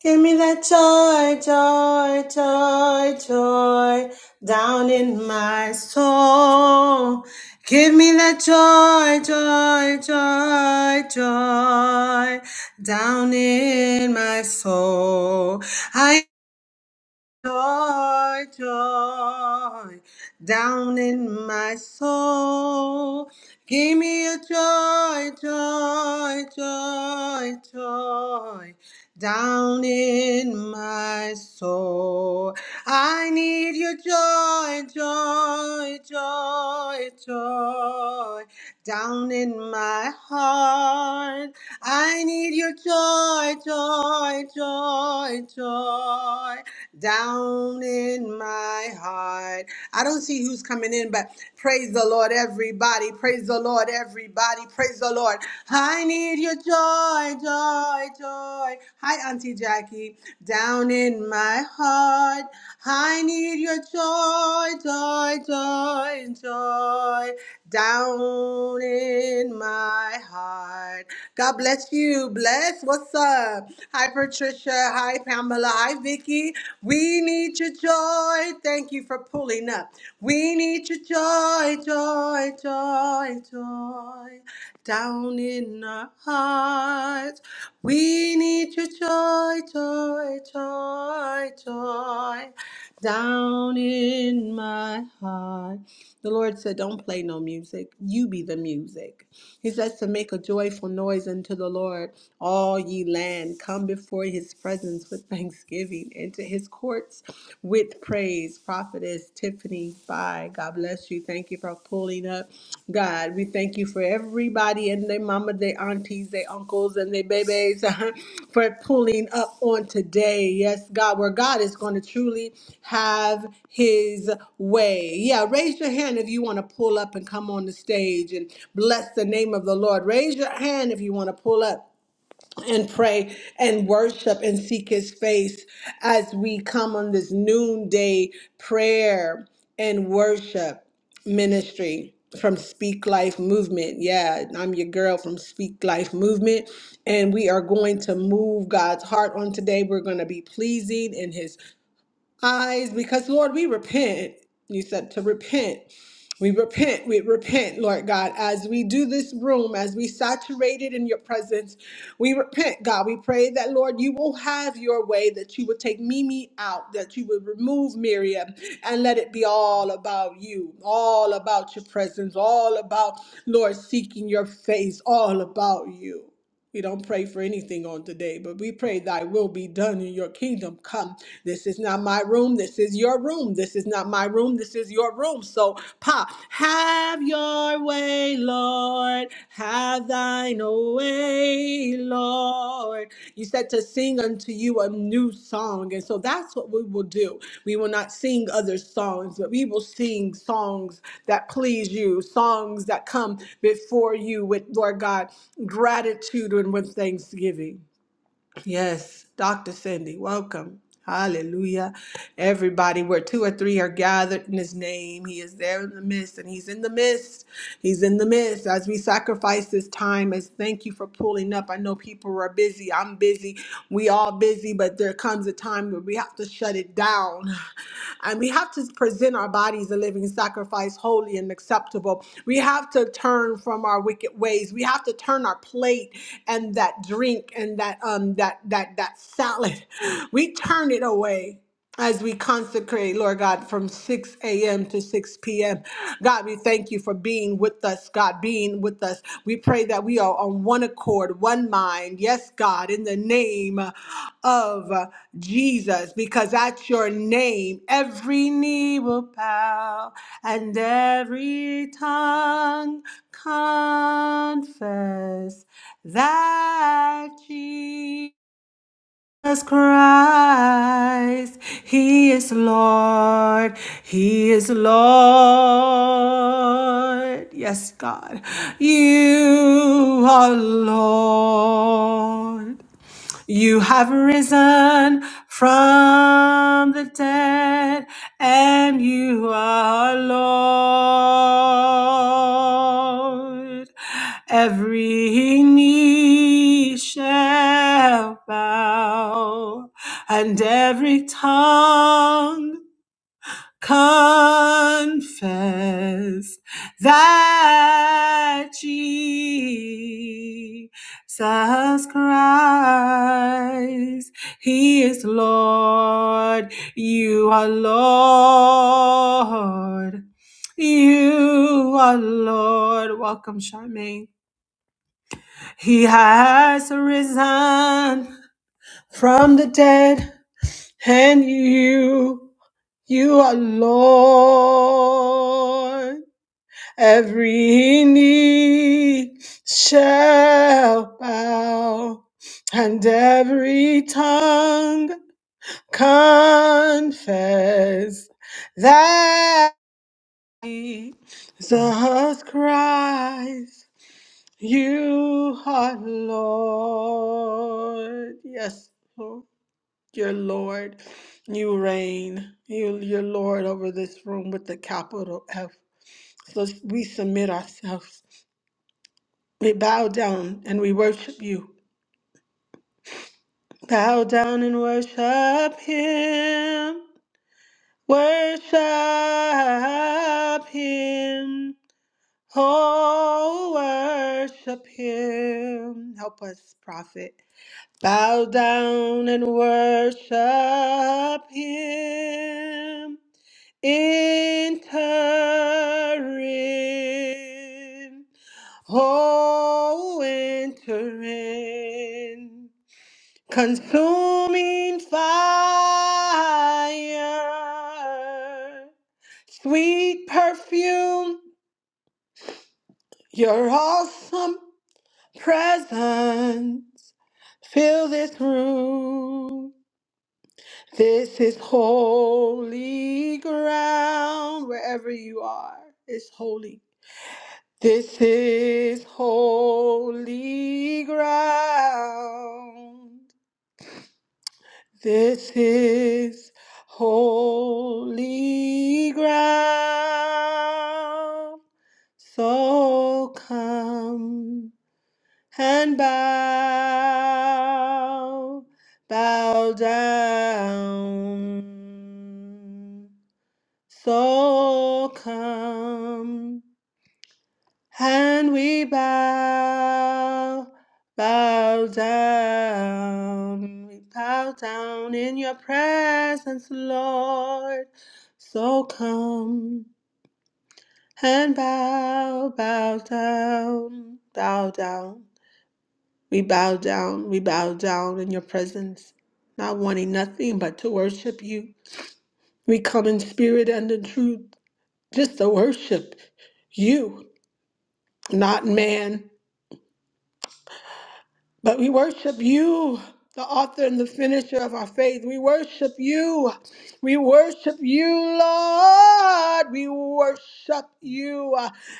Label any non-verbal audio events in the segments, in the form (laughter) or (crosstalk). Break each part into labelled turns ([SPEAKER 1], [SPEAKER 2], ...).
[SPEAKER 1] Give me that joy, joy, joy, joy down in my soul. Give me that joy, joy, joy, joy down in my soul. I joy, joy down in my soul. Give me a joy, joy, joy, joy down in my soul. I need your joy, joy, joy, joy down in my heart. I need your joy, joy, joy, joy down in my heart. I don't see who's coming in, but praise the Lord, everybody. Praise the Lord, everybody. Praise the Lord. I need your joy, joy, joy. Hi, Auntie Jackie. Down in my heart, I need your joy, joy, joy, joy. Down in my heart. God bless you. Bless. What's up? Hi, Patricia. Hi, Pamela. Hi, Vicky. We need your joy. Thank you for pulling up. We need your joy, joy, joy, joy. Down in our hearts. We need your joy, joy, joy, joy. Down in my heart. The Lord said, Don't play no music. You be the music. He says to make a joyful noise unto the Lord, all ye land. Come before his presence with thanksgiving, into his courts with praise. Prophetess Tiffany, bye. God bless you. Thank you for pulling up. God, we thank you for everybody and their mama, their aunties, their uncles, and their babies (laughs) for pulling up on today. Yes, God, where God is going to truly have his way. Yeah, raise your hand if you want to pull up and come on the stage and bless the name of the Lord. Raise your hand if you want to pull up and pray and worship and seek his face as we come on this noonday prayer and worship ministry from Speak Life Movement. Yeah, I'm your girl from Speak Life Movement. And we are going to move God's heart on today. We're going to be pleasing in his eyes because Lord, we repent. You said to repent. We repent, we repent, Lord God, as we do this room, as we saturate it in your presence. We repent, God. We pray that, Lord, you will have your way, that you would take Mimi out, that you would remove Miriam, and let it be all about you, all about your presence, all about, Lord, seeking your face, all about you. We don't pray for anything on today, but we pray thy will be done in your kingdom come. This is not my room. This is your room. This is not my room. This is your room. So, Pa, have your way, Lord. Have thine way, Lord. Lord. You said to sing unto you a new song. And so that's what we will do. We will not sing other songs, but we will sing songs that please you, songs that come before you with, Lord God, gratitude and with thanksgiving. Yes, Dr. Cindy, welcome. Hallelujah. Everybody, where two or three are gathered in his name, he is there in the midst, and he's in the midst. He's in the midst as we sacrifice this time. As thank you for pulling up. I know people are busy. I'm busy. We all busy, but there comes a time where we have to shut it down. And we have to present our bodies a living sacrifice, holy and acceptable. We have to turn from our wicked ways. We have to turn our plate and that drink and that um that that that salad. (gasps) We turn it away as we consecrate, Lord God, from 6 a.m. to 6 p.m. God, we thank you for being with us, God, being with us. We pray that we are on one accord, one mind. Yes, God, in the name of Jesus, because at your name every knee will bow and every tongue confess that Jesus Christ, He is Lord, He is Lord. Yes, God, you are Lord. You have risen from the dead, and you are Lord. Every knee shall bow, and every tongue confess that Jesus Christ, He is Lord. You are Lord. You are Lord. Welcome, Charmaine. He has risen from the dead, and you you are Lord. Every knee shall bow, and every tongue confess that Jesus Christ, you are Lord. Yes, Lord. Your Lord, you reign. You, your Lord over this room with the capital F. So we submit ourselves. We bow down and we worship you. Bow down and worship Him. Worship Him. Oh, worship Him. Help us, prophet. Bow down and worship Him. Entering, oh, entering, consuming fire, sweet perfume, your awesome presence. Fill this room. This is holy ground. Wherever you are, it's holy This is holy ground. This is holy ground. So come and bow, bow down. So come And we bow, bow down, we bow down in your presence, Lord. So come and bow, bow down, bow down. We bow down, we bow down in your presence, not wanting nothing but to worship you. We come in spirit and in truth just to worship you, not man. But we worship you, the author and the finisher of our faith. We worship you. We worship you, Lord. We worship you.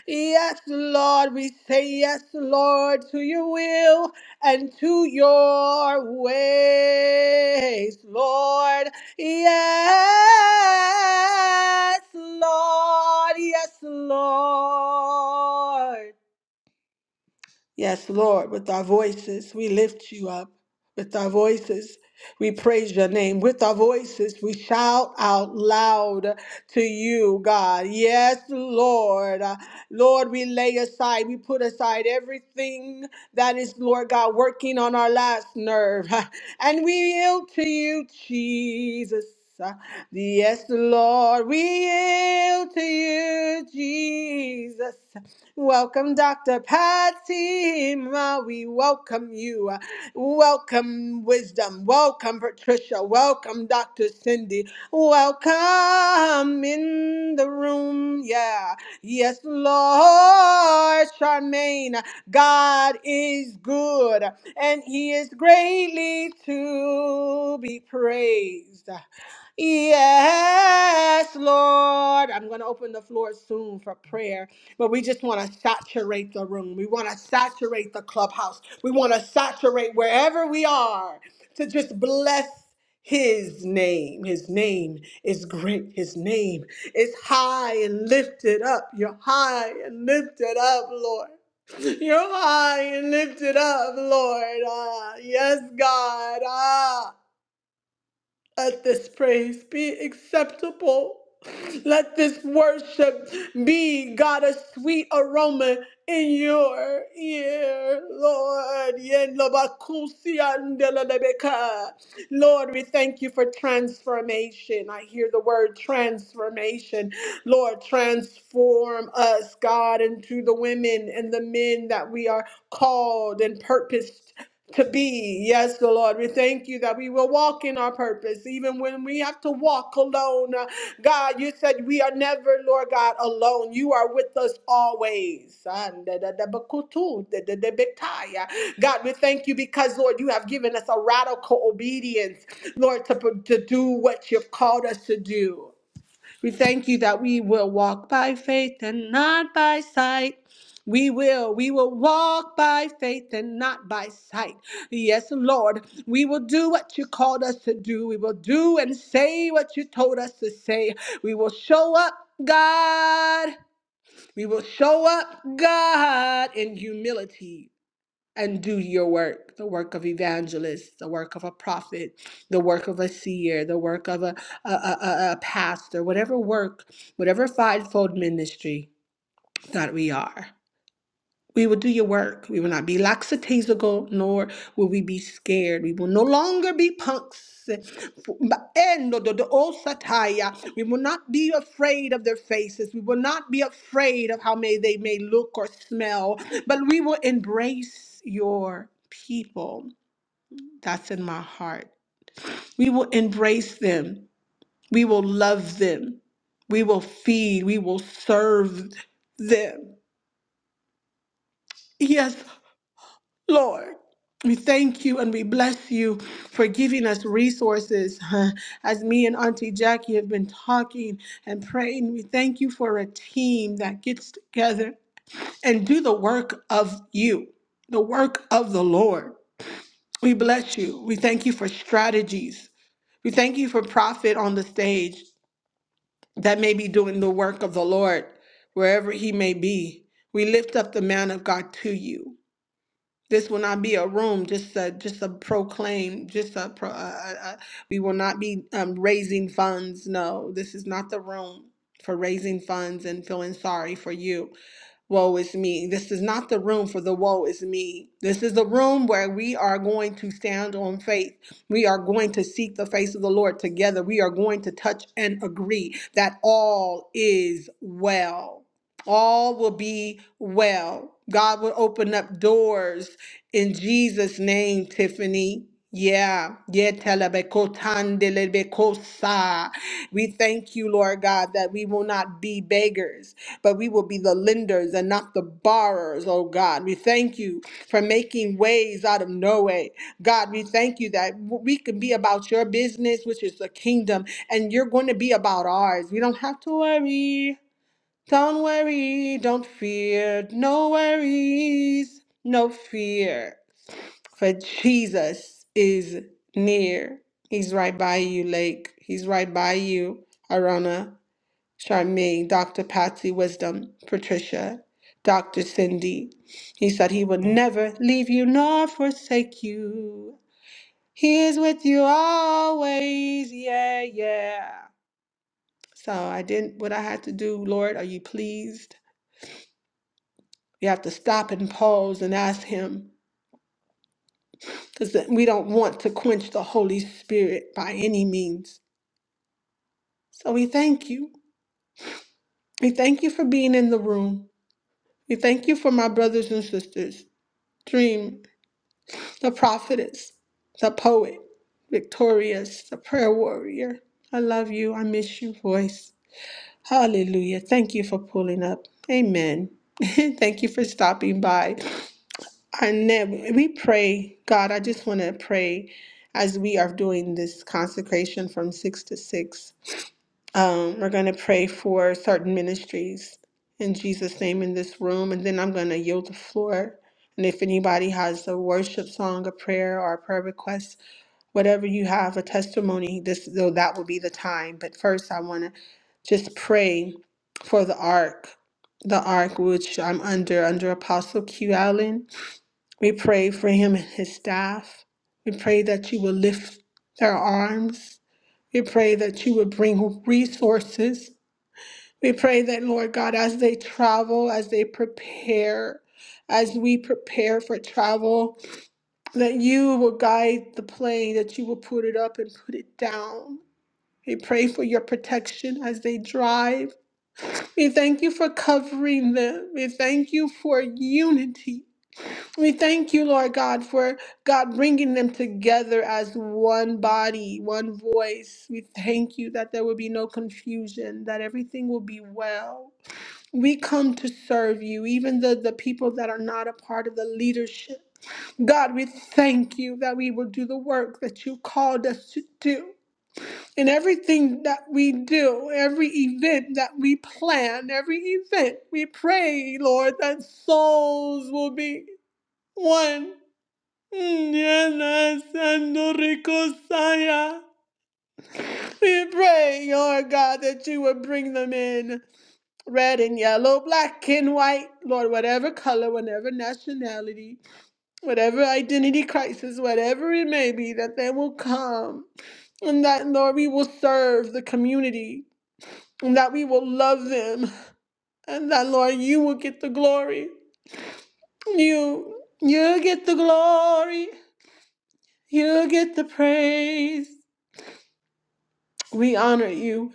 [SPEAKER 1] Yes, Lord. We say yes, Lord, to your will and to your ways, Lord. Yes, Lord. Yes, Lord. Yes, Lord, with our voices, we lift you up. With our voices, we praise your name. With our voices, we shout out loud to you, God. Yes, Lord. Uh, Lord, we lay aside, we put aside everything that is, Lord God, working on our last nerve. (laughs) And we yield to you, Jesus. Uh, Yes, Lord, we yield to you, Jesus. Welcome, Dr. Patsy. Ma. We welcome you. Welcome, Wisdom. Welcome, Patricia. Welcome, Dr. Cindy. Welcome in the room. Yeah. Yes, Lord Charmaine. God is good and he is greatly to be praised. Yes, Lord. I'm going to open the floor soon for prayer. But we just want to saturate the room. We want to saturate the clubhouse. We want to saturate wherever we are to just bless his name. His name is great. His name is high and lifted up. You're high and lifted up, Lord. You're high and lifted up, Lord. Ah, yes, God. Ah. Let this praise be acceptable. Let this worship be, God, a sweet aroma in your ear, Lord. Yen lo ba ku si la de be Lord, we thank you for transformation. I hear the word transformation. Lord, transform us, God, into the women and the men that we are called and purposed to be. Yes, the Lord, we thank you that we will walk in our purpose, even when we have to walk alone. Uh, God, you said we are never, Lord God, alone. You are with us always. And da- da- da- ba- da- da- da- betaya. God, we thank you because, Lord, you have given us a radical obedience, Lord, to, to do what you've called us to do. We thank you that we will walk by faith and not by sight. We will, we will walk by faith and not by sight. Yes, Lord, we will do what you called us to do. We will do and say what you told us to say. We will show up, God. We will show up, God, in humility and do your work the work of evangelist the work of a prophet the work of a seer the work of a, a, a, a a pastor whatever work whatever fivefold ministry that we are we will do your work. We will not be lackadaisical, nor will we be scared. We will no longer be punks. And the- the old satire. We will not be afraid of their faces. We will not be afraid of how may they may look or smell, but we will embrace your people. That's in my heart. We will embrace them. We will love them. We will feed. We will serve them. Yes, Lord, we thank you and we bless you for giving us resources. huh, As me and Auntie Jackie have been talking and praying, we thank you for a team that gets together and do the work of you, the work of the Lord. We bless you. We thank you for strategies. We thank you for prophet on the stage that may be doing the work of the Lord wherever he may be. We lift up the man of God to you. This will not be a room, just a, just a proclaim, just a, pro, uh, uh, uh, we will not be um, raising funds. No, this is not the room for raising funds and feeling sorry for you woe is me. This is not the room for the woe is me. This is the room where we are going to stand on faith. We are going to seek the face of the Lord together. We are going to touch and agree that all is well. All will be well. God will open up doors in Jesus' name, Tiffany. Yeah, yeah, telebekotandelebekosai. we thank you, Lord God, that we will not be beggars but we will be the lenders and not the borrowers, oh God. We thank you for making ways out of no way. God, we thank you that we can be about your business, which is the kingdom, and you're going to be about ours. We don't have to worry. Don't worry. Don't fear. No worries. No fear. For Jesus is near. He's right by you, Lake. He's right by you, Arona. Charmaine, Dr. Patsy Wisdom, Patricia, Dr. Cindy. He said he would never leave you nor forsake you. He is with you always. Yeah, yeah. So I did what I had to do. Lord, are you pleased? You have to stop and pause and ask Him because we don't want to quench the Holy Spirit by any means. So we thank you. We thank you for being in the room. We thank you for my brothers and sisters. Dream. the prophetess, the poet, victorious, the prayer warrior. I love you. I miss your voice. Hallelujah. Thank you for pulling up. Amen. (laughs) Thank you for stopping by. I never, we pray, God, I just want to pray as we are doing this consecration from 6 to 6. Um, we're going to pray for certain ministries in Jesus' name in this room, and then I'm going to yield the floor. And if anybody has a worship song, a prayer, or a prayer request, whatever you have, a testimony, this though that will be the time. But first, I want to just pray for the ark, the ark which I'm under under Apostle Q Allen. We pray for him and his staff. We pray that you will lift their arms. We pray that you would bring resources. We pray that, Lord God, as they travel, as they prepare, as we prepare for travel, that you will guide the plane, that you will put it up and put it down. We pray for your protection as they drive. We thank you for covering them. We thank you for unity we thank you, Lord God, for God bringing them together as one body, one voice. We thank you that there will be no confusion, that everything will be well. We come to serve you, even the, the people that are not a part of the leadership. God, we thank you that we will do the work that you called us to do. In everything that we do, every event that we plan, every event, we pray, Lord, that souls will be one. Yana Sando Rico Saya. We pray, Lord God, that you would bring them in red and yellow, black and white, Lord, whatever color, whatever nationality, whatever identity crisis, whatever it may be, that they will come. And that, Lord, we will serve the community, and that we will love them, and that, Lord, you will get the glory. You, you get the glory. You get the praise. We honor you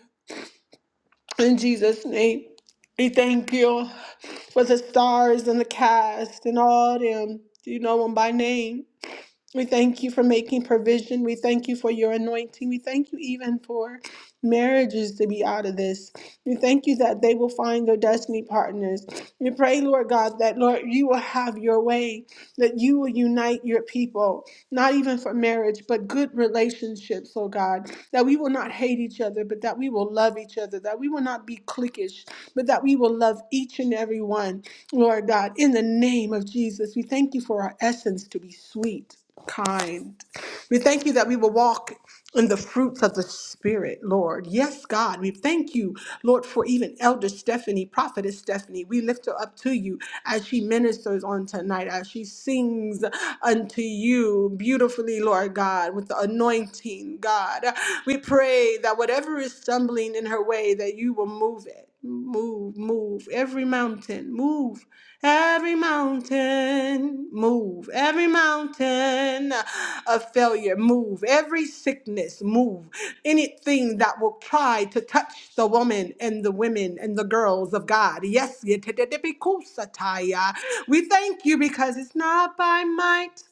[SPEAKER 1] in Jesus' name. We thank you for the stars and the cast and all them. You know them by name. We thank you for making provision. We thank you for your anointing. We thank you even for marriages to be out of this. We thank you that they will find their destiny partners. We pray, Lord God, that Lord, you will have your way, that you will unite your people, not even for marriage, but good relationships, oh God, that we will not hate each other, but that we will love each other, that we will not be cliquish, but that we will love each and every one. Lord God, in the name of Jesus, we thank you for our essence to be sweet, kind. We thank you that we will walk in the fruits of the Spirit, Lord. Yes, God, we thank you, Lord, for even Elder Stephanie, Prophetess Stephanie. We lift her up to you as she ministers on tonight, as she sings unto you beautifully, Lord God, with the anointing, God. We pray that whatever is stumbling in her way, that you will move it. Move, move every mountain, move every mountain, move every mountain of failure, move every sickness, move anything that will try to touch the woman and the women and the girls of God. Yes, yetedebikusataya. we thank you because it's not by might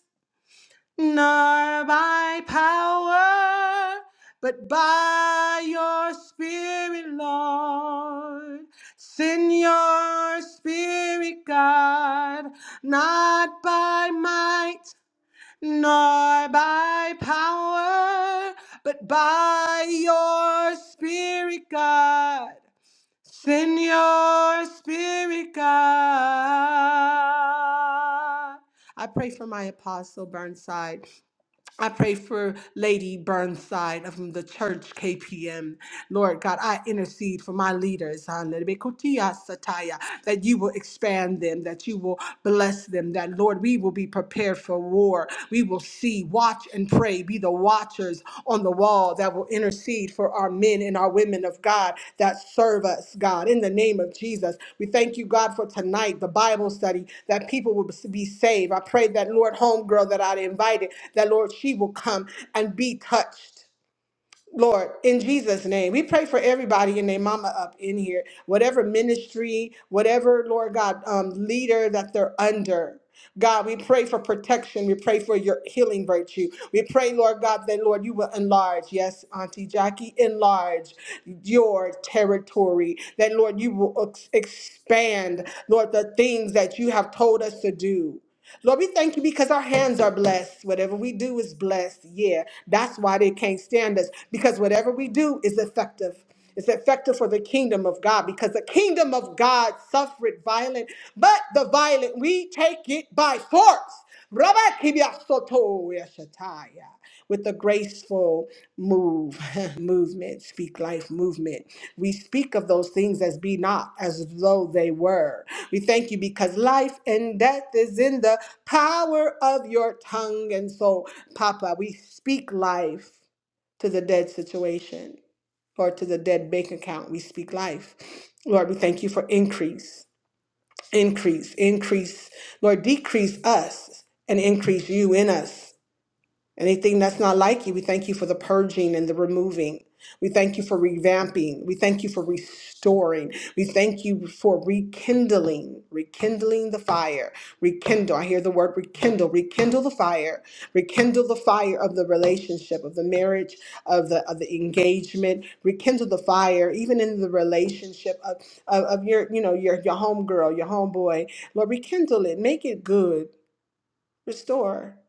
[SPEAKER 1] nor by power, but by your spirit, Lord. Send your spirit, God, not by might nor by power, but by your spirit, God. Send your spirit, God. I pray for my apostle Burnside. I pray for Lady Burnside of the church KPM. Lord God, I intercede for my leaders, that you will expand them, that you will bless them, that Lord, we will be prepared for war. We will see, watch, and pray, be the watchers on the wall that will intercede for our men and our women of God that serve us, God, in the name of Jesus. We thank you, God, for tonight, the Bible study, that people will be saved. I pray that, Lord, homegirl that I invited, that, Lord, she will come and be touched Lord, in Jesus' name, we pray for everybody and their mama up in here, whatever ministry, whatever, Lord God, um, leader that they're under. God, we pray for protection. We pray for your healing virtue. We pray, Lord God, that, Lord, you will enlarge. Yes, Auntie Jackie, enlarge your territory. That, Lord, you will ex- expand, Lord, the things that you have told us to do. Lord, we thank you because our hands are blessed. Whatever we do is blessed. Yeah, that's why they can't stand us because whatever we do is effective. It's effective for the kingdom of God because the kingdom of God suffered violent, but the violent, we take it by force. Rabakibiasoto yashataya. With the graceful move, (laughs) movement, speak life movement. We speak of those things as be not, as though they were. We thank you because life and death is in the power of your tongue. And so, Papa, we speak life to the dead situation or to the dead bank account. We speak life. Lord, we thank you for increase increase, increase, Lord, decrease us and increase you in us. Anything that's not like you, we thank you for the purging and the removing. We thank you for revamping. We thank you for restoring. We thank you for rekindling, rekindling the fire. Rekindle. I hear the word rekindle. Rekindle the fire. Rekindle the fire of the relationship, of the marriage, of the of the engagement. Rekindle the fire, even in the relationship of, of, of your, you know, your your homegirl, your homeboy. Lord, rekindle it. Make it good. Restore.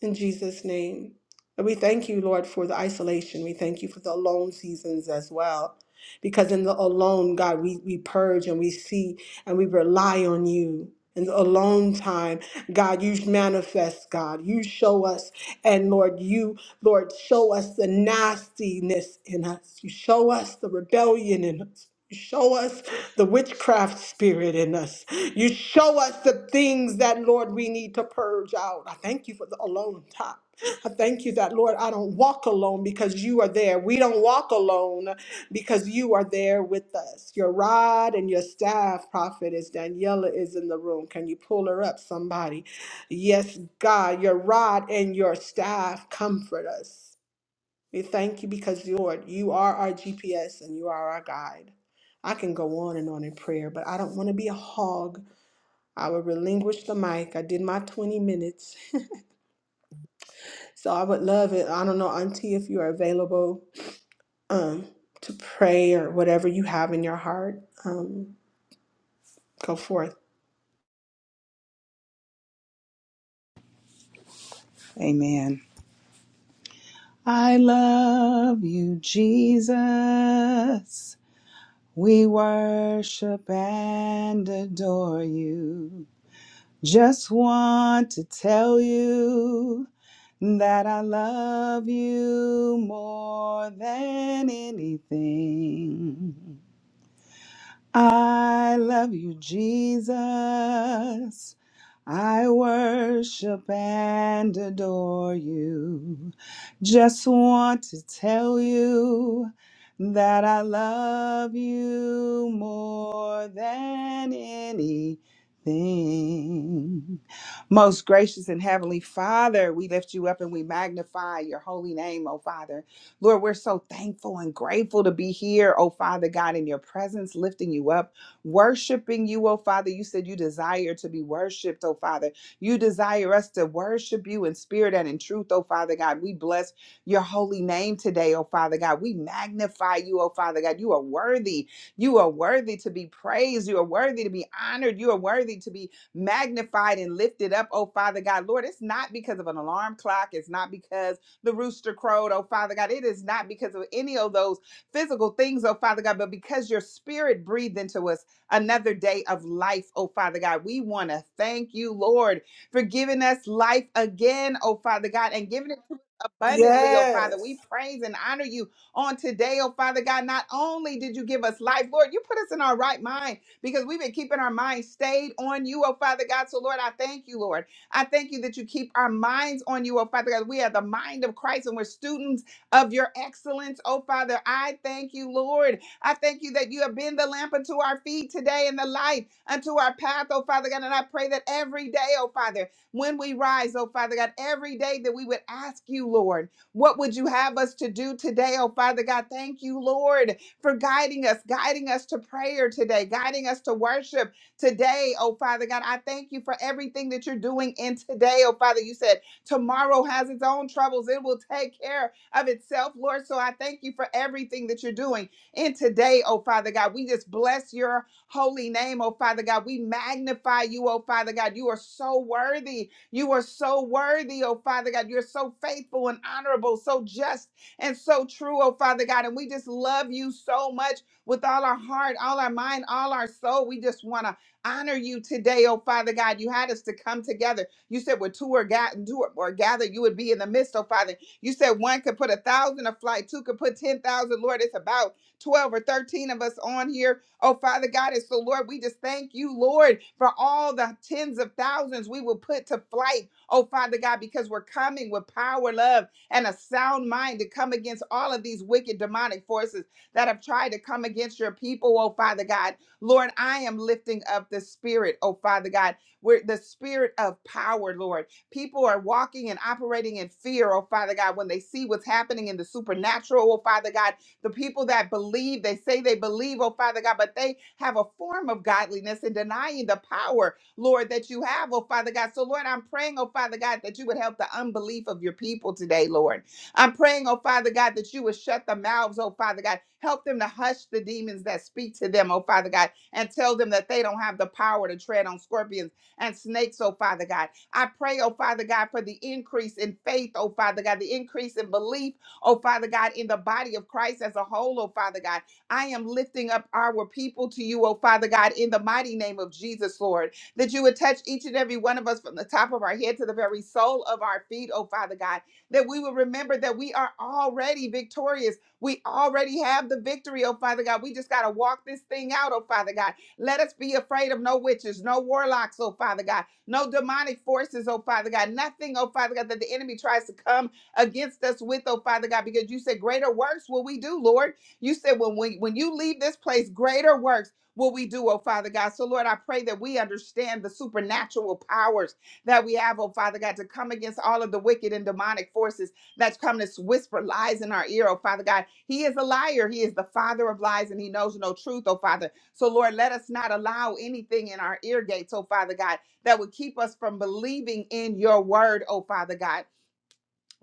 [SPEAKER 1] In Jesus' name. And we thank you, Lord, for the isolation. We thank you for the alone seasons as well because in the alone, God, we, we purge and we see and we rely on you. In the alone time, God, you manifest, God. You show us. And Lord, you, Lord, show us the nastiness in us. You show us the rebellion in us. You show us the witchcraft spirit in us. You show us the things that, Lord, we need to purge out. I thank you for the alone time. I thank you that, Lord, I don't walk alone because you are there. We don't walk alone because you are there with us. Your rod and your staff, prophetess Daniela, is in the room. Can you pull her up, somebody? Yes, God, your rod and your staff comfort us. We thank you because, Lord, you are our GPS and you are our guide. I can go on and on in prayer, but I don't want to be a hog. I will relinquish the mic. I did my 20 minutes. So I would love it. I don't know, Auntie, if you are available um, to pray or whatever you have in your heart, um, go forth.
[SPEAKER 2] Amen. I love you, Jesus. We worship and adore you. Just want to tell you that I love you more than anything. I love you, Jesus. I worship and adore you. Just want to tell you that I love you more than anything. Most gracious and heavenly Father, we lift you up and we magnify your holy name, O Father. Lord, we're so thankful and grateful to be here, oh Father God, in your presence, lifting you up, worshiping you, oh Father. You said you desire to be worshiped, oh Father. You desire us to worship you in spirit and in truth, oh Father God. We bless your holy name today, oh Father God. We magnify you, oh Father God. You are worthy. You are worthy to be praised. You are worthy to be honored. You are worthy to be magnified and lifted up, oh Father God. Lord, it's not because of an alarm clock. It's not because the rooster crowed, oh Father God. It is not because of any of those physical things, oh Father God, but because your spirit breathed into us another day of life, oh Father God. We want to thank you, Lord, for giving us life again, oh Father God, and giving it to us abundantly, oh Father.
[SPEAKER 1] Yes.
[SPEAKER 2] We praise and honor you on today, oh Father God. Not only did you give us life, Lord, you put us in our right mind because we've been keeping our minds stayed on you, oh Father God. So, Lord, I thank you, Lord. I thank you that you keep our minds on you, oh Father God. We are the mind of Christ and we're students of your excellence, oh Father. I thank you, Lord. I thank you that you have been the lamp unto our feet today and the light unto our path, oh Father God. And I pray that every day, oh Father, when we rise, oh Father God, every day that we would ask you, Lord, what would you have us to do today, oh Father God? Thank you, Lord, for guiding us, guiding us to prayer today, guiding us to worship Today, oh Father God, I thank you for everything that you're doing in today, oh Father. You said tomorrow has its own troubles, it will take care of itself, Lord. So I thank you for everything that you're doing in today, oh Father God. We just bless your holy name, oh Father God. We magnify you, oh Father God. You are so worthy. You are so worthy, oh Father God. You're so faithful and honorable, so just and so true, oh Father God. And we just love you so much with all our heart, all our mind, all our soul. We just want to honor you today, oh Father God. You had us to come together. You said, where two are gathered, two or or you would be in the midst, oh Father. You said one could put a thousand a flight, two could put ten thousand. Lord, it's about 12 or 13 of us on here. Oh Father God, and so Lord, we just thank you, Lord, for all the tens of thousands we will put to flight. Oh Father God, because we're coming with power, love, and a sound mind to come against all of these wicked demonic forces that have tried to come against your people, oh Father God. Lord, I am lifting up the spirit, oh Father God, where the spirit of power, Lord. People are walking and operating in fear, oh Father God, when they see what's happening in the supernatural, oh Father God. The people that believe, they say they believe, oh Father God, but they have a form of godliness and denying the power, Lord, that you have, oh Father God. So, Lord, I'm praying, oh Father God, that you would help the unbelief of your people today, Lord. I'm praying, oh Father God, that you would shut the mouths, oh Father God. Help them to hush the demons that speak to them, oh Father God, and tell them that they don't have the power to tread on scorpions and snakes, oh Father God. I pray, oh Father God, for the increase in faith, oh Father God, the increase in belief, oh Father God, in the body of Christ as a whole, oh Father God. I am lifting up our people to you, oh Father God, in the mighty name of Jesus, Lord, that you would touch each and every one of us from the top of our head to the very sole of our feet, oh Father God that we will remember that we are already victorious. We already have the victory, oh Father God. We just got to walk this thing out, oh Father God. Let us be afraid of no witches, no warlocks, oh Father God, no demonic forces, oh Father God, nothing, oh Father God, that the enemy tries to come against us with, oh Father God, because you said greater works will we do, Lord. You said when we when you leave this place, greater works will we do, oh Father God. So Lord, I pray that we understand the supernatural powers that we have, oh Father God, to come against all of the wicked and demonic forces that's come to whisper lies in our ear, oh Father God. He is a liar. He is the father of lies and he knows no truth, oh Father. So, Lord, let us not allow anything in our ear gates, oh Father God, that would keep us from believing in your word, oh Father God.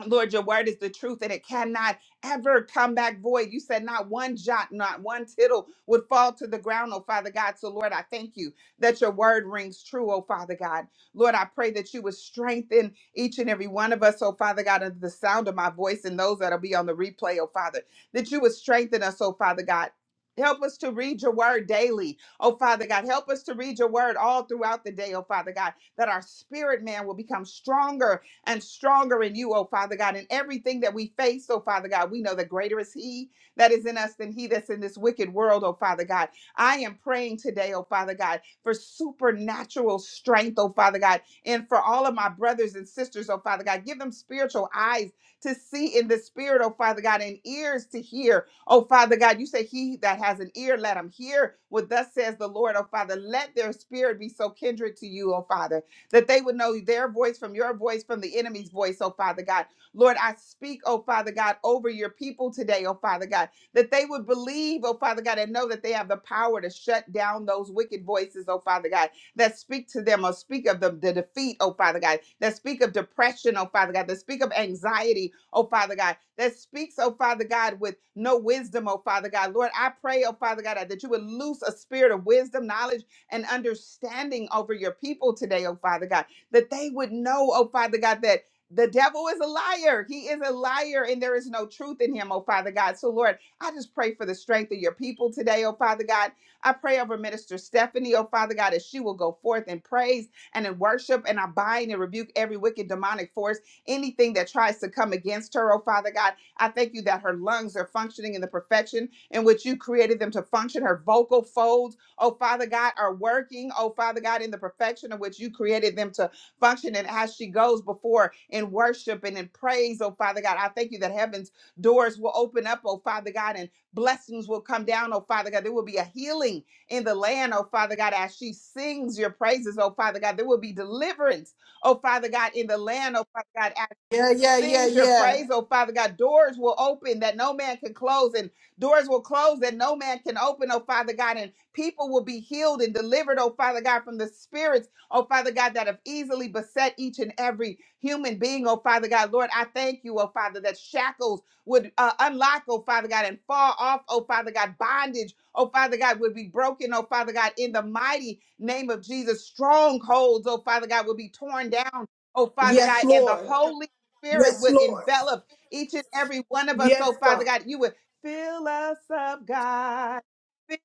[SPEAKER 2] Lord, your word is the truth and it cannot ever come back void. You said not one jot, not one tittle would fall to the ground, oh Father God. So, Lord, I thank you that your word rings true, oh Father God. Lord, I pray that you would strengthen each and every one of us, oh Father God, under the sound of my voice and those that'll be on the replay, oh Father, that you would strengthen us, oh Father God. Help us to read your word daily, oh Father God. Help us to read your word all throughout the day, oh Father God, that our spirit man will become stronger and stronger in you, oh Father God, in everything that we face, oh Father God. We know that greater is He that is in us than He that's in this wicked world, oh Father God. I am praying today, oh Father God, for supernatural strength, oh Father God, and for all of my brothers and sisters, oh Father God. Give them spiritual eyes to see in the spirit, oh Father God, and ears to hear, oh Father God. You say, He that has an ear, let him hear what thus says the Lord, oh Father. Let their spirit be so kindred to you, oh Father that they would know their voice from your voice, from the enemy's voice, oh Father God. Lord, I speak, oh Father God, over your people today, oh Father God, that they would believe, oh Father God, and know that they have the power to shut down those wicked voices, oh Father God, that speak to them or speak of the, the defeat, oh Father God, that speak of depression, oh Father God, that speak of anxiety, oh Father God, that speaks, oh Father God, with no wisdom, oh Father God. Lord, I pray, oh Father God, that you would loose a spirit of wisdom, knowledge and understanding over your people today, oh Father God, that they would know, oh Father God, that the devil is a liar. He is a liar and there is no truth in him, oh Father God. So, Lord, I just pray for the strength of your people today, oh Father God. I pray over Minister Stephanie, oh Father God, as she will go forth in praise and in worship. And I bind and rebuke every wicked demonic force, anything that tries to come against her, oh Father God. I thank you that her lungs are functioning in the perfection in which you created them to function, her vocal folds oh Father God, are working, oh Father God, in the perfection in which you created them to function. And as she goes before in worship and in praise, oh Father God, I thank you that heaven's doors will open up, oh Father God, and blessings will come down, oh Father God. There will be a healing in the land, oh Father God, as she sings your praises, oh Father God. There will be deliverance, oh Father God, in the land, oh Father God, as
[SPEAKER 1] Yeah, yeah, yeah,
[SPEAKER 2] sings your
[SPEAKER 1] yeah.
[SPEAKER 2] praise, oh Father God. Doors will open that no man can close, and doors will close that no man can open, oh Father God. And people will be healed and delivered, oh Father God, from the spirits, oh Father God, that have easily beset each and every human being, oh Father God. Lord, I thank you, oh Father, that shackles would uh, unlock, oh Father God, and fall off, oh Father God. Bondage, oh Father God, would be broken, oh Father God, in the mighty name of Jesus. Strongholds, oh Father God, will be torn down. Oh, Father
[SPEAKER 1] Yes,
[SPEAKER 2] God, and the
[SPEAKER 1] Lord.
[SPEAKER 2] holy Spirit
[SPEAKER 1] Yes,
[SPEAKER 2] would
[SPEAKER 1] Lord.
[SPEAKER 2] envelop each and every one of us.
[SPEAKER 1] Yes,
[SPEAKER 2] So, Father
[SPEAKER 1] God.
[SPEAKER 2] God, you would fill us up, God.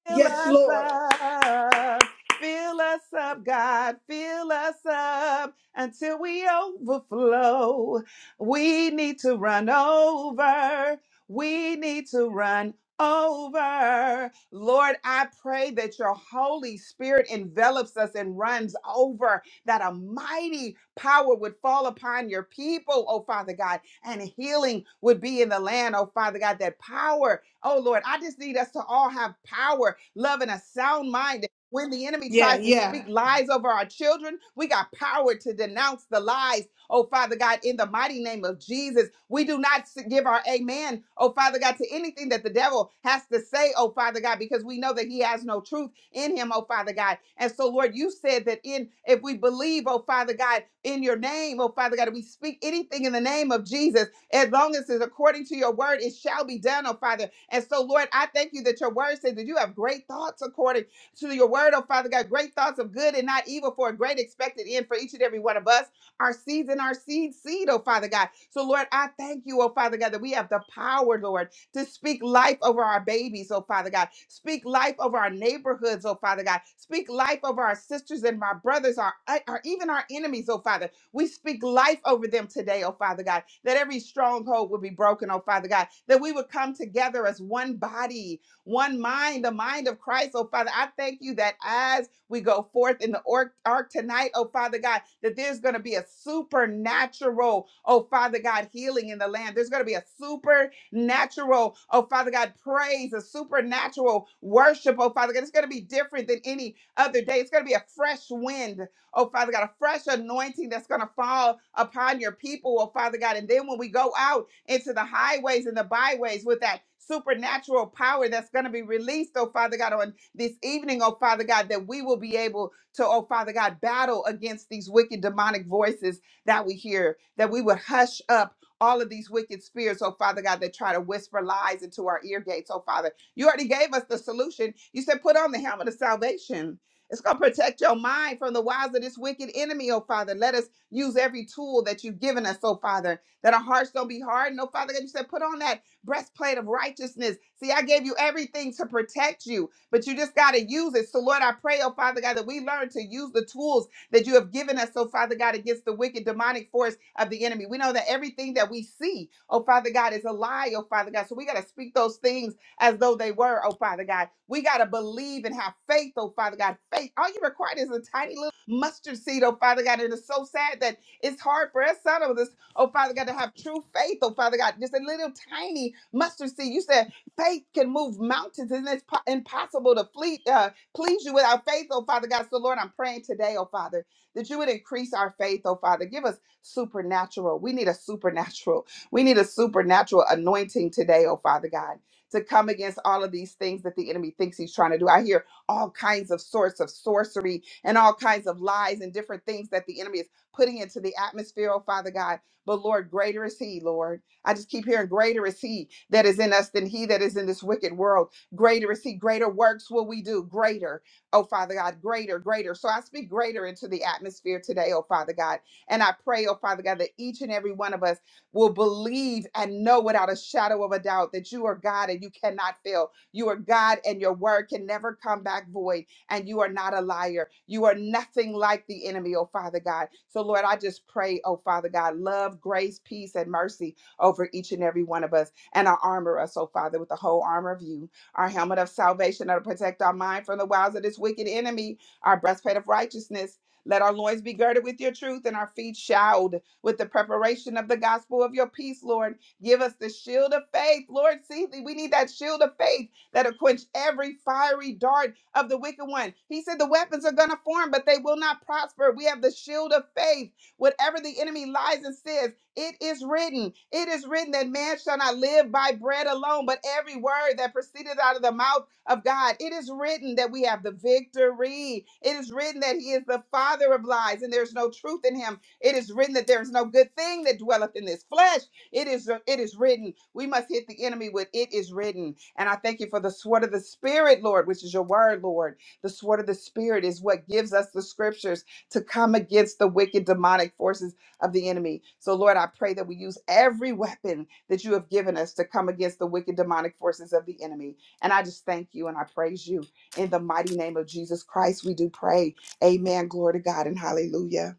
[SPEAKER 2] Fill
[SPEAKER 1] Yes,
[SPEAKER 2] us
[SPEAKER 1] Lord.
[SPEAKER 2] up. Fill us up, God. Fill us up until we overflow. We need to run over. We need to run over. Lord, I pray that your Holy Spirit envelops us and runs over that a mighty power would fall upon your people, oh Father God, and healing would be in the land, oh Father God. That power, oh Lord, I just need us to all have power, love, and a sound mind. When the enemy
[SPEAKER 1] Yeah,
[SPEAKER 2] tries to speak
[SPEAKER 1] yeah.
[SPEAKER 2] lies over our children, we got power to denounce the lies Oh, Father God, in the mighty name of Jesus, we do not s- give our amen, oh, Father God, to anything that the devil has to say, oh, Father God, because we know that he has no truth in him, oh, Father God. And so, Lord, you said that in if we believe, oh, Father God, in your name, oh, Father God, we speak anything in the name of Jesus, as long as it's according to your word, it shall be done, oh, Father. And so, Lord, I thank you that your word says that you have great thoughts according to your word, oh Father God, great thoughts of good and not evil for a great expected end for each and every one of us our seeds and our seed seed, oh Father God. So, Lord, I thank you, oh Father God, that we have the power, Lord, to speak life over our babies, oh Father God. Speak life over our neighborhoods, oh Father God. Speak life over our sisters and my brothers, our, uh, our even our enemies, oh Father. We speak life over them today, oh Father God, that every stronghold would be broken, oh Father God, that we would come together as one body, one mind, the mind of Christ, oh Father. I thank you that as we go forth in the ark, ark tonight, oh Father God, that there's going to be a supernatural, oh Father God, healing in the land. There's going to be a supernatural, oh Father God, praise, a supernatural worship, oh Father God. It's going to be different than any other day. It's going to be a fresh wind, oh Father God, a fresh anointing that's going to fall upon your people, oh Father God. And then when we go out into the highways and the byways with that supernatural power that's going to be released, oh Father God, on this evening, oh Father God, that we will be able to, oh Father God, battle against these wicked demonic voices that we hear, that we would hush up all of these wicked spirits, oh Father God, that try to whisper lies into our ear gates, oh Father. You already gave us the solution. You said, put on the helmet of salvation. It's going to protect your mind from the wiles of this wicked enemy, oh Father. Let us use every tool that you've given us, oh Father, that our hearts don't be hardened. Oh Father God, you said, put on that breastplate of righteousness. See, I gave you everything to protect you but you just got to use it. So, Lord, I pray, oh Father God, that we learn to use the tools that you have given us, oh Father God, against the wicked demonic force of the enemy. We know that everything that we see, oh Father God, is a lie, oh Father God. So, we got to speak those things as though they were, oh Father God. We got to believe and have faith, oh Father God. Faith, all you require is a tiny little mustard seed, oh Father God. And it's so sad that it's hard for us, son of us, oh Father God, to have true faith, oh Father God. Just a little tiny mustard seed. You said Faith can move mountains, and it's po- impossible to flee, uh, please you without faith, oh Father God. So, Lord, I'm praying today, oh Father, that you would increase our faith, oh Father. Give us supernatural. We need a supernatural. We need a supernatural anointing today, oh Father God, to come against all of these things that the enemy thinks he's trying to do. I hear all kinds of sorts of sorcery and all kinds of lies and different things that the enemy is putting into the atmosphere, oh Father God. But, Lord, greater is He, Lord. I just keep hearing, Greater is He that is in us than He that is in this wicked world. Greater is He. Greater works will we do. Greater, oh Father God, greater, greater. So I speak greater into the atmosphere today, oh Father God. And I pray, oh Father God, that each and every one of us will believe and know without a shadow of a doubt that you are God and you cannot fail. You are God and your word can never come back void and you are not a liar. You are nothing like the enemy, oh Father God. So, Lord, I just pray, oh Father God, love, grace, peace, and mercy over each and every one of us and our armor us, oh Father, with the whole armor of you, our helmet of salvation that'll protect our mind from the wiles of this wicked enemy, our breastplate of righteousness. Let our loins be girded with your truth and our feet shod with the preparation of the gospel of your peace, Lord. Give us the shield of faith, Lord. See, we need that shield of faith that'll quench every fiery dart of the wicked one. He said the weapons are going to form, but they will not prosper. We have the shield of faith. Whatever the enemy lies and says, it is written, it is written that man shall not live by bread alone, but every word that proceeded out of the mouth of God. It is written that we have the victory. It is written that he is the father of lies and there's no truth in him. It is written that there is no good thing that dwelleth in this flesh. It is it is written. We must hit the enemy with it is written. And I thank you for the sword of the spirit, Lord, which is your word, Lord. The sword of the spirit is what gives us the scriptures to come against the wicked demonic forces of the enemy. So, Lord, I pray that we use every weapon that you have given us to come against the wicked demonic forces of the enemy. And I just thank you and I praise you. In the mighty name of Jesus Christ, we do pray. Amen. Glory to God and hallelujah.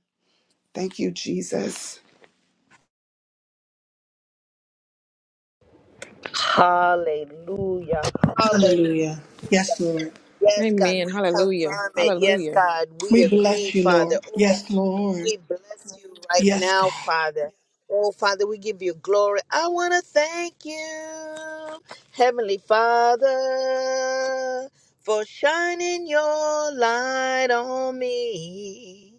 [SPEAKER 2] Thank you, Jesus.
[SPEAKER 3] Hallelujah. Hallelujah.
[SPEAKER 1] Hallelujah. Yes, Lord.
[SPEAKER 3] Yes, God,
[SPEAKER 4] Amen.
[SPEAKER 3] we
[SPEAKER 4] Hallelujah.
[SPEAKER 3] confirm it. Yes,
[SPEAKER 4] Hallelujah.
[SPEAKER 3] God, we
[SPEAKER 1] We
[SPEAKER 3] agree,
[SPEAKER 1] bless you,
[SPEAKER 3] Father.
[SPEAKER 1] Lord.
[SPEAKER 3] Oh, God,
[SPEAKER 1] Yes, Lord.
[SPEAKER 3] we bless you right
[SPEAKER 1] Yes,
[SPEAKER 3] now,
[SPEAKER 1] God.
[SPEAKER 3] Father. Oh, Father, we give you glory. I want to thank you, Heavenly Father, for shining your light on me.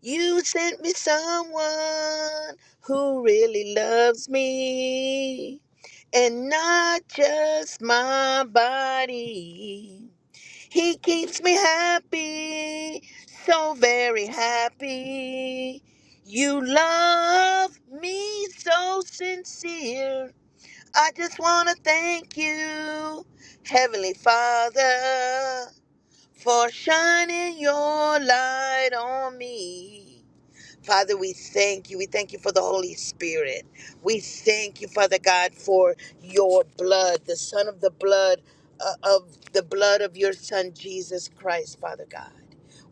[SPEAKER 3] You sent me someone who really loves me and not just my body. He keeps me happy, so very happy. You love me so sincere. I just want to thank you, Heavenly Father, for shining your light on me. Father, we thank you. We thank you for the Holy Spirit. We thank you, Father God, for your blood, the Son of the blood uh, of the blood of your Son Jesus Christ, Father God.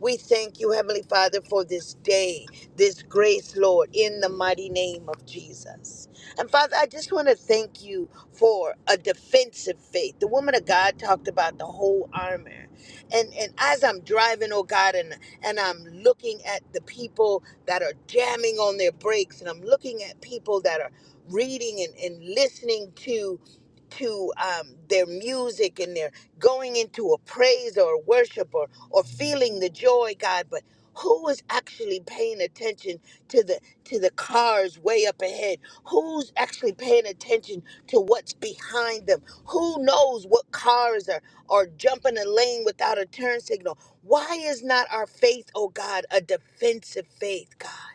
[SPEAKER 3] We thank you, Heavenly Father, for this day, this grace, Lord, in the mighty name of Jesus. And Father, I just want to thank you for a defensive faith. The woman of God talked about the whole armor. And and as I'm driving, oh God, and and I'm looking at the people that are jamming on their brakes, and I'm looking at people that are reading and, and listening to to um, their music and their going into a praise or a worship or, or feeling the joy, God, but who is actually paying attention to the to the cars way up ahead? Who's actually paying attention to what's behind them? Who knows what cars are are jumping a lane without a turn signal? Why is not our faith, oh God, a defensive faith, God?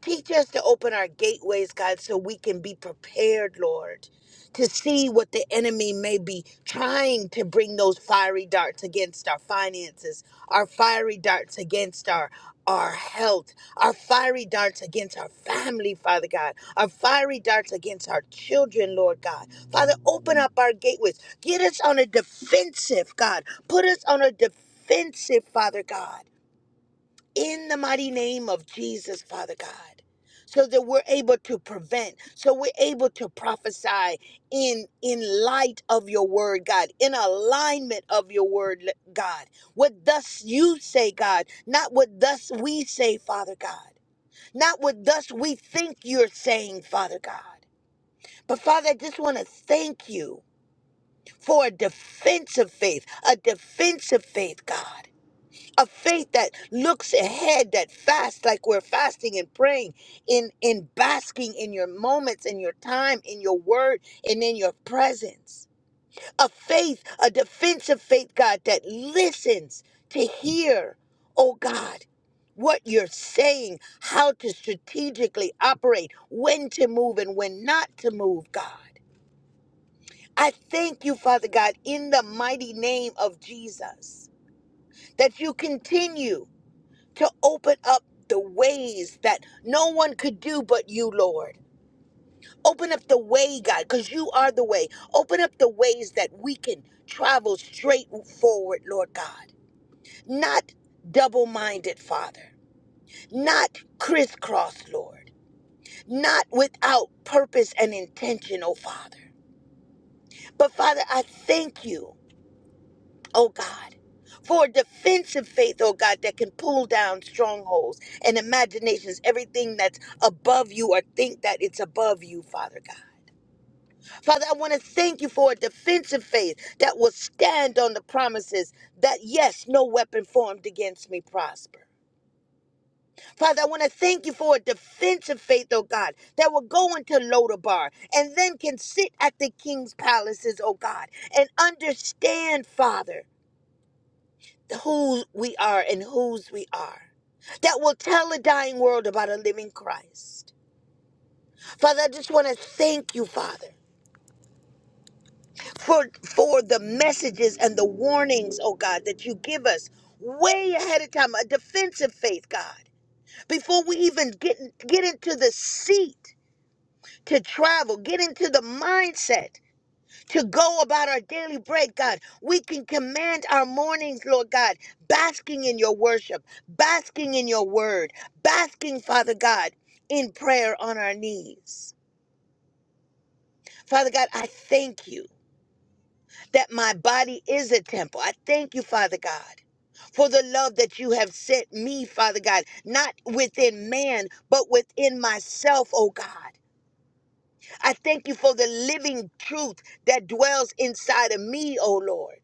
[SPEAKER 3] Teach us to open our gateways, God, so we can be prepared, Lord, to see what the enemy may be trying to bring those fiery darts against our finances, our fiery darts against our our health, our fiery darts against our family, Father God, our fiery darts against our children, Lord God. Father, open up our gateways. Get us on a defensive, God. Put us on a defensive, Father God in the mighty name of Jesus, Father God, so that we're able to prevent, so we're able to prophesy in in light of your word, God, in alignment of your word, God. What thus you say, God, not what thus we say, Father God, not what thus we think you're saying, Father God. But Father, I just want to thank you for a defensive faith, a defensive faith, God a faith that looks ahead that fasts like we're fasting and praying in in basking in your moments in your time in your word and in your presence a faith a defensive faith god that listens to hear oh god what you're saying how to strategically operate when to move and when not to move god i thank you father god in the mighty name of jesus that you continue to open up the ways that no one could do but you, Lord. Open up the way, God, because you are the way. Open up the ways that we can travel straight forward, Lord God. Not double minded, Father. Not crisscross, Lord. Not without purpose and intention, oh Father. But Father, I thank you. oh God, for a defensive faith, oh God, that can pull down strongholds and imaginations, everything that's above you or think that it's above you, Father God. Father, I want to thank you for a defensive faith that will stand on the promises that, yes, no weapon formed against me prosper. Father, I want to thank you for a defensive faith, oh God, that will go into Lodabar and then can sit at the king's palaces, oh God, and understand, Father. who we are and whose we are that will tell a dying world about a living Christ. Father, I just want to thank you, Father, for for the messages and the warnings, oh God, that you give us way ahead of time, a defensive faith, God. Before we even get get into the seat to travel, get into the mindset to go about our daily bread, God. We can command our mornings, Lord God, basking in your worship, basking in your word, basking, Father God, in prayer on our knees. Father God, I thank you that my body is a temple. I thank you, Father God. For the love that you have sent me, Father God, not within man, but within myself, oh God. I thank you for the living truth that dwells inside of me, oh Lord.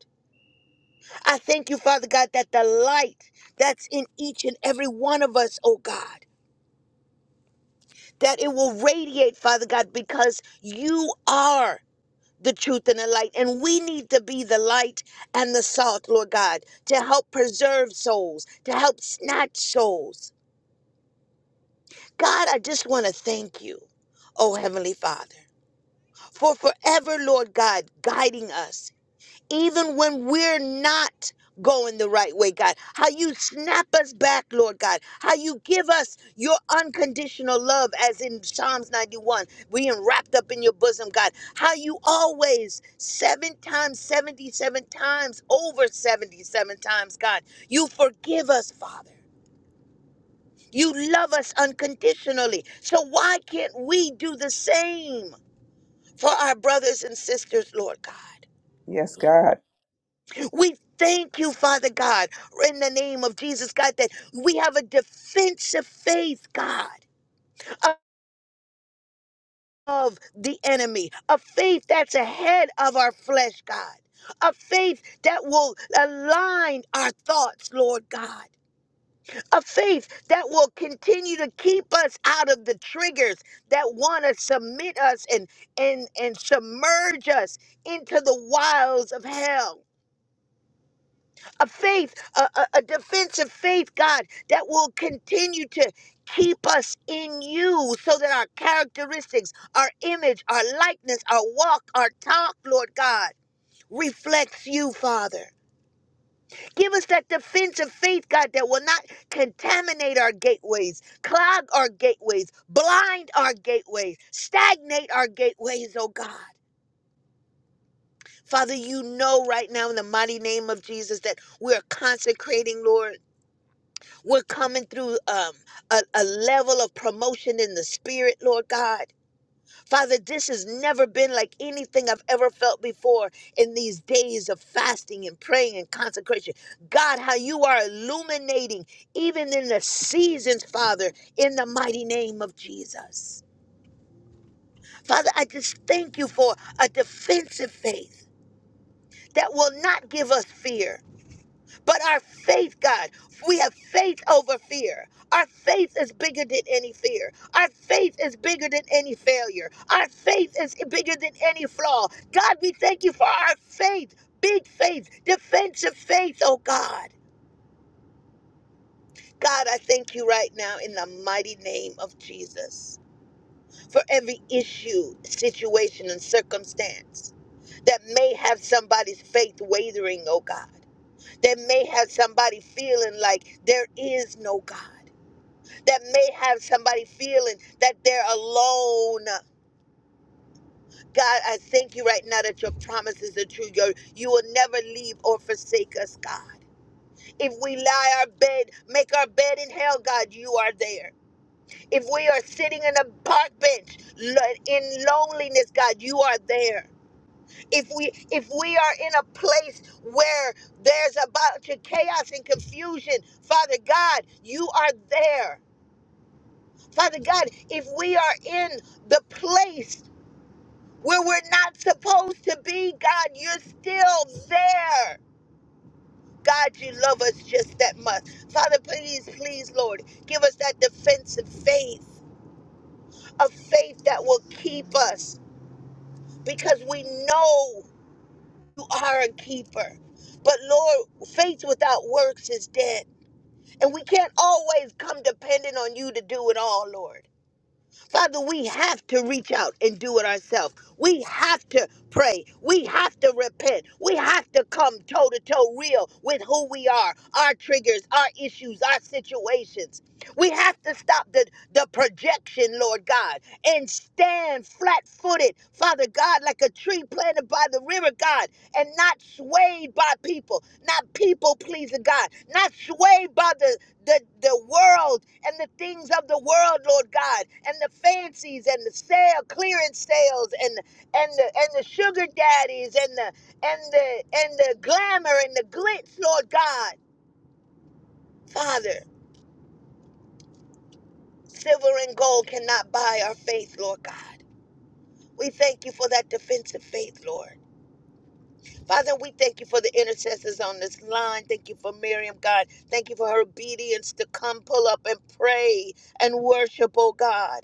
[SPEAKER 3] I thank you, Father God, that the light that's in each and every one of us, oh God, that it will radiate, Father God, because you are the truth and the light. And we need to be the light and the salt, Lord God, to help preserve souls, to help snatch souls. God, I just want to thank you, oh Heavenly Father, for forever, Lord God, guiding us even when we're not going the right way, God. How you snap us back, Lord God. How you give us your unconditional love, as in Psalms 91, we we're wrapped up in your bosom, God. How you always, seven times, 77 times, over 77 times, God, you forgive us, Father. You love us unconditionally. So why can't we do the same for our brothers and sisters, Lord God?
[SPEAKER 2] Yes, God.
[SPEAKER 3] We thank you, Father God, in the name of Jesus, God, that we have a defensive faith, God, of the enemy, a faith that's ahead of our flesh, God, a faith that will align our thoughts, Lord God. A faith that will continue to keep us out of the triggers that want to submit us and, and, and submerge us into the wiles of hell a faith, a, a, a defense of faith, God, that will continue to keep us in you so that our characteristics, our image, our likeness, our walk, our talk, Lord God, reflects you, Father. Give us that defense of faith, God, that will not contaminate our gateways, clog our gateways, blind our gateways, stagnate our gateways, oh God. Father, you know right now in the mighty name of Jesus that we're consecrating, Lord. We're coming through um, a, a level of promotion in the spirit, Lord God. Father, this has never been like anything I've ever felt before in these days of fasting and praying and consecration. God, how you are illuminating even in the seasons, Father, in the mighty name of Jesus. Father, I just thank you for a defensive faith that will not give us fear But our faith, God, we have faith over fear. Our faith is bigger than any fear. Our faith is bigger than any failure. Our faith is bigger than any flaw. God, we thank you for our faith, big faith, defensive faith, oh God. God, I thank you right now in the mighty name of Jesus for every issue, situation, and circumstance that may have somebody's faith wavering, oh God. that may have somebody feeling like there is no God, that may have somebody feeling that they're alone. God, I thank you right now that your promises are true. Your, you will never leave or forsake us, God. If we lie our bed, make our bed in hell, God, you are there. If we are sitting in a park bench lo- in loneliness, God, you are there. if we if we are in a place where there's about to chaos and confusion father god you are there father god if we are in the place where we're not supposed to be god you're still there god you love us just that much father please please lord give us that defensive faith a faith that will keep us because we know You are a keeper. But Lord, faith without works is dead. And we can't always come dependent on you to do it all, Lord. Father, we have to reach out and do it ourselves. We have to pray. We have to repent. We have to come toe to toe real with who we are, our triggers, our issues, our situations. We have to stop the, the projection, Lord God, and stand flat footed, Father God, like a tree planted by the river, God, and not swayed by people, not people pleasing God, not swayed by the the, the world and the things of the world, Lord God, and the fancies and the sale clearance sales and and the and the sugar daddies and the and the and the glamour and the glitz, Lord God. Father, silver and gold cannot buy our faith, Lord God. We thank you for that defensive faith, Lord. Father, we thank you for the intercessors on this line. Thank you for Miriam, God. Thank you for her obedience to come pull up and pray and worship, oh God.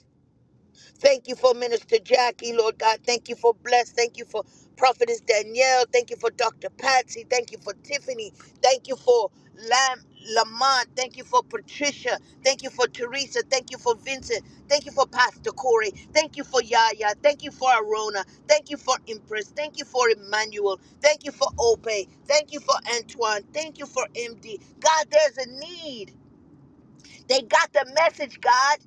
[SPEAKER 3] Thank you for Minister Jackie, Lord God. Thank you for Bless. Thank you for Prophetess Danielle. Thank you for Dr. Patsy. Thank you for Tiffany. Thank you for Lam- Lamont. Thank you for Patricia. Thank you for Teresa. Thank you for Vincent. Thank you for Pastor Corey. Thank you for Yaya. Thank you for Arona. Thank you for Empress. Thank you for Emmanuel. Thank you for Ope. Thank you for Antoine. Thank you for MD. God, there's a need. They got the message, God.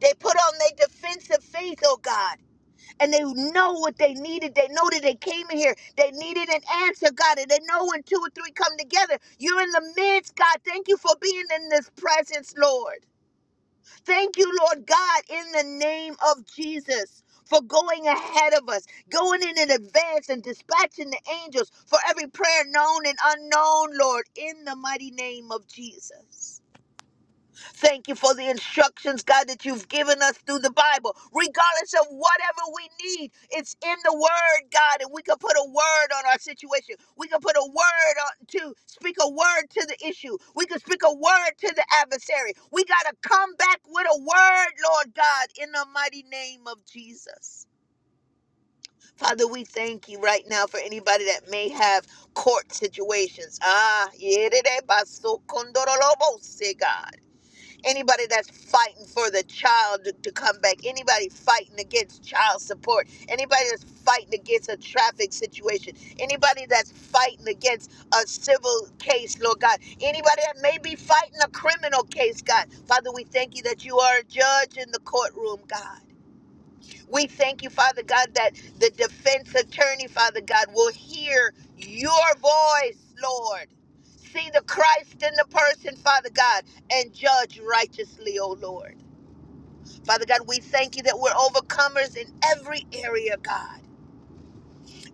[SPEAKER 3] They put on their defensive faith, oh God and they know what they needed. They know that they came in here. They needed an answer, God. And they know when two or three come together, you're in the midst, God. Thank you for being in this presence, Lord. Thank you, Lord God, in the name of Jesus. For going ahead of us, going in in advance and dispatching the angels for every prayer known and unknown, Lord, in the mighty name of Jesus. Thank you for the instructions, God, that you've given us through the Bible. Regardless of whatever we need, it's in the Word, God, and we can put a word on our situation. We can put a word on to speak a word to the issue. We can speak a word to the adversary. We got to come back with a word, Lord God, in the mighty name of Jesus. Father, we thank you right now for anybody that may have court situations. Ah, God anybody that's fighting for the child to, to come back, anybody fighting against child support, anybody that's fighting against a traffic situation, anybody that's fighting against a civil case, Lord God, anybody that may be fighting a criminal case, God. Father, we thank you that you are a judge in the courtroom, God. We thank you, Father God, that the defense attorney, Father God, will hear your voice, Lord. See the Christ in the person, Father God, and judge righteously, O Lord. Father God, we thank you that we're overcomers in every area, God.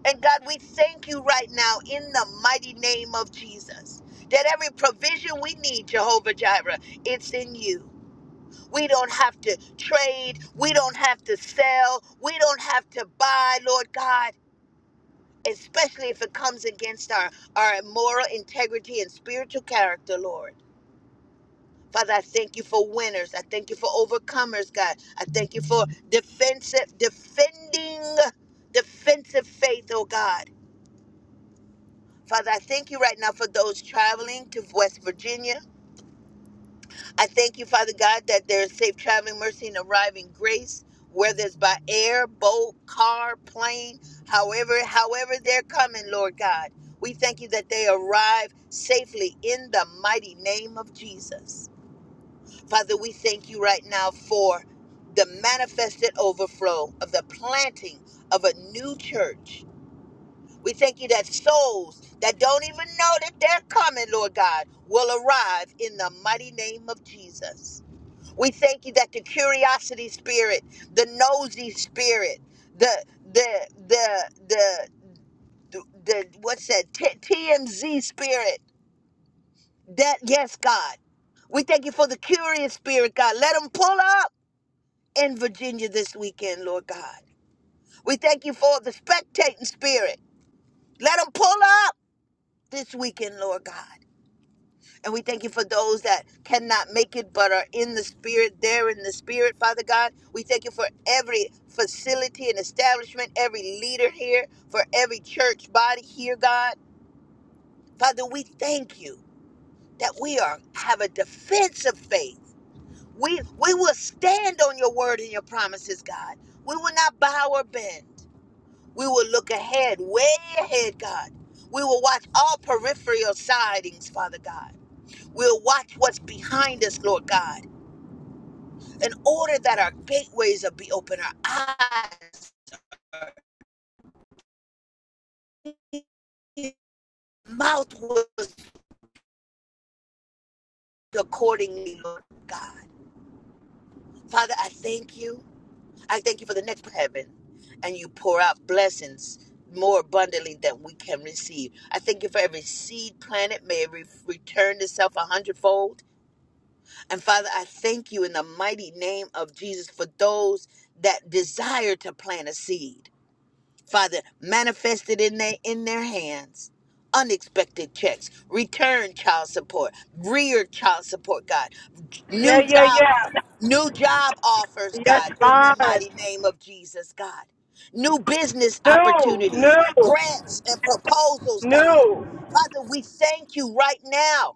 [SPEAKER 3] And God, we thank you right now in the mighty name of Jesus that every provision we need, Jehovah Jireh, it's in you. We don't have to trade. We don't have to sell. We don't have to buy, Lord God, especially if it comes against our, our moral integrity and spiritual character, Lord. Father, I thank you for winners. I thank you for overcomers, God. I thank you for defensive, defending, defensive faith, oh God. Father, I thank you right now for those traveling to West Virginia. I thank you, Father God, that there's safe traveling, mercy, and arriving grace, whether it's by air, boat, car, plane, however, however they're coming, Lord God. We thank you that they arrive safely in the mighty name of Jesus. Father, we thank you right now for the manifested overflow of the planting of a new church. We thank you that souls that don't even know that they're coming, Lord God, will arrive in the mighty name of Jesus. We thank you that the curiosity spirit, the nosy spirit, the the the the the, the what's that T- TMZ spirit? That yes, God. We thank you for the curious spirit, God. Let them pull up in Virginia this weekend, Lord God. We thank you for the spectating spirit. Let them pull up this weekend, Lord God. And we thank you for those that cannot make it but are in the spirit, there in the spirit, Father God. We thank you for every facility and establishment, every leader here, for every church body here, God. Father, we thank you that we are have a defensive faith. We we will stand on your word and your promises, God. We will not bow or bend. We will look ahead, way ahead, God. We will watch all peripheral sidings, Father God. We'll watch what's behind us, Lord God, in order that our gateways will be open, our eyes, our mouth will speak accordingly, Lord God. Father, I thank you. I thank you for the next heaven, and you pour out blessings more abundantly than we can receive. I thank you for every seed planted may it re- return itself a hundredfold. And Father, I thank you in the mighty name of Jesus for those that desire to plant a seed. Father, manifested in their in their hands. Unexpected checks, return child support, rear child support, God,
[SPEAKER 1] Yeah,
[SPEAKER 3] new
[SPEAKER 1] yeah,
[SPEAKER 3] job,
[SPEAKER 1] yeah.
[SPEAKER 3] new job offers,
[SPEAKER 1] Yes,
[SPEAKER 3] God, in the
[SPEAKER 1] God.
[SPEAKER 3] mighty name of Jesus, God, new business
[SPEAKER 1] No,
[SPEAKER 3] opportunities,
[SPEAKER 1] no,
[SPEAKER 3] grants and proposals, God.
[SPEAKER 1] no.
[SPEAKER 3] Father, we thank you right now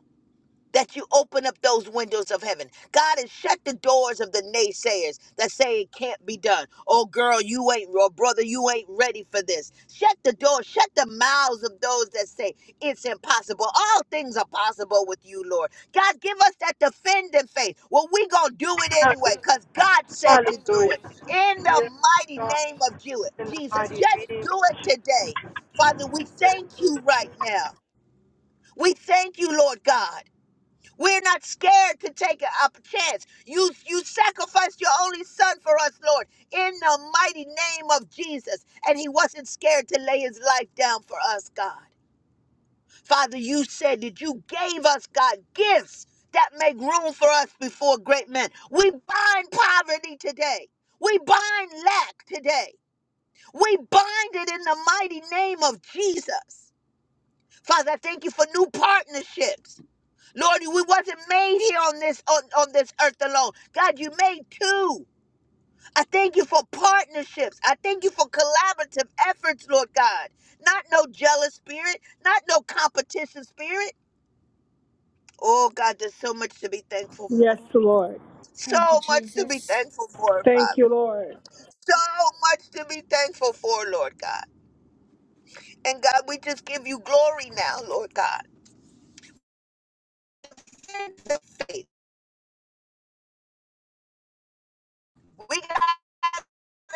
[SPEAKER 3] that you open up those windows of heaven. God has shut the doors of the naysayers that say it can't be done. Oh, girl, you ain't, or brother, you ain't ready for this. Shut the door, shut the mouths of those that say it's impossible. All things are possible with you, Lord. God, give us that defending faith. Well, we gonna do it anyway, because God said to
[SPEAKER 1] Hallelujah.
[SPEAKER 3] do it. In the
[SPEAKER 1] Dear
[SPEAKER 3] mighty
[SPEAKER 1] God,
[SPEAKER 3] name of Ju-
[SPEAKER 1] in the
[SPEAKER 3] Jesus,
[SPEAKER 1] mighty
[SPEAKER 3] just
[SPEAKER 1] name
[SPEAKER 3] do
[SPEAKER 1] of the
[SPEAKER 3] it today. Father, we thank you right now. We thank you, Lord God. We're not scared to take a, a chance. You you sacrificed your only son for us, Lord, in the mighty name of Jesus. And he wasn't scared to lay his life down for us, God. Father, you said that you gave us, God, gifts that make room for us before great men. We bind poverty today. We bind lack today. We bind it in the mighty name of Jesus. Father, I thank you for new partnerships. Lord, we wasn't made here on this on, on this earth alone. God, you made two. I thank you for partnerships. I thank you for collaborative efforts, Lord God. Not no jealous spirit, not no competition spirit. Oh God, there's so much to be thankful for. So
[SPEAKER 5] Thank you,
[SPEAKER 3] much to be
[SPEAKER 5] Jesus.
[SPEAKER 3] thankful for, Father.
[SPEAKER 1] Lord.
[SPEAKER 3] So much to be thankful for, Lord God. And God, we just give you glory now, Lord God. We got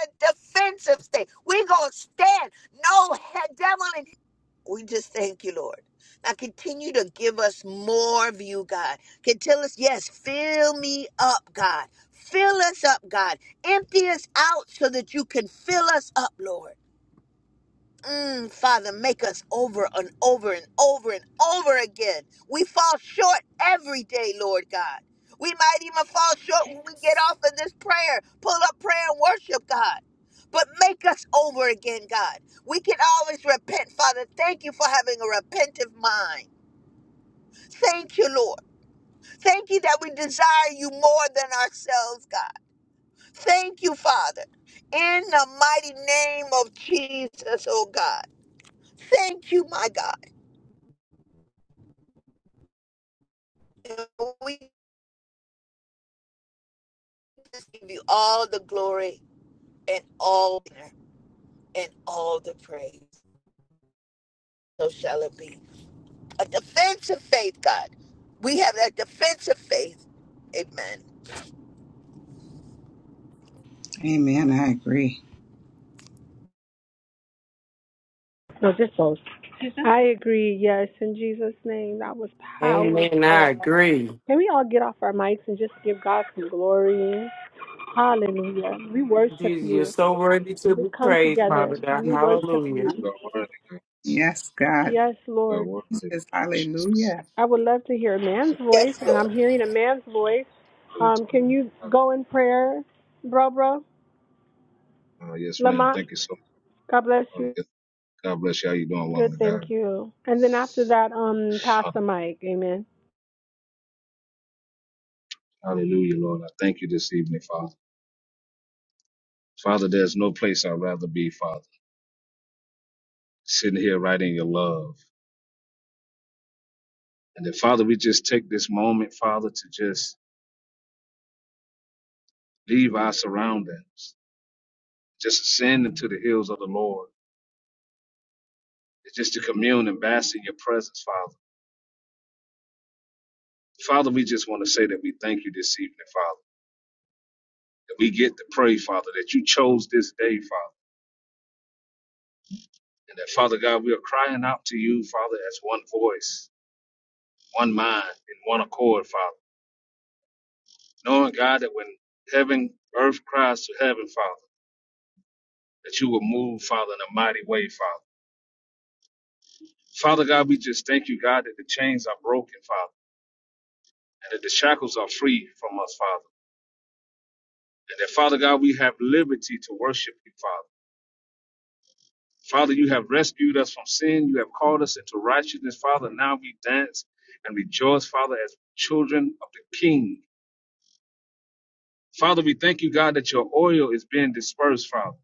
[SPEAKER 3] a defensive state. We're going to stand. No devil. In- hell. we just thank you, Lord. Now continue to give us more of you, God. Can tell us, yes, fill me up, God. Fill us up, God. Empty us out so that you can fill us up, Lord. Mm, Father, make us over and over and over and over again. We fall short every day, Lord God. We might even fall short when we get
[SPEAKER 5] Yes.
[SPEAKER 3] off of this prayer, pull up prayer and worship God. But make us over again, God. We can always repent, Father. Thank you for having a repentive mind. Thank you, Lord. Thank you that we desire you more than ourselves, God. Thank you, Father. In the mighty name of Jesus, oh God. Thank you, my God. And we just give you all the glory and all and all the praise. So shall it be. A defense of faith, God. We have that defense of faith. Amen.
[SPEAKER 1] I agree. Yes, in Jesus' name, that was
[SPEAKER 6] Amen. I
[SPEAKER 1] powerful.
[SPEAKER 6] agree.
[SPEAKER 1] Can we all get off our mics and just give God some glory? Hallelujah. We worship
[SPEAKER 6] Jesus, you're
[SPEAKER 1] you.
[SPEAKER 6] so worthy to
[SPEAKER 1] We
[SPEAKER 6] be
[SPEAKER 1] come
[SPEAKER 6] praised,
[SPEAKER 1] together
[SPEAKER 6] Father God.
[SPEAKER 1] and we worship
[SPEAKER 6] Hallelujah.
[SPEAKER 1] you.
[SPEAKER 7] You are worthy, God.
[SPEAKER 2] Yes, God.
[SPEAKER 1] Yes,
[SPEAKER 7] You are
[SPEAKER 1] Lord.
[SPEAKER 7] worthy,
[SPEAKER 2] This is
[SPEAKER 7] Lord Jesus.
[SPEAKER 2] hallelujah.
[SPEAKER 1] I would love to hear a
[SPEAKER 7] So
[SPEAKER 1] man's voice,
[SPEAKER 3] Yes,
[SPEAKER 1] and
[SPEAKER 3] Lord.
[SPEAKER 1] I'm hearing a man's voice.
[SPEAKER 7] glory to
[SPEAKER 1] Um, can
[SPEAKER 7] God.
[SPEAKER 1] you go in prayer, bro, bro?
[SPEAKER 7] Uh, uh, yes, ma'am.
[SPEAKER 1] Lamont,
[SPEAKER 7] Thank you so
[SPEAKER 1] God bless you.
[SPEAKER 7] much. Yes, God bless you. How you doing,
[SPEAKER 1] Good,
[SPEAKER 7] woman of
[SPEAKER 1] thank
[SPEAKER 7] God?
[SPEAKER 1] you. And then after that, um, pass the mic. Amen.
[SPEAKER 7] Hallelujah, Lord. I thank you this evening, Father. Father, there's no place I'd rather be, Father. Sitting here right in your love. And then, Father, we just take this moment, Father, to just leave our surroundings, just ascend into the hills of the Lord, just to commune and bask in your presence, Father. Father, we just want to say that we thank you this evening, Father. that we get to pray, Father, that you chose this day, Father. And that, Father God, we are crying out to you, Father, as one voice, one mind, in one accord, Father. Knowing, God, that when heaven, earth cries to heaven, Father, that you will move, Father, in a mighty way, Father. Father God, we just thank you, God, that the chains are broken, Father, and that the shackles are free from us, Father. And that, Father God, we have liberty to worship you, Father. Father, you have rescued us from sin. You have called us into righteousness. Father, now we dance and rejoice, Father, as children of the King. Father, we thank you, God, that your oil is being dispersed, Father,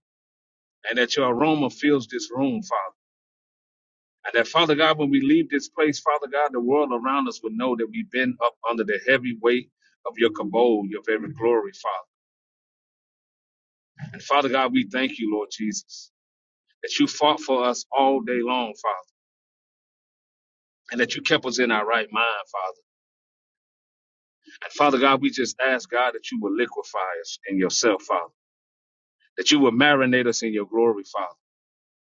[SPEAKER 7] and that your aroma fills this room, Father. And that, Father God, when we leave this place, Father God, the world around us will know that we've been up under the heavy weight of your cabal, your very glory, Father. And Father God, we thank you, Lord Jesus, that you fought for us all day long, Father, and that you kept us in our right mind, Father. Father God, we just ask God that you will liquefy us in yourself, Father, that you will marinate us in your glory, Father,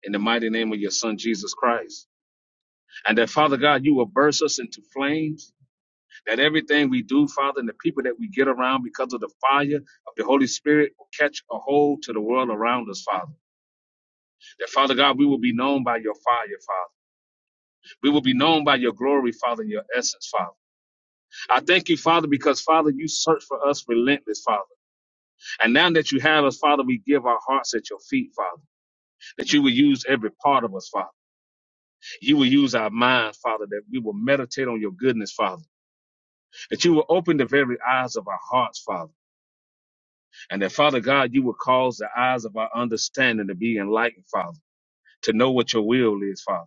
[SPEAKER 7] in the mighty name of your Son, Jesus Christ. And that, Father God, you will burst us into flames, that everything we do, Father, and the people that we get around because of the fire of the Holy Spirit will catch a hold to the world around us, Father. That, Father God, we will be known by your fire, Father. We will be known by your glory, Father, and your essence, Father. I thank you, Father, because, Father, you search for us relentless, Father. And now that you have us, Father, we give our hearts at your feet, Father, that you will use every part of us, Father. You will use our minds, Father, that we will meditate on your goodness, Father, that you will open the very eyes of our hearts, Father, and that, Father God, you will cause the eyes of our understanding to be enlightened, Father. To know what your will is, Father.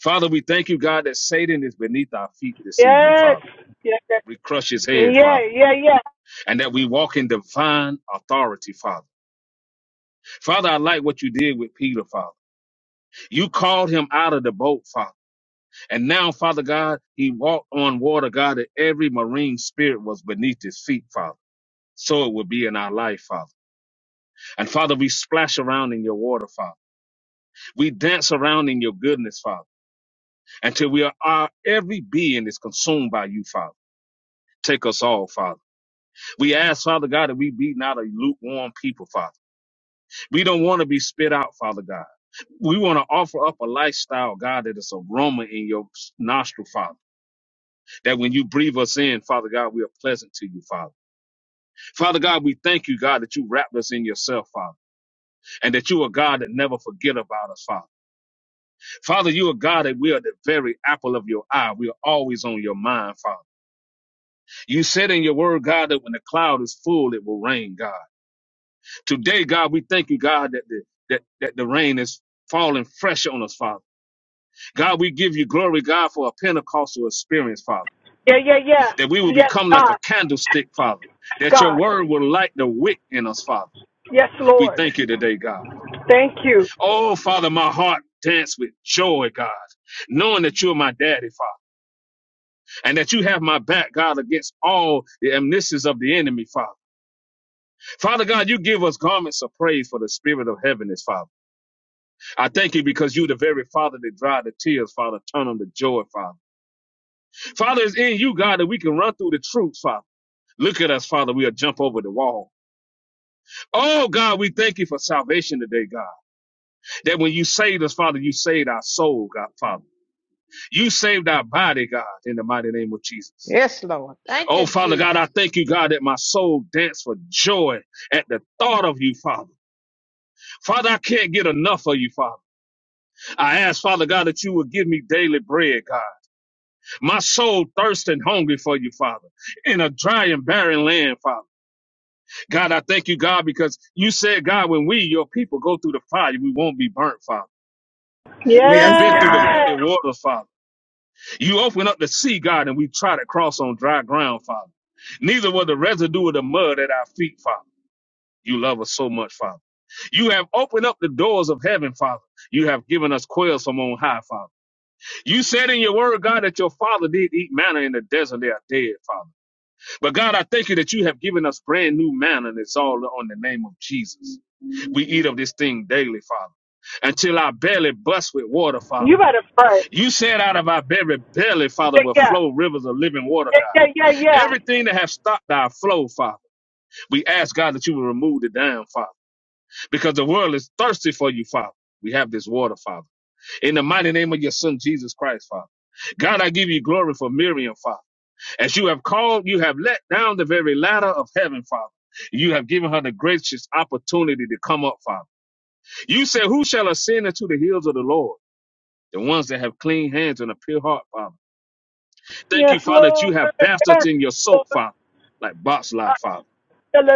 [SPEAKER 7] Father, we thank you, God, that Satan is beneath our feet this evening,
[SPEAKER 1] Yes.
[SPEAKER 7] Father.
[SPEAKER 1] Yeah,
[SPEAKER 7] We crush his
[SPEAKER 1] yeah,
[SPEAKER 7] head, Father,
[SPEAKER 1] yeah, yeah,
[SPEAKER 7] and that we walk in divine authority, Father. Father, I like what you did with Peter, Father. You called him out of the boat, Father. And now, Father God, he walked on water, God, that every marine spirit was beneath his feet, Father. So it will be in our life, Father. And Father, we splash around in your water, Father. We dance around in your goodness, Father, until we are, our every being is consumed by you, Father. Take us all, Father. We ask, Father God, that we be not a lukewarm people, Father. We don't want to be spit out, Father God. We want to offer up a lifestyle, God, that is aroma in your nostril, Father. that when you breathe us in, Father God, we are pleasant to you, Father. Father God, we thank you, God, that you wrapped us in yourself, Father, and that you are God that never forget about us, Father. Father, you are God that we are the very apple of your eye. We are always on your mind, Father. You said in your word, God, that when the cloud is full, it will rain, God. Today, God, we thank you, God, that the, that, that the rain is falling fresh on us, Father. God, we give you glory, God, for a Pentecostal experience, Father.
[SPEAKER 1] yeah, yeah, yeah.
[SPEAKER 7] that we will
[SPEAKER 1] Yes,
[SPEAKER 7] become like a
[SPEAKER 1] God,
[SPEAKER 7] candlestick, Father,
[SPEAKER 1] Yes,
[SPEAKER 7] that your
[SPEAKER 1] God.
[SPEAKER 7] word will light the wick in us, Father.
[SPEAKER 1] Yes,
[SPEAKER 7] We
[SPEAKER 1] Lord.
[SPEAKER 7] thank you today, God.
[SPEAKER 1] Thank you.
[SPEAKER 7] Oh, Father, my heart dance with joy, God, knowing that you're my daddy, Father, and that you have my back, God, against all the amnesties of the enemy, Father. Father God, you give us garments of praise for the spirit of heaviness, Father. I thank you because you the very Father that dry the tears, Father, turn them to joy, Father. Father, it's in you, God, that we can run through the truth, Father. Look at us, Father. We'll jump over the wall. Oh God, we thank you for salvation today, God. That when you saved us, Father, you saved our soul, God, Father. You saved our body, God, in the mighty name of Jesus.
[SPEAKER 4] Yes, Lord. Thank
[SPEAKER 7] Oh
[SPEAKER 4] you,
[SPEAKER 7] Father God,
[SPEAKER 4] Jesus.
[SPEAKER 7] I thank you, God, that my soul danced for joy at the thought of you, Father. Father, I can't get enough of you, Father. I ask, Father God, that you would give me daily bread, God. My soul thirsts and hungry for you, Father, in a dry and barren land, Father. God, I thank you, God, because you said, God, when we, your people, go through the fire, we won't be burnt, Father. We have
[SPEAKER 2] Yes,
[SPEAKER 7] been through the
[SPEAKER 2] God.
[SPEAKER 1] Yeah.
[SPEAKER 7] muddy water, Father. You open up the sea, God, and we try to cross on dry ground, Father. Neither were the residue of the mud at our feet, Father. You love us so much, Father. You have opened up the doors of heaven, Father. You have given us quails from on high, Father. You said in your word, God, that your father did eat manna in the desert. They are dead, Father. But God, I thank you that you have given us brand new manna, and it's all on the name of Jesus. We eat of this thing daily, Father, until our belly busts with water, Father.
[SPEAKER 1] You better pray.
[SPEAKER 7] You said out of our very belly, Father, will
[SPEAKER 1] Yeah,
[SPEAKER 7] flow rivers of living water,
[SPEAKER 1] yeah,
[SPEAKER 7] God.
[SPEAKER 1] yeah, yeah, yeah.
[SPEAKER 7] Everything that have stopped our flow, Father, we ask, God, that you will remove the dam, Father, because the world is thirsty for you, Father. We have this water, Father. In the mighty name of your Son, Jesus Christ, Father. God, I give you glory for Miriam, Father. As you have called, you have let down the very ladder of heaven, Father. You have given her the gracious opportunity to come up, Father. You said, Who shall ascend into the hills of the Lord? The ones that have clean hands and a pure heart, Father Thank
[SPEAKER 1] Yes,
[SPEAKER 7] you, Father, that
[SPEAKER 1] Lord.
[SPEAKER 7] you have bathed
[SPEAKER 1] Yes,
[SPEAKER 7] us in your soap,
[SPEAKER 1] Lord.
[SPEAKER 7] Father, like boxlight, Father.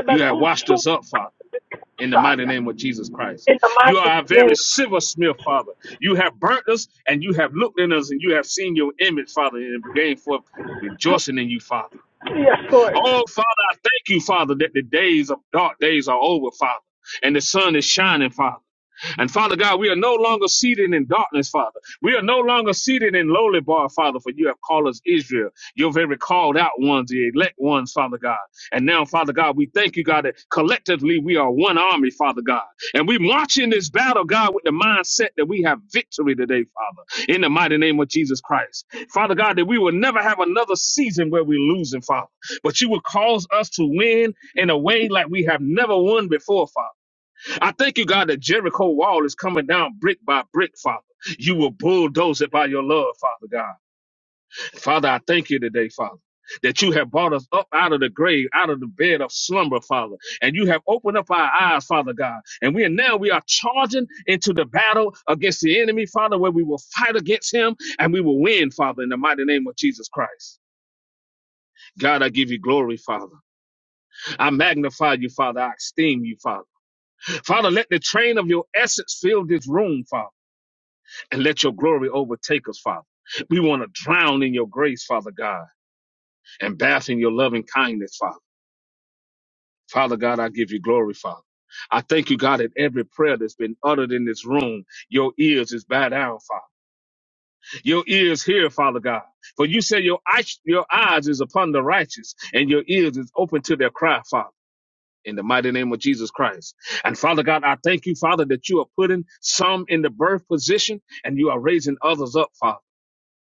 [SPEAKER 7] You have washed us up, Father, in the mighty name of Jesus Christ.
[SPEAKER 1] In the
[SPEAKER 7] You are
[SPEAKER 1] mighty
[SPEAKER 7] our very
[SPEAKER 1] name.
[SPEAKER 7] silversmith, Father. You have burnt us and you have looked in us and you have seen your image, Father, and gained forth rejoicing in you, Father.
[SPEAKER 1] Yes, Lord.
[SPEAKER 7] Oh, Father, I thank you, Father, that the days of dark days are over, Father, and the sun is shining, Father. And Father God, we are no longer seated in darkness, Father. We are no longer seated in lowly bar, Father, for you have called us Israel, your very called out ones, the elect ones, Father God. And now, Father God, we thank you, God, that collectively we are one army, Father God. And we march in this battle, God, with the mindset that we have victory today, Father, in the mighty name of Jesus Christ. Father God, that we will never have another season where we're losing, Father, but you will cause us to win in a way like we have never won before, Father. I thank you, God, that Jericho wall is coming down brick by brick, Father. You will bulldoze it by your love, Father God. Father, I thank you today, Father. That you have brought us up out of the grave, out of the bed of slumber, Father. And you have opened up our eyes, Father God. And we are now we are charging into the battle against the enemy, Father, where we will fight against him and we will win, Father, in the mighty name of Jesus Christ. God, I give you glory, Father. I magnify you, Father. I esteem you, Father. Father, let the train of your essence fill this room, Father. and let your glory overtake us, Father. We want to drown in your grace, Father God, and bath in your loving kindness, Father. Father God, I give you glory, Father. I thank you, God, that every prayer that's been uttered in this room, your ears is bowed down, Father. Your ears hear, Father God. For you say your eyes, your eyes is upon the righteous, and your ears is open to their cry, Father. In the mighty name of Jesus Christ. And Father God, I thank you, Father, that you are putting some in the birth position and you are raising others up, Father.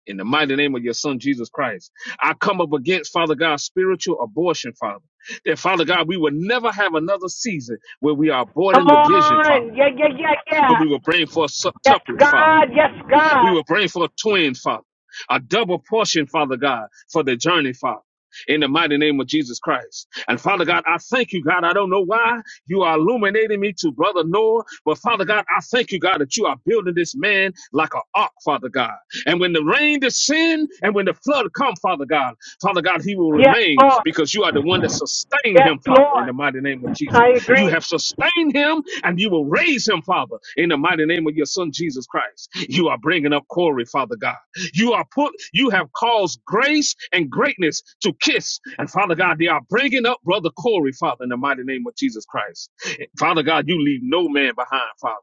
[SPEAKER 7] in the mighty name of your son Jesus Christ. I come up against Father God spiritual abortion, Father. That Father God, we will never have another season where we are
[SPEAKER 1] Come
[SPEAKER 7] aborting the vision, Father,
[SPEAKER 1] on. Yeah, yeah, yeah,
[SPEAKER 7] but
[SPEAKER 1] yeah.
[SPEAKER 7] we will bring forth
[SPEAKER 1] Yes,
[SPEAKER 7] septuplets, Father.
[SPEAKER 1] God. Yes, God.
[SPEAKER 7] We will pray for a twin, Father, a double portion, Father God, for the journey, Father. In the mighty name of Jesus Christ. And Father God, I thank you, God. I don't know why you are illuminating me to Brother Noah, but Father God, I thank you, God, that you are building this man like an ark, Father God. And when the rain descend and when the flood come, Father God, Father God, he will
[SPEAKER 1] Yes,
[SPEAKER 7] remain
[SPEAKER 1] Lord.
[SPEAKER 7] because you are the one that sustained
[SPEAKER 1] Yes,
[SPEAKER 7] him, Father, in
[SPEAKER 1] Lord.
[SPEAKER 7] the mighty name of Jesus.
[SPEAKER 1] I
[SPEAKER 7] You
[SPEAKER 1] agree.
[SPEAKER 7] have sustained him and you will raise him, Father, in the mighty name of your son, Jesus Christ. You are bringing up Corey, Father God. You are put, you have caused grace and greatness to kiss. And Father God, they are bringing up brother Corey, Father, in the mighty name of Jesus Christ. Father God, you leave no man behind, Father.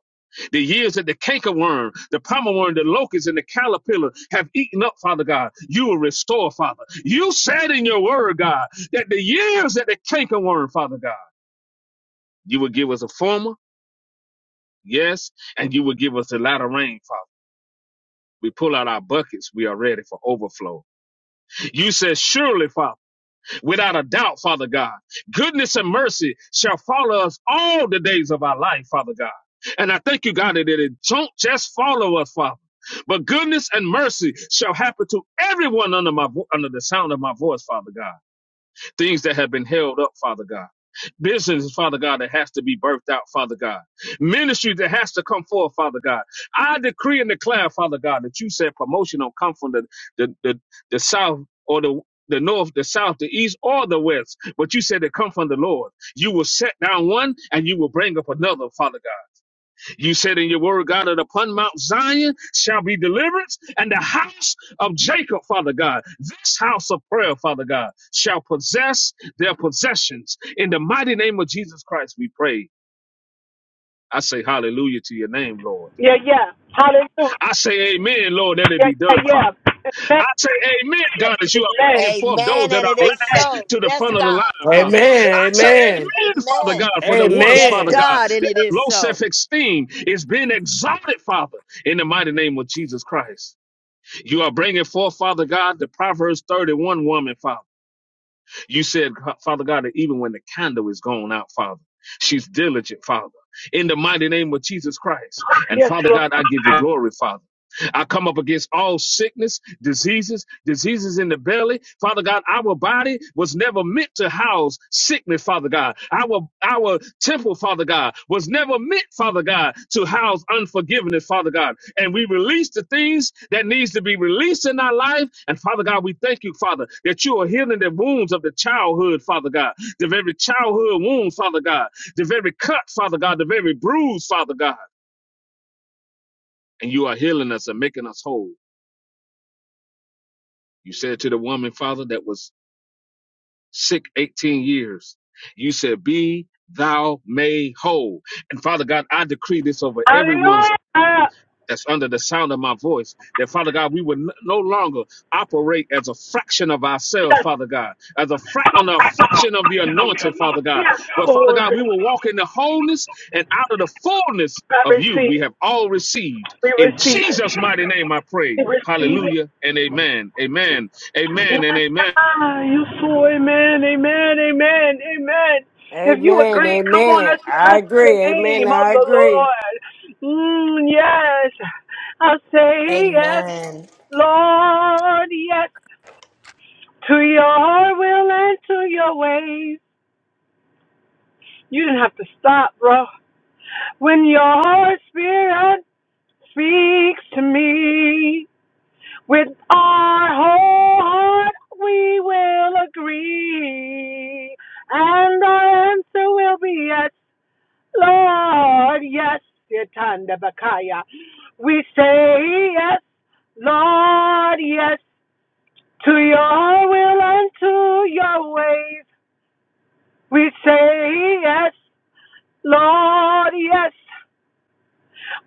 [SPEAKER 7] The years that the cankerworm, the palmer worm, the locust, and the caterpillar have eaten up, Father God, you will restore, Father. You said in your word, God, that the years that the cankerworm, Father God, you will give us a former, yes, and you will give us a latter rain, Father. We pull out our buckets. We are ready for overflow. You said, surely, Father, without a doubt, Father God, goodness and mercy shall follow us all the days of our life, Father God. And I thank you, God, that it don't just follow us, Father, but goodness and mercy shall happen to everyone under my vo- under the sound of my voice, Father God. things that have been held up, Father God. Business, Father God, that has to be birthed out, Father God. Ministry that has to come forth, Father God. I decree and declare, Father God, that you said promotion don't come from the the the, the south or the the north, the south, the east, or the west, but you said they come from the Lord. You will set down one and you will bring up another, Father God. You said in your word, God, that upon Mount Zion shall be deliverance, and the house of Jacob, Father God, this house of prayer, Father God, shall possess their possessions. In the mighty name of Jesus Christ, we pray. I say hallelujah to your name, Lord.
[SPEAKER 1] Yeah, yeah. Hallelujah.
[SPEAKER 7] I say amen, Lord, that it
[SPEAKER 1] Yeah,
[SPEAKER 7] be
[SPEAKER 1] yeah,
[SPEAKER 7] done, Father.
[SPEAKER 1] yeah. Amen.
[SPEAKER 7] I say, Amen, God,
[SPEAKER 1] Yeah,
[SPEAKER 7] as you are
[SPEAKER 1] Amen.
[SPEAKER 7] bringing forth those
[SPEAKER 3] Amen.
[SPEAKER 7] that
[SPEAKER 3] And
[SPEAKER 7] are
[SPEAKER 3] it is
[SPEAKER 1] Amen.
[SPEAKER 7] last
[SPEAKER 3] so.
[SPEAKER 7] to the
[SPEAKER 3] Yes,
[SPEAKER 7] front of the
[SPEAKER 3] God.
[SPEAKER 7] line,
[SPEAKER 3] And it
[SPEAKER 7] Father. I
[SPEAKER 3] is
[SPEAKER 6] Amen.
[SPEAKER 7] say,
[SPEAKER 3] so.
[SPEAKER 6] Amen.
[SPEAKER 7] Amen, Father
[SPEAKER 3] Amen.
[SPEAKER 7] God, for the ones,
[SPEAKER 3] Yes,
[SPEAKER 7] Father God,
[SPEAKER 6] Amen.
[SPEAKER 7] that
[SPEAKER 3] God. And it
[SPEAKER 7] have low
[SPEAKER 3] is
[SPEAKER 7] self
[SPEAKER 3] so.
[SPEAKER 7] esteem is being exalted, Father, in the mighty name of Jesus Christ. You are bringing forth, Father God, the Proverbs 31 woman, Father. You said, Father God, that even when the candle is gone out, Father, she's diligent, Father. In the mighty name of Jesus Christ. And
[SPEAKER 1] Yes,
[SPEAKER 7] Father
[SPEAKER 1] Lord.
[SPEAKER 7] God, I give you glory, Father. I come up against all sickness, diseases, diseases in the belly. Father God, our body was never meant to house sickness, Father God. Our our temple, Father God, was never meant, Father God, to house unforgiveness, Father God. And we release the things that needs to be released in our life. And Father God, we thank you, Father, that you are healing the wounds of the childhood, Father God, the very childhood wound, Father God, the very cut, Father God, the very bruise, Father God. And you are healing us and making us whole. You said to the woman, Father, that was sick 18 years, you said, Be thou made whole. And Father God, I decree this over everyone's
[SPEAKER 1] Hallelujah. Yes.
[SPEAKER 7] that's under the sound of my voice, that Father God, we would n- no longer operate as a fraction of ourselves,
[SPEAKER 1] Yes,
[SPEAKER 7] Father God, as a, fra- on a fraction of the anointing, Father God. But Father
[SPEAKER 1] Lord.
[SPEAKER 7] God, we will walk in the wholeness and out of the fullness
[SPEAKER 1] I
[SPEAKER 7] of you
[SPEAKER 1] receive.
[SPEAKER 7] we have all received.
[SPEAKER 1] We
[SPEAKER 7] In
[SPEAKER 1] receive.
[SPEAKER 7] Jesus' mighty name I pray.
[SPEAKER 1] We receive it.
[SPEAKER 7] Hallelujah and amen. Amen. Amen and amen.
[SPEAKER 1] Ah, you fool. Amen. Amen. Amen. Amen. If you
[SPEAKER 6] Amen.
[SPEAKER 1] agree, come on,
[SPEAKER 6] Amen.
[SPEAKER 1] let's
[SPEAKER 6] I
[SPEAKER 1] bless the
[SPEAKER 6] agree. Amen.
[SPEAKER 1] name of
[SPEAKER 6] I
[SPEAKER 1] the
[SPEAKER 6] agree.
[SPEAKER 1] Lord. Mm, yes. I say yes,
[SPEAKER 3] Amen.
[SPEAKER 1] Lord. Yes. To your will and to your ways. You didn't have to stop, bro. When your spirit speaks to me, With our whole heart, we will agree, and our answer will be yes, Lord, yes, Yatanda Bakaya. We say yes, Lord, yes, to your will and to your ways. We say yes, Lord, yes,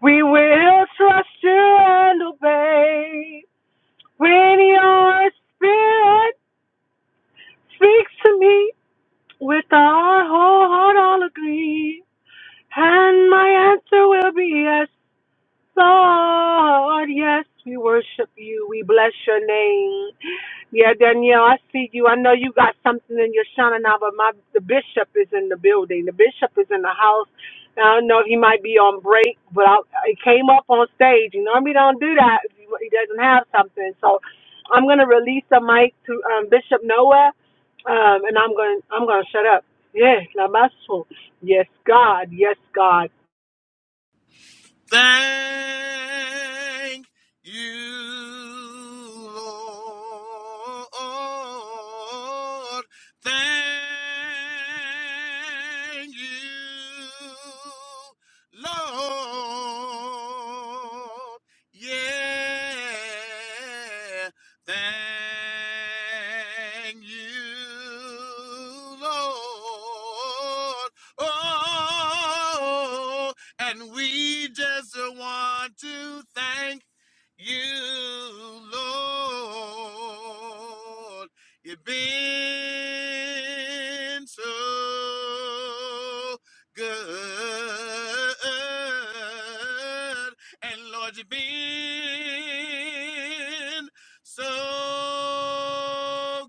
[SPEAKER 1] we will trust you and obey. When your spirit Speaks to me with our whole heart, I'll agree. And my answer will be yes. Lord, yes, we worship you. We bless your name. Yeah, Danielle, I see you. I know you got something in your shana now, but my the bishop is in the building. The bishop is in the house. I don't know if he might be on break, but I, he came up on stage. You normally don't do that if he he doesn't have something. So I'm gonna release the mic to um, Bishop Noah, um, and I'm gonna I'm gonna shut up. Yes, Lamasu. Yes, God. Yes, God.
[SPEAKER 8] Thank you, Lord. Thank you, Lord. Yeah. Thank you, Lord. Oh. And we just want to thank you, Lord. You've been so good. And Lord, you've been so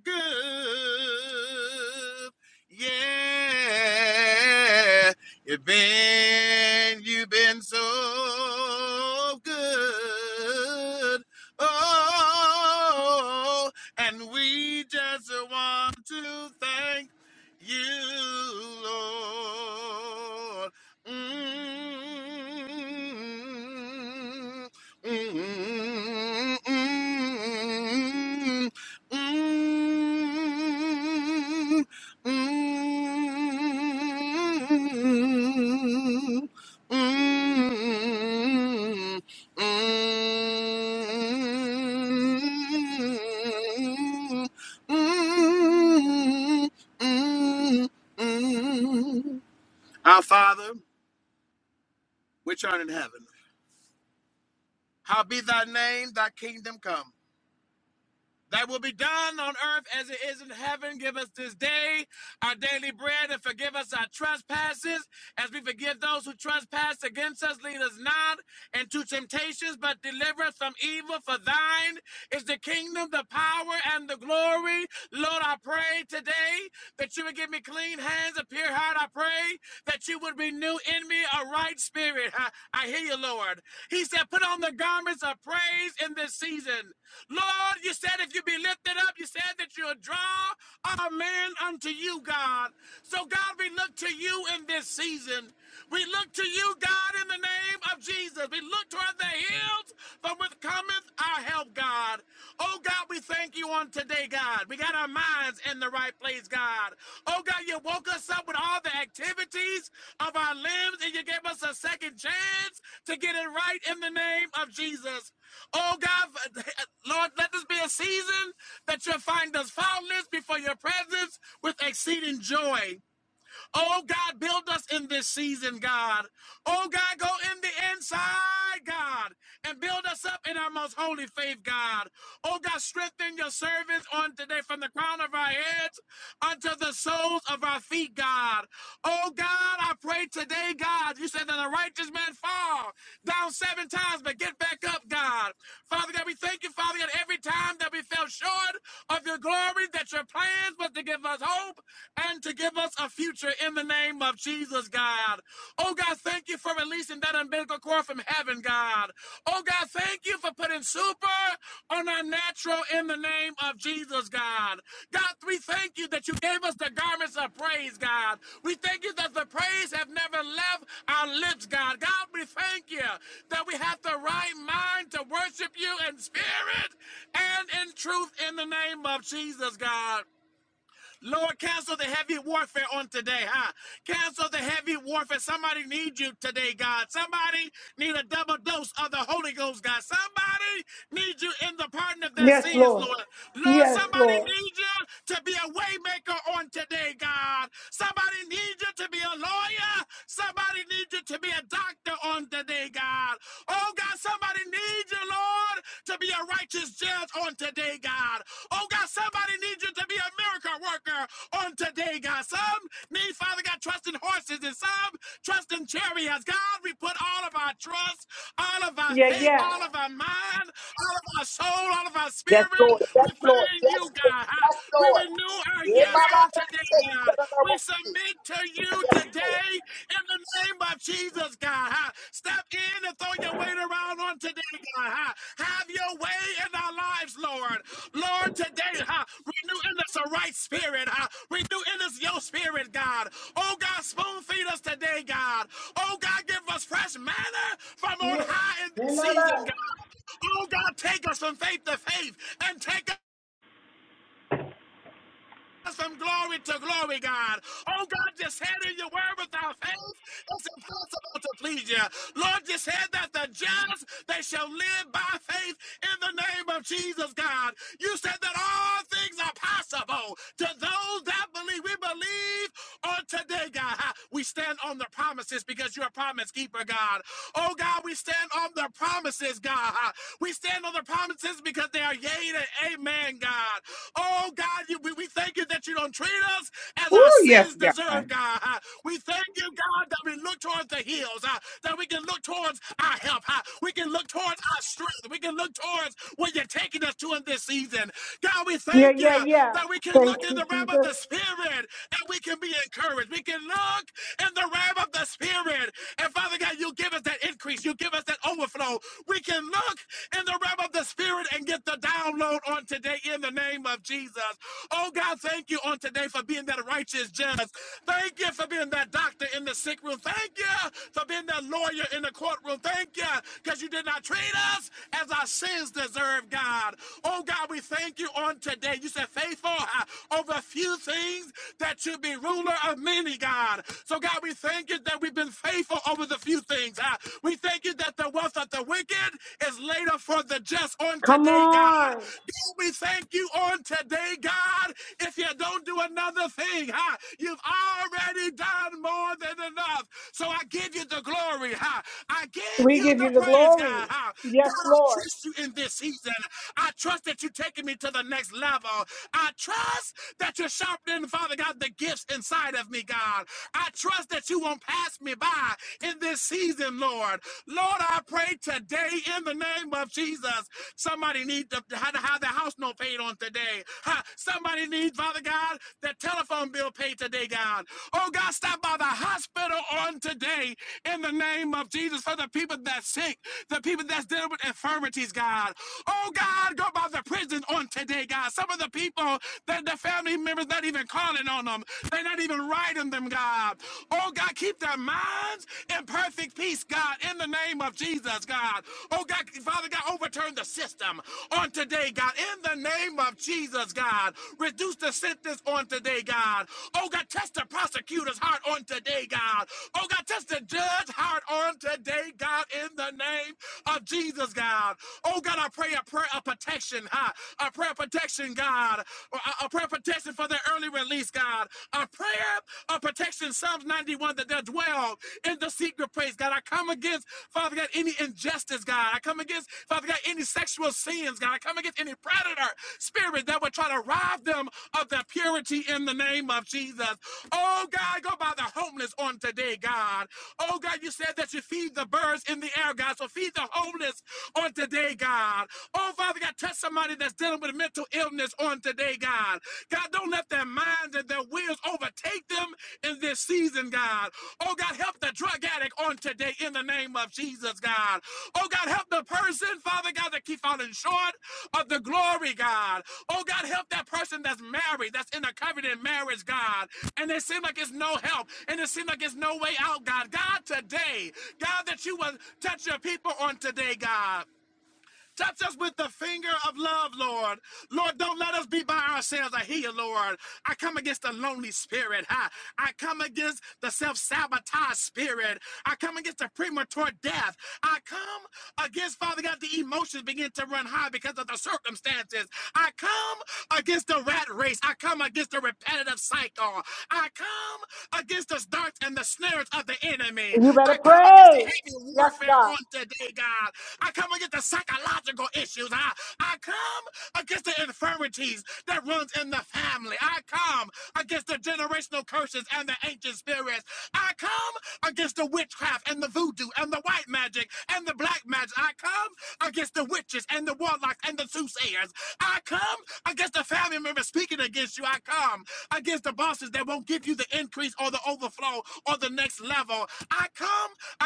[SPEAKER 8] good. Yeah. You've been, you've been so good. Oh, and we just want to thank you, Lord. Mm, mm, mm, mm. Mm, mm, mm, mm, mm, mm. Our Father, which art in heaven, how be thy name, thy kingdom come. That will be done on earth as it is in heaven. Give us this day our daily bread and forgive us our trespasses as we forgive those who trespass against us. Lead us not into temptations, but deliver us from evil. For thine is the kingdom, the power, and the glory. Lord, I pray today that you would give me clean hands, a pure heart. I pray that you would renew in me a right spirit. (laughs) I, I hear you, Lord. He said, put on the garments of praise in this season. Lord, you said if you be lifted up, you said that you'll draw our men unto you, God. So, God, we look to you in this season. We look to you, God, in the name of Jesus. We look toward the hills from which cometh our help, God. Oh, God. God, we thank you on today, God. We got our minds in the right place, God. Oh, God, you woke us up with all the activities of our limbs and you gave us a second chance to get it right in the name of Jesus. Oh, God, (laughs) Lord, let this be a season that you'll find us faultless before your presence with exceeding joy. Oh, God, build us in this season, God. Oh, God, go in the inside, God, and build us up in our most holy faith, God. Oh, God, strengthen your servants on today from the crown of our heads unto the soles of our feet, God. Oh, God, I pray today, God, you said that a righteous man fall down seven times, but get back up, God. Father God, we thank you, Father God, every time that we fell short of your glory, that your plans was to give us hope and to give us a future in the name of Jesus, God. Oh God, thank you for releasing that umbilical cord from heaven, God. Oh God, thank you for putting super on our natural in the name of Jesus, God. God, we thank you that you gave us the garments of praise, God. We thank you that the praise have never left our lips, God. God, we thank you that we have the right mind to worship you in spirit and in truth in the name of Jesus, God. Lord, cancel the heavy warfare on today, huh? Cancel the heavy warfare. Somebody needs you today, God. Somebody need a double dose of the Holy Ghost, God. Somebody needs you in the pardon of their sins, Lord. Lord, somebody needs you to be a waymaker on today, God. Somebody needs you to be a lawyer. Somebody needs you to be a doctor on today, God. Oh, God, somebody needs you, Lord, to be a righteous judge on today, God. Oh, God, somebody needs you to be a miracle worker on today, God. Some need, Father God, trust in horses and some trust in chariots. God, we put all of our trust, all of our
[SPEAKER 1] Yeah,
[SPEAKER 8] faith,
[SPEAKER 1] yeah,
[SPEAKER 8] all of our mind, all of our soul, all of our
[SPEAKER 3] Yes,
[SPEAKER 8] spirit.
[SPEAKER 3] Lord. Yes,
[SPEAKER 8] We put it
[SPEAKER 3] Lord.
[SPEAKER 8] in you,
[SPEAKER 3] Yes, Lord.
[SPEAKER 8] God.
[SPEAKER 3] Yes,
[SPEAKER 8] We
[SPEAKER 3] Lord.
[SPEAKER 8] renew our
[SPEAKER 3] Yeah, my,
[SPEAKER 8] yes on today, God. We submit to you
[SPEAKER 3] Yes, Lord.
[SPEAKER 8] today in the name of Jesus, God. huh? Step in and throw your weight around on today, God. huh? Have your way in our lives, Lord. Lord, today, huh? renew in us a right spirit. huh? Renew in us your spirit, God. Oh, God, spoon feed us today, God. Oh, God, give us fresh manna from on high in this season, God. Oh, God, take us from faith to faith and take from glory to glory, God. Oh, God, just said in your word without faith, it's impossible to please you. Lord, just said that the just, they shall live by faith in the name of Jesus, God. You said that all things are possible to those that believe. We believe on today, God. We stand on the promises because you're a promise keeper, God. Oh, God, we stand on the promises, God. We stand on the promises because they are yea and amen man, God. Oh, God, you, we, we thank you that you don't treat us as our
[SPEAKER 2] Oh,
[SPEAKER 8] sins
[SPEAKER 2] yes,
[SPEAKER 8] deserve,
[SPEAKER 2] God.
[SPEAKER 8] God. Uh, We thank you, God, that we look towards the hills, uh, that we can look towards our help. uh, We can look towards our strength. We can look towards where you're taking us to in this season. God, we
[SPEAKER 1] yeah,
[SPEAKER 8] thank you
[SPEAKER 1] yeah,
[SPEAKER 8] that we
[SPEAKER 1] yeah.
[SPEAKER 8] can look in the realm of the Spirit and we can be encouraged. We can look in the realm of the Spirit. And Father God, you give us that increase. You give us that overflow. We can look in the realm of the spirit and get the download on today in the name of Jesus. Oh God, thank you on today for being that righteous judge. Thank you for being that doctor in the sick room. Thank you for being that lawyer in the courtroom. Thank you because you did not treat us as our sins deserve, God. Oh God, we thank you on today. You said faithful uh, over a few things that you be ruler of many, God. So God, we thank you that we've been faithful over the few things. uh, we thank you thank you that the wealth of the wicked is laid up for the just on
[SPEAKER 1] Come
[SPEAKER 8] today, God.
[SPEAKER 1] on.
[SPEAKER 8] God, we thank you on today, God. If you don't do another thing, huh, you've already done more than enough. So I give you the glory, huh? I give
[SPEAKER 1] We
[SPEAKER 8] you
[SPEAKER 1] give
[SPEAKER 8] the
[SPEAKER 1] you the
[SPEAKER 8] praise,
[SPEAKER 1] glory.
[SPEAKER 8] God, huh?
[SPEAKER 1] Yes,
[SPEAKER 8] God, I
[SPEAKER 1] Lord.
[SPEAKER 8] trust you in this season. I trust that you're taking me to the next level. I trust that you're sharpening, Father God, the gifts inside of me, God. I trust that you won't pass pass me by in this season, Lord. Lord, I pray today in the name of Jesus. Somebody needs to have to have their house note paid on today. Huh, Somebody needs, Father God, their telephone bill paid today, God. Oh, God, stop by the hospital on today in the name of Jesus for the people that's sick, the people that's dealing with infirmities, God. Oh, God, go by the prison on today, God. Some of the people that the family members not even calling on them. They're not even even right in them, God. Oh, God, keep their minds in perfect peace, God, in the name of Jesus, God. Oh, God, Father God, overturn the system on today, God, in the name of Jesus, God. Reduce the sentence on today, God. Oh, God, test the prosecutor's heart on today, God. Oh, God, test the judge's heart on today, God, in the name of Jesus, God. Oh, God, I pray a prayer of protection, huh? A prayer of protection, God. a prayer prayer protection for their early release, God. A prayer of protection, Psalms 91, that they'll dwell in the secret place, God. I come against, Father God, any injustice, God. I come against, Father God, any sexual sins, God. I come against any predator spirit that would try to rob them of their purity in the name of Jesus. Oh, God, go by the homeless on today, God. Oh, God, you said that you feed the birds in the air, God. So feed the homeless on today, God. Oh, Father God, touch somebody that's dealing with mental illness on today, God. God, don't let their minds and their wills overtake them in this season, God. Oh, God, help the drug addict on today in the name of Jesus, God. Oh, God, help the person, Father God, that keep falling short of the glory, God. Oh, God, help that person that's married, that's in a covenant marriage, God. And it seems like it's no help, and it seems like it's no way out, God. God, today, God, that you will touch your people on today, God. Touch us with the finger of love, Lord. Lord, don't let us be by ourselves. I hear you, Lord. I come against the lonely spirit. huh? I come against the self sabotage spirit. I come against the premature death. I come against, Father God, the emotions begin to run high because of the circumstances. I come against the rat race. I come against the repetitive cycle. I come against the darts and the snares of the enemy. I come against the heavy warfare on today, God. I come against the psychological biological issues. I, I come against the infirmities that runs in the family. I come against the generational curses and the ancient spirits. I come against the witchcraft and the voodoo and the white magic and the black magic. I come against the witches and the warlocks and the soothsayers. I come against the family members speaking against you. I come against the bosses that won't give you the increase or the overflow or the next level. I come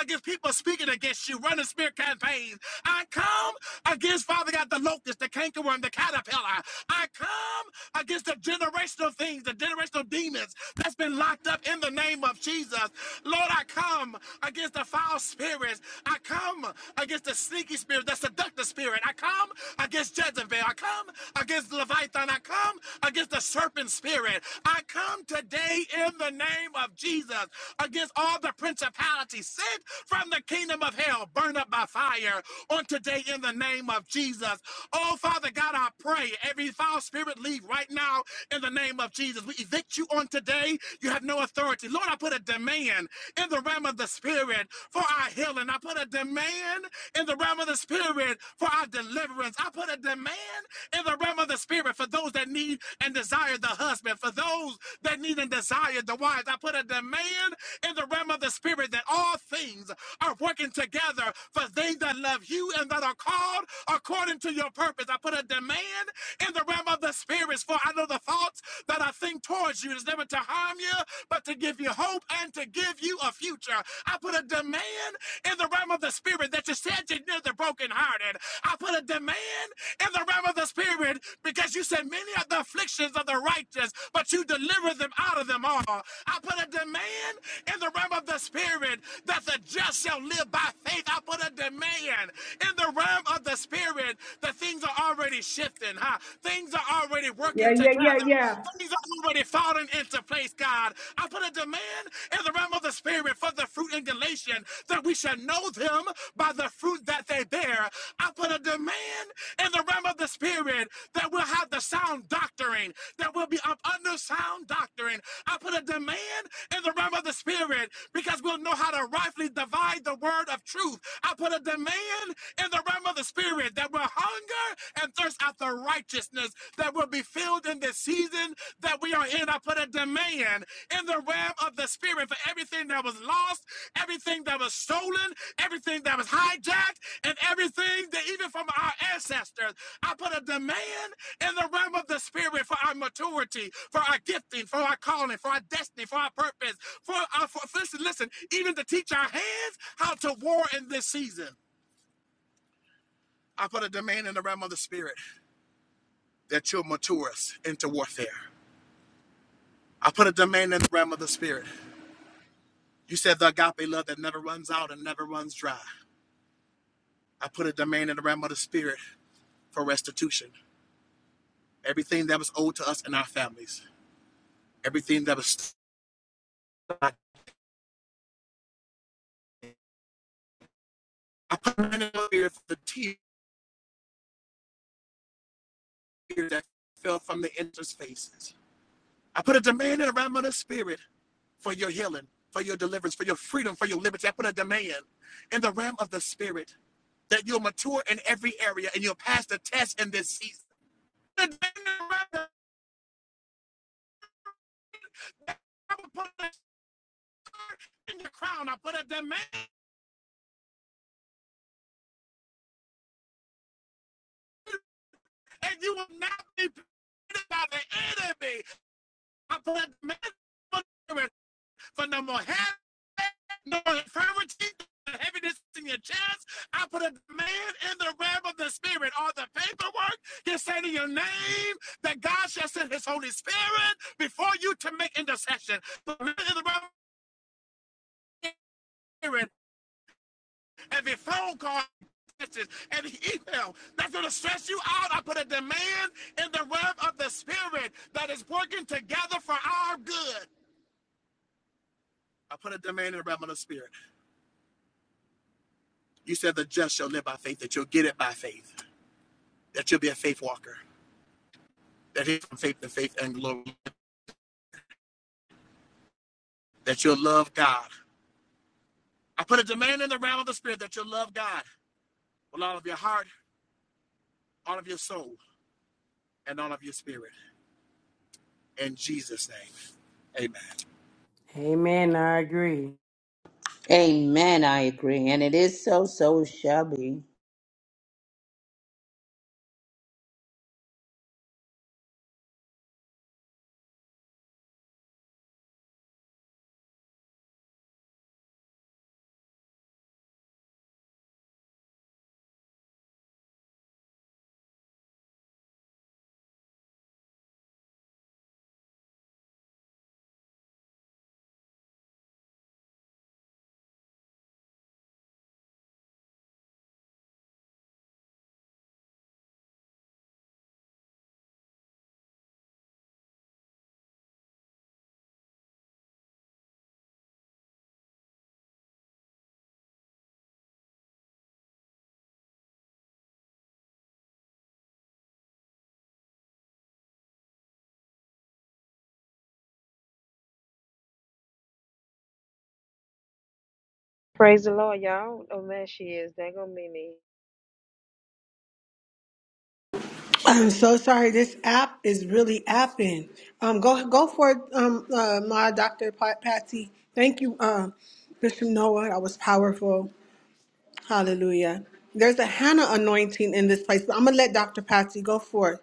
[SPEAKER 8] against people speaking against you, running smear campaigns. I come come against, Father God, the locust, the cankerworm, the caterpillar. I come against the generational things, the generational demons that's been locked up in the name of Jesus. Lord, I come against the foul spirits. I come against the sneaky spirit, the seductive spirit. I come against Jezebel. I come against Leviathan. I come against the serpent spirit. I come today in the name of Jesus against all the principalities sent from the kingdom of hell, burned up by fire. On today today in the name of Jesus. Oh, Father God, I pray every foul spirit leave right now in the name of Jesus. We evict you on today. You have no authority. Lord, I put a demand in the realm of the spirit for our healing. I put a demand in the realm of the spirit for our deliverance. I put a demand in the realm of the spirit for those that need and desire the husband, for those that need and desire the wives. I put a demand in the realm of the spirit that all things are working together for they that love you you and that are called according to your purpose. I put a demand in the realm of the spirits, for I know the thoughts that I think towards you is never to harm you, but to give you hope and to give you a future. I put a demand in the realm of the spirit that you said you knew the brokenhearted. I put a demand in the realm of the spirit because you said many of the afflictions of the righteous, but you deliver them out of them all. I put a demand in the realm of the spirit that the just shall live by faith. I put a demand man. In the realm of the spirit, the things are already shifting, huh? Things are already working together. Things are already falling into place, God. I put a demand in the realm of the spirit for the fruit in Galatians that we shall know them by the fruit that they bear. I put a demand in the realm of the spirit that we'll have the sound doctrine, that we'll be up under sound doctrine. I put a demand in the realm of the spirit because we'll know how to rightfully divide the word of truth. I put a demand land in the realm of the spirit, that will hunger and thirst after righteousness, that will be filled in this season that we are in. I put a demand in the realm of the spirit for everything that was lost, everything that was stolen, everything that was hijacked, and everything that even from our ancestors. I put a demand in the realm of the spirit for our maturity, for our gifting, for our calling, for our destiny, for our purpose, for our for, listen, listen, even to teach our hands how to war in this season. I put a demand in the realm of the spirit that you'll mature us into warfare. I put a demand in the realm of the spirit. You said the agape love that never runs out and never runs dry. I put a demand in the realm of the spirit for restitution. Everything that was owed to us and our families, everything that was I put a demand in the spirit for the tears that fell from the inter's faces. I put a demand in the realm of the spirit for your healing, for your deliverance, for your freedom, for your liberty. I put a demand in the realm of the spirit that you'll mature in every area and you'll pass the test in this season. I put a sword in your crown. I put a demand, and you will not be defeated by the enemy. I put a demand. for no more heaven, no more infirmity, no heaviness in your chest. I put a demand in the realm of the spirit. All the paperwork is saying in your name that God shall send his Holy Spirit before you to make intercession. Demand in the realm of the spirit, every phone call, message, every email that's going to stress you out. I put a demand in the realm of the spirit that is working together for our good. I put a demand in the realm of the spirit. You said the just shall live by faith, that you'll get it by faith, that you'll be a faith walker, that is from faith to faith and glory, that you'll love God. I put a demand in the realm of the spirit that you'll love God with all of your heart, all of your soul, and all of your spirit. In Jesus' name, amen.
[SPEAKER 6] Amen. I agree.
[SPEAKER 3] Amen. I agree. And it is so, so it shall be.
[SPEAKER 4] Praise the Lord, y'all. Oh man, she is. That gonna be me.
[SPEAKER 1] I'm so sorry. This app is really apping. Um, go go for it, um, uh, my Dr. Pa- Patsy. Thank you, um, Bishop Noah. That was powerful. Hallelujah. There's a Hannah anointing in this place, but I'm gonna let Dr. Patsy go for it.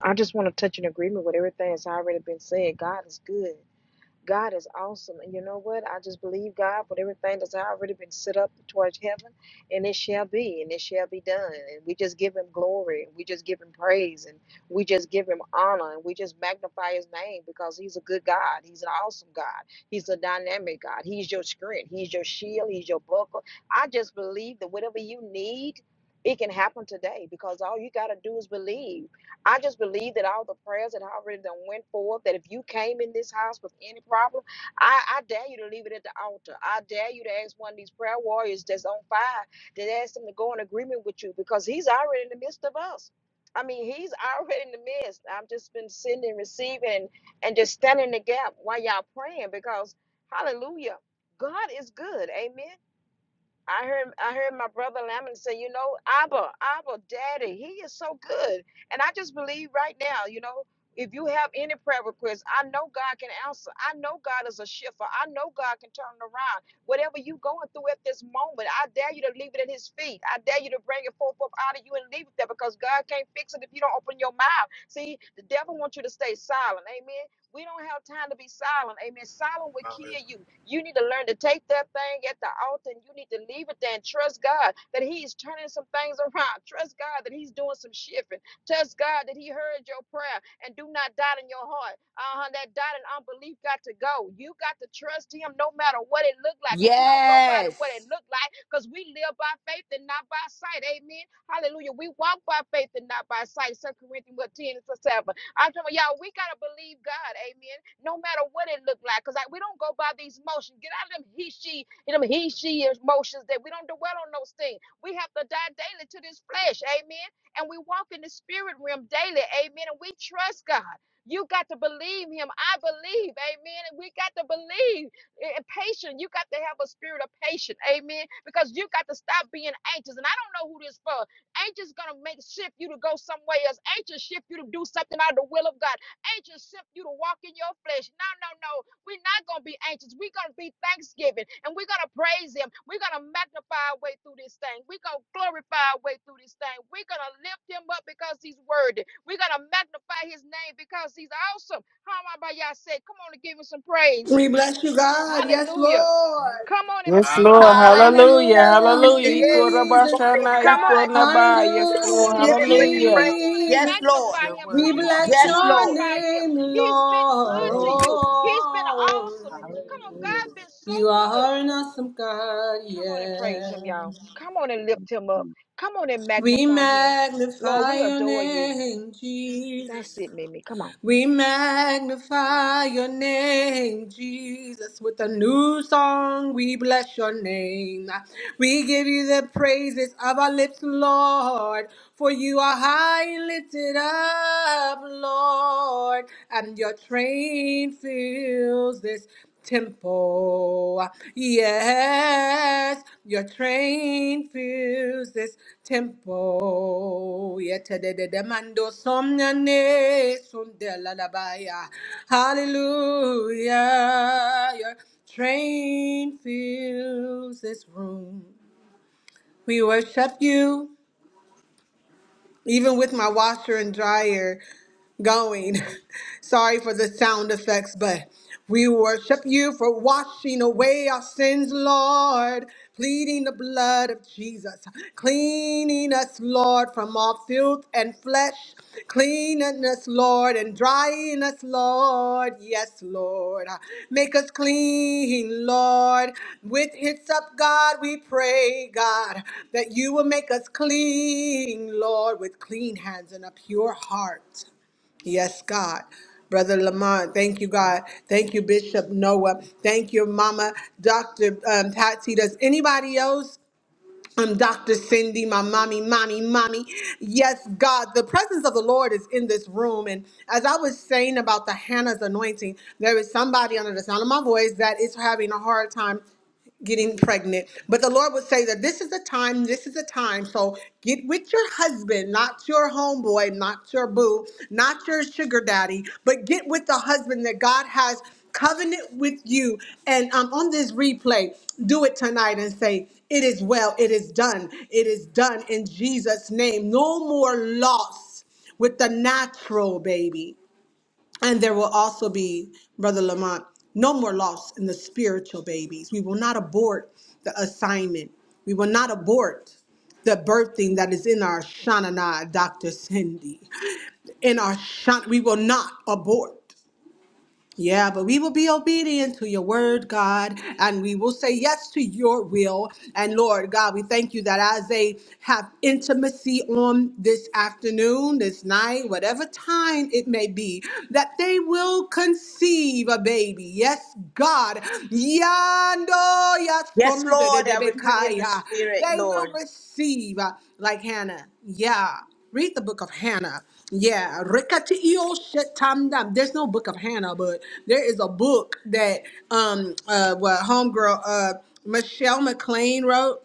[SPEAKER 4] I just want to touch an agreement with everything that's already been said. God is good. God is awesome. And you know what? I just believe God for everything that's already been set up towards heaven, and it shall be, and it shall be done. And we just give Him glory, and we just give Him praise, and we just give Him honor, and we just magnify His name because He's a good God. He's an awesome God. He's a dynamic God. He's your strength. He's your shield. He's your buckle. I just believe that whatever you need, it can happen today because all you got to do is believe. I just believe that all the prayers that I already done went forth, that if you came in this house with any problem, I, I dare you to leave it at the altar. I dare you to ask one of these prayer warriors that's on fire to ask them to go in agreement with you because he's already in the midst of us. I mean, he's already in the midst. I've just been sending, receiving, and, and just standing in the gap while y'all praying because, hallelujah, God is good. Amen. I heard I heard my brother Lamont say, you know, Abba, Abba, Daddy, he is so good. And I just believe right now, you know, if you have any prayer requests, I know God can answer. I know God is a shifter. I know God can turn it around. Whatever you going through at this moment, I dare you to leave it at his feet. I dare you to bring it forth up out of you and leave it there because God can't fix it if you don't open your mouth. See, the devil wants you to stay silent. Amen. We don't have time to be silent. Amen. Silent will
[SPEAKER 8] Hallelujah.
[SPEAKER 4] kill you. You need to learn to take that thing at the altar and you need to leave it there and trust God that He's turning some things (laughs) around. Trust God that He's doing some shifting. Trust God that He heard your prayer and do not doubt in your heart. Uh huh. That doubt and unbelief got to go. You got to trust Him no matter what it looked like because we don't go by the
[SPEAKER 3] Yes.
[SPEAKER 4] what it looked like because we live by faith and not by sight. Amen. Hallelujah. We walk by faith and not by sight. Second Corinthians 10 and 7. I'm talking about, y'all, we got to believe God, amen, no matter what it look like, because we don't go by these motions. Get out of them he, she, them he, she emotions that we don't dwell on those things. We have to die daily to this flesh, amen, and we walk in the spirit realm daily, amen, and we trust God. You got to believe him. I believe. Amen. And we got to believe. And patient. You got to have a spirit of patience. Amen. Because you got to stop being anxious. And I don't know who this for. Ain't just gonna make shift you to go somewhere else. Ain't just shift you to do something out of the will of God. Ain't just shift you to walk in your flesh. No, no, no. We're not gonna be anxious. We're gonna be thanksgiving and we're gonna praise him. We're gonna magnify our way through this thing. We're gonna glorify our way through this thing. We're gonna lift him up because he's worthy. We're gonna magnify his name because he's awesome. How am I by y'all say? Come on and give him some praise.
[SPEAKER 1] We bless you, God. Yes,
[SPEAKER 4] Hallelujah.
[SPEAKER 1] Lord.
[SPEAKER 4] Come on and
[SPEAKER 6] Yes,
[SPEAKER 4] praise his
[SPEAKER 6] Lord.
[SPEAKER 8] Hallelujah.
[SPEAKER 3] Hallelujah.
[SPEAKER 4] name.
[SPEAKER 6] Hallelujah.
[SPEAKER 1] Hallelujah,
[SPEAKER 3] Yes, it
[SPEAKER 6] Hallelujah.
[SPEAKER 3] is.
[SPEAKER 1] Jesus.
[SPEAKER 3] Glory to
[SPEAKER 8] Hallelujah.
[SPEAKER 6] Ikorabashana,
[SPEAKER 4] Come on
[SPEAKER 3] God.
[SPEAKER 4] and praise
[SPEAKER 6] ikonaba.
[SPEAKER 4] him.
[SPEAKER 6] Yes,
[SPEAKER 3] We
[SPEAKER 4] Come on
[SPEAKER 6] Lord.
[SPEAKER 7] Yes,
[SPEAKER 4] and
[SPEAKER 3] seal
[SPEAKER 1] Hallelujah,
[SPEAKER 3] it with
[SPEAKER 4] praise
[SPEAKER 3] the
[SPEAKER 4] him.
[SPEAKER 6] Hallelujah.
[SPEAKER 4] Come
[SPEAKER 3] praise.
[SPEAKER 4] on and
[SPEAKER 1] Jesus.
[SPEAKER 3] Yes, Lord.
[SPEAKER 4] magnify
[SPEAKER 8] You're
[SPEAKER 4] him.
[SPEAKER 1] We
[SPEAKER 8] worthy
[SPEAKER 4] Come on
[SPEAKER 8] to
[SPEAKER 4] and
[SPEAKER 1] bless
[SPEAKER 8] be
[SPEAKER 3] Yes,
[SPEAKER 1] your
[SPEAKER 3] Lord.
[SPEAKER 4] glorify him.
[SPEAKER 1] name,
[SPEAKER 4] He's been good to
[SPEAKER 8] Lord.
[SPEAKER 4] you.
[SPEAKER 9] Hallelujah.
[SPEAKER 4] He's been
[SPEAKER 1] Lord.
[SPEAKER 4] awesome. Come on, God
[SPEAKER 9] Hallelujah,
[SPEAKER 4] has been
[SPEAKER 9] Lord.
[SPEAKER 1] You
[SPEAKER 4] so good.
[SPEAKER 1] are an awesome God,
[SPEAKER 4] Come on and praise him,
[SPEAKER 1] yeah.
[SPEAKER 4] y'all. Come on and lift him
[SPEAKER 7] yes.
[SPEAKER 4] up. Come on and
[SPEAKER 1] We
[SPEAKER 4] magnify him. Lord,
[SPEAKER 1] magnify
[SPEAKER 4] we
[SPEAKER 1] your
[SPEAKER 4] adore you.
[SPEAKER 1] name,
[SPEAKER 4] That's
[SPEAKER 1] Jesus.
[SPEAKER 4] it, Mimi. Come on.
[SPEAKER 1] We magnify your name, Jesus. With a new song, we bless your name. We give you the praises of our lips, Lord. For you are high and lifted up, Lord. And your train fills this temple. Yes, your train fills this temple. Yetededemando somnane sundelalabaya. Hallelujah. Your train fills this room. We worship you even with my washer and dryer going. (laughs) Sorry for the sound effects, but we worship you for washing away our sins, Lord, pleading the blood of Jesus, cleaning us, Lord, from all filth and flesh, Cleaning us, Lord, and drying us, Lord. Yes, Lord. Make us clean, Lord. With hyssop, God, we pray, God, that you will make us clean, Lord, with clean hands and a pure heart. Yes, God. Brother Lamont, thank you, God. Thank you, Bishop Noah. Thank you, Mama, Dr. Um, Patsy. Does anybody else? I'm Dr. Cindy, my mommy, mommy, mommy. Yes, God, the presence of the Lord is in this room. And as I was saying about the Hannah's anointing, there is somebody under the sound of my voice that is having a hard time getting pregnant. But the Lord would say that this is the time, this is the time. So get with your husband, not your homeboy, not your boo, not your sugar daddy, but get with the husband that God has covenant with you. And um, on this replay, do it tonight and say, It is well, it is done, it is done in Jesus' name. No more loss with the natural baby. And there will also be, Brother Lamont, no more loss in the spiritual babies. We will not abort the assignment. We will not abort the birthing that is in our Shanana, Dr. Cindy. In our Shan, we will not abort. Yeah, but we will be obedient to your word, God, and we will say yes to your will. And Lord God, we thank you that as they have intimacy on this afternoon, this night, whatever time it may be, that they will conceive a baby. Yes, God. Yando
[SPEAKER 3] Yes,
[SPEAKER 1] yasonde de
[SPEAKER 3] Lord. I agree in the
[SPEAKER 1] debekaya.
[SPEAKER 3] spirit,
[SPEAKER 1] They will
[SPEAKER 3] Lord.
[SPEAKER 1] receive uh, like Hannah. Yeah. Read the book of Hannah. Yeah, Rekatiio Shetanda. There's no book of Hannah, but there is a book that um uh what homegirl uh Michelle McLean wrote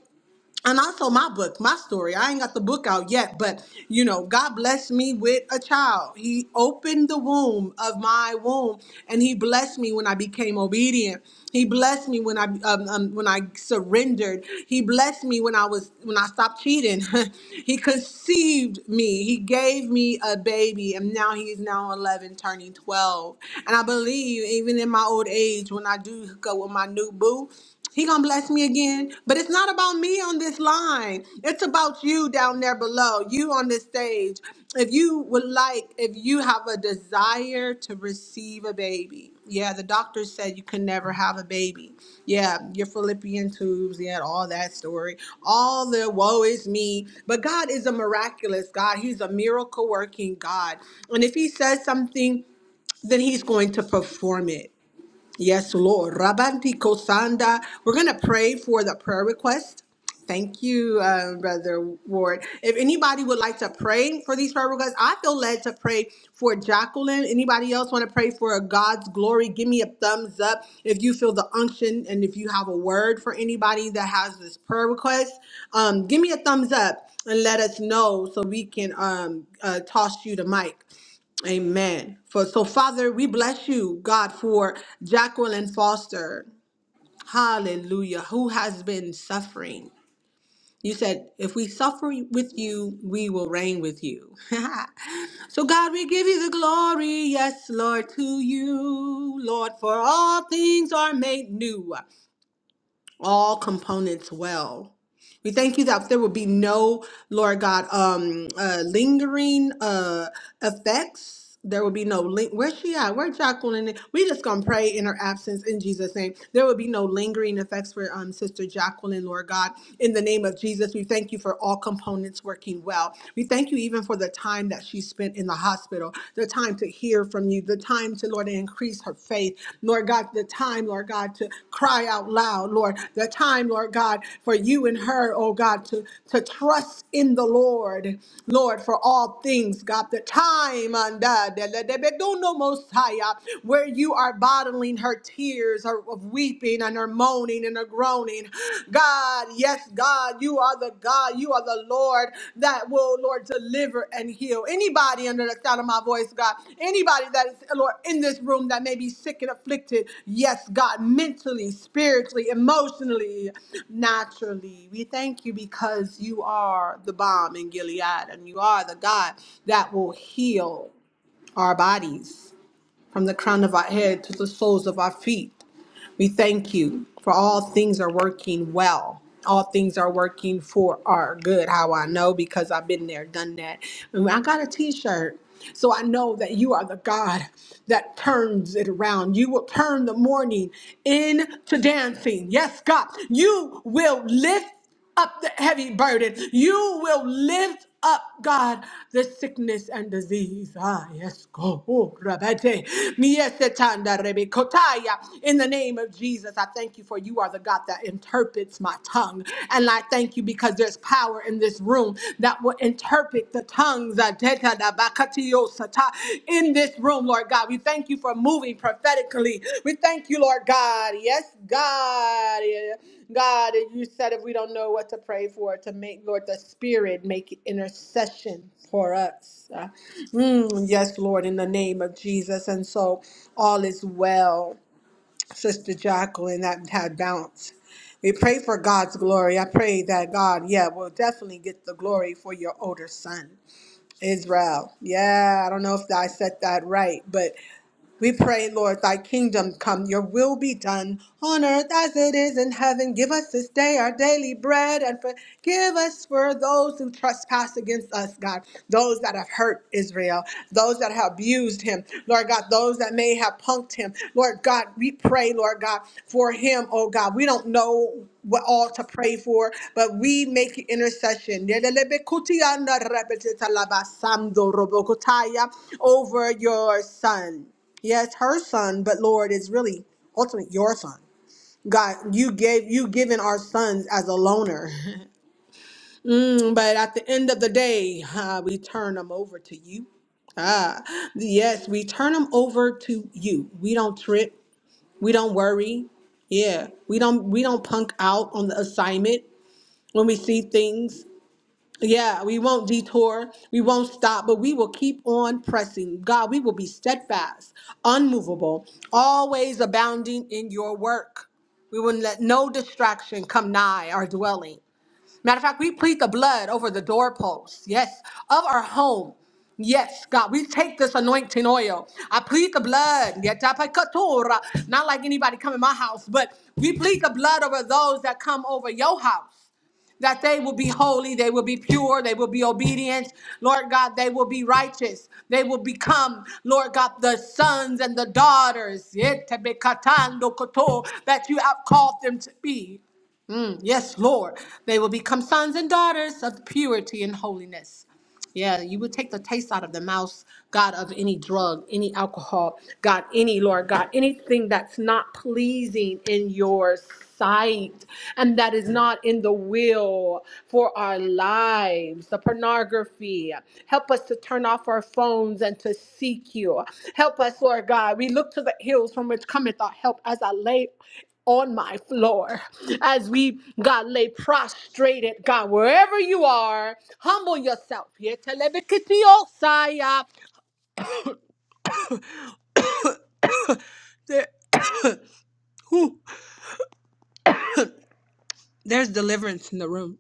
[SPEAKER 1] and also my book, my story. I ain't got the book out yet, but you know, God blessed me with a child. He opened the womb of my womb, and He blessed me when I became obedient. He blessed me when I um, um, when I surrendered. He blessed me when I was when I stopped cheating. (laughs) he conceived me. He gave me a baby, and now he is now 11, turning 12. And I believe even in my old age, when I do hook up with my new boo. He gonna bless me again. But it's not about me on this line. It's about you down there below, you on this stage. If you would like, if you have a desire to receive a baby, yeah, the doctor said you can never have a baby. Yeah, your Philippian tubes, yeah, all that story, all the woe is me. But God is a miraculous God. He's a miracle working God, and if He says something, then He's going to perform it. Yes, Lord. Rabanti Kosanda. We're going to pray for the prayer request. Thank you, uh, Brother Ward. If anybody would like to pray for these prayer requests, I feel led to pray for Jacqueline. Anybody else want to pray for God's glory? Give me a thumbs up if you feel the unction and if you have a word for anybody that has this prayer request. Um, give me a thumbs up and let us know so we can um, uh, toss you the mic. Amen. For so, Father, we bless you, God, for Jacqueline Foster, hallelujah, who has been suffering. You said, if we suffer with you, we will reign with you. (laughs) so, God, we give you the glory, yes, Lord, to you, Lord, for all things are made new all components well. We thank you that there will be no, Lord God, um, uh, lingering uh, effects. There will be no link. Where's she at? Where Jacqueline? at? We just gonna pray in her absence in Jesus' name. There will be no lingering effects for um Sister Jacqueline, Lord God. In the name of Jesus, we thank you for all components working well. We thank you even for the time that she spent in the hospital, the time to hear hear from you, the time to, Lord, increase her faith. Lord God, the time, Lord God, to cry out loud, Lord, the time, Lord God, for you and her, oh God, to, to trust in the Lord, Lord, for all things, God, the time and uh, de- de- de- de- do no Mosiah, where you are bottling her tears her- of weeping and her moaning and her groaning. God. God. Yes, God, you are the God. You are the Lord that will, Lord, deliver and heal. Anybody under the sound of my voice, God, anybody that is, Lord, in this room that may be sick and afflicted, yes, God, mentally, spiritually, emotionally, naturally. We thank you because you are the bomb in Gilead and you are the God that will heal our bodies from the crown of our head to the soles of our feet. We thank you for all things are working well. All things are working for our good. How I know because I've been there, done that. And I got a t shirt. So I know that you are the God that turns it around. You will turn the mourning into dancing. Yes, God. You will lift up the heavy burden. You will lift up, God, the sickness and disease. Ah, yes, go. Oh, rabate. Miesetanda rebekotaya. In the name of Jesus, I thank you for you are the God that interprets my tongue. And I thank you because there's power in this room that will interpret the tongues. Ah, teta da bakatio sata. In this room, Lord God, we thank you for moving prophetically. We thank you, Lord God. Yes, God. Yeah. God, and you said if we don't know what to pray for, to make Lord the Spirit make intercession for us. Uh, mm, yes, Lord, in the name of Jesus. And so all is well, Sister Jacqueline, that had bounced. We pray for God's glory. I pray that God, yeah, will definitely get the glory for your older son, Israel. Yeah, I don't know if I said that right, but we pray, Lord, thy kingdom come, your will be done on earth as it is in heaven. Give us this day our daily bread and forgive us for those who trespass against us, God. Those that have hurt Israel, those that have abused him, Lord God, those that may have punked him. Lord God, we pray, Lord God, for him, oh God. We don't know what all to pray for, but we make intercession over your son. Yes, her son, but Lord, it's really ultimately your son. God, you gave you given our sons as a loaner, (laughs) Mm, but at the end of the day, uh, we turn them over to you. Ah, yes, we turn them over to you. We don't trip. We don't worry. Yeah, we don't we don't punk out on the assignment when we see things. Yeah, we won't detour. We won't stop, but we will keep on pressing. God, we will be steadfast, unmovable, always abounding in your work. We will let no distraction come nigh our dwelling. Matter of fact, we plead the blood over the doorposts, yes, of our home. Yes, God, we take this anointing oil. I plead the blood. Yetapakatora. Not like anybody come in my house, but we plead the blood over those that come over your house that they will be holy, they will be pure, they will be obedient. Lord God, they will be righteous. They will become, Lord God, the sons and the daughters yet, bekatando koto, that you have called them to be. Mm, yes, Lord. They will become sons and daughters of purity and holiness. Yeah, you will take the taste out of the mouth, God, of any drug, any alcohol, God, any, Lord, God, anything that's not pleasing in your sight and that is not in the will for our lives, the pornography. Help us to turn off our phones and to seek you. Help us, Lord God. We look to the hills from which cometh our help as I lay on my floor as we God lay prostrated God wherever you are humble yourself Yeah, telebikitiosaya. there, ooh, there's deliverance in the room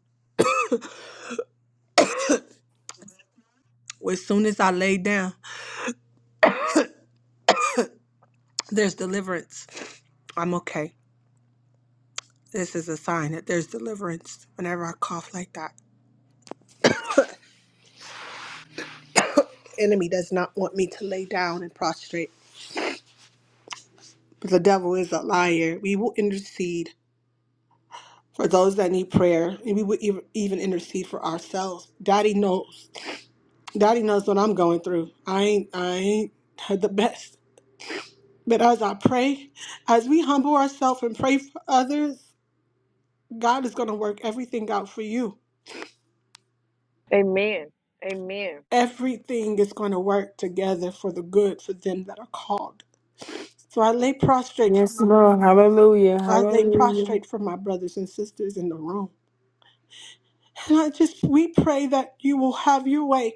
[SPEAKER 1] as soon as I lay down there's deliverance I'm okay this is a sign that there's deliverance whenever I cough like that enemy does not want me to lay down and prostrate but the devil is a liar we will intercede for those that need prayer and we will ev- even intercede for ourselves daddy knows Daddy knows what I'm going through. I ain't I ain't had the best. But as I pray, as we humble ourselves and pray for others, God is gonna work everything out for you.
[SPEAKER 4] Amen. Amen.
[SPEAKER 1] Everything is gonna work together for the good for them that are called. So I lay prostrate for
[SPEAKER 6] Yes,
[SPEAKER 1] my
[SPEAKER 6] Lord. Hallelujah.
[SPEAKER 1] I lay
[SPEAKER 6] Hallelujah.
[SPEAKER 1] prostrate for my brothers and sisters in the room. And I just we pray that you will have your way.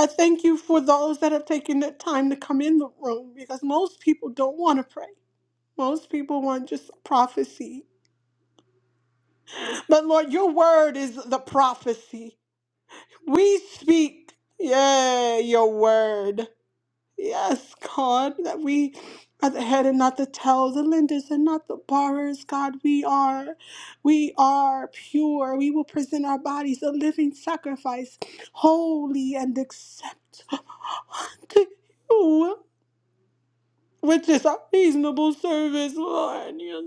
[SPEAKER 1] I thank you for those that have taken the time to come in the room because most people don't want to pray. Most people want just prophecy But Lord, your word is the prophecy. We speak, yeah, your word. Yes, God, that we are the head and not the tail, the lenders and not the borrowers. God, we are, we are pure. We will present our bodies a living sacrifice, holy and acceptable to you. Which is a reasonable service, Lord. Yes,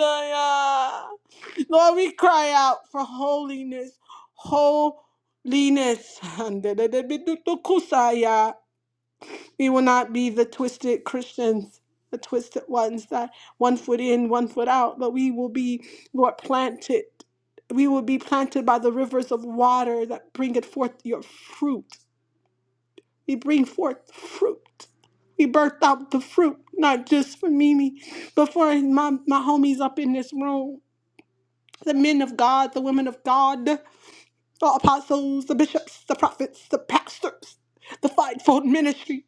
[SPEAKER 1] yes. Lord, we cry out for holiness, holiness, and that, yeah, we will not be the twisted Christians, the twisted ones that one foot in, one foot out, but we will be, Lord, planted. We will be planted by the rivers of water that bringeth forth your fruit. We bring forth fruit. We birth out the fruit, not just for Mimi, but for my, my homies up in this room, the men of God, the women of God. the apostles, the bishops, the prophets, the pastors, the fivefold ministry,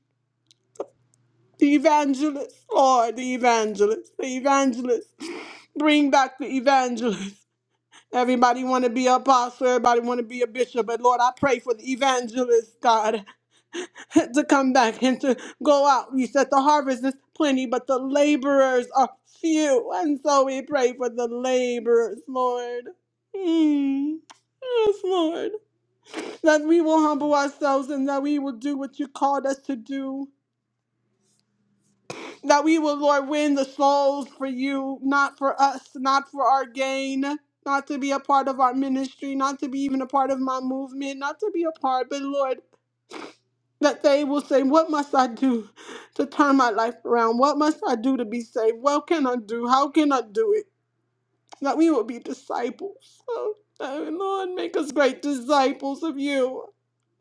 [SPEAKER 1] the evangelists, Lord, the evangelists, the evangelists. Bring back the evangelists. Everybody want to be an apostle. Everybody want to be a bishop. But Lord, I pray for the evangelists, God, (laughs) to come back and to go out. You said the harvest is plenty, but the laborers are few. And so we pray for the laborers, Lord. Mm. Yes, Lord. that we will humble ourselves and that we will do what you called us to do. That we will, Lord, win the souls for you, not for us, not for our gain, not to be a part of our ministry, not to be even a part of my movement, not to be a part, but Lord, that they will say, What must I do to turn my life around? What must I do to be saved? What can I do? How can I do it? That we will be disciples. Oh, Lord, make us great disciples of you.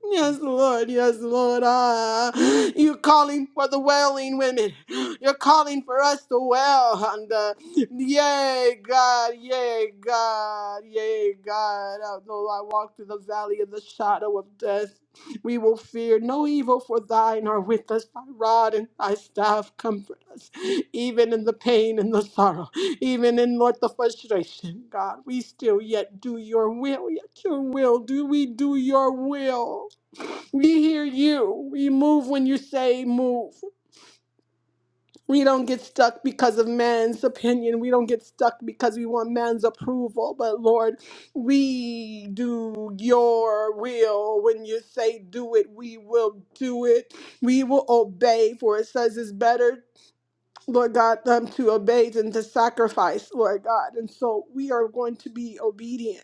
[SPEAKER 1] Yes, Lord. Yes, Lord. Ah, you're calling for the wailing women. You're calling for us to wail. And uh, yay, God. Yay, God. Yay, God. Oh, Though I walk through the valley of the shadow of death, we will fear no evil, for thine are with us. Thy rod and thy staff comfort us, even in the pain and the sorrow, even in Lord the frustration. God, we still yet do your will. Yet your will. Do we do your will? We hear you. We move when you say move. We don't get stuck because of man's opinion. We don't get stuck because we want man's approval. But Lord, we do your will. When you say do it, we will do it. We will obey, for it says it's better, Lord God, um, to obey than to sacrifice, Lord God. And so we are going to be obedient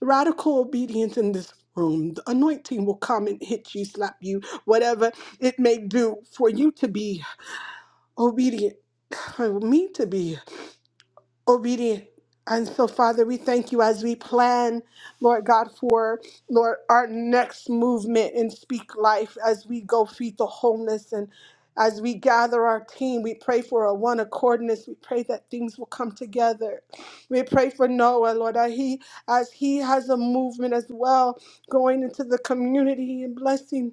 [SPEAKER 1] Radical obedience in this room. The anointing will come and hit you, slap you, whatever it may do for you to be obedient, (sighs) for me to be obedient. And so, Father, we thank you as we plan, Lord God, for Lord our next movement in Speak Life as we go feed the homeless and as we gather our team, we pray for a one accordness. We pray that things will come together. We pray for Noah, Lord, that he, as he has a movement as well, going into the community and blessing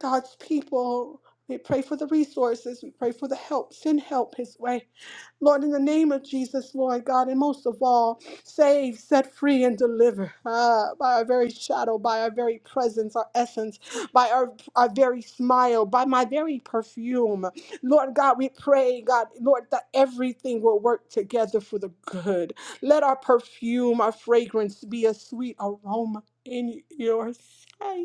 [SPEAKER 1] God's people. We pray for the resources. We pray for the help. Send help his way. Lord, in the name of Jesus, Lord God, and most of all, save, set free, and deliver ah, by our very shadow, by our very presence, our essence, by our, our very smile, by my very perfume. Lord God, we pray, God, Lord, that everything will work together for the good. Let our perfume, our fragrance be a sweet aroma in your sight.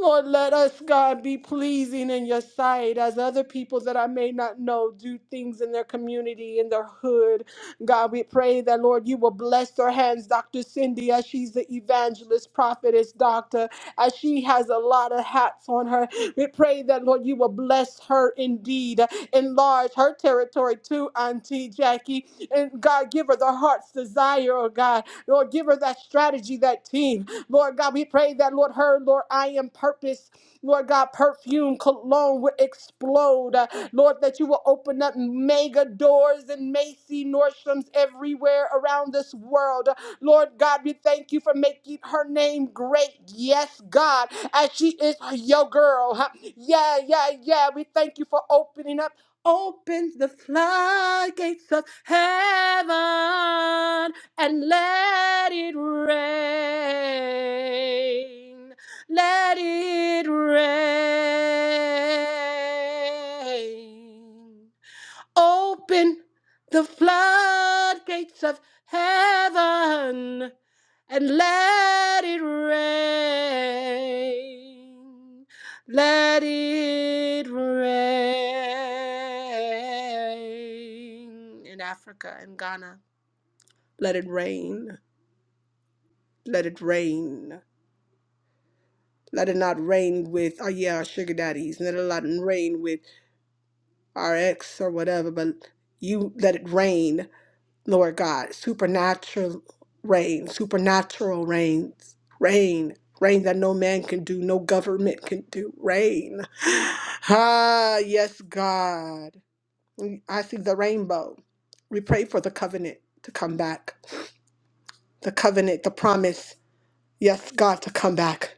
[SPEAKER 1] Lord, let us, God, be pleasing in your sight as other people that I may not know do things in their community, in their hood. God, we pray that, Lord, you will bless their hands, Dr. Cindy, as she's the evangelist, prophetess, doctor, as she has a lot of hats on her. We pray that, Lord, you will bless her indeed, enlarge her territory too, Auntie Jackie. And God, give her the heart's desire, oh God. Lord, give her that strategy, that team. Lord God, we pray that that, Lord, her, Lord, I am purpose, Lord God, perfume, cologne will explode. Uh, Lord, that you will open up mega doors and Macy Nordstroms everywhere around this world. Lord God, we thank you for making her name great. Yes, God, as she is your girl. huh? Yeah, yeah, yeah. We thank you for opening up Open the floodgates of heaven and let it rain. Let it rain. Open the floodgates of heaven and let it rain. Let it rain. In Africa and Ghana, let it rain. Let it rain. Let it not rain with, oh yeah, our sugar daddies. Let it not rain with our ex or whatever, but you let it rain Lord God, supernatural rain, supernatural rain, rain, rain that no man can do, no government can do, rain. Ah, yes, God. I see the rainbow. We pray for the covenant to come back, the covenant, the promise, yes, God, to come back.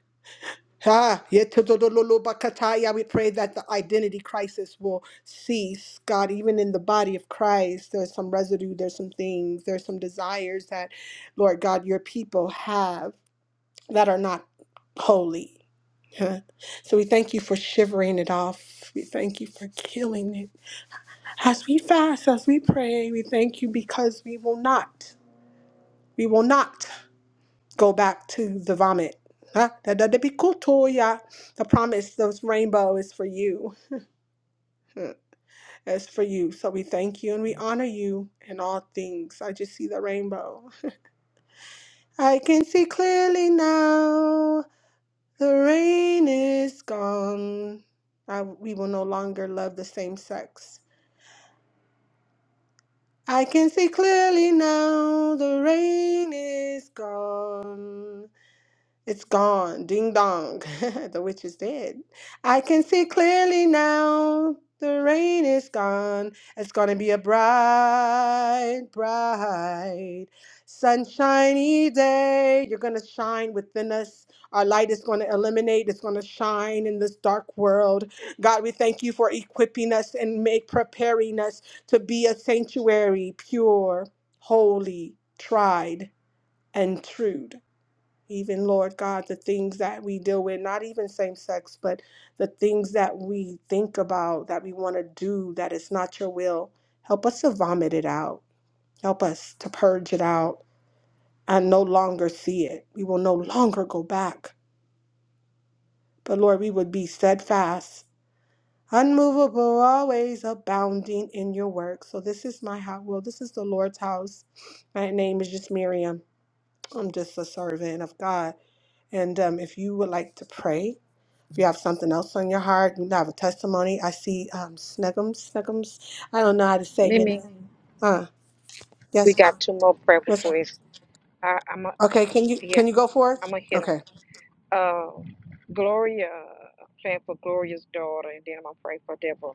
[SPEAKER 1] Ha, yetodololobakataya. We pray that the identity crisis will cease, God, even in the body of Christ. There's some residue, there's some things, there's some desires that, Lord God, your people have that are not holy. Huh. So we thank you for shivering it off. We thank you for killing it. As we fast, as we pray, we thank you because we will not. We will not go back to the vomit. Huh? That that'd be cool, Toya. The promise, those rainbow is for you. It's for you. So we thank you and we honor you in all things. I just see the rainbow. I can see clearly now. The rain is gone. I, we will no longer love the same sex. I can see clearly now. The rain is gone. It's gone. Ding dong. (laughs) the witch is dead. I can see clearly now. The rain is gone. It's going to be a bright, bright, sunshiny day. You're going to shine within us. Our light is going to illuminate. It's going to shine in this dark world. God, we thank you for equipping us and make preparing us to be a sanctuary, pure, holy, tried, and true even Lord God, the things that we deal with, not even same sex, but the things that we think about that we want to do that is not your will. Help us to vomit it out. Help us to purge it out and no longer see it. We will no longer go back. But Lord, we would be steadfast, unmovable, always abounding in your work. So this is my house. Well, this is the Lord's house. My name is just Miriam. I'm just a servant of God. And um, if you would like to pray, If you have something else on your heart, you have a testimony. I see um, Snuggums, Snuggums. I don't know how to say your
[SPEAKER 4] Mimi,
[SPEAKER 1] name. Uh,
[SPEAKER 4] we
[SPEAKER 1] yes, ma'am.
[SPEAKER 4] got two more prayer
[SPEAKER 1] What's up?
[SPEAKER 4] requests. I, I'm a,
[SPEAKER 1] Okay, can you
[SPEAKER 4] yeah,
[SPEAKER 1] can you go for it?
[SPEAKER 4] I'm gonna hit 'em.
[SPEAKER 1] Okay.
[SPEAKER 4] Uh, Gloria, I'm praying for Gloria's daughter, and then I'm gonna pray for Deborah.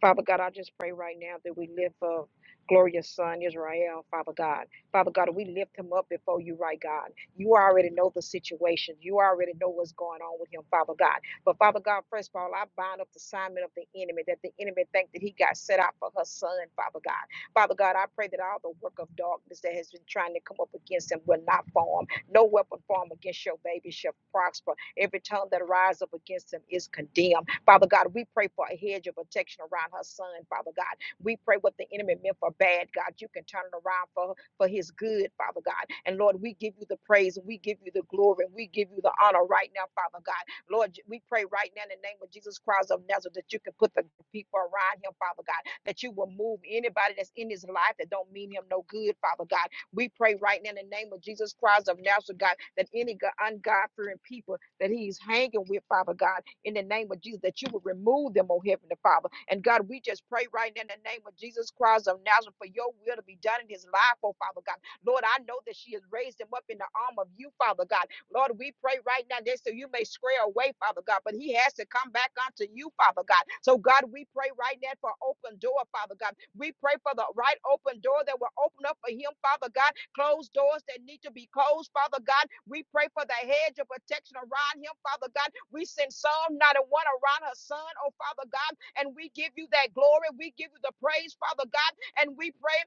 [SPEAKER 4] Father God, I just pray right now that we lift up glorious son Israel, Father God. Father God, we lift him up before you, right God. You already know the situation. You already know what's going on with him, Father God. But Father God, first of all, I bind up the assignment of the enemy that the enemy think that he got set out for her son, Father God. Father God, I pray that all the work of darkness that has been trying to come up against him will not form. No weapon formed against your baby shall prosper. Every tongue that rise up against him is condemned. Father God, we pray for a hedge of protection around her son, Father God. We pray what the enemy meant for bad, God, you can turn it around for, for his good, Father God. And Lord, we give you the praise, and we give you the glory, and we give you the honor right now, Father God. Lord, we pray right now in the name of Jesus Christ of Nazareth that you can put the people around him, Father God, that you will move anybody that's in his life that don't mean him no good, Father God. We pray right now in the name of Jesus Christ of Nazareth, God, that any go- ungodly fearing people that he's hanging with, Father God, in the name of Jesus, that you will remove them, oh Heavenly Father. And God, we just pray right now in the name of Jesus Christ of Nazareth for your will to be done in his life, oh Father God. Lord, I know that she has raised him up in the arm of you, Father God. Lord, we pray right now that so you may square away, Father God, but he has to come back unto you, Father God. So, God, we pray right now for open door, Father God. We pray for the right open door that will open up for him, Father God, Closed doors that need to be closed, Father God. We pray for the hedge of protection around him, Father God. We send Psalm 91 around her son, oh Father God, and we give you that glory. We give you the praise, Father God, and we pray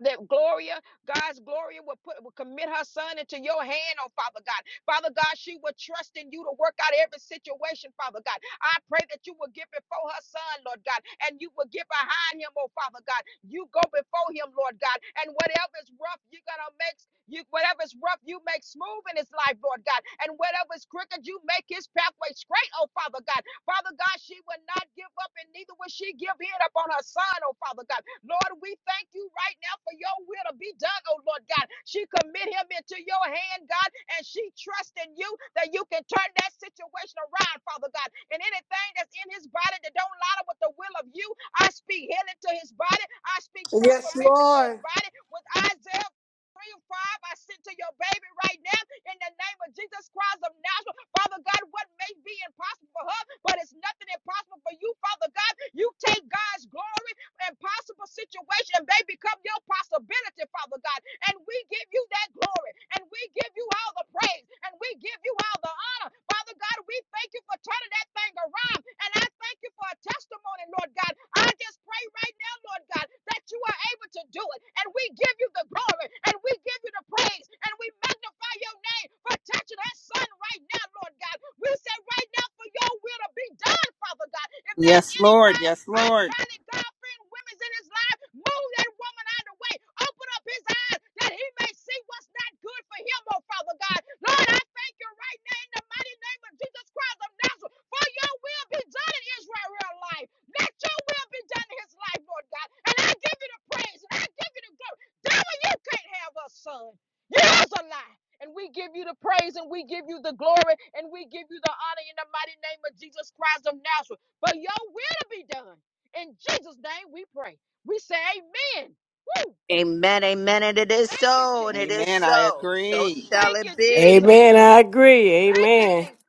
[SPEAKER 4] that Gloria, God's Gloria, will put will commit her son into your hand, oh Father God. Father God, she will trust in you to work out every situation, Father God. I pray that you will get before her son, Lord God, and you will get behind him, oh Father God. You go before him, Lord God, and whatever is rough, you're gonna make you whatever is rough, you make smooth in his life, Lord God, and whatever is crooked, you make his pathway straight, oh Father God. Father God, she will not give up, and neither will she give in upon her son, oh Father God. Lord, we thank you right now for your will to be done, oh Lord God. She commit him into your hand, God, and she trusts in you that you can turn that situation around, Father God. And anything that's in his body that don't line up with the will of you, I speak healing to his body. I speak
[SPEAKER 1] Yes,
[SPEAKER 4] transformation to his
[SPEAKER 1] Lord.
[SPEAKER 4] body with Isaiah. 3 and 5, I send to your baby right now in the name of Jesus Christ of Nazareth. Father God, what may be impossible for her, but it's nothing impossible for you, Father God. You take God's glory impossible situation, they become your possibility, Father God. And we give you that glory, and we give you all the praise, and we give you all the honor. Father God, we thank you for turning that thing around, and I thank you for a testimony, Lord God. I just pray right now, Lord. Lord God, that you are able to do it. And we give you the glory and we give you the praise and we magnify your name for touching her son right now, Lord God. We say right now for your will to be done, Father God. If there's
[SPEAKER 2] Yes,
[SPEAKER 4] any
[SPEAKER 2] Lord.
[SPEAKER 4] God,
[SPEAKER 2] Yes, Lord.
[SPEAKER 4] ungodly, God fearing women's in his life, move that woman out of the way. Open up his eyes that he may see what's not good for him, oh Father God. Lord, I thank you right now in the mighty name of Jesus Christ of Nazareth for your will be done in Israel life. Let your will be done in his life, Lord God. And I give you the praise and I give you the glory. Devil, you can't have us, son. Yours a lie. And we give you the praise and we give you the glory and we give you the honor in the mighty name of Jesus Christ of Nazareth. But your will to be done. In Jesus' name we pray. We say amen. Woo!
[SPEAKER 3] Amen. Amen. And it is
[SPEAKER 4] Thank you,
[SPEAKER 3] so. And it
[SPEAKER 4] Jesus.
[SPEAKER 3] is
[SPEAKER 2] Amen. I
[SPEAKER 3] so. So
[SPEAKER 2] agree.
[SPEAKER 3] shall
[SPEAKER 4] Thank
[SPEAKER 3] it
[SPEAKER 4] you,
[SPEAKER 3] be.
[SPEAKER 4] Jesus.
[SPEAKER 6] Amen. I agree.
[SPEAKER 4] Thank you,
[SPEAKER 6] Amen.
[SPEAKER 4] Jesus.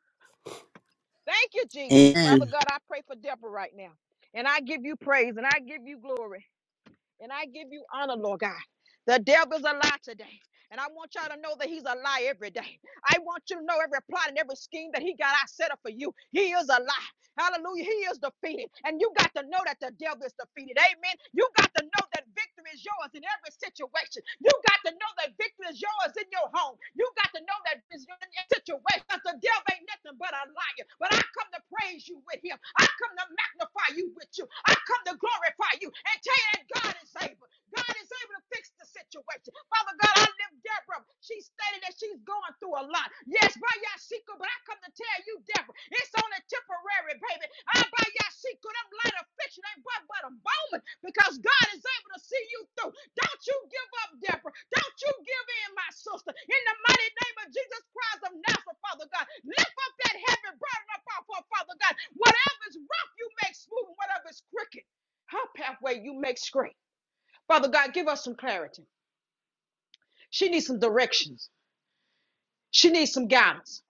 [SPEAKER 4] Thank you, Jesus. Father
[SPEAKER 10] And
[SPEAKER 4] God, I pray for Deborah right now. And I give you praise and I give you glory. And I give you honor, Lord God. The devil's a lie today. And I want y'all to know that he's a lie every day. I want you to know every plot and every scheme that he got, I set up for you. He is a lie. Hallelujah. He is defeated. And you got to know that the devil is defeated. Amen. You got to know that victory is yours in every situation. You got to know that victory is yours in your home. You got to know that it's your- in your situation. Because the devil ain't nothing but a liar. But I come to praise you with him. I come to magnify you with you. I come to glorify you and tell you that God is able. God is able to fix the situation. Father God, I lift Deborah. She stated that she's going through a lot. Yes, by Yashika, but I come to tell you, Deborah, it's only temporary, baby. I by Yashika, them light affliction ain't but, but a moment because God is able to see you through. Don't you give up, Deborah. Don't you give in, my sister. In the mighty name of Jesus Christ of Nazareth, Father God, lift up that heavy burden up off her, Father God. Whatever is rough, you make smooth, and whatever is crooked, her pathway, you make straight. Father God, give us some clarity. She needs some directions. She needs some guidance.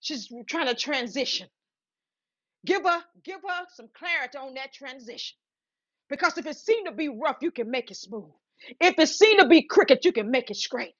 [SPEAKER 4] She's trying to transition. Give her, give her some clarity on that transition. Because if it seemed to be rough, you can make it smooth. If it seemed to be crooked, you can make it straight.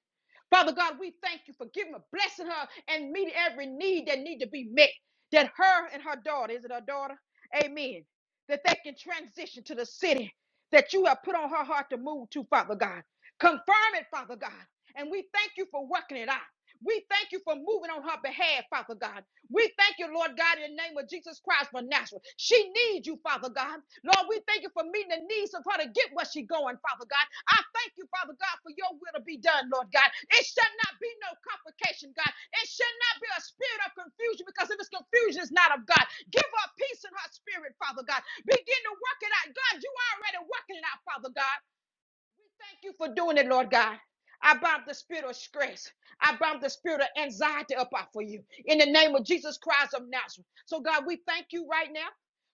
[SPEAKER 4] Father God, we thank you for giving her, blessing her, and meeting every need that need to be met. That her and her daughter, is it her daughter? Amen. That they can transition to the city that you have put on her heart to move to, Father God. Confirm it, Father God. And we thank you for working it out. We thank you for moving on her behalf, Father God. We thank you, Lord God, in the name of Jesus Christ for Nazareth. She needs you, Father God. Lord, we thank you for meeting the needs of her to get where she's going, Father God. I thank you, Father God, for your will to be done, Lord God. It shall not be no complication, God. It shall not be a spirit of confusion because if it's confusion, it's not of God. Give her peace in her spirit, Father God. Begin to work it out. God, you are already working it out, Father God. Thank you for doing it, Lord God. I bind the spirit of stress. I bind the spirit of anxiety up out for you in the name of Jesus Christ of Nazareth. So, God, we thank you right now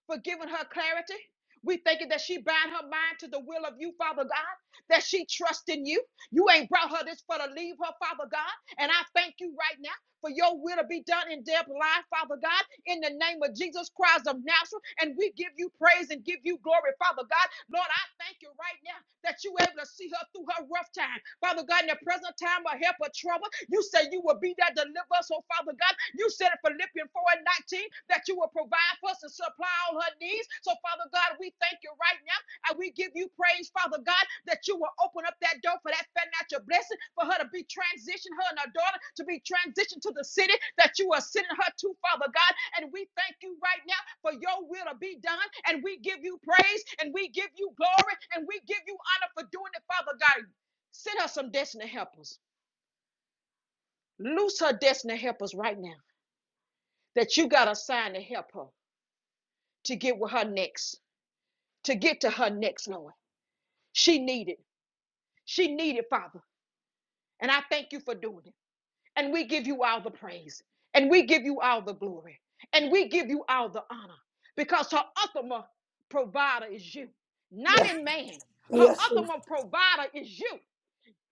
[SPEAKER 4] for giving her clarity. We thank you that she bind her mind to the will of you, Father God, that she trusts in you. You ain't brought her this for to leave her, Father God. And I thank you right now for your will to be done in Deb's life, Father God, in the name of Jesus Christ of Nazareth. And we give you praise and give you glory, Father God. Lord, I thank you right now that you were able to see her through her rough time. Father God, in the present time of help or trouble, you say you will be that deliverer. So, Father God. You said in Philippians 4 and 19 that you will provide for us and supply all her needs. So, Father God, we thank you right now and we give you praise, Father God, that you will open up that door for that financial blessing, for her to be transitioned, her and her daughter to be transitioned to the city that you are sending her to, Father God. And we thank you right now for your will to be done. And we give you praise and we give you glory and we give you honor for doing it, Father God. Send her some destiny helpers. Loose her destiny helpers right now that you got assigned to help her to get with her next, to get to her next, Lord. She needed. She needed, Father. And I thank you for doing it. And we give you all the praise. And we give you all the glory. And we give you all the honor. Because her ultimate provider is you, not
[SPEAKER 1] Yes,
[SPEAKER 4] in man. Her
[SPEAKER 1] yes. Lord.
[SPEAKER 4] ultimate provider is you.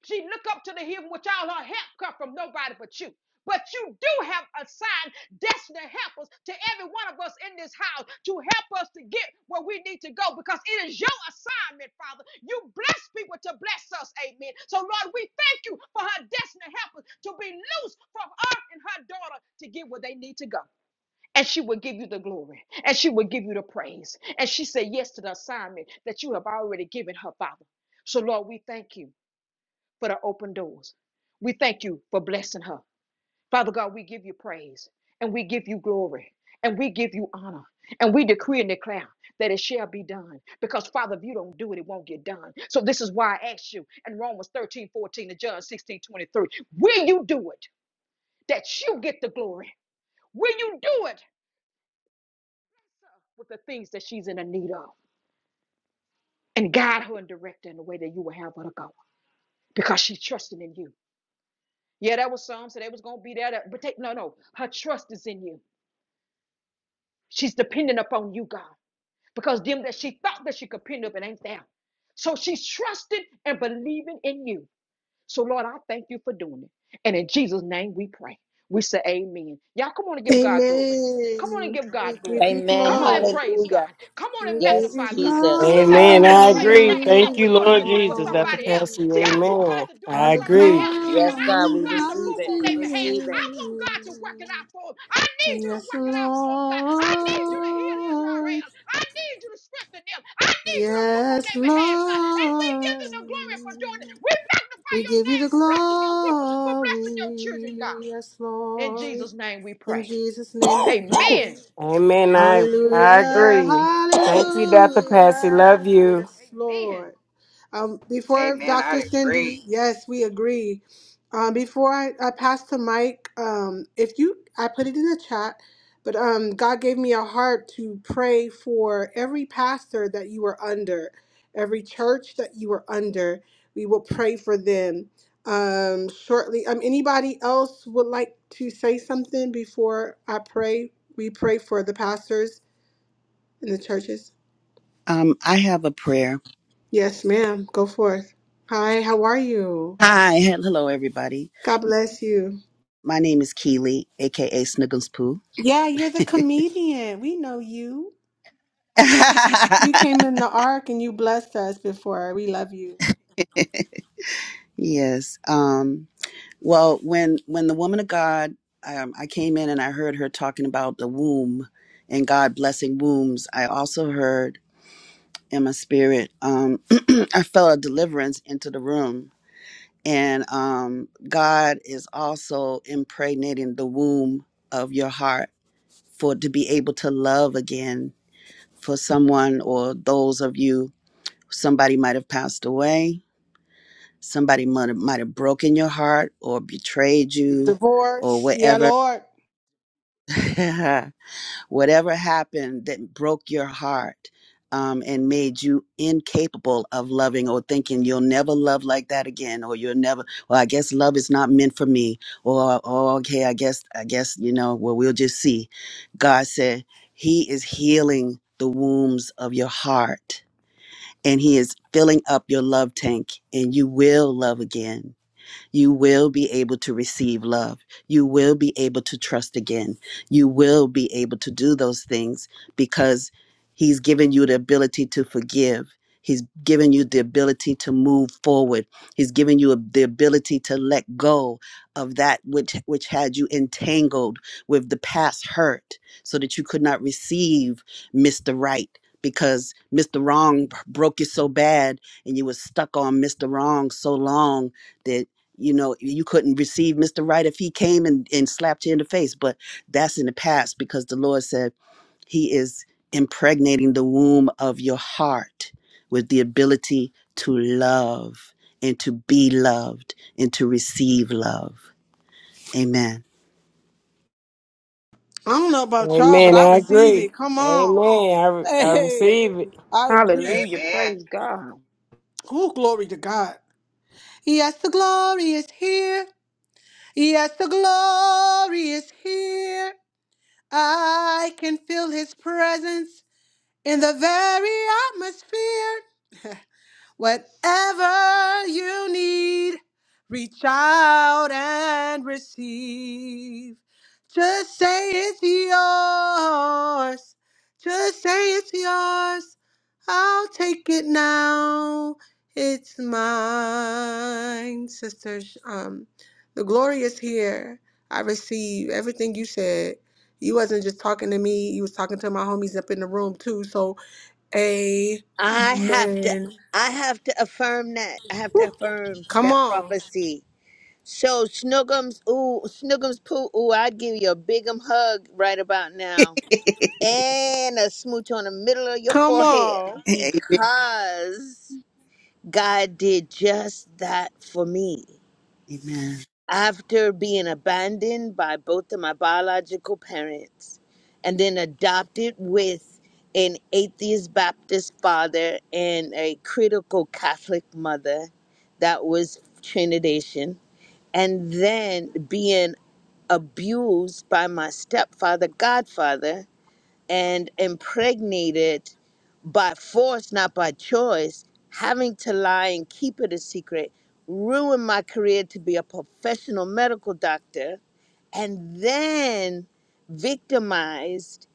[SPEAKER 4] She look up to the hill which all her help come from nobody but you. But you do have assigned destiny helpers to every one of us in this house to help us to get where we need to go because it is your assignment, Father. You bless people to bless us, amen. So, Lord, we thank you for her destiny helpers to be loose from her and her daughter to get where they need to go. And she will give you the glory and she will give you the praise. And she said yes to the assignment that you have already given her, Father. So, Lord, we thank you for the open doors. We thank you for blessing her. Father God, we give you praise and we give you glory and we give you honor and we decree and declare that it shall be done. Because, Father, if you don't do it, it won't get done. So, this is why I ask you in Romans 13 14, and John 16 23. will you do it that you get the glory? Will you do it with the things that she's in the need of and guide her and direct her in the way that you will have her to go? Because she's trusting in you. Yeah, that was some. So they was gonna be there. To, but take no, no. Her trust is in you. She's dependent upon you, God, because them that she thought that she could pin up, it ain't there. So she's trusting and believing in you. So Lord, I thank you for doing it. And in Jesus' name, we pray. We say Amen. Y'all, come on and give God glory. Come on and give God glory.
[SPEAKER 3] Amen.
[SPEAKER 4] Come on and praise
[SPEAKER 3] Hallelujah.
[SPEAKER 4] God. Come on and
[SPEAKER 3] Yes,
[SPEAKER 4] magnify God. See,
[SPEAKER 3] Jesus.
[SPEAKER 4] we got to
[SPEAKER 6] Amen.
[SPEAKER 4] learn to
[SPEAKER 6] I
[SPEAKER 4] praise
[SPEAKER 3] Hallelujah.
[SPEAKER 6] agree.
[SPEAKER 4] God for what
[SPEAKER 6] Thank you,
[SPEAKER 4] we want Him
[SPEAKER 6] Lord
[SPEAKER 4] to do for
[SPEAKER 6] Jesus. Dr.
[SPEAKER 4] somebody else.
[SPEAKER 6] Patsy.
[SPEAKER 4] See, I want God
[SPEAKER 6] Amen.
[SPEAKER 4] to do it
[SPEAKER 1] All
[SPEAKER 4] for
[SPEAKER 6] I
[SPEAKER 1] the
[SPEAKER 4] somebody
[SPEAKER 6] agree.
[SPEAKER 4] else because
[SPEAKER 3] Yes,
[SPEAKER 4] I
[SPEAKER 3] God.
[SPEAKER 4] want
[SPEAKER 1] glory
[SPEAKER 3] We
[SPEAKER 4] God to
[SPEAKER 3] receive
[SPEAKER 1] belongs
[SPEAKER 4] move
[SPEAKER 1] to
[SPEAKER 3] it.
[SPEAKER 4] on
[SPEAKER 3] We
[SPEAKER 4] their behalf.
[SPEAKER 3] receive
[SPEAKER 4] I
[SPEAKER 3] it.
[SPEAKER 4] want God
[SPEAKER 1] you.
[SPEAKER 4] to work it out for them. I need you to
[SPEAKER 1] Yes,
[SPEAKER 4] work it out for them, God. I need you to heal Israel.
[SPEAKER 1] Lord.
[SPEAKER 4] I need you to strengthen them. I need you to move on
[SPEAKER 1] Yes,
[SPEAKER 4] their behalf, God. And we give them the glory for doing
[SPEAKER 1] Lord.
[SPEAKER 4] it. We magnify
[SPEAKER 1] We
[SPEAKER 4] your
[SPEAKER 1] give you
[SPEAKER 4] name
[SPEAKER 1] the
[SPEAKER 4] for blessing your people, for blessing your children, God.
[SPEAKER 1] glory, yes,
[SPEAKER 4] In
[SPEAKER 1] Lord.
[SPEAKER 4] Jesus' name we
[SPEAKER 1] In
[SPEAKER 4] pray.
[SPEAKER 1] Jesus' name we
[SPEAKER 3] (coughs)
[SPEAKER 1] pray.
[SPEAKER 4] Amen.
[SPEAKER 6] Amen. I I
[SPEAKER 4] Woo,
[SPEAKER 1] Hallelujah,
[SPEAKER 6] agree.
[SPEAKER 4] amen.
[SPEAKER 6] Thank you, Dr. Patsy. Love
[SPEAKER 1] hallelujah,
[SPEAKER 6] you.
[SPEAKER 1] yes,
[SPEAKER 4] Amen.
[SPEAKER 1] Lord. Um, before
[SPEAKER 2] Amen. I
[SPEAKER 1] Dr.
[SPEAKER 2] agree.
[SPEAKER 1] Cindy, yes, we agree. Um, before I, I pass the mic, um, if you, I put it in the chat, but um, God gave me a heart to pray for every pastor that you are under, every church that you are under. We will pray for them um, shortly. Um, anybody else would like to say something before I pray? We pray for the pastors in the churches.
[SPEAKER 10] um, I have a prayer.
[SPEAKER 1] Yes, ma'am. Go forth. Hi, how are you?
[SPEAKER 10] Hi, (laughs) hel- hello everybody.
[SPEAKER 1] God bless you.
[SPEAKER 10] My name is Keely, aka Snuggles Poo.
[SPEAKER 1] Yeah, you're the comedian. We know you.
[SPEAKER 10] (laughs)
[SPEAKER 1] You came in the ark and you blessed us before. We love you.
[SPEAKER 10] yes. Um, well, when when the woman of God, um, I came in and I heard her talking about the womb and God blessing wombs. I also heard in my spirit, um, (clears throat) I felt a deliverance into the room, and um, God is also impregnating the womb of your heart for to be able to love again for someone or those of you somebody might have passed away somebody might have, might have broken your heart or betrayed you or
[SPEAKER 1] Divorce. Yeah,
[SPEAKER 10] whatever
[SPEAKER 1] Lord.
[SPEAKER 10] (laughs) whatever happened that broke your heart um, and made you incapable of loving or thinking you'll never love like that again or you'll never well i guess love is not meant for me or oh okay i guess i guess you know well we'll just see god said he is healing the wounds of your heart and He is filling up your love tank, and you will love again. You will be able to receive love. You will be able to trust again. You will be able to do those things because He's given you the ability to forgive. He's given you the ability to move forward. He's given you the ability to let go of that which, which had you entangled with the past hurt so that you could not receive Mr. Right because Mr. Wrong broke you so bad and you were stuck on Mr. Wrong so long that you know you couldn't receive mr right if he came and, and slapped you in the face but that's in the past because the lord said he is impregnating the womb of your heart with the ability to love and to be loved and to receive love amen
[SPEAKER 1] I don't know about y'all, but
[SPEAKER 6] Amen.
[SPEAKER 1] I
[SPEAKER 6] I
[SPEAKER 1] receive
[SPEAKER 6] agree.
[SPEAKER 1] it. Come on.
[SPEAKER 6] Amen. I I
[SPEAKER 1] Hey,
[SPEAKER 6] receive it.
[SPEAKER 1] I agree.
[SPEAKER 4] Hallelujah.
[SPEAKER 2] Amen.
[SPEAKER 4] Praise God.
[SPEAKER 1] Oh, glory to God. Yes, the glory is here. Yes, the glory is here. I can feel his presence in the very atmosphere. Whatever you need, reach out and receive. Just say it's yours. Just say it's yours. I'll take it now. It's mine, sisters. Um, the glory is here. I receive everything you said. You wasn't just talking to me. You was talking to my homies up in the room too. So,
[SPEAKER 3] I have to
[SPEAKER 1] amen.
[SPEAKER 3] I have to affirm that. I have to affirm
[SPEAKER 1] Come
[SPEAKER 3] that
[SPEAKER 1] on.
[SPEAKER 3] prophecy. So Snuggums, ooh, Snuggums poo, ooh, I'd give you a big 'em hug right about
[SPEAKER 10] (laughs)
[SPEAKER 3] now. And a smooch on the middle of your
[SPEAKER 1] Come
[SPEAKER 3] forehead
[SPEAKER 1] on.
[SPEAKER 10] amen
[SPEAKER 3] because God did just that for me
[SPEAKER 10] amen
[SPEAKER 3] after being abandoned by both of my biological parents and then adopted with an atheist Baptist father and a critical Catholic mother that was Trinidadian, and then being abused by my stepfather, godfather, and impregnated by force, not by choice, having to lie and keep it a secret, ruined my career to be a professional medical doctor, and then victimized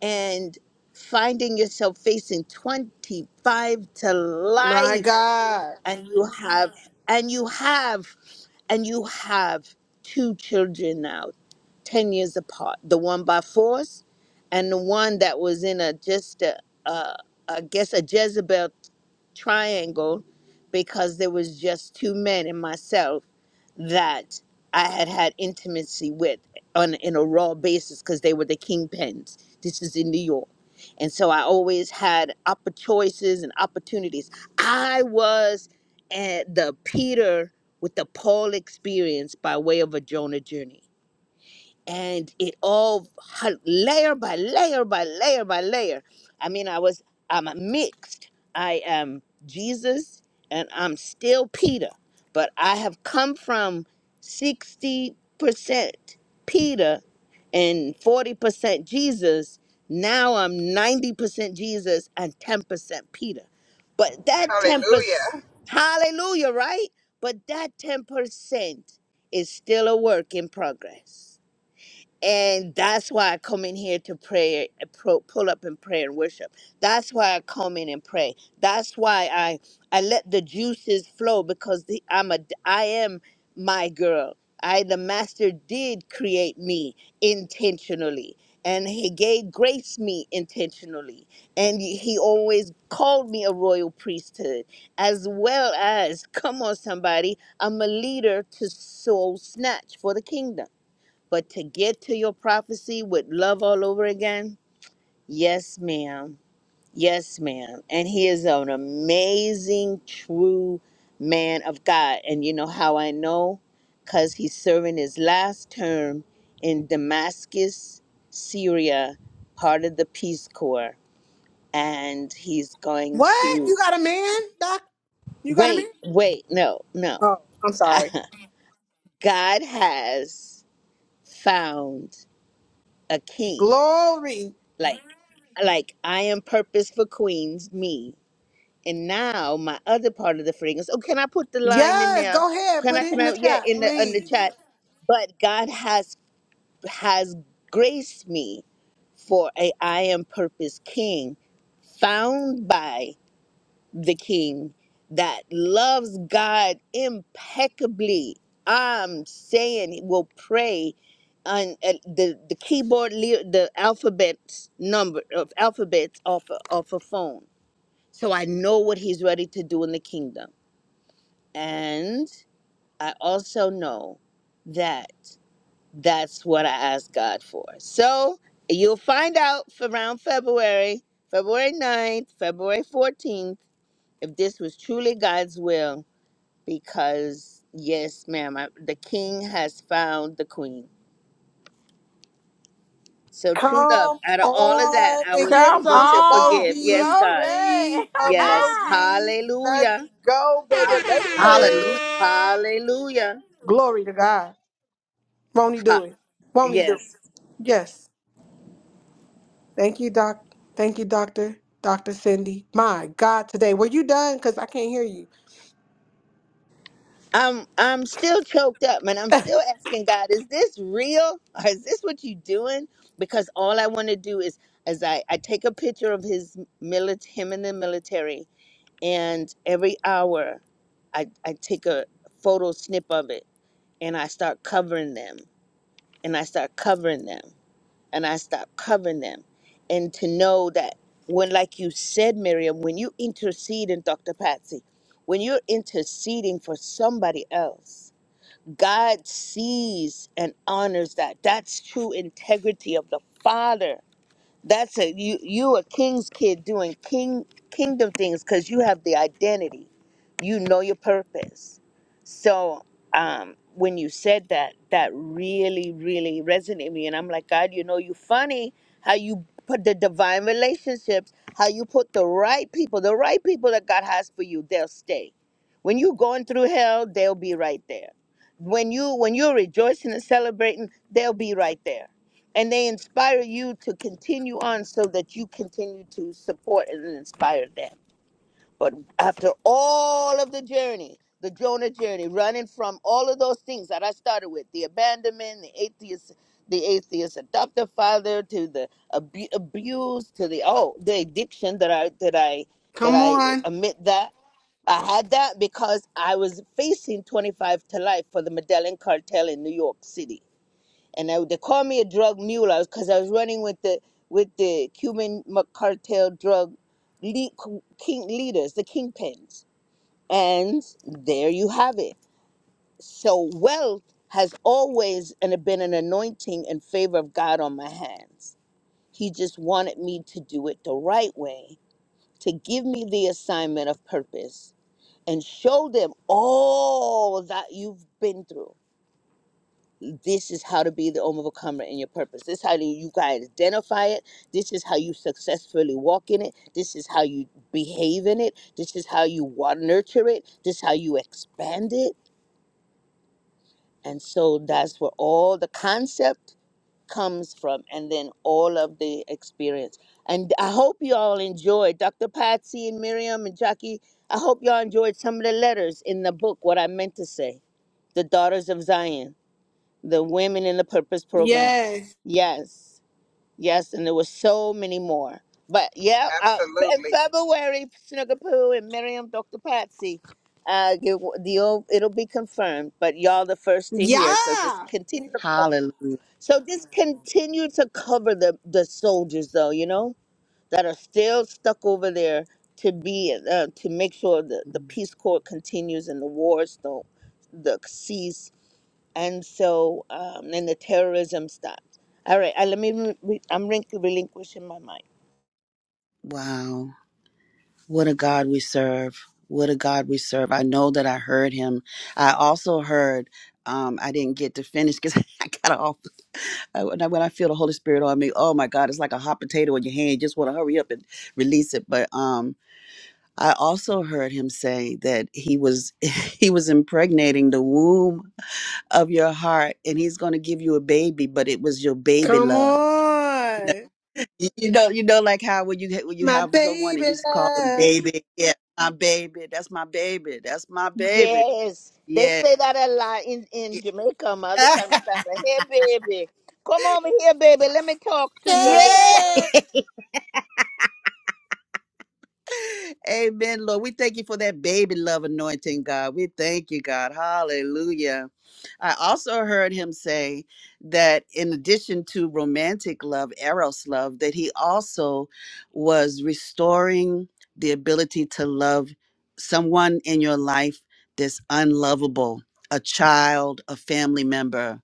[SPEAKER 3] and finding yourself facing 25 to
[SPEAKER 1] My
[SPEAKER 3] life
[SPEAKER 1] God.
[SPEAKER 3] and you have and you have and you have two children now, 10 years apart the one by force and the one that was in a just a, a I guess a Jezebel triangle because there was just two men and myself that I had had intimacy with on in a raw basis because they were the kingpins. This is in New York. And so I always had oppor- choices and opportunities. I was at the Peter with the Paul experience by way of a Jonah journey and it all h- layer by layer by layer by layer. I mean, I was I'm a mixed. I am Jesus, and I'm still Peter, but I have come from sixty percent Peter and forty percent Jesus. Now I'm ninety percent Jesus and ten percent Peter. But that ten percent,
[SPEAKER 2] Hallelujah.
[SPEAKER 3] hallelujah, right? But that ten percent is still a work in progress. And that's why I come in here to pray, pro- pull up in prayer and worship. That's why I come in and pray. That's why I I let the juices flow because the, I'm a I am my girl. I the master did create me intentionally, and he gave grace me intentionally, and he always called me a royal priesthood, as well as come on somebody, I'm a leader to soul snatch for the kingdom. But to get to your prophecy with love all over again, yes, ma'am. Yes, ma'am. And he is an amazing, true man of God. And you know how I know? Because he's serving his last term in Damascus, Syria, part of the Peace Corps. And he's going
[SPEAKER 1] What?
[SPEAKER 3] to
[SPEAKER 1] You got a man, Doc? You got a man?
[SPEAKER 3] wait, wait, no, no.
[SPEAKER 1] Oh, I'm
[SPEAKER 3] (laughs)
[SPEAKER 1] sorry.
[SPEAKER 3] God has found a king.
[SPEAKER 1] Glory.
[SPEAKER 3] like like I am purpose for queens, me. And now my other part of the fragrance. Oh, can I put the line in
[SPEAKER 1] Yes,
[SPEAKER 3] there?
[SPEAKER 1] go ahead.
[SPEAKER 3] Can I
[SPEAKER 1] Put
[SPEAKER 3] can
[SPEAKER 1] it in
[SPEAKER 3] I
[SPEAKER 1] the
[SPEAKER 3] yeah
[SPEAKER 1] chat,
[SPEAKER 3] in the on the
[SPEAKER 1] please.
[SPEAKER 3] chat? But God has has graced me for a I am purpose king, found by the king that loves God impeccably. I'm saying will pray on uh, the the keyboard le- the alphabets number of alphabets off a, off a phone. So I know what he's ready to do in the kingdom. And I also know that that's what I asked God for. So you'll find out for around February, February ninth, February 14th, if this was truly God's will because yes, ma'am, I, the king has found the queen. So true love.
[SPEAKER 1] Come
[SPEAKER 3] Out of all of that,
[SPEAKER 1] on
[SPEAKER 3] I
[SPEAKER 1] and
[SPEAKER 3] was
[SPEAKER 1] give
[SPEAKER 4] Come
[SPEAKER 3] able
[SPEAKER 1] some
[SPEAKER 3] to forgive.
[SPEAKER 4] on,
[SPEAKER 3] Yes,
[SPEAKER 1] emojis,
[SPEAKER 3] God.
[SPEAKER 1] please.
[SPEAKER 4] glory.
[SPEAKER 3] Yes.
[SPEAKER 4] (laughs)
[SPEAKER 1] Emojis. Let's
[SPEAKER 3] Hallelujah.
[SPEAKER 1] go,
[SPEAKER 3] Ha-
[SPEAKER 1] baby, baby.
[SPEAKER 10] Hallelujah.
[SPEAKER 3] Hallelujah.
[SPEAKER 1] Glory to God. Won't he do
[SPEAKER 3] Ha-
[SPEAKER 1] it? Won't he do it?
[SPEAKER 3] yes.
[SPEAKER 1] Yes. Thank you, Doc. Thank you, Doctor. Dr. Cindy. My God, today. Were you done? Because I can't hear you.
[SPEAKER 3] I'm I'm still choked up, man. I'm still asking God, is this real? (laughs) is this what you doing? Because all I want to do is as I, I take a picture of his milit him in the military and every hour I, I take a photo snip of it and I start covering them and I start covering them and I start covering them. And to know that when, like you said, Miriam, when you intercede in Dr. Patsy, when you're interceding for somebody else, God sees and honors that. That's true integrity of the Father that's a you you a king's kid doing king kingdom things because you have the identity. You know your purpose. So um when you said that, that really, really resonated with me. And I'm like, God, you know you funny how you put the divine relationships, how you put the right people, the right people that God has for you, they'll stay. When you going through hell, they'll be right there. When you when you're rejoicing and celebrating, they'll be right there and they inspire you to continue on so that you continue to support and inspire them. But after all of the journey, the Jonah journey, running from all of those things that I started with the abandonment, the atheist, the atheist adoptive father, to the abu- abuse, to the oh, the addiction that I that I that
[SPEAKER 1] Come
[SPEAKER 3] I uh,
[SPEAKER 1] on.
[SPEAKER 3] admit that I had that because I was facing 25 to life for the Medellin cartel in New York City and I, they called me a drug mule because I was running with the with the Cuban m- cartel drug lead, king leaders, the kingpins. And there you have it. So wealth has always and been an anointing and favor of God on my hands. He just wanted me to do it the right way, to give me the assignment of purpose and show them all that you've been through this is how to be the overcomer in your purpose. This is how you guys identify it. This is how you successfully walk in it. This is how you behave in it. This is how you wa- nurture it. This is how you expand it. And so that's where all the concept comes from and then all of the experience. And I hope you all enjoyed Dr. Patsy and Miriam and Jackie. I hope y'all enjoyed some of the letters in the book, what I meant to say, The Daughters of Zion the women in the purpose program.
[SPEAKER 1] Yes.
[SPEAKER 3] Yes, yes, and there were so many more. But yeah, uh, Fe- in
[SPEAKER 2] Absolutely.
[SPEAKER 3] February, Snuggapoo and Miriam, Dr. Patsy, uh, give- the old, it'll be confirmed. But y'all the first to hear, so just
[SPEAKER 1] Yeah.
[SPEAKER 3] continue to cover.
[SPEAKER 10] hallelujah
[SPEAKER 3] So just continue to cover the the soldiers, though you know that are still stuck over there to be uh, to make sure that the Peace Corps continues and the wars don't the cease and so um, and the terrorism stopped. All right, I, let me. Re- re- I'm relin- relinquishing my mind.
[SPEAKER 10] wow What a God we serve. What a God we serve. I know that I heard him. I also heard, um, I didn't get to finish because (laughs) I got off. I- When I, when I feel the Holy Spirit on me, oh my God, it's like a hot potato in your hand. You just want to hurry up and release it. But um, I also heard him say that he was (laughs) he was impregnating the womb of your heart and he's going to give you a baby, but it was your baby
[SPEAKER 1] Come
[SPEAKER 10] love.
[SPEAKER 1] on.
[SPEAKER 10] You you know, you know, like how when you ha- when you
[SPEAKER 1] My
[SPEAKER 10] have someone and
[SPEAKER 1] baby
[SPEAKER 10] you call them
[SPEAKER 1] love.
[SPEAKER 10] baby, yeah, my baby, that's my baby, that's my baby,
[SPEAKER 3] Yes, they
[SPEAKER 10] yeah,
[SPEAKER 3] say that a lot in in
[SPEAKER 10] yeah.
[SPEAKER 3] Jamaica. On my other side of my
[SPEAKER 10] (laughs)
[SPEAKER 3] family. Hey, baby, come over here, baby. Let me talk to you a little
[SPEAKER 10] Yeah.
[SPEAKER 3] while.
[SPEAKER 10] (laughs) Amen, Lord. We thank you for that baby love anointing, God. We thank you, God. Hallelujah. I also heard him say that in addition to romantic love, eros love, that he also was restoring the ability to love someone in your life that's unlovable, a child, a family member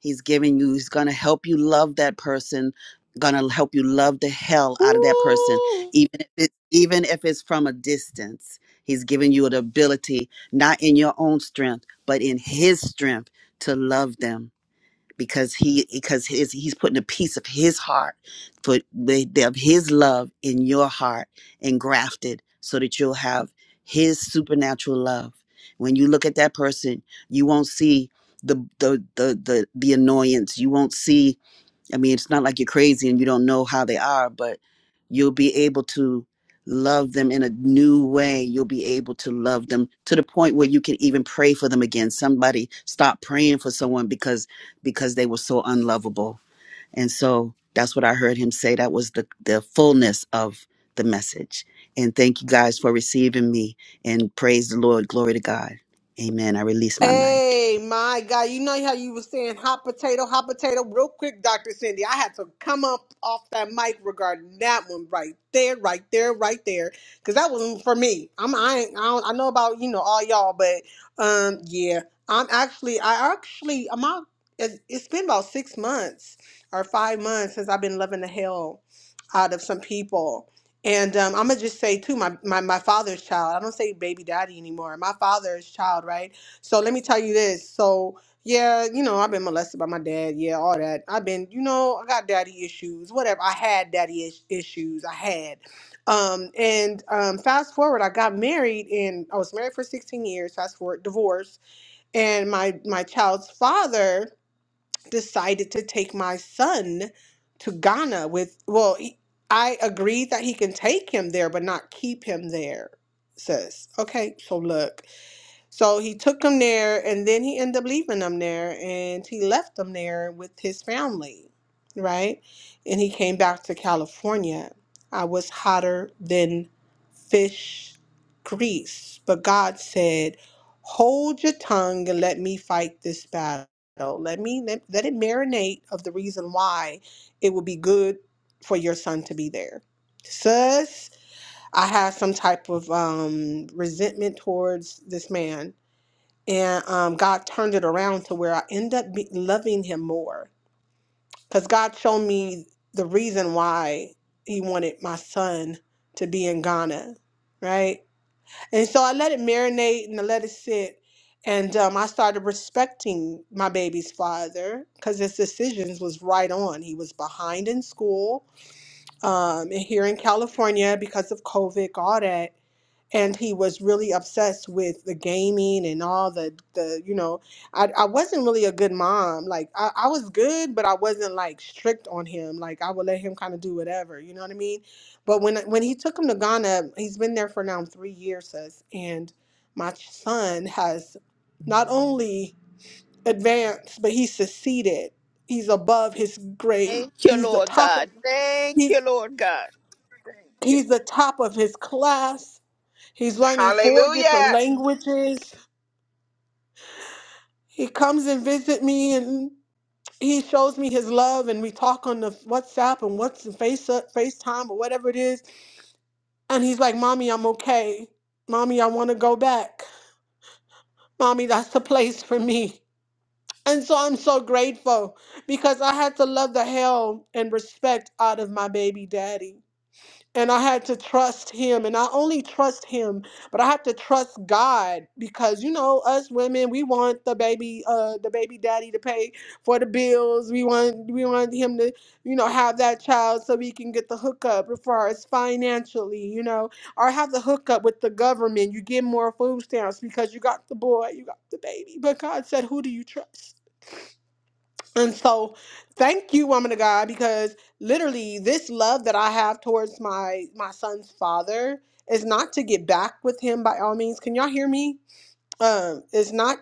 [SPEAKER 10] He's giving you, he's going to help you love that person, going to help you love the hell out of that person,
[SPEAKER 1] Woo.
[SPEAKER 10] even if it's, even if it's from a distance. He's giving you the ability, not in your own strength, but in his strength to love them because he because his, he's putting a piece of his heart for the- the- of his love in your heart and grafted so that you'll have his supernatural love when you look at that person you won't see the the the the, the annoyance you won't see I mean, it's not like you're crazy and you don't know how they are, but you'll be able to love them in a new way. You'll be able to love them to the point where you can even pray for them again. Somebody stopped praying for someone because because they were so unlovable. And so that's what I heard him say. That was the the fullness of the message. And thank you guys for receiving me and praise the Lord. Glory to God. Amen. I release my mic.
[SPEAKER 1] Hey, my God. You know how you were saying hot potato, hot potato? Real quick, Dr. Cindy, I had to come up off that mic regarding that one right there, right there, right there. Because that wasn't for me. I'm, I, ain't, I, don't, I know about, you know, all y'all, but um, yeah. I'm actually, I actually, I'm out, it's it's been about six months or five months since I've been loving the hell out of some people. And um, I'm going to just say, too, my, my, my father's child, I don't say baby daddy anymore. My father's child, right? So let me tell you this. So yeah, you know, I've been molested by my dad. Yeah, all that. I've been, you know, I got daddy issues. Whatever. I had daddy is- issues. I had. Um, and um, fast forward, I got married, and I was married for 16 years. Fast forward, divorce, and my my child's father decided to take my son to Ghana with. Well, he, I agreed that he can take him there, but not keep him there. Sis, okay. So look. So he took them there and then he ended up leaving them there and he left them there with his family, right? And he came back to California. I was hotter than fish grease. But God said, Hold your tongue and let me fight this battle. Let me let, let it marinate of the reason why it would be good for your son to be there. Sus, I had some type of um resentment towards this man and um, God turned it around to where I end up be- loving him more because God showed me the reason why he wanted my son to be in Ghana, right? And so I let it marinate and I let it sit. And um, I started respecting my baby's father because his decisions was right on. He was behind in school um, and here in California because of COVID, all that and he was really obsessed with the gaming and all the the you know i, I wasn't really a good mom like I, I was good but i wasn't like strict on him like i would let him kind of do whatever you know what i mean but when when he took him to ghana he's been there for now three years sis, and my son has not only advanced but he's succeeded he's above his grade
[SPEAKER 3] Thank you,
[SPEAKER 1] he's the
[SPEAKER 3] Lord
[SPEAKER 1] top of-
[SPEAKER 3] God. Thank
[SPEAKER 1] he's
[SPEAKER 3] you, Lord God. Thank you.
[SPEAKER 1] he's
[SPEAKER 3] Lord.
[SPEAKER 1] the top of his class he's learning four different
[SPEAKER 2] Hallelujah.
[SPEAKER 1] languages he comes and visit me and he shows me his love and we talk on the WhatsApp and what's the face uh, FaceTime or whatever it is and he's like, "Mommy, I'm okay. Mommy, I want to go back. Mommy, that's the place for me." And so I'm so grateful because I had to love the hell and respect out of my baby daddy and I had to trust him. And I only trust him, but I had to trust God because you know us women, we want the baby, uh, the baby daddy to pay for the bills. We want we want him to, you know, have that child so we can get the hookup as far as financially, you know, or have the hookup with the government. You get more food stamps because you got the boy, you got the baby. But God said, who do you trust? And so, thank you, woman of God, because literally this love that I have towards my my son's father is not to get back with him by all means. Can y'all hear me? Um, it's not.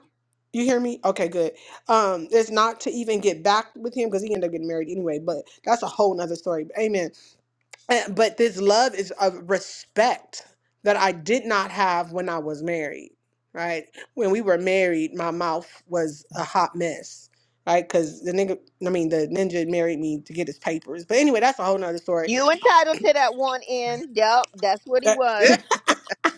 [SPEAKER 1] You hear me? Okay, good. Um, it's not to even get back with him because he ended up getting married anyway. But that's a whole nother story. But amen. Eh, But this love is of respect that I did not have when I was married, right? When we were married, my mouth was a hot mess, right? Because the nigga, I mean, the ninja married me to get his papers. But anyway, that's a whole nother story.
[SPEAKER 3] You entitled to that one end. Yep, that's what he
[SPEAKER 1] That,
[SPEAKER 3] was.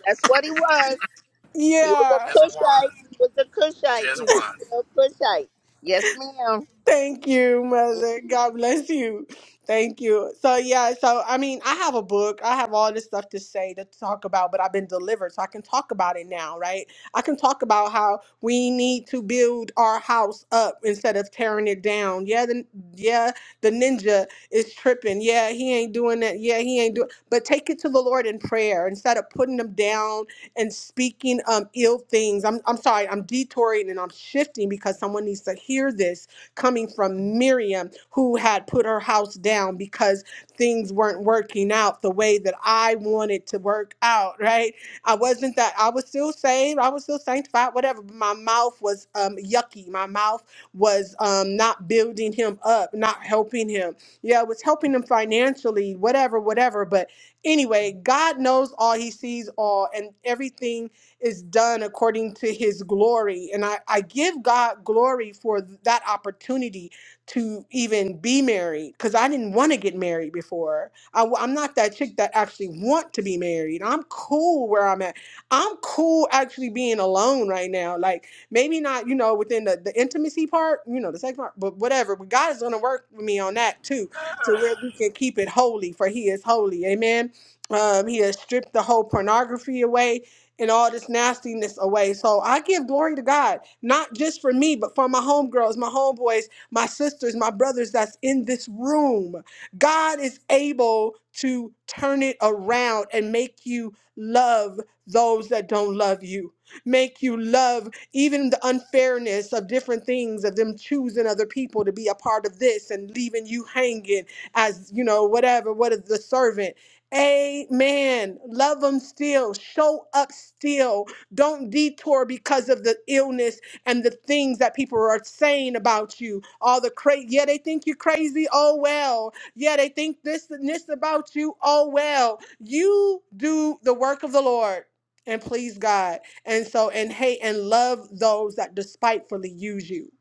[SPEAKER 3] That's what he was.
[SPEAKER 1] (laughs)
[SPEAKER 3] He was a
[SPEAKER 1] yeah.
[SPEAKER 8] There's a
[SPEAKER 3] Cushite.
[SPEAKER 8] one.
[SPEAKER 3] He was a Cushite. He
[SPEAKER 8] Just
[SPEAKER 3] was a
[SPEAKER 8] one.
[SPEAKER 3] real Cushite. Yes, ma'am.
[SPEAKER 1] Thank you, mother. God bless you. Thank you. So yeah, so I mean, I have a book. I have all this stuff to say to talk about, but I've been delivered, so I can talk about it now, right? I can talk about how we need to build our house up instead of tearing it down. Yeah, the yeah, the ninja is tripping. Yeah, he ain't doing that. Yeah, he ain't doing. But take it to the Lord in prayer instead of putting them down and speaking um ill things. I'm I'm sorry. I'm detouring and I'm shifting because someone needs to hear this coming from Miriam, who had put her house down because things weren't working out the way that I wanted to work out, right? I wasn't that, I was still saved, I was still sanctified, whatever. But my mouth was um, yucky. My mouth was um, not building him up, not helping him. Yeah, it was helping him financially, whatever, whatever. But anyway, God knows all, He sees all, and everything is done according to his glory. And I, I give God glory for that opportunity to even be married because I didn't want to get married before. I, am not that chick that actually want to be married. I'm cool where I'm at. I'm cool actually being alone right now. Like maybe not, you know, within the, the intimacy part, you know, the sex part, but whatever. But God is going to work with me on that too. To where we can keep it holy for he is holy. Amen. Um, he has stripped the whole pornography away and all this nastiness away. So I give glory to God, not just for me, but for my homegirls, my homeboys, my sisters, my brothers that's in this room. God is able to turn it around and make you love those that don't love you, make you love even the unfairness of different things, of them choosing other people to be a part of this and leaving you hanging as, you know, whatever, what is the servant. Amen. Love them still. Show up still. Don't detour because of the illness and the things that people are saying about you. All the crazy. Yeah, they think you're crazy. Oh, well. Yeah, they think this and this about you. Oh, well. You do the work of the Lord and please God. And so, and hate and love those that despitefully use you.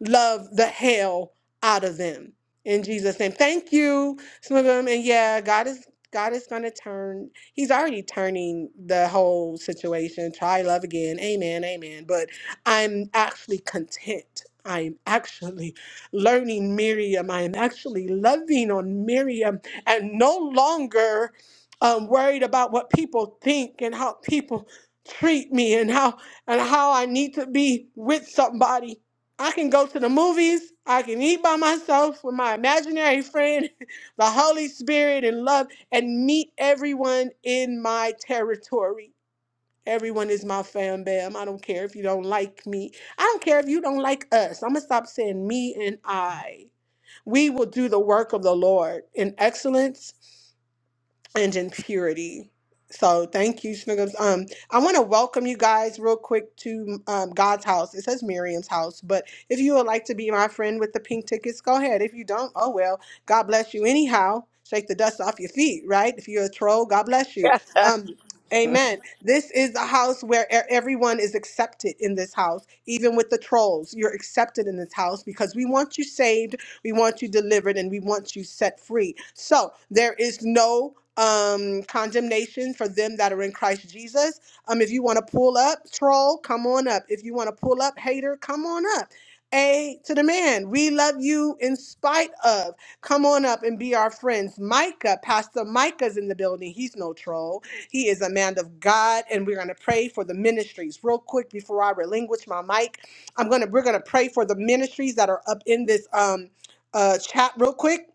[SPEAKER 1] Love the hell out of them. In Jesus' name. Thank you. Some of them, and yeah, God is God is going to turn, He's already turning the whole situation. Try love again. Amen. Amen. But I'm actually content. I'm actually learning Miriam. I'm actually loving on Miriam and no longer um, worried about what people think and how people treat me and how and how I need to be with somebody. I can go to the movies. I can eat by myself with my imaginary friend (laughs) the Holy Spirit and love and meet everyone in my territory. Everyone is my fam bam. I don't care if you don't like me. I don't care if you don't like us. I'm going to stop saying me and I. We will do the work of the Lord in excellence and in purity. So thank you, Snuggums. Um, I want to welcome you guys real quick to um, God's house. It says Miriam's house, but if you would like to be my friend with the pink tickets, go ahead. If you don't, oh well. God bless you anyhow. Shake the dust off your feet, right? If you're a troll, God bless you. Um,
[SPEAKER 3] (laughs)
[SPEAKER 1] amen. This is a house where e- everyone is accepted in this house, even with the trolls. You're accepted in this house because we want you saved we want you delivered and we want you set free. So there is no um condemnation for them that are in Christ Jesus. Um if you want to pull up, troll, come on up. If you want to pull up, hater, come on up. A to the man, we love you in spite of. Come on up and be our friends. Micah, Pastor Micah's in the building. He's no troll. He is a man of God, and we're gonna pray for the ministries. Real quick before I relinquish my mic, I'm gonna we're gonna pray for the ministries that are up in this. Um, uh, chat real quick.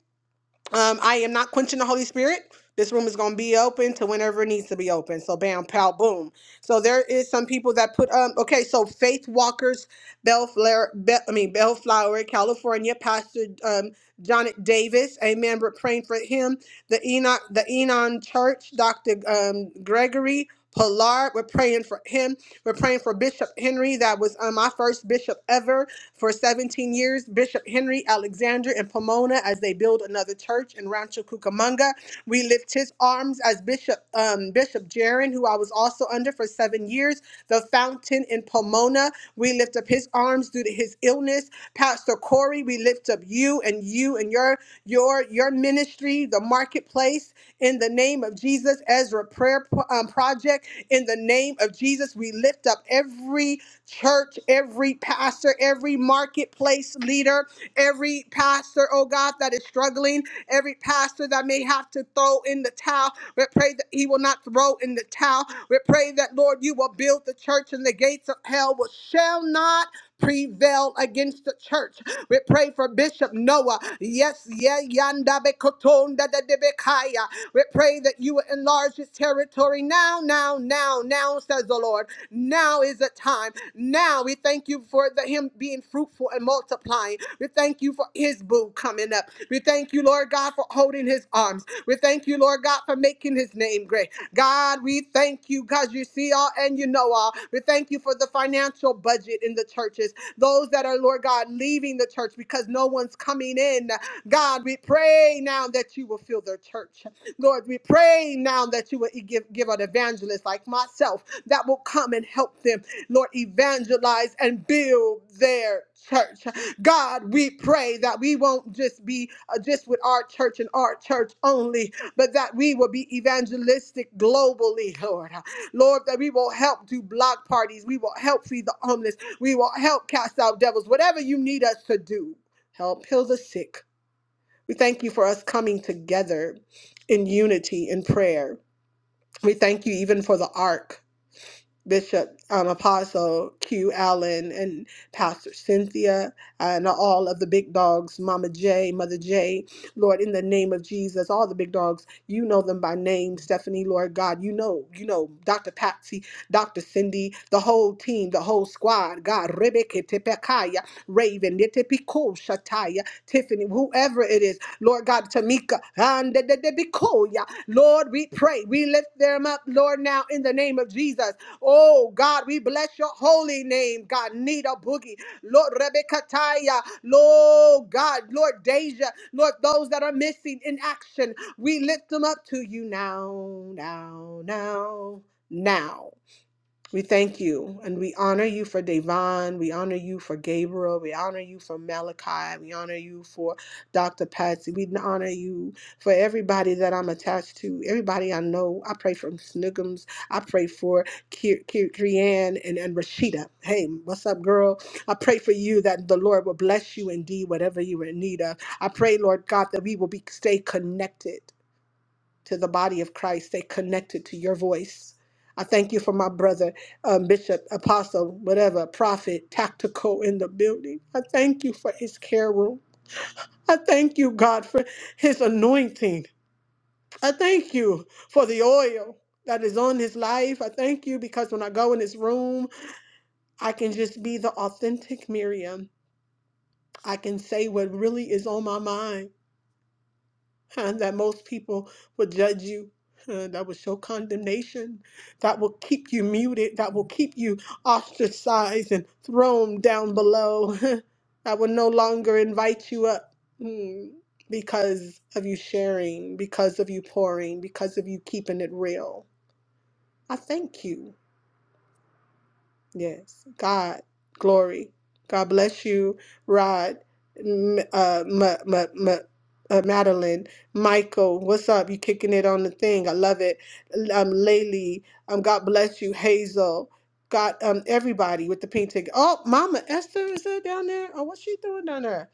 [SPEAKER 1] Um, I am not quenching the Holy Spirit. This room is going to be open to whenever it needs to be open. So bam, pow, boom. So there is some people that put um okay. So Faith Walker's Bellflower, Bell, I mean Bellflower, California, Pastor um John Davis, Amen. We're praying for him. The Enoch, the Enon Church, Doctor um Gregory, Pollard. We're praying for him. We're praying for Bishop Henry. That was um, my first bishop ever for 17 years. Bishop Henry, Alexander, and Pomona as they build another church in Rancho Cucamonga. We lift his arms as Bishop um, Bishop Jaron, who I was also under for seven years. Rivers, the fountain in Pomona. We lift up his arms due to his illness. Pastor Corey, we lift up you and you and your your your ministry, the marketplace, in the name of Jesus, Ezra Prayer Pro- um, Project, in the name of Jesus, we lift up every church, every pastor, every marketplace leader, every pastor, oh God, that is struggling, every pastor that may have to throw in the towel. We pray that he will not throw in the towel. We pray that, Lord, you will build the church and the gates of hell will, shall not prevail against the church. We pray for Bishop Noah. Yes, yeah, yanda bekotonda da debekaya. We pray that you will enlarge his territory now, now, now, now, says the Lord. Now is the time. Now we thank you for the, him being fruitful and multiplying. We thank you for his boo coming up. We thank you, Lord God, for holding his arms. We thank you, Lord God, for making his name great. God, we thank you because you see all and you know all. We thank you for the financial budget in the churches, those that are, Lord God, leaving the church because no one's coming in. God, we pray now that you will fill their church. Lord, we pray now that you would give, give an evangelist like myself that will come and help them, Lord, evangelize and build their church. God, we pray that we won't just be uh, just with our church and our church only, but that we will be evangelistic globally, Lord. Lord, that we will help do block parties. We will help feed the homeless. We will help cast out devils. Whatever you need us to do, help heal the sick we thank you for us coming together in unity in prayer. We thank you even for the ark, Bishop, um, Apostle Q Allen, and Pastor Cynthia, and all of the big dogs, Mama J, Mother J, Lord, in the name of Jesus, all the big dogs, you know them by name, Stephanie, Lord God, you know, you know, Dr. Patsy. Dr. Cindy, the whole team, the whole squad. God, Rebecca Tepekaya, Raven, Netepiko Shataya, Tiffany, whoever it is. Lord God, Tamika, and the- Lord, we pray. We lift them up, Lord, now in the name of Jesus. Oh God, we bless your holy name. God, Nita Boogie, Lord Rebecca Taya, Lord God, Lord Deja, Lord, those that are missing in action, we lift them up to you now, now, now, now. We thank you and we honor you for Devon. We honor you for Gabriel. We honor you for Malachi. We honor you for Dr. Patsy. We honor you for everybody that I'm attached to, everybody I know. I pray for Snuggums. I pray for Krian and, and Rashida. Hey, what's up, girl? I pray for you that the Lord will bless you indeed, whatever you're in need of. I pray, Lord God, that we will be stay connected to the body of Christ. They connected to your voice. I thank you for my brother, um, bishop, apostle, whatever, prophet, tactical in the building. I thank you for his care room. I thank you, God, for his anointing. I thank you for the oil that is on his life. I thank you because when I go in his room, I can just be the authentic Miriam. I can say what really is on my mind. huh, that most people will judge you, huh, that will show condemnation, that will keep you muted, that will keep you ostracized and thrown down below, (laughs) that will no longer invite you up mm, because of you sharing, because of you pouring, because of you keeping it real. I thank you. Yes. God, glory. God bless you, Rod, M- uh, M- M- M- uh, Madeline, Michael. What's up? You kicking it on the thing. I love it. Um, Laylee. Um, God bless you, Hazel. God, um, everybody with the pink ticket. Oh, Mama Esther is there down there? Oh, what's she doing down there?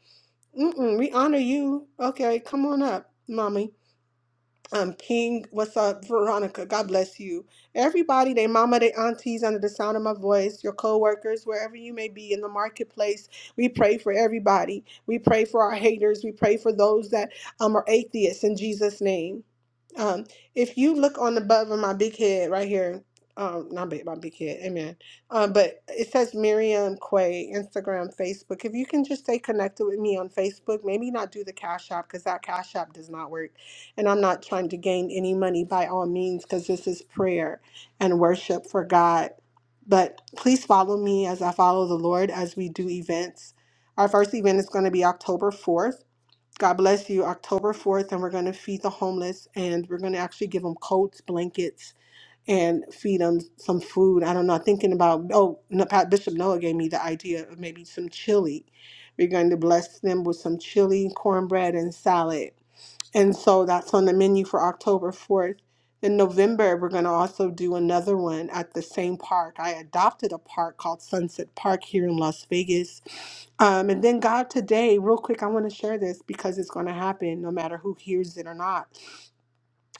[SPEAKER 1] Mm-mm, we honor you. Okay, come on up, Mommy um, King, what's up, Veronica? God bless you. Everybody, they mama, they aunties, under the sound of my voice, your co-workers, wherever you may be in the marketplace, we pray for everybody. We pray for our haters. We pray for those that um, are atheists in Jesus' name. Um, if you look on the above of my big head right here, um, not big, my big head, amen. Um, but it says Miriam Quay, Instagram, Facebook. If you can just stay connected with me on Facebook, maybe not do the Cash App because that Cash App does not work and I'm not trying to gain any money by all means because this is prayer and worship for God. But please follow me as I follow the Lord as we do events. Our first event is going to be October 4th. God bless you, October 4th, and we're going to feed the homeless and we're going to actually give them coats, blankets, and feed them some food. I don't know, thinking about, oh, no, Pat- Bishop Noah gave me the idea of maybe some chili. We're going to bless them with some chili, cornbread, and salad and so that's on the menu for October 4th. In November, we're going to also do another one at the same park. I adopted a park called Sunset Park here in Las Vegas. Um, and then, God, today, real quick, I want to share this because it's going to happen no matter who hears it or not.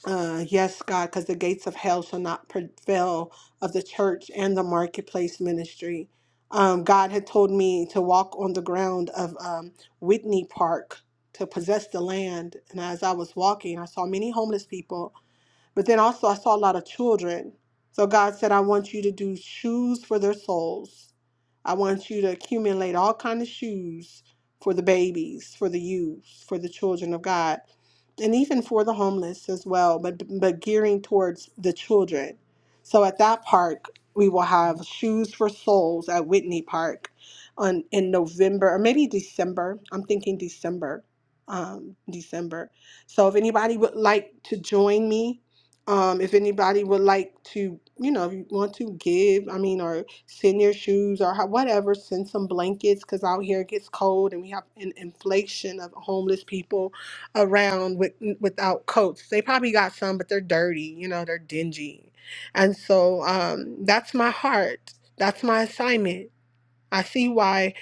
[SPEAKER 1] Uh, yes, God, because the gates of hell shall not prevail of the church and the marketplace ministry. Um, God had told me to walk on the ground of um, Whitney Park to possess the land. And as I was walking, I saw many homeless people, but then also I saw a lot of children. So God said, I want you to do shoes for their souls. I want you to accumulate all kind of shoes for the babies, for the youth, for the children of God, and even for the homeless as well, but but gearing towards the children. So at that park, we will have shoes for souls at Whitney Park on in November or maybe December. I'm thinking December. Um, December. So if anybody would like to join me, um, if anybody would like to, you know, if you want to give, I mean, or Send your shoes or how, whatever, send some blankets because out here it gets cold and we have an inflation of homeless people around with without coats. They probably got some, but they're dirty, you know, they're dingy. And so um, that's my heart. That's my assignment. I see why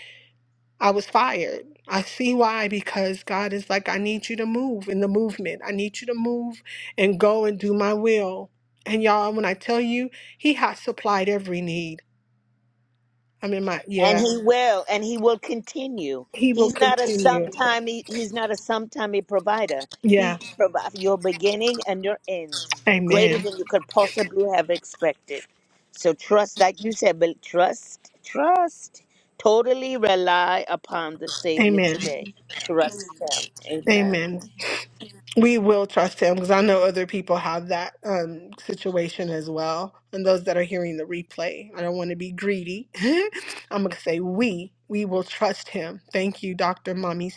[SPEAKER 1] I was fired. I see why because God is like, I need you to move in the movement. I need you to move and go and do my will. And y'all, when I tell you, He has supplied every need. I'm in my
[SPEAKER 3] And
[SPEAKER 1] yeah.
[SPEAKER 3] he will, and he will continue.
[SPEAKER 1] He will
[SPEAKER 3] He's not a
[SPEAKER 1] continue.
[SPEAKER 3] sometime. He, he's not a sometime provider.
[SPEAKER 1] Yeah.
[SPEAKER 3] He provides your beginning and your end, greater
[SPEAKER 1] Amen.
[SPEAKER 3] than you could possibly have expected. So trust, like you said, but trust, trust, totally rely upon the Savior
[SPEAKER 1] Amen.
[SPEAKER 3] today. Trust Him. Amen.
[SPEAKER 1] Amen. We will trust him because I know other people have that um, situation as well. And those that are hearing the replay, I don't want to be greedy. (laughs) I'm going to say we, we will trust him. Thank you, Dr. Mommy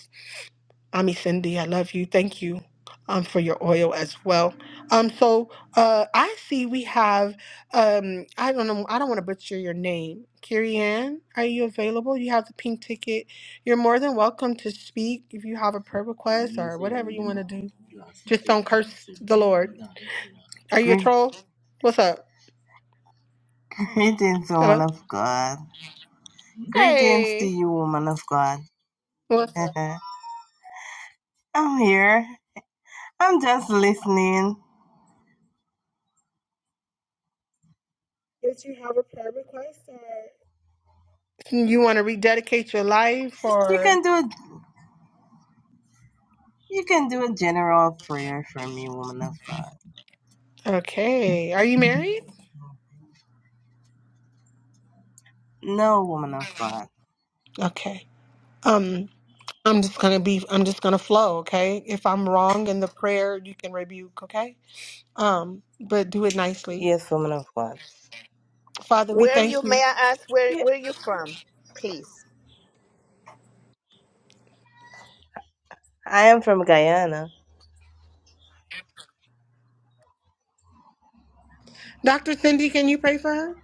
[SPEAKER 1] Ami Cindy, I love you. Thank you um, for your oil as well. Um, so uh, I see we have um, I don't know, I don't want to butcher your name. Carrie are you available? You have the pink ticket. You're more than welcome to speak if you have a prayer request
[SPEAKER 11] Mimi
[SPEAKER 1] or whatever you want to do.
[SPEAKER 11] i
[SPEAKER 1] Just don't
[SPEAKER 11] typ av
[SPEAKER 1] curse the
[SPEAKER 11] simo i
[SPEAKER 1] Lord.
[SPEAKER 11] dala på
[SPEAKER 1] Are you a troll? What's up?
[SPEAKER 11] Greetings, woman
[SPEAKER 1] Hello.
[SPEAKER 11] of God. Hmm? Greetings to
[SPEAKER 1] Hey.
[SPEAKER 11] you, woman of God.
[SPEAKER 1] What's up?
[SPEAKER 11] (laughs) I'm here. I'm just listening.
[SPEAKER 1] Did you have a prayer request or you want to rededicate your life
[SPEAKER 11] You
[SPEAKER 1] or
[SPEAKER 11] can do a, you can do a general prayer for me, woman of God.
[SPEAKER 1] okay. Are you married?
[SPEAKER 11] No, woman of God.
[SPEAKER 1] Okay. Um, I'm just gonna be. I'm just gonna flow. Okay. If I'm wrong in the prayer, you can rebuke. Okay. Um, but do it nicely.
[SPEAKER 11] Yes, woman of God.
[SPEAKER 1] Father, we
[SPEAKER 3] Where are you?
[SPEAKER 1] thank
[SPEAKER 3] May
[SPEAKER 1] you.
[SPEAKER 3] I ask where
[SPEAKER 11] Yeah,
[SPEAKER 3] Where are you from, please?
[SPEAKER 11] I am from Guyana.
[SPEAKER 1] Dr. Cindy, can you pray for her?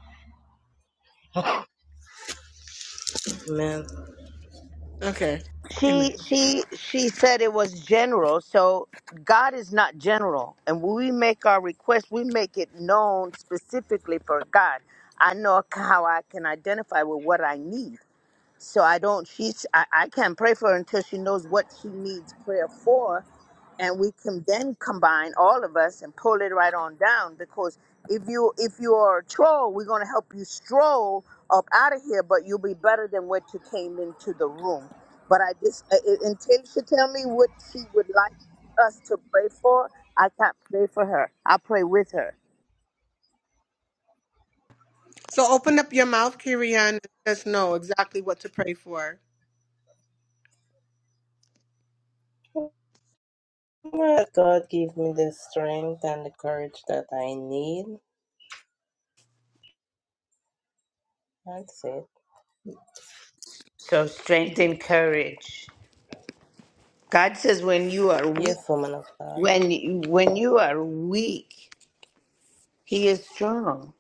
[SPEAKER 11] Amen.
[SPEAKER 1] Okay. Amen.
[SPEAKER 3] She she she said it was general. So God is not general, and when we make our request, we make it known specifically for God. I know how I can identify with what I need. So I don't, she's, I, I can't pray for her until she knows what she needs prayer for. And we can then combine all of us and pull it right on down because if you if you are a troll, we're gonna help you stroll up out of here, but you'll be better than what you came into the room. But I just I- I- until she tell me what she would like us to pray for, I can't pray for her. I pray with her.
[SPEAKER 1] So open up your mouth, Kirian, and let us know exactly what to pray for.
[SPEAKER 11] Lord God, give me the strength and the courage that I need. That's it.
[SPEAKER 3] So strength and courage. God says when you are weak.
[SPEAKER 11] Yes, woman of God.
[SPEAKER 3] when when you are weak he is strong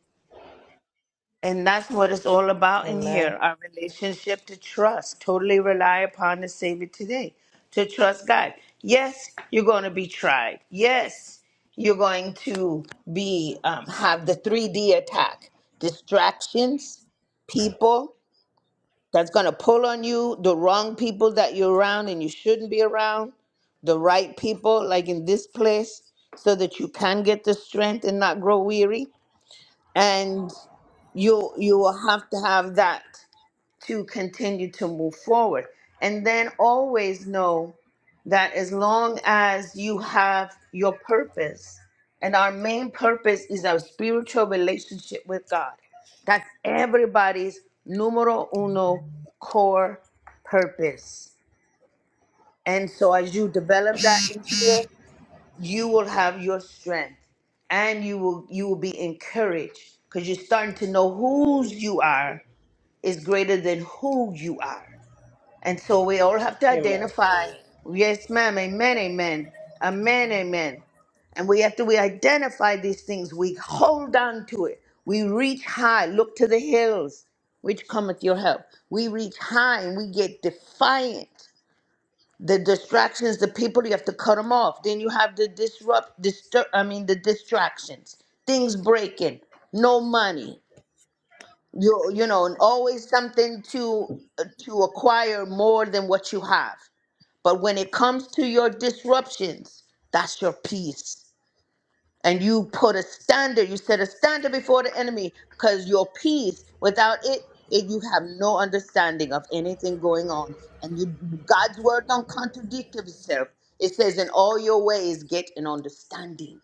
[SPEAKER 3] and that's what it's all about in
[SPEAKER 11] Amen.
[SPEAKER 3] here our relationship to trust totally rely upon the savior today to trust god yes you're going to be tried yes you're going to be um, have the 3d attack distractions people that's going to pull on you, the wrong people that you're around and you shouldn't be around, the right people, like in this place, so that you can get the strength and not grow weary. And you you will have to have that to continue to move forward. And then always know that as long as you have your purpose, and our main purpose is our spiritual relationship with God. That's everybody's numero uno core purpose. And so as you develop that in here, you will have your strength and you will you will be encouraged because you're starting to know whose you are is greater than who you are. And so we all have to
[SPEAKER 11] Amen.
[SPEAKER 3] identify. Yes, ma'am. Amen. Amen. Amen. Amen. And we have to we identify these things. We hold on to it. We reach high. Look to the hills, which cometh your help. We reach high and we get defiant. The distractions, the people, you have to cut them off. Then you have the disrupt, disturb. I mean, the distractions. Things breaking. No money. You you know, and always something to uh, to acquire more than what you have. But when it comes to your disruptions, that's your peace. And you put a standard, you set a standard before the enemy because your peace, without it, it, you have no understanding of anything going on. And you, God's word don't contradict itself. It says, in all your ways, get an understanding.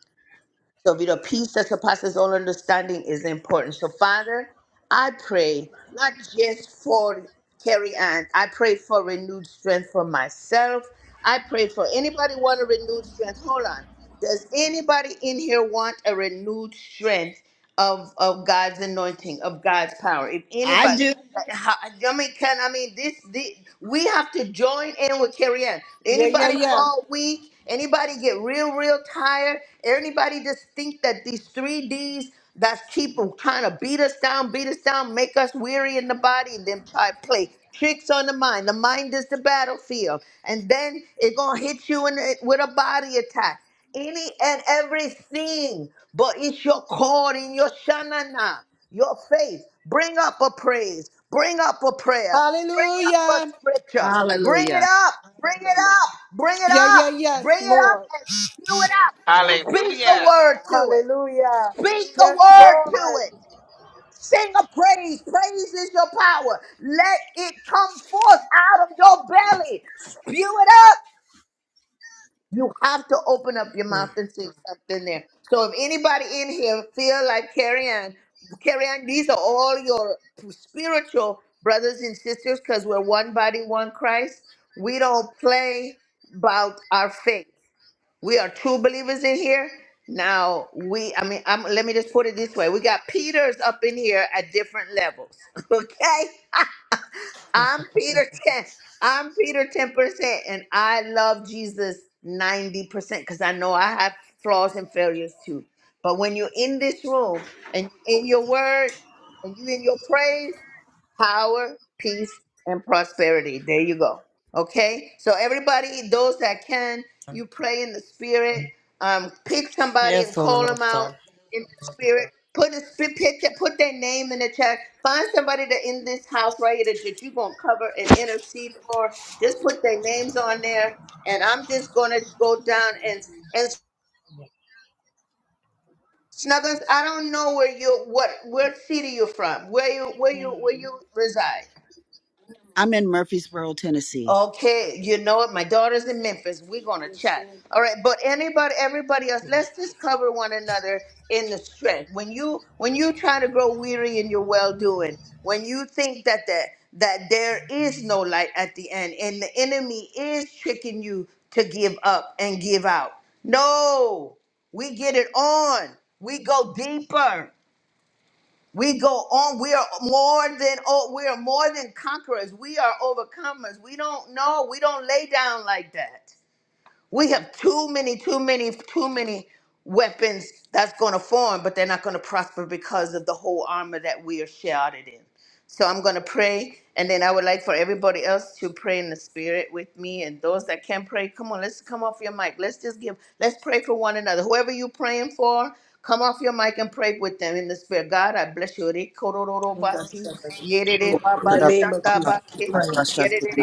[SPEAKER 3] So, be the peace that surpasses all understanding is important. So, Father, I pray not just for Carrie Ann, I pray for renewed strength for myself. I pray for anybody want a renewed strength. Hold on. Does anybody in here want a renewed strength of, of God's anointing, of God's power? If
[SPEAKER 10] I
[SPEAKER 3] anybody,
[SPEAKER 10] do.
[SPEAKER 3] (laughs) How- I mean, can I mean this, this? We have to join in with Carrie Ann.
[SPEAKER 1] Yeah, yeah,
[SPEAKER 3] Anybody
[SPEAKER 1] yeah.
[SPEAKER 3] fall weak? Anybody get real, real tired? Anybody just think that these three D's that keep trying to beat us down, beat us down, make us weary in the body, and then try to play tricks on the mind. The mind is the battlefield, and then it gonna hit you in the, with a body attack any and everything, but it's your core in your shanana your faith. Bring up a praise. Bring up a prayer. Bring up a
[SPEAKER 1] Hallelujah.
[SPEAKER 3] scripture. Bring it
[SPEAKER 10] Hallelujah.
[SPEAKER 3] up. Bring it up. Bring it
[SPEAKER 1] Yeah,
[SPEAKER 3] up.
[SPEAKER 1] yeah, yes,
[SPEAKER 3] Bring it up
[SPEAKER 1] Lord.
[SPEAKER 3] and spew it out.
[SPEAKER 11] Amen.
[SPEAKER 3] Speak a word to it.
[SPEAKER 1] Hallelujah.
[SPEAKER 3] Speak a
[SPEAKER 1] Yes,
[SPEAKER 3] word to
[SPEAKER 1] Lord.
[SPEAKER 3] it. Sing a praise. Praise is your power. Let it come forth out of your belly. Spew it you have to open up your
[SPEAKER 11] Mm.
[SPEAKER 3] mouth and say something there. So if anybody in here feel like carry on, carry on. These are all your spiritual brothers and sisters because we're one body, one Christ. We don't play about our faith. We are true believers in here. Now we, I mean, I'm, let me just put it this way: we got Peters up in here at different levels. (laughs) Okay, I'm Peter 10. I'm Peter 10%, and I love Jesus 90% because I know I have flaws and failures too. But when you're in this room and in your word and you in your praise, power, peace, and prosperity. There you go. Okay? So everybody, those that can, you pray in the spirit. Um, pick somebody and
[SPEAKER 11] Yes,
[SPEAKER 3] call
[SPEAKER 11] woman of
[SPEAKER 3] them out
[SPEAKER 11] God.
[SPEAKER 3] in the spirit. Put a sp- pick that put their name in the chat. Find somebody that in this house right here that that you're gonna cover and intercede for. Just put their names on there, and I'm just gonna go down and and Snuggles. I don't know where you what what city you're from. Where you where you
[SPEAKER 11] Mm.
[SPEAKER 3] where you reside.
[SPEAKER 10] I'm in Murfreesboro, Tennessee.
[SPEAKER 3] Okay, you know what? My daughter's in Memphis. We're gonna chat. All right, but anybody, everybody else,
[SPEAKER 11] Yes.
[SPEAKER 3] let's just cover one another in the strength. When you when you try to grow weary in your well doing, when you think that the, that there is no light at the end, and the enemy is tricking you to give up and give out. No, we get it on. We go deeper. We go on. We are more than oh, we are more than conquerors. We are overcomers. We don't know. We don't lay down like that. We have too many, too many, too many weapons that's going to form, but they're not going to prosper because of the whole armor that we are shouted in. So I'm going to pray, and then I would like for everybody else to pray in the spirit with me. And those that can not pray, come on, let's come off your mic. Let's just give, let's pray for one another. Whoever you're praying for, come off your mic and pray with them in the spirit. God, I bless you. Rekororobasi,
[SPEAKER 10] Corra
[SPEAKER 1] In the name of Jesus, we
[SPEAKER 3] yererebabashandabake,
[SPEAKER 1] pray,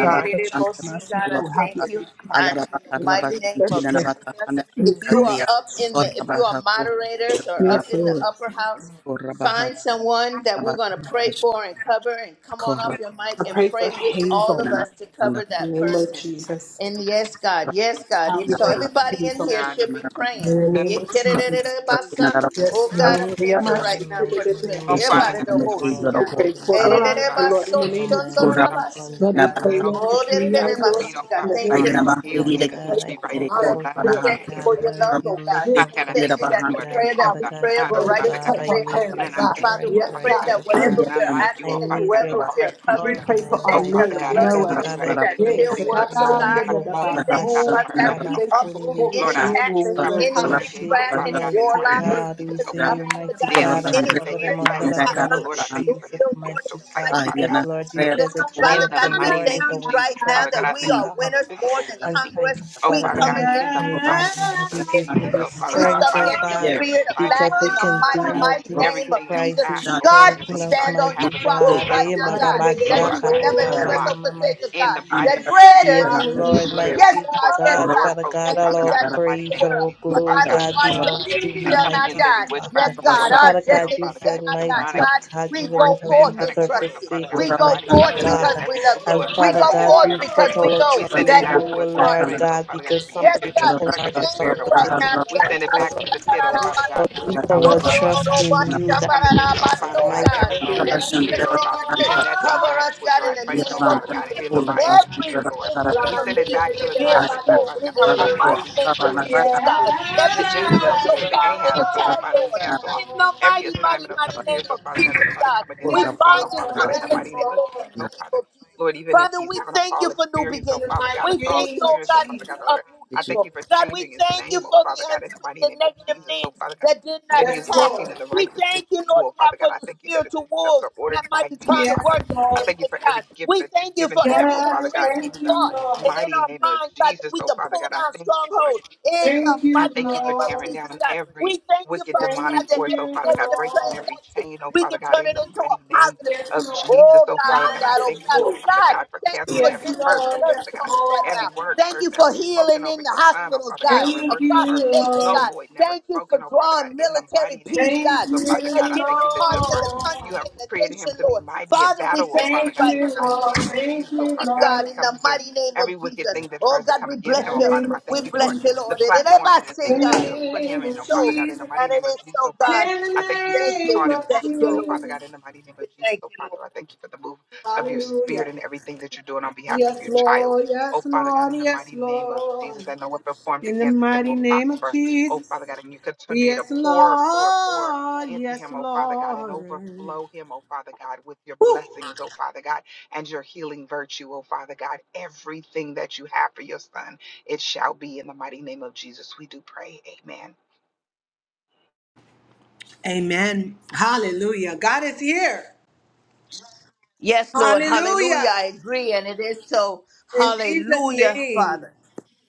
[SPEAKER 1] God, that you must have
[SPEAKER 3] God, I
[SPEAKER 1] your
[SPEAKER 3] thank you.
[SPEAKER 1] way, God.
[SPEAKER 3] And in the mighty
[SPEAKER 1] Increase their
[SPEAKER 3] name of
[SPEAKER 1] strength.
[SPEAKER 3] Jesus, if you
[SPEAKER 1] Increase
[SPEAKER 3] are
[SPEAKER 1] their
[SPEAKER 3] up in the,
[SPEAKER 1] strength.
[SPEAKER 3] if you are moderators or up
[SPEAKER 1] Yes,
[SPEAKER 3] in the
[SPEAKER 1] Lord.
[SPEAKER 3] upper house, Find someone that we're going to pray for and cover, and come on off your mic
[SPEAKER 1] I
[SPEAKER 3] and
[SPEAKER 1] pray for
[SPEAKER 3] pray with all
[SPEAKER 1] Hazel
[SPEAKER 3] of us to cover
[SPEAKER 1] in the
[SPEAKER 3] that
[SPEAKER 1] name of
[SPEAKER 3] person.
[SPEAKER 2] Every mighty
[SPEAKER 1] Jesus.
[SPEAKER 3] And yes, God, yes, God. And so
[SPEAKER 1] Ovulated
[SPEAKER 3] everybody
[SPEAKER 11] Yes.
[SPEAKER 3] in
[SPEAKER 1] Hazel
[SPEAKER 3] here should be praying.
[SPEAKER 1] in the name
[SPEAKER 3] Yeah,
[SPEAKER 1] of
[SPEAKER 3] kidda da da
[SPEAKER 1] Jesus.
[SPEAKER 3] da basa.
[SPEAKER 1] Yes,
[SPEAKER 3] Oh God,
[SPEAKER 1] Lord.
[SPEAKER 3] I
[SPEAKER 1] We
[SPEAKER 3] thank
[SPEAKER 1] are
[SPEAKER 11] In
[SPEAKER 1] my
[SPEAKER 3] you right
[SPEAKER 11] the
[SPEAKER 3] now
[SPEAKER 1] secret
[SPEAKER 3] for the
[SPEAKER 11] mighty
[SPEAKER 3] strength.
[SPEAKER 11] name of
[SPEAKER 3] Yeah,
[SPEAKER 1] identification.
[SPEAKER 3] bada da
[SPEAKER 11] Jesus,
[SPEAKER 3] bo si
[SPEAKER 11] Lord,
[SPEAKER 1] We
[SPEAKER 3] God.
[SPEAKER 1] pray
[SPEAKER 11] today,
[SPEAKER 1] for
[SPEAKER 3] Eh, da da
[SPEAKER 11] God,
[SPEAKER 3] da
[SPEAKER 1] Veronica,
[SPEAKER 11] I
[SPEAKER 1] Lord, in the
[SPEAKER 3] baso,
[SPEAKER 11] cover
[SPEAKER 1] name of
[SPEAKER 11] my
[SPEAKER 3] shondo da
[SPEAKER 1] Jesus.
[SPEAKER 3] la
[SPEAKER 11] life
[SPEAKER 3] basi,
[SPEAKER 11] under
[SPEAKER 1] Lord,
[SPEAKER 11] the
[SPEAKER 1] we
[SPEAKER 3] God.
[SPEAKER 1] pray,
[SPEAKER 11] blood of
[SPEAKER 1] Lord, for
[SPEAKER 3] Oh, da da da
[SPEAKER 1] Kenya,
[SPEAKER 11] Jesus,
[SPEAKER 3] da
[SPEAKER 1] Lord,
[SPEAKER 3] basi,
[SPEAKER 11] mighty
[SPEAKER 3] God.
[SPEAKER 1] in the
[SPEAKER 11] God.
[SPEAKER 1] name of
[SPEAKER 3] Thank you.
[SPEAKER 1] Jesus.
[SPEAKER 11] Father
[SPEAKER 1] we pray
[SPEAKER 11] God,
[SPEAKER 1] for
[SPEAKER 11] I
[SPEAKER 1] Veronica,
[SPEAKER 11] call
[SPEAKER 1] Lord,
[SPEAKER 3] Jesus.
[SPEAKER 11] forth,
[SPEAKER 1] in
[SPEAKER 3] We
[SPEAKER 1] the
[SPEAKER 11] mighty
[SPEAKER 3] thank you
[SPEAKER 1] name
[SPEAKER 11] God,
[SPEAKER 3] for your
[SPEAKER 1] of Jesus.
[SPEAKER 11] Lord,
[SPEAKER 3] love,
[SPEAKER 11] you
[SPEAKER 3] oh God.
[SPEAKER 11] lift
[SPEAKER 1] Give
[SPEAKER 11] us
[SPEAKER 3] We
[SPEAKER 1] us
[SPEAKER 11] up,
[SPEAKER 1] the
[SPEAKER 3] thank you that
[SPEAKER 11] mighty
[SPEAKER 1] strength
[SPEAKER 3] the
[SPEAKER 1] and the
[SPEAKER 11] God.
[SPEAKER 3] prayer that
[SPEAKER 1] power.
[SPEAKER 11] Father
[SPEAKER 3] we
[SPEAKER 11] God,
[SPEAKER 3] pray
[SPEAKER 11] you
[SPEAKER 3] of the
[SPEAKER 1] Lord,
[SPEAKER 11] know,
[SPEAKER 1] to lift
[SPEAKER 3] righteous
[SPEAKER 11] God,
[SPEAKER 1] up
[SPEAKER 11] I
[SPEAKER 1] our
[SPEAKER 3] availeth
[SPEAKER 11] need your
[SPEAKER 1] hands,
[SPEAKER 3] much.
[SPEAKER 1] God.
[SPEAKER 3] Father, we
[SPEAKER 11] strength
[SPEAKER 1] Yes,
[SPEAKER 11] right
[SPEAKER 3] pray that
[SPEAKER 11] now,
[SPEAKER 1] God. (clears throat)
[SPEAKER 11] God.
[SPEAKER 3] whatever
[SPEAKER 10] Aisha,
[SPEAKER 3] we are
[SPEAKER 11] I
[SPEAKER 3] asking and
[SPEAKER 11] need your
[SPEAKER 3] whoever
[SPEAKER 10] Robert
[SPEAKER 3] we are
[SPEAKER 10] Shanti,
[SPEAKER 1] We
[SPEAKER 3] covering,
[SPEAKER 11] call in
[SPEAKER 1] pray
[SPEAKER 11] my
[SPEAKER 3] we
[SPEAKER 1] for our
[SPEAKER 3] thank you
[SPEAKER 11] life,
[SPEAKER 10] Robert
[SPEAKER 3] that
[SPEAKER 1] men,
[SPEAKER 3] the
[SPEAKER 11] God.
[SPEAKER 3] blood of
[SPEAKER 11] Father
[SPEAKER 1] Noah.
[SPEAKER 11] God,
[SPEAKER 3] Jesus
[SPEAKER 11] I
[SPEAKER 3] that
[SPEAKER 1] Yes.
[SPEAKER 3] still
[SPEAKER 11] place
[SPEAKER 3] works, oh
[SPEAKER 11] everyone,
[SPEAKER 3] God.
[SPEAKER 11] though
[SPEAKER 3] We
[SPEAKER 11] Baba
[SPEAKER 3] thank you,
[SPEAKER 11] Basha,
[SPEAKER 3] Father God. We uproot
[SPEAKER 11] Karabakundi,
[SPEAKER 3] any tax, any witchcraft,
[SPEAKER 11] Uroboshiki,
[SPEAKER 3] any
[SPEAKER 11] mighty
[SPEAKER 3] warlock,
[SPEAKER 11] God,
[SPEAKER 3] any
[SPEAKER 11] we say,
[SPEAKER 3] Jezebel, Father
[SPEAKER 11] mighty
[SPEAKER 3] God,
[SPEAKER 11] God, I
[SPEAKER 3] any
[SPEAKER 11] cover them
[SPEAKER 3] spirits that
[SPEAKER 11] under
[SPEAKER 3] do
[SPEAKER 11] the
[SPEAKER 3] not
[SPEAKER 11] blood of
[SPEAKER 3] line up to your
[SPEAKER 11] Jesus,
[SPEAKER 3] will, Lord, in
[SPEAKER 11] mighty
[SPEAKER 3] the
[SPEAKER 11] God,
[SPEAKER 3] mighty name name
[SPEAKER 11] because
[SPEAKER 3] of
[SPEAKER 11] Lord, you said
[SPEAKER 3] Jesus.
[SPEAKER 11] the joy
[SPEAKER 3] Father
[SPEAKER 11] of the
[SPEAKER 3] God, we
[SPEAKER 11] Lord is
[SPEAKER 3] thank you
[SPEAKER 11] our
[SPEAKER 3] right now
[SPEAKER 11] strength,
[SPEAKER 3] that
[SPEAKER 11] mighty
[SPEAKER 3] we are
[SPEAKER 11] God.
[SPEAKER 3] winners more than
[SPEAKER 11] And thank
[SPEAKER 3] conquerors. We
[SPEAKER 11] Father God.
[SPEAKER 3] come
[SPEAKER 11] I
[SPEAKER 3] against the
[SPEAKER 11] pray, God, Lord, you
[SPEAKER 3] spirit of
[SPEAKER 11] give me the
[SPEAKER 3] lackadaisicalness. We
[SPEAKER 11] strength,
[SPEAKER 3] come
[SPEAKER 11] oh
[SPEAKER 3] against the
[SPEAKER 11] God,
[SPEAKER 3] spirit of
[SPEAKER 11] because
[SPEAKER 3] lack
[SPEAKER 11] we
[SPEAKER 3] in the
[SPEAKER 11] can do
[SPEAKER 3] mighty,
[SPEAKER 11] all
[SPEAKER 3] mighty
[SPEAKER 11] things
[SPEAKER 3] name
[SPEAKER 11] through
[SPEAKER 3] of
[SPEAKER 11] Christ
[SPEAKER 3] Jesus.
[SPEAKER 11] who
[SPEAKER 3] God, we
[SPEAKER 11] strengthens us,
[SPEAKER 3] stand on your
[SPEAKER 11] mighty
[SPEAKER 10] Luke,
[SPEAKER 3] promise
[SPEAKER 10] Jake,
[SPEAKER 11] God.
[SPEAKER 3] right
[SPEAKER 11] Eh,
[SPEAKER 3] now,
[SPEAKER 11] ba, ba,
[SPEAKER 3] God,
[SPEAKER 11] ba,
[SPEAKER 3] that
[SPEAKER 10] Savannah,
[SPEAKER 3] you
[SPEAKER 11] shaka,
[SPEAKER 3] would
[SPEAKER 11] da,
[SPEAKER 10] Robert
[SPEAKER 3] never
[SPEAKER 11] ba,
[SPEAKER 3] leave
[SPEAKER 10] Barry,
[SPEAKER 11] ma,
[SPEAKER 3] us
[SPEAKER 11] ma,
[SPEAKER 3] or
[SPEAKER 11] ma, ma,
[SPEAKER 3] forsake us, God.
[SPEAKER 11] shi,
[SPEAKER 10] and
[SPEAKER 11] yeah.
[SPEAKER 3] That greater
[SPEAKER 11] Yes,
[SPEAKER 10] the
[SPEAKER 3] is
[SPEAKER 10] as
[SPEAKER 3] He.
[SPEAKER 11] Lord,
[SPEAKER 10] prayer
[SPEAKER 3] Yes,
[SPEAKER 10] project
[SPEAKER 11] mighty
[SPEAKER 3] God, yes,
[SPEAKER 11] God,
[SPEAKER 10] or
[SPEAKER 3] God
[SPEAKER 11] Father God,
[SPEAKER 3] that
[SPEAKER 11] all
[SPEAKER 3] he
[SPEAKER 11] our
[SPEAKER 3] that is in the
[SPEAKER 11] praise, all
[SPEAKER 3] world.
[SPEAKER 11] our
[SPEAKER 3] So,
[SPEAKER 11] glory,
[SPEAKER 3] Father,
[SPEAKER 10] myself
[SPEAKER 11] God,
[SPEAKER 3] our
[SPEAKER 10] or
[SPEAKER 11] belongs to
[SPEAKER 3] destiny
[SPEAKER 11] you,
[SPEAKER 3] shall not
[SPEAKER 11] mighty
[SPEAKER 3] die.
[SPEAKER 11] God.
[SPEAKER 3] Yes, God, our
[SPEAKER 11] Father God, you
[SPEAKER 3] destiny
[SPEAKER 11] said,
[SPEAKER 3] shall not die.
[SPEAKER 11] mighty
[SPEAKER 10] help
[SPEAKER 3] God,
[SPEAKER 11] God, you
[SPEAKER 3] we
[SPEAKER 11] will
[SPEAKER 3] go
[SPEAKER 11] never
[SPEAKER 3] forth
[SPEAKER 11] leave
[SPEAKER 3] and
[SPEAKER 11] us or
[SPEAKER 3] trust you.
[SPEAKER 11] forsake
[SPEAKER 10] or
[SPEAKER 11] us,
[SPEAKER 3] We
[SPEAKER 10] Rabba
[SPEAKER 3] go
[SPEAKER 11] mighty
[SPEAKER 3] forth
[SPEAKER 10] Shanti
[SPEAKER 11] God.
[SPEAKER 3] because we love you.
[SPEAKER 11] And
[SPEAKER 3] We
[SPEAKER 11] Father
[SPEAKER 3] go
[SPEAKER 11] God,
[SPEAKER 3] forth
[SPEAKER 11] we
[SPEAKER 3] because
[SPEAKER 11] put
[SPEAKER 3] we
[SPEAKER 11] our
[SPEAKER 3] know
[SPEAKER 11] trust in
[SPEAKER 3] that
[SPEAKER 11] you,
[SPEAKER 3] who
[SPEAKER 11] O
[SPEAKER 3] you are and
[SPEAKER 11] Lord
[SPEAKER 3] who
[SPEAKER 11] God,
[SPEAKER 3] you are.
[SPEAKER 11] because some
[SPEAKER 3] Yes,
[SPEAKER 11] put their
[SPEAKER 3] God,
[SPEAKER 11] trust in
[SPEAKER 3] we
[SPEAKER 11] parts
[SPEAKER 3] thank
[SPEAKER 11] some
[SPEAKER 3] you
[SPEAKER 11] put
[SPEAKER 3] right
[SPEAKER 11] it in
[SPEAKER 3] now.
[SPEAKER 11] charity, O Lord God. But
[SPEAKER 3] Rakashandarabase.
[SPEAKER 11] we put our trust in you that makes us
[SPEAKER 3] Yorororobashambararabaso,
[SPEAKER 11] mighty.
[SPEAKER 3] God, that you continue to
[SPEAKER 11] Lord
[SPEAKER 3] cover us, God,
[SPEAKER 11] God,
[SPEAKER 3] in the name of
[SPEAKER 10] Rabba
[SPEAKER 3] Jesus. Every
[SPEAKER 11] mighty God,
[SPEAKER 3] internal thief
[SPEAKER 11] every
[SPEAKER 3] be
[SPEAKER 11] spirit, O
[SPEAKER 3] exposed in
[SPEAKER 11] Lord
[SPEAKER 3] the
[SPEAKER 11] God,
[SPEAKER 3] mighty
[SPEAKER 11] that
[SPEAKER 3] name
[SPEAKER 11] is
[SPEAKER 3] of
[SPEAKER 1] Yes,
[SPEAKER 3] Jesus,
[SPEAKER 10] Shanti
[SPEAKER 3] God. Every
[SPEAKER 11] distracting us,
[SPEAKER 3] spiritual
[SPEAKER 11] mighty
[SPEAKER 3] power
[SPEAKER 11] God,
[SPEAKER 3] and attack,
[SPEAKER 1] Lord, yes,
[SPEAKER 3] Lord, in
[SPEAKER 11] destroy
[SPEAKER 3] the
[SPEAKER 11] our life.
[SPEAKER 1] Lord.
[SPEAKER 3] mighty, mighty, mighty
[SPEAKER 11] And
[SPEAKER 3] name of
[SPEAKER 11] she
[SPEAKER 3] Jesus,
[SPEAKER 11] just
[SPEAKER 3] God.
[SPEAKER 11] doesn't
[SPEAKER 3] We
[SPEAKER 1] Yes,
[SPEAKER 3] bind
[SPEAKER 11] understand
[SPEAKER 3] and
[SPEAKER 11] that
[SPEAKER 1] Lord,
[SPEAKER 3] come
[SPEAKER 11] he's
[SPEAKER 1] yes,
[SPEAKER 3] against it,
[SPEAKER 11] coming to
[SPEAKER 3] Lord,
[SPEAKER 1] Lord.
[SPEAKER 3] in the
[SPEAKER 11] break us.
[SPEAKER 3] name
[SPEAKER 11] He
[SPEAKER 3] of Jesus.
[SPEAKER 11] finds a way
[SPEAKER 3] Father,
[SPEAKER 11] to
[SPEAKER 3] we thank you
[SPEAKER 11] break
[SPEAKER 3] for new
[SPEAKER 1] In the
[SPEAKER 3] beginnings.
[SPEAKER 11] us, and
[SPEAKER 1] mighty
[SPEAKER 3] We
[SPEAKER 11] she
[SPEAKER 3] thank
[SPEAKER 1] name
[SPEAKER 3] you,
[SPEAKER 1] of
[SPEAKER 3] oh
[SPEAKER 11] just
[SPEAKER 3] God,
[SPEAKER 11] might
[SPEAKER 3] that
[SPEAKER 1] Jesus.
[SPEAKER 11] be
[SPEAKER 3] you
[SPEAKER 11] glad.
[SPEAKER 3] uproot
[SPEAKER 11] And she
[SPEAKER 3] evil.
[SPEAKER 11] might
[SPEAKER 3] God, we
[SPEAKER 11] be glad.
[SPEAKER 3] thank
[SPEAKER 11] And
[SPEAKER 3] you for
[SPEAKER 11] she might
[SPEAKER 3] the,
[SPEAKER 11] be
[SPEAKER 3] uns- the
[SPEAKER 11] glad.
[SPEAKER 3] negative things that did
[SPEAKER 11] And
[SPEAKER 3] not
[SPEAKER 1] Yes,
[SPEAKER 11] she
[SPEAKER 3] attack us.
[SPEAKER 1] Lord.
[SPEAKER 3] We thank you, Lord
[SPEAKER 11] might be glad. And she might be glad. And
[SPEAKER 3] God, for the
[SPEAKER 11] she
[SPEAKER 3] spiritual wolves
[SPEAKER 11] might be
[SPEAKER 3] that might be trying to
[SPEAKER 1] Yes,
[SPEAKER 11] glad.
[SPEAKER 3] work
[SPEAKER 1] Lord.
[SPEAKER 3] against us, God. We thank you for every
[SPEAKER 1] Yes,
[SPEAKER 3] imprisoned
[SPEAKER 1] thank you,
[SPEAKER 3] thought
[SPEAKER 1] Lord.
[SPEAKER 3] and in our minds, God, that we can pull down strongholds in the
[SPEAKER 1] Thank you,
[SPEAKER 3] mighty name of
[SPEAKER 1] Lord.
[SPEAKER 3] Jesus, God. We thank you, Father God,
[SPEAKER 1] Thank
[SPEAKER 3] that every
[SPEAKER 1] you,
[SPEAKER 3] negative
[SPEAKER 1] Lord.
[SPEAKER 3] transaction, we can turn it
[SPEAKER 11] And she
[SPEAKER 3] into a
[SPEAKER 11] might
[SPEAKER 3] positive
[SPEAKER 1] Yes,
[SPEAKER 11] be
[SPEAKER 3] strength.
[SPEAKER 11] glad.
[SPEAKER 1] Lord.
[SPEAKER 3] Oh God, oh
[SPEAKER 1] God.
[SPEAKER 3] God, oh God, oh God. Thank you for
[SPEAKER 1] Yes,
[SPEAKER 11] Father God,
[SPEAKER 3] visiting
[SPEAKER 11] you
[SPEAKER 3] the
[SPEAKER 1] Lord.
[SPEAKER 11] help
[SPEAKER 1] Yes,
[SPEAKER 3] nursing
[SPEAKER 11] us,
[SPEAKER 3] homes
[SPEAKER 11] oh
[SPEAKER 3] right
[SPEAKER 1] Lord.
[SPEAKER 11] God,
[SPEAKER 3] now.
[SPEAKER 11] that we
[SPEAKER 3] Thank you
[SPEAKER 11] shall
[SPEAKER 3] for
[SPEAKER 11] remain
[SPEAKER 3] healing in the
[SPEAKER 11] confident
[SPEAKER 3] hospitals,
[SPEAKER 11] in
[SPEAKER 3] God,
[SPEAKER 11] you, in
[SPEAKER 1] Thank
[SPEAKER 11] which,
[SPEAKER 3] across
[SPEAKER 1] you,
[SPEAKER 3] the
[SPEAKER 11] oh Lord
[SPEAKER 3] nation,
[SPEAKER 1] Lord.
[SPEAKER 3] God.
[SPEAKER 11] God, you
[SPEAKER 3] Thank you for
[SPEAKER 11] God, Baba,
[SPEAKER 3] drawing
[SPEAKER 11] Baba,
[SPEAKER 3] military
[SPEAKER 11] Shaka,
[SPEAKER 3] peace,
[SPEAKER 1] Thank
[SPEAKER 3] God, and at
[SPEAKER 1] you,
[SPEAKER 11] Shoko,
[SPEAKER 3] different parts of the
[SPEAKER 11] Shiki,
[SPEAKER 1] Lord.
[SPEAKER 11] Debo,
[SPEAKER 3] country and the
[SPEAKER 11] Konda,
[SPEAKER 3] nation,
[SPEAKER 11] Mama,
[SPEAKER 3] Lord. Father, we thank you
[SPEAKER 1] Thank
[SPEAKER 3] right
[SPEAKER 1] you,
[SPEAKER 3] now.
[SPEAKER 1] Lord.
[SPEAKER 3] We give you
[SPEAKER 1] Thank you,
[SPEAKER 3] glory, God,
[SPEAKER 1] Lord.
[SPEAKER 3] in the mighty name of Jesus. Oh, God, we
[SPEAKER 1] In the
[SPEAKER 3] bless you.
[SPEAKER 1] name
[SPEAKER 3] We
[SPEAKER 1] of
[SPEAKER 3] bless
[SPEAKER 1] Jesus.
[SPEAKER 3] you, Lord. And it is say,
[SPEAKER 1] In the
[SPEAKER 3] God. And it
[SPEAKER 1] name
[SPEAKER 3] is
[SPEAKER 1] of
[SPEAKER 3] so.
[SPEAKER 1] Jesus.
[SPEAKER 3] And it is so, God.
[SPEAKER 1] In the
[SPEAKER 3] Thank you.
[SPEAKER 1] name
[SPEAKER 3] We
[SPEAKER 1] of
[SPEAKER 3] thank you, Lord.
[SPEAKER 1] Jesus.
[SPEAKER 3] We thank you, Lord.
[SPEAKER 1] Hallelujah. Yes, Lord. Yes, Lord. Yes,
[SPEAKER 2] name of Jesus,
[SPEAKER 1] Lord.
[SPEAKER 2] that no weapon formed
[SPEAKER 1] In the
[SPEAKER 2] against him
[SPEAKER 1] mighty
[SPEAKER 2] will
[SPEAKER 1] name of
[SPEAKER 2] prosper. Oh,
[SPEAKER 1] Jesus.
[SPEAKER 2] Father God, and you continue to
[SPEAKER 1] Yes,
[SPEAKER 2] pour, pour, pour
[SPEAKER 1] Lord.
[SPEAKER 2] into
[SPEAKER 1] Yes,
[SPEAKER 2] him, oh Father God, and
[SPEAKER 1] Lord.
[SPEAKER 2] overflow him, oh Father God, with your
[SPEAKER 1] Whew.
[SPEAKER 2] blessings, oh Father God, and your healing virtue, oh Father God. Everything that you have for your son, it shall be in the mighty name of Jesus. We do pray. Amen.
[SPEAKER 1] Amen. Hallelujah. God is here.
[SPEAKER 3] Yes, Lord. Hallelujah. I
[SPEAKER 1] Hallelujah.
[SPEAKER 3] agree. And it is so.
[SPEAKER 1] In Jesus'
[SPEAKER 3] Hallelujah,
[SPEAKER 1] name.
[SPEAKER 3] Father.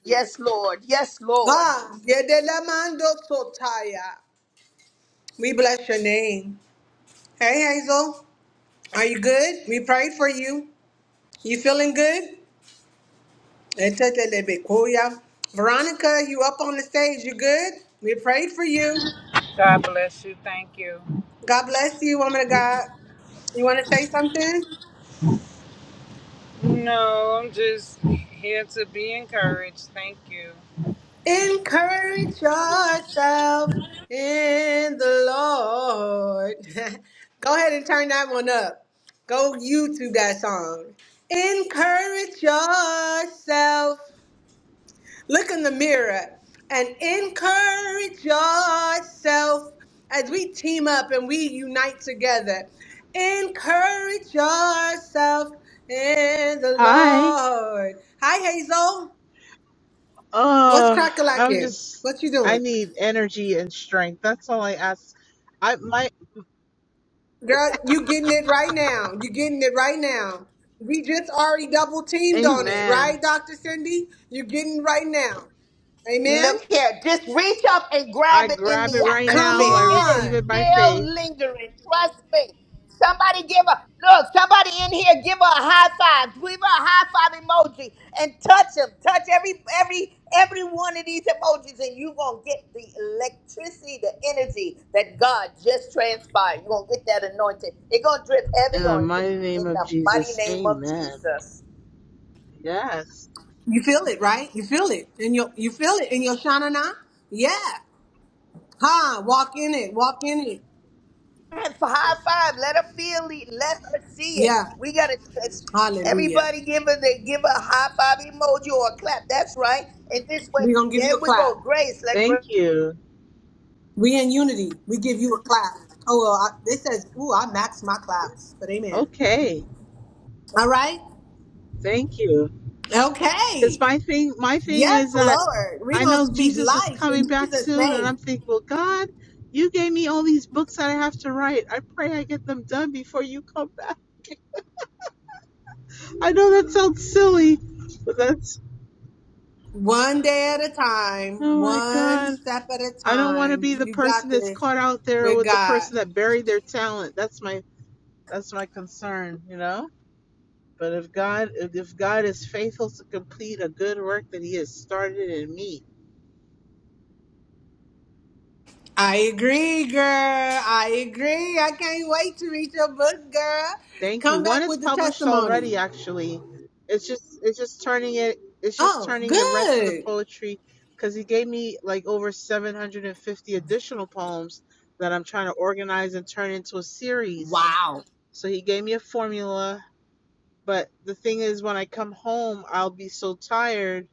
[SPEAKER 3] Yes, Lord. Yes, Lord.
[SPEAKER 1] Ah, Yedelamando Sotaya. We bless your name. Hey, Hazel. Are you good? We prayed for you. You feeling good? Etetelebekoya. Veronica, you up on the stage. You good? We prayed for you.
[SPEAKER 12] God bless you. Thank you.
[SPEAKER 1] God bless you, woman of God. You want to say something?
[SPEAKER 12] No, I'm just here to be encouraged. Thank you.
[SPEAKER 1] Encourage yourself in the Lord. (laughs) Go ahead and turn that one up. Go YouTube that song. Encourage yourself. Look in the mirror and encourage yourself as we team up and we unite together. Encourage yourself in the
[SPEAKER 13] Hi.
[SPEAKER 1] Lord. Hi, Hazel. What's
[SPEAKER 13] Uh, I'm
[SPEAKER 1] crackalacking?
[SPEAKER 13] just
[SPEAKER 1] What you
[SPEAKER 13] I
[SPEAKER 1] doing?
[SPEAKER 13] need energy and strength. That's all I ask. I my
[SPEAKER 1] Girl, you getting it right now. You getting it right now. We just already double teamed on it,
[SPEAKER 13] amen.
[SPEAKER 1] right, Dr. Cindy? you getting it right now. Amen.
[SPEAKER 3] Look here, just reach up and grab
[SPEAKER 13] I
[SPEAKER 3] it in
[SPEAKER 13] grab it
[SPEAKER 3] the
[SPEAKER 13] right
[SPEAKER 1] Come
[SPEAKER 13] now.
[SPEAKER 3] atmosphere.
[SPEAKER 13] I
[SPEAKER 3] It is
[SPEAKER 13] receive
[SPEAKER 1] on.
[SPEAKER 13] it by faith
[SPEAKER 3] still lingering. Trust me. Somebody give a look, somebody in here give her a high five. Give her a high five emoji and touch them. Touch every every every one of these emojis, and you're gonna get the electricity, the energy that God just transpired. You're gonna get that anointing. It's gonna drip
[SPEAKER 13] in
[SPEAKER 3] heavy
[SPEAKER 13] the
[SPEAKER 3] on you
[SPEAKER 13] mighty
[SPEAKER 3] in
[SPEAKER 13] name of
[SPEAKER 3] the mighty
[SPEAKER 13] Jesus.
[SPEAKER 3] name of
[SPEAKER 13] Amen.
[SPEAKER 3] Jesus.
[SPEAKER 13] Yes.
[SPEAKER 1] You feel it, right? You feel it. And you you feel it in your shanana? Yeah. Huh. Walk in it. Walk in it.
[SPEAKER 3] (laughs) high five. Let her feel it. Let her see it.
[SPEAKER 1] Yeah.
[SPEAKER 3] We gotta it's-
[SPEAKER 1] Hallelujah.
[SPEAKER 3] everybody give her the give her a high five emoji or a clap. That's right. And this way,
[SPEAKER 1] We're gonna give
[SPEAKER 3] there
[SPEAKER 1] you a
[SPEAKER 3] we
[SPEAKER 1] clap.
[SPEAKER 3] go. Grace, let Grace.
[SPEAKER 13] Thank you.
[SPEAKER 1] We in unity. We give you a clap. Oh well, I, it says, ooh, I maxed my claps, but amen.
[SPEAKER 13] Okay.
[SPEAKER 1] All right.
[SPEAKER 13] Thank you. Cuz
[SPEAKER 1] Okay.
[SPEAKER 13] my thing my thing
[SPEAKER 1] Yes,
[SPEAKER 13] is that
[SPEAKER 1] Lord. We're
[SPEAKER 13] I
[SPEAKER 1] going to
[SPEAKER 13] know
[SPEAKER 1] speak
[SPEAKER 13] Jesus is
[SPEAKER 1] life in
[SPEAKER 13] coming back
[SPEAKER 1] Jesus'
[SPEAKER 13] soon and
[SPEAKER 1] name.
[SPEAKER 13] I'm thinking, "Well, God, you gave me all these books that I have to write. I pray I get them done before you come back." I know that sounds silly, but that's
[SPEAKER 1] One day at a time,
[SPEAKER 13] oh my
[SPEAKER 1] one
[SPEAKER 13] god.
[SPEAKER 1] step at a
[SPEAKER 13] I don't want to
[SPEAKER 1] time.
[SPEAKER 13] be the
[SPEAKER 1] You
[SPEAKER 13] person
[SPEAKER 1] got
[SPEAKER 13] that's
[SPEAKER 1] this
[SPEAKER 13] caught out there
[SPEAKER 1] with
[SPEAKER 13] with the
[SPEAKER 1] God.
[SPEAKER 13] person that buried their talent. That's my that's my concern, you know? But if God if if God is faithful to complete a good work that he has started in me.
[SPEAKER 1] I agree, girl. I agree. I can't wait to read your book, girl.
[SPEAKER 13] Thank
[SPEAKER 1] Come
[SPEAKER 13] you. One
[SPEAKER 1] back
[SPEAKER 13] is
[SPEAKER 1] with the
[SPEAKER 13] published
[SPEAKER 1] testimony.
[SPEAKER 13] already actually. It's just it's just turning it it's just
[SPEAKER 1] Oh,
[SPEAKER 13] turning the rest of the
[SPEAKER 1] good.
[SPEAKER 13] poetry cuz he gave me like over 750 additional poems that I'm trying to organize and turn into a series
[SPEAKER 1] Wow.
[SPEAKER 13] So he gave me a formula. But the thing is, when I come home, I'll be so tired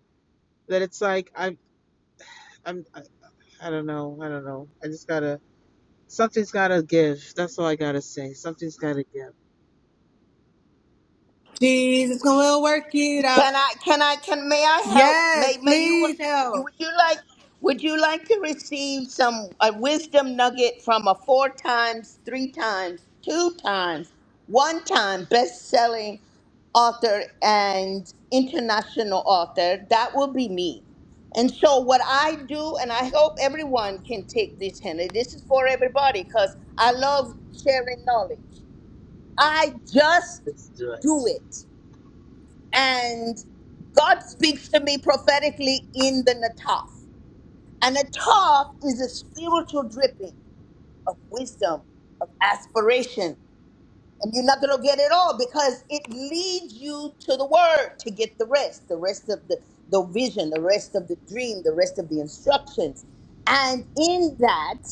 [SPEAKER 13] that it's like I, I'm, I, I don't know, I don't know. I just gotta, something's gotta give. That's all I gotta say. Something's gotta give.
[SPEAKER 1] Jesus going to work it
[SPEAKER 3] Can
[SPEAKER 1] out.
[SPEAKER 3] I? Can I? Can may I help? May
[SPEAKER 1] Yes,
[SPEAKER 3] May you? Would
[SPEAKER 1] please help.
[SPEAKER 3] you, would you like? Would you like to receive some a wisdom nugget from a four times, three times, two times, one time best-selling author and international author? That will be me. And so what I do, and I hope everyone can take this, Henry. This is for everybody because I love sharing knowledge. I just
[SPEAKER 13] Let's do it.
[SPEAKER 3] do it and God speaks to me prophetically in the Nataf. And Nataf is a spiritual dripping of wisdom, of aspiration. And you're not going to get it all because it leads you to the word to get the rest, the rest of the, the vision, the rest of the dream, the rest of the instructions. And in that,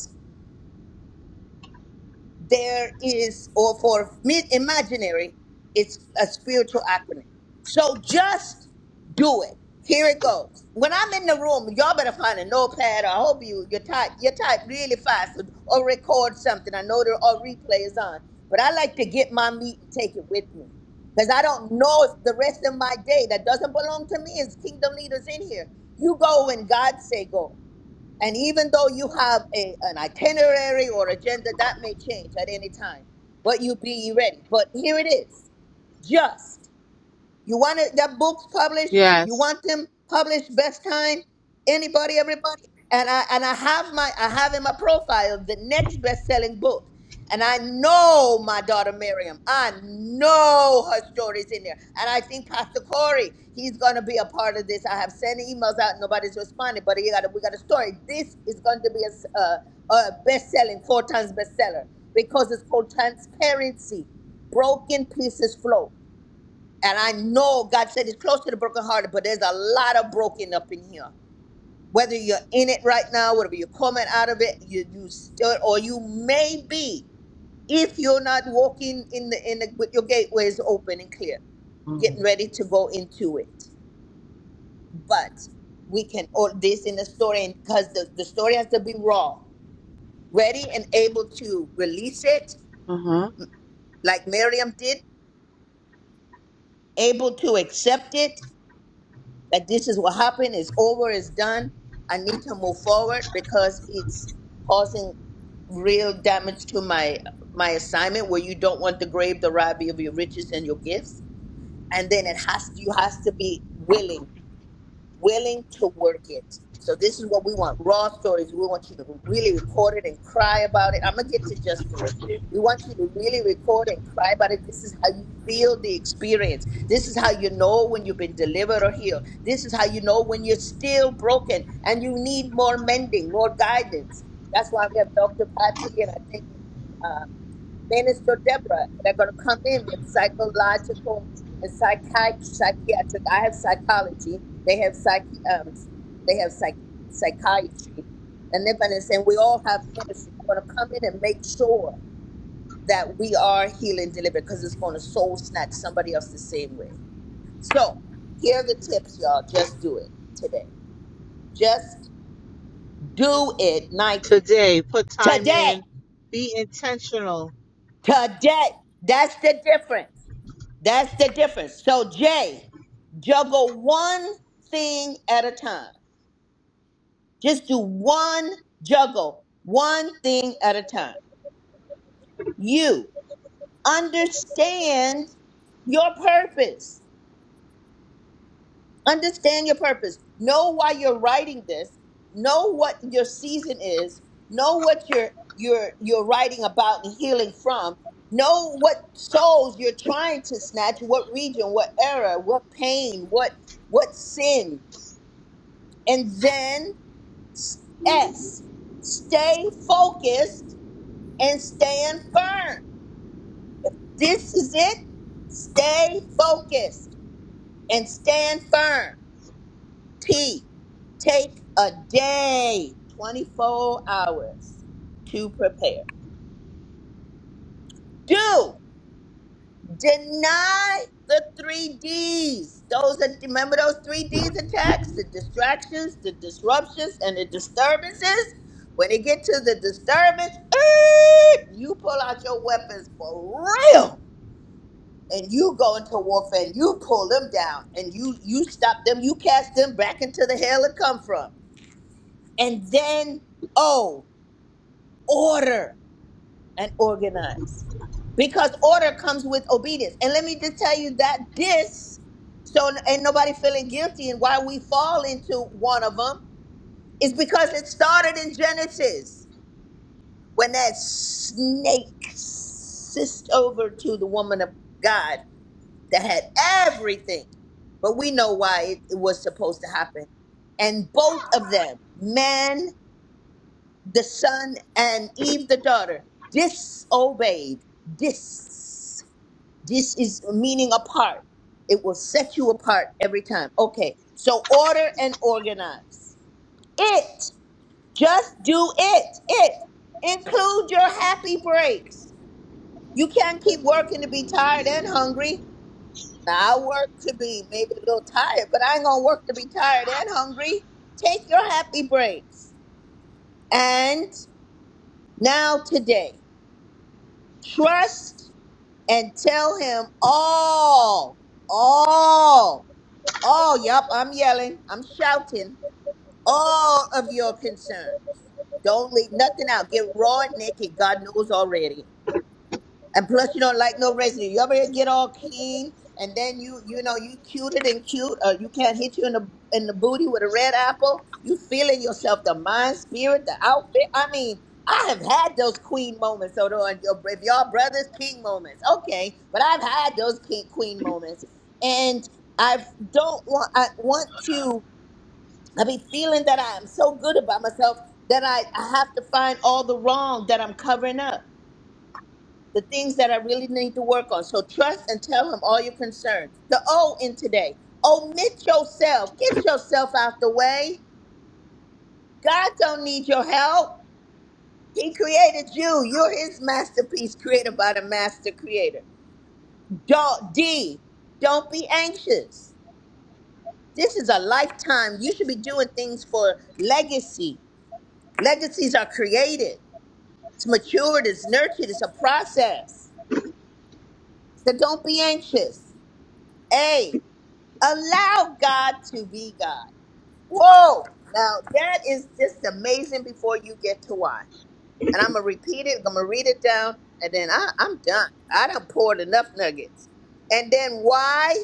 [SPEAKER 3] there is, or for mid imaginary, it's a spiritual acronym. So just do it. Here it goes. When I'm in the room, y'all better find a notepad. I hope you you type you type really fast or, or record something. I know there are replays on, but I like to get my meat and take it with me because I don't know if the rest of my day that doesn't belong to me is kingdom leaders in here. You go when God say go. And even though you have a, an itinerary or agenda, that may change at any time, but you be ready. But here it is just. You want it, the books published? You
[SPEAKER 13] Yes.
[SPEAKER 3] want them published best time? Anybody, everybody? And I and I have my I have in my profile the next best-selling book. And I know my daughter Miriam. I know her story's in there. And I think Pastor Corey, he's gonna be a part of this. I have sent emails out, nobody's responded, but he got a, we got a story. This is going to be a, s- a a best-selling, four times bestseller because it's called transparency. Broken pieces flow. And I know God said it's close to the brokenhearted, but there's a lot of broken up in here. Whether you're in it right now, whether you're coming out of it, you you still, or you may be, if you're not walking in the in the with your gateways open and clear,
[SPEAKER 13] Mhm.
[SPEAKER 3] getting ready to go into it. But we can all this in the story because the, the story has to be raw, ready and able to release it,
[SPEAKER 13] Uh huh.
[SPEAKER 3] like Miriam did, able to accept it, that this is what happened, it's over, it's done. I need to move forward because it's causing real damage to my my assignment where you don't want to grave the rabbi of your riches and your gifts. And then it has you has to be willing willing to work it. So this is what we want: raw stories. We want you to really record it and cry about it. I'm gonna get to just do it. We want you to really record and cry about it. This is how you feel the experience. This is how you know when you've been delivered or healed. This is how you know when you're still broken and you need more mending, more guidance. That's why we have Dr. Patsy and I think. um, Minister Deborah that are going to come in with psychological and psychiatric, psychiatric. I have psychology. They have psych. Um, they have psych psychiatry, and they're going to say we all have ministry. We're going to come in and make sure that we are healing and delivered because it's going to soul snatch somebody else the same way. So here are the tips, y'all. Just do it today. Just do it, Nike.
[SPEAKER 13] Today, put time
[SPEAKER 3] Today,
[SPEAKER 13] in. Be intentional.
[SPEAKER 3] today. That's the difference. That's the difference. So, Jay, juggle one thing at a time. Just do one juggle, one thing at a time. You understand your purpose. Understand your purpose. Know why you're writing this. Know what your season is. Know what you're you're you're writing about and healing from. Know what souls you're trying to snatch, what region, what era, what pain, what what sin, And then S, stay focused and stand firm. This is it. Stay focused and stand firm. T, take a day, 24 hours to prepare. Do. Deny the three D's. Those that remember those three D's attacks, the distractions, the disruptions, and the disturbances. When it get to the disturbance, eh, you pull out your weapons for real, and you go into warfare. And you pull them down, and you you stop them. You cast them back into the hell it come from, and then oh, order. and organize because order comes with obedience. And let me just tell you that this, so ain't nobody feeling guilty and why we fall into one of them is because it started in Genesis when that snake sissed over to the woman of God that had everything. But we know why it, it was supposed to happen. And both of them, man the son and Eve the daughter disobeyed. This this is meaning apart. It will set you apart every time. Okay. So order and organize. It. Just do it. It. Include your happy breaks. You can't keep working to be tired and hungry. Now I work to be maybe a little tired, but I ain't gonna work to be tired and hungry. Take your happy breaks. And now today. trust and tell him all, all, all. Yup, I'm yelling, I'm shouting all of your concern. Don't leave nothing out. Get raw and naked. God knows already. And plus, you don't like no residue. You ever get all clean, and then you you know you cute it and cute, or you can't hit you in the in the booty with a red apple. You feeling yourself, the mind, spirit, the outfit. I mean, I have had those queen moments. So though, and your if y'all brothers king moments, okay. But I've had those king queen moments, and I don't want. I want to. I be feeling that I am so good about myself that I, I have to find all the wrong that I'm covering up the things that I really need to work on. So trust and tell him all your concerns. The O in today. Omit yourself. Get yourself out the way. God don't need your help. He created you. You're his masterpiece created by the master creator. Don't D. Don't be anxious. This is a lifetime. You should be doing things for legacy. Legacies are created. It's matured, it's nurtured, it's a process. So don't be anxious. A. Allow God to be God. Whoa! Now that is just amazing before you get to why. And I'm gonna repeat it, I'm gonna read it down, and then I, I'm done. I done poured enough nuggets. And then why?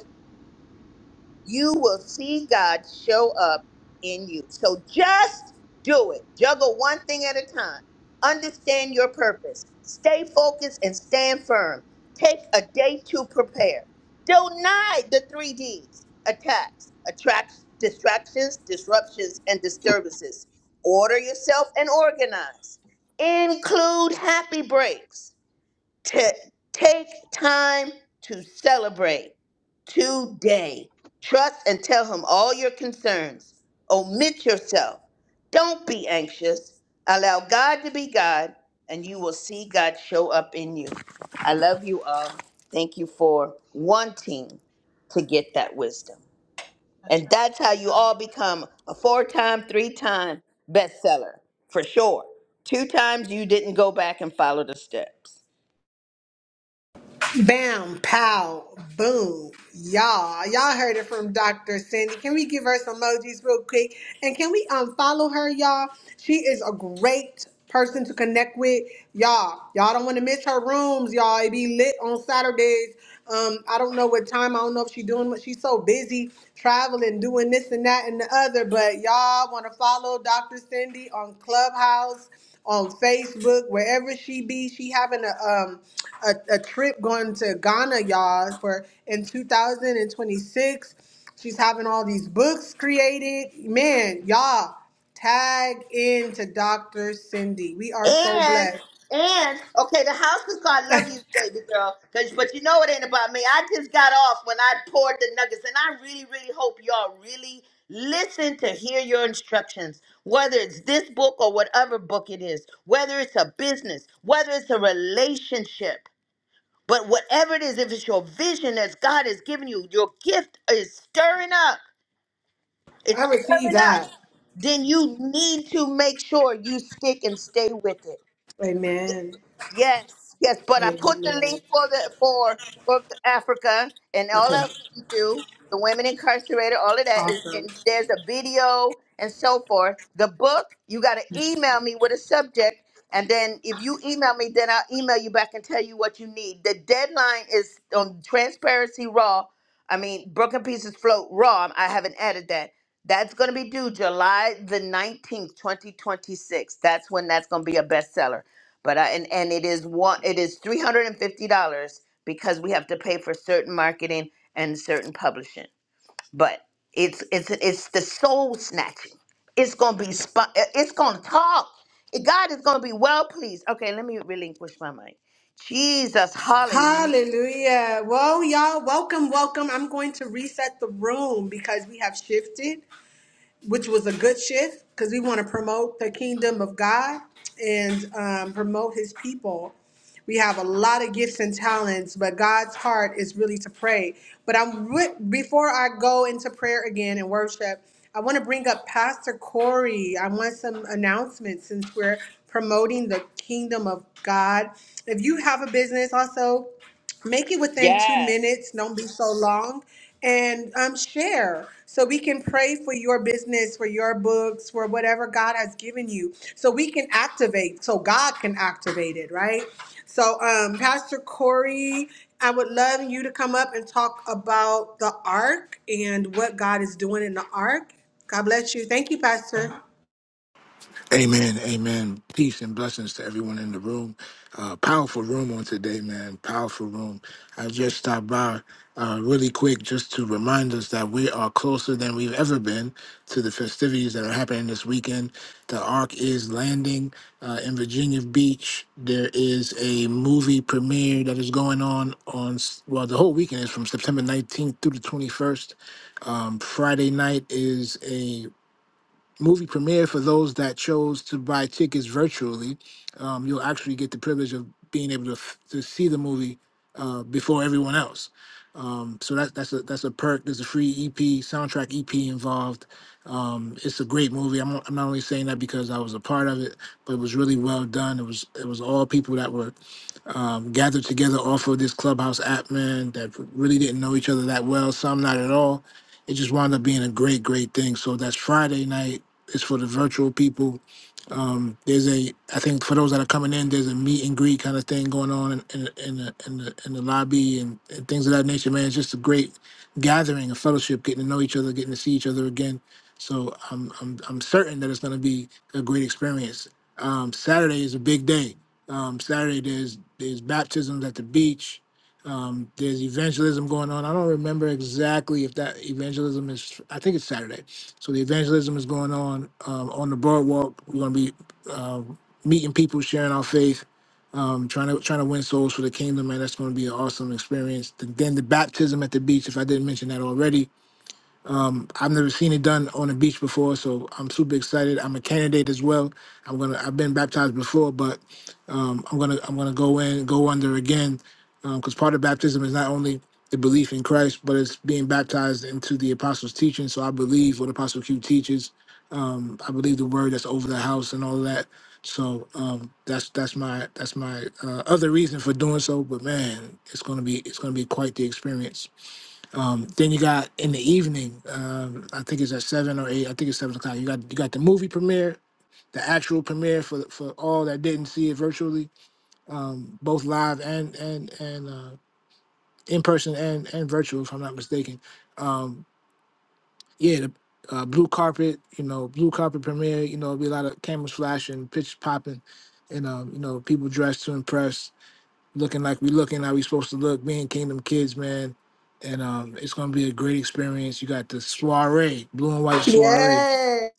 [SPEAKER 3] you will see God show up in you. So just do it. Juggle one thing at a time. Understand your purpose. Stay focused and stand firm. Take a day to prepare. Deny the three D's attacks, attracts, distractions, disruptions, and disturbances. Order yourself and organize. Include happy breaks to take time to celebrate today. Trust and tell him all your concerns. Omit yourself. Don't be anxious. Allow God to be God, and you will see God show up in you. I love you all. Thank you for wanting to get that wisdom. And that's how you all become a four time, three time bestseller for sure. Two times you didn't go back and follow the steps.
[SPEAKER 1] Bam, pow, boom. Y'all, y'all heard it from Dr. Cindy. Can we give her some emojis real quick? And can we unfollow her, y'all? She is a great person to connect with. Y'all, y'all don't want to miss her rooms, y'all. It be lit on Saturdays. Um, I don't know what time. I don't know if she's doing what she's so busy traveling, doing this and that and the other. But y'all want to follow Dr. Cindy on Clubhouse on Facebook, wherever she be. She having a um a, a trip going to Ghana, y'all, for in 2026. She's having all these books created. Man, y'all, tag in to Dr. Cindy. We are so
[SPEAKER 3] And
[SPEAKER 1] blessed.
[SPEAKER 3] and okay, the house is called "Love You, Baby Girl," 'cause- but you know it ain't about me. I just got off when I poured the nuggets, and I really, really hope y'all really listen to hear your instructions. Whether it's this book or whatever book it is, whether it's a business, whether it's a relationship, but whatever it is, if it's your vision that God has given you, your gift is stirring up. It's
[SPEAKER 1] I receive
[SPEAKER 3] stirring up.
[SPEAKER 1] that.
[SPEAKER 3] Then you need to make sure you stick and stay with it
[SPEAKER 1] Amen.
[SPEAKER 3] Yes, yes, but I put the
[SPEAKER 1] Amen.
[SPEAKER 3] link for the for for Africa and all
[SPEAKER 1] Okay.
[SPEAKER 3] else that we do, the women incarcerated, all of that is
[SPEAKER 1] Awesome.
[SPEAKER 3] and there's a video and so forth. The book, you gotta email me with a subject, and then if you email me, then I'll email you back and tell you what you need. The deadline is on transparency raw. I mean broken pieces float raw. I haven't added that. That's gonna be due July the nineteenth, twenty twenty six. That's when that's gonna be a bestseller but I, and and it is one it is three hundred and fifty dollars because we have to pay for certain marketing and certain publishing. But it's it's it's the soul snatching. It's gonna be spo- it's gonna talk. God is gonna be well pleased. Okay, let me relinquish my mind. Jesus, hallelujah.
[SPEAKER 1] Hallelujah. Well, y'all, welcome, welcome. I'm going to reset the room because we have shifted. which was a good shift because we want to promote the kingdom of God and um, promote his people. We have a lot of gifts and talents, but God's heart is really to pray. But I'm wi- before I go into prayer again and worship, I want to bring up Pastor Corey. I want some announcements since we're promoting the kingdom of God. If you have a business, also make it within two
[SPEAKER 3] Yes.
[SPEAKER 1] minutes don't be so long and um, share so we can pray for your business for your books for whatever god has given you so we can activate so god can activate it right so um, pastor corey i would love you to come up and talk about the ark and what god is doing in the ark god bless you thank you pastor
[SPEAKER 14] Amen, amen. Peace and blessings to everyone in the room. Uh, powerful room on today, man. Powerful room. I just stopped by uh, really quick just to remind us that we are closer than we've ever been to the festivities that are happening this weekend. The Ark is landing uh, in Virginia Beach. There is a movie premiere that is going on on s- well, the whole weekend is from September 19th through the 21st. Um, Friday night is a movie premiere for those that chose to buy tickets virtually. Um, you'll actually get the privilege of being able to, f- to see the movie uh, before everyone else. Um, so that, that's a that's a perk. There's a free EP soundtrack EP involved. Um, it's a great movie. I'm, not- I'm not only saying that because I was a part of it, but it was really well done. It was it was all people that were um, gathered together off of this clubhouse app, man, that really didn't know each other that well. Some not at all. It just wound up being a great, great thing. So that's Friday night it's for the virtual people. Um, there's a, I think for those that are coming in, there's a meet and greet kind of thing going on in, in, in, the, in, the, in the lobby and, and things of that nature, man. It's just a great gathering, a fellowship, getting to know each other, getting to see each other again. So I'm, I'm, I'm certain that it's going to be a great experience. Um, Saturday is a big day. Um, Saturday there's there's baptisms at the beach. Um, there's evangelism going on. I don't remember exactly if that evangelism is. I think it's Saturday so the evangelism is going on um, on the boardwalk. We're going to be um, meeting people, sharing our faith, um, trying to trying to win souls for the kingdom, and that's going to be an awesome experience. Then the baptism at the beach, if I didn't mention that already, um, I've never seen it done on a beach before, so I'm super excited. I'm a candidate as well. I'm gonna. I've been baptized before, but um, I'm gonna. I'm gonna go in, go under again, because part of baptism is not only the belief in Christ, but it's being baptized into the apostles' teaching. So I believe what Apostle Q teaches. Um, I believe the word that's over the house and all that. So um, that's that's my that's my uh, other reason for doing so. But man, it's gonna be it's gonna be quite the experience. Um, then you got in the evening, um, I think it's at seven or eight. I think it's seven o'clock. You got you got the movie premiere, the actual premiere for for all that didn't see it virtually, um, both live and and and uh, in person and and virtual, if I'm not mistaken. Um, yeah, the uh, blue carpet, you know, blue carpet premiere. You know, it'll be a lot of cameras flashing, pitch popping, and um, you know, people dressed to impress looking like we looking how we supposed to look, being Kingdom Kids, man. And um, it's gonna be a great experience. You got the soiree, blue and white soiree.
[SPEAKER 1] yes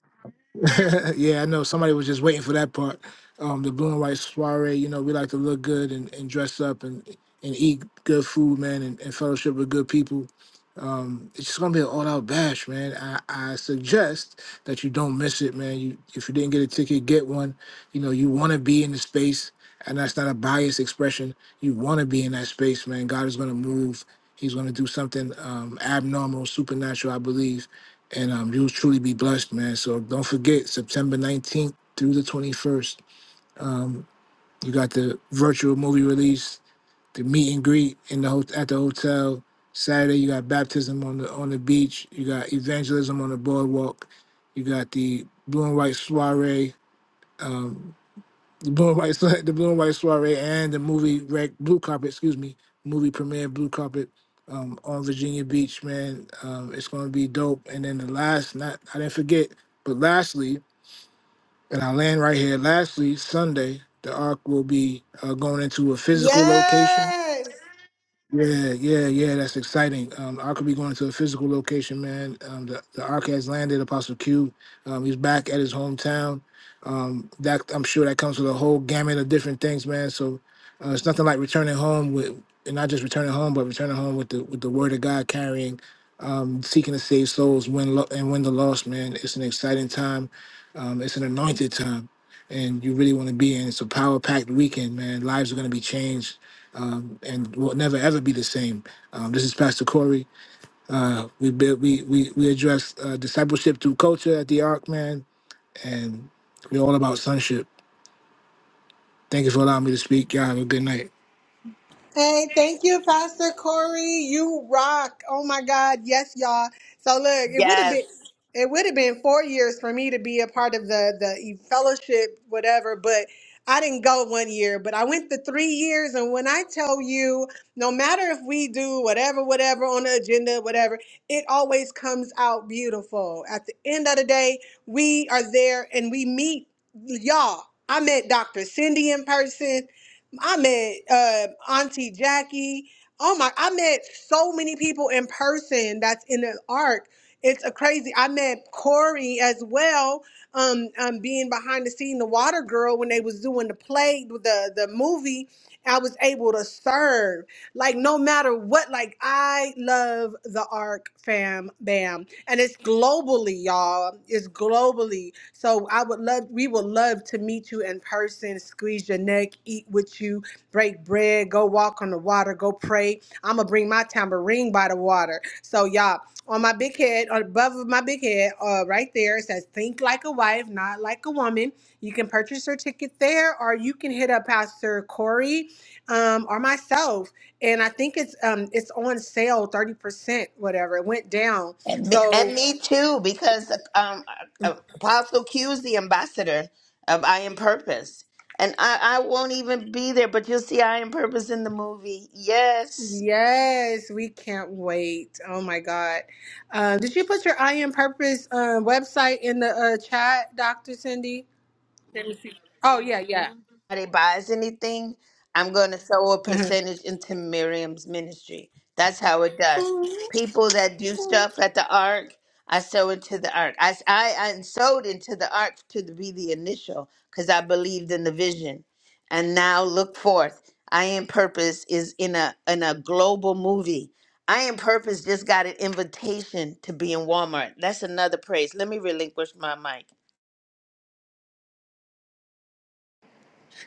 [SPEAKER 14] (laughs) yeah, I know somebody was just waiting for that part. Um, the blue and white soiree, you know, we like to look good and, and dress up and, and eat good food, man, and, and fellowship with good people. Um, it's just gonna be an all out bash, man. I, I suggest that you don't miss it, man. You if you didn't get a ticket, get one. You know, you wanna be in the space, and that's not a biased expression. You wanna be in that space, man. God is gonna move. He's gonna do something um abnormal, supernatural, I believe and um, you'll truly be blessed, man. So don't forget September 19th through the 21st. Um, you got the virtual movie release, the meet and greet in the hot at the hotel. Saturday you got baptism on the on the beach. You got evangelism on the boardwalk. You got the blue and white soiree. Um, the Blue and White Soiree, the Blue and White Soiree, and the movie Red Blue Carpet, excuse me, movie premiere Blue Carpet um, on Virginia Beach, man. Um, it's going to be dope. And then the last, not I didn't forget, but lastly, and I land right here. Lastly, Sunday, the Ark will be uh, going into a physical location
[SPEAKER 1] yes
[SPEAKER 14] yeah, yeah, yeah. That's exciting. Um, Ark will be going to a physical location, man. Um, the, the Ark has landed. Apostle Q, um, he's back at his hometown. Um, that I'm sure that comes with a whole gamut of different things, man. So uh, it's nothing like returning home with, and not just returning home, but returning home with the with the word of God carrying, um, seeking to save souls, win lo- and win the lost, man. It's an exciting time. Um, it's an anointed time, and you really want to be in. It's a power packed weekend, man. Lives are going to be changed um, and will never ever be the same. Um, this is Pastor Corey. Uh, we build, we we we address uh, discipleship through culture at the Ark, man, and we're all about sonship. Thank you for allowing me to speak. Y'all have a good night.
[SPEAKER 1] Hey, thank you, Pastor Corey. You rock. Oh my God. Yes, y'all. So look, it would have
[SPEAKER 3] Yes,
[SPEAKER 1] been it would have been four years for me to be a part of the the e- fellowship, whatever, but I didn't go one year, but I went the three years. And when I tell you, no matter if we do whatever, whatever on the agenda, whatever, it always comes out beautiful. At the end of the day, we are there and we meet y'all. I met Dr. Cindy in person. I met uh, Auntie Jackie. Oh my! I met so many people in person. That's in the arc. It's a crazy. I met Corey as well. Um, um, being behind the scene, the Water Girl when they was doing the play, the the movie. I was able, like what, like I love the arc, fam, bam, and it's global y'all. It's globally. So I would love, we would love to meet you in person, squeeze your neck, eat with you, break bread, go walk on the water, go pray. I'm gonna bring my tambourine by the water. So y'all, on my big head, on above of my big head, uh, right there, it says "Think like a wife, not like a woman." You can purchase your ticket there, or you can hit up Pastor Corey um, or myself. And I think it's um, it's on sale, thirty percent, whatever. It went down.
[SPEAKER 3] And me, and
[SPEAKER 1] So.
[SPEAKER 3] me too, because um, uh, Apostle Q is the ambassador of I Am Purpose. And I, I won't even be there, but you'll see I Am Purpose in the movie. Yes.
[SPEAKER 1] Yes, we can't wait. Oh my God. Um, did you put your I Am Purpose um, website in the uh, chat, Doc? Oh, yeah, yeah.
[SPEAKER 3] anybody buys anything, I'm going to sow a percentage into Miriam's ministry. That's how it does. People that do stuff at the ark, I sow into the ark. I, I, I sowed into the ark to be the initial because I believed in the vision. And now look forth. I am purpose is in a in a global movie. I am purpose just got an invitation to be in Walmart. That's another praise. Let me relinquish my mic.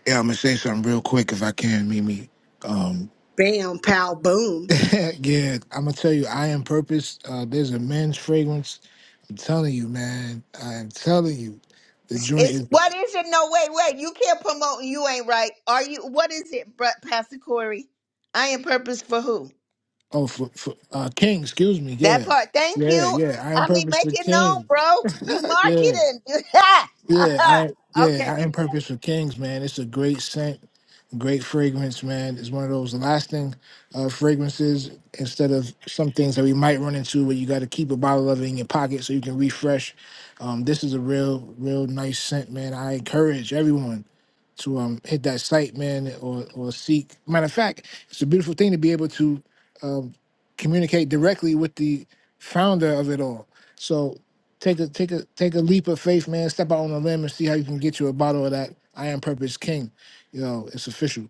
[SPEAKER 14] Yeah, I'm gonna say something real quick if I can, Mimi. Um,
[SPEAKER 1] Bam, pow, boom.
[SPEAKER 14] (laughs) yeah, I'm gonna tell you, I am purpose. Uh, there's a men's fragrance. I'm telling you, man. I am telling you, the joint
[SPEAKER 3] It's
[SPEAKER 14] is
[SPEAKER 3] what is it? No, wait, wait. You can't promote. and You ain't right. Are you? What is it, Br- Pastor Corey? I am purpose for who?
[SPEAKER 14] oh for, for uh, King. Excuse me.
[SPEAKER 3] That
[SPEAKER 14] Yeah,
[SPEAKER 3] part. Thank
[SPEAKER 14] yeah,
[SPEAKER 3] you.
[SPEAKER 14] yeah. I am
[SPEAKER 3] I mean,
[SPEAKER 14] purpose
[SPEAKER 3] make
[SPEAKER 14] for
[SPEAKER 3] it known,
[SPEAKER 14] King.
[SPEAKER 3] bro. You
[SPEAKER 14] Yeah.
[SPEAKER 3] marketing. (laughs)
[SPEAKER 14] Yeah, I
[SPEAKER 3] okay,
[SPEAKER 14] yeah, I
[SPEAKER 3] let
[SPEAKER 14] am
[SPEAKER 3] me back.
[SPEAKER 14] purpose for kings, man. It's a great scent, great fragrance, man. It's one of those lasting uh, fragrances instead of some things that we might run into where you got to keep a bottle of it in your pocket so you can refresh. Um, this is a real, real nice scent, man. I encourage everyone to um hit that site, man, or or seek. Matter of fact, it's a beautiful thing to be able to um, communicate directly with the founder of it all. So Take a take a take a leap of faith, man. Step out on a limb and see how you can get you a bottle of that I am purpose king. You know, it's official.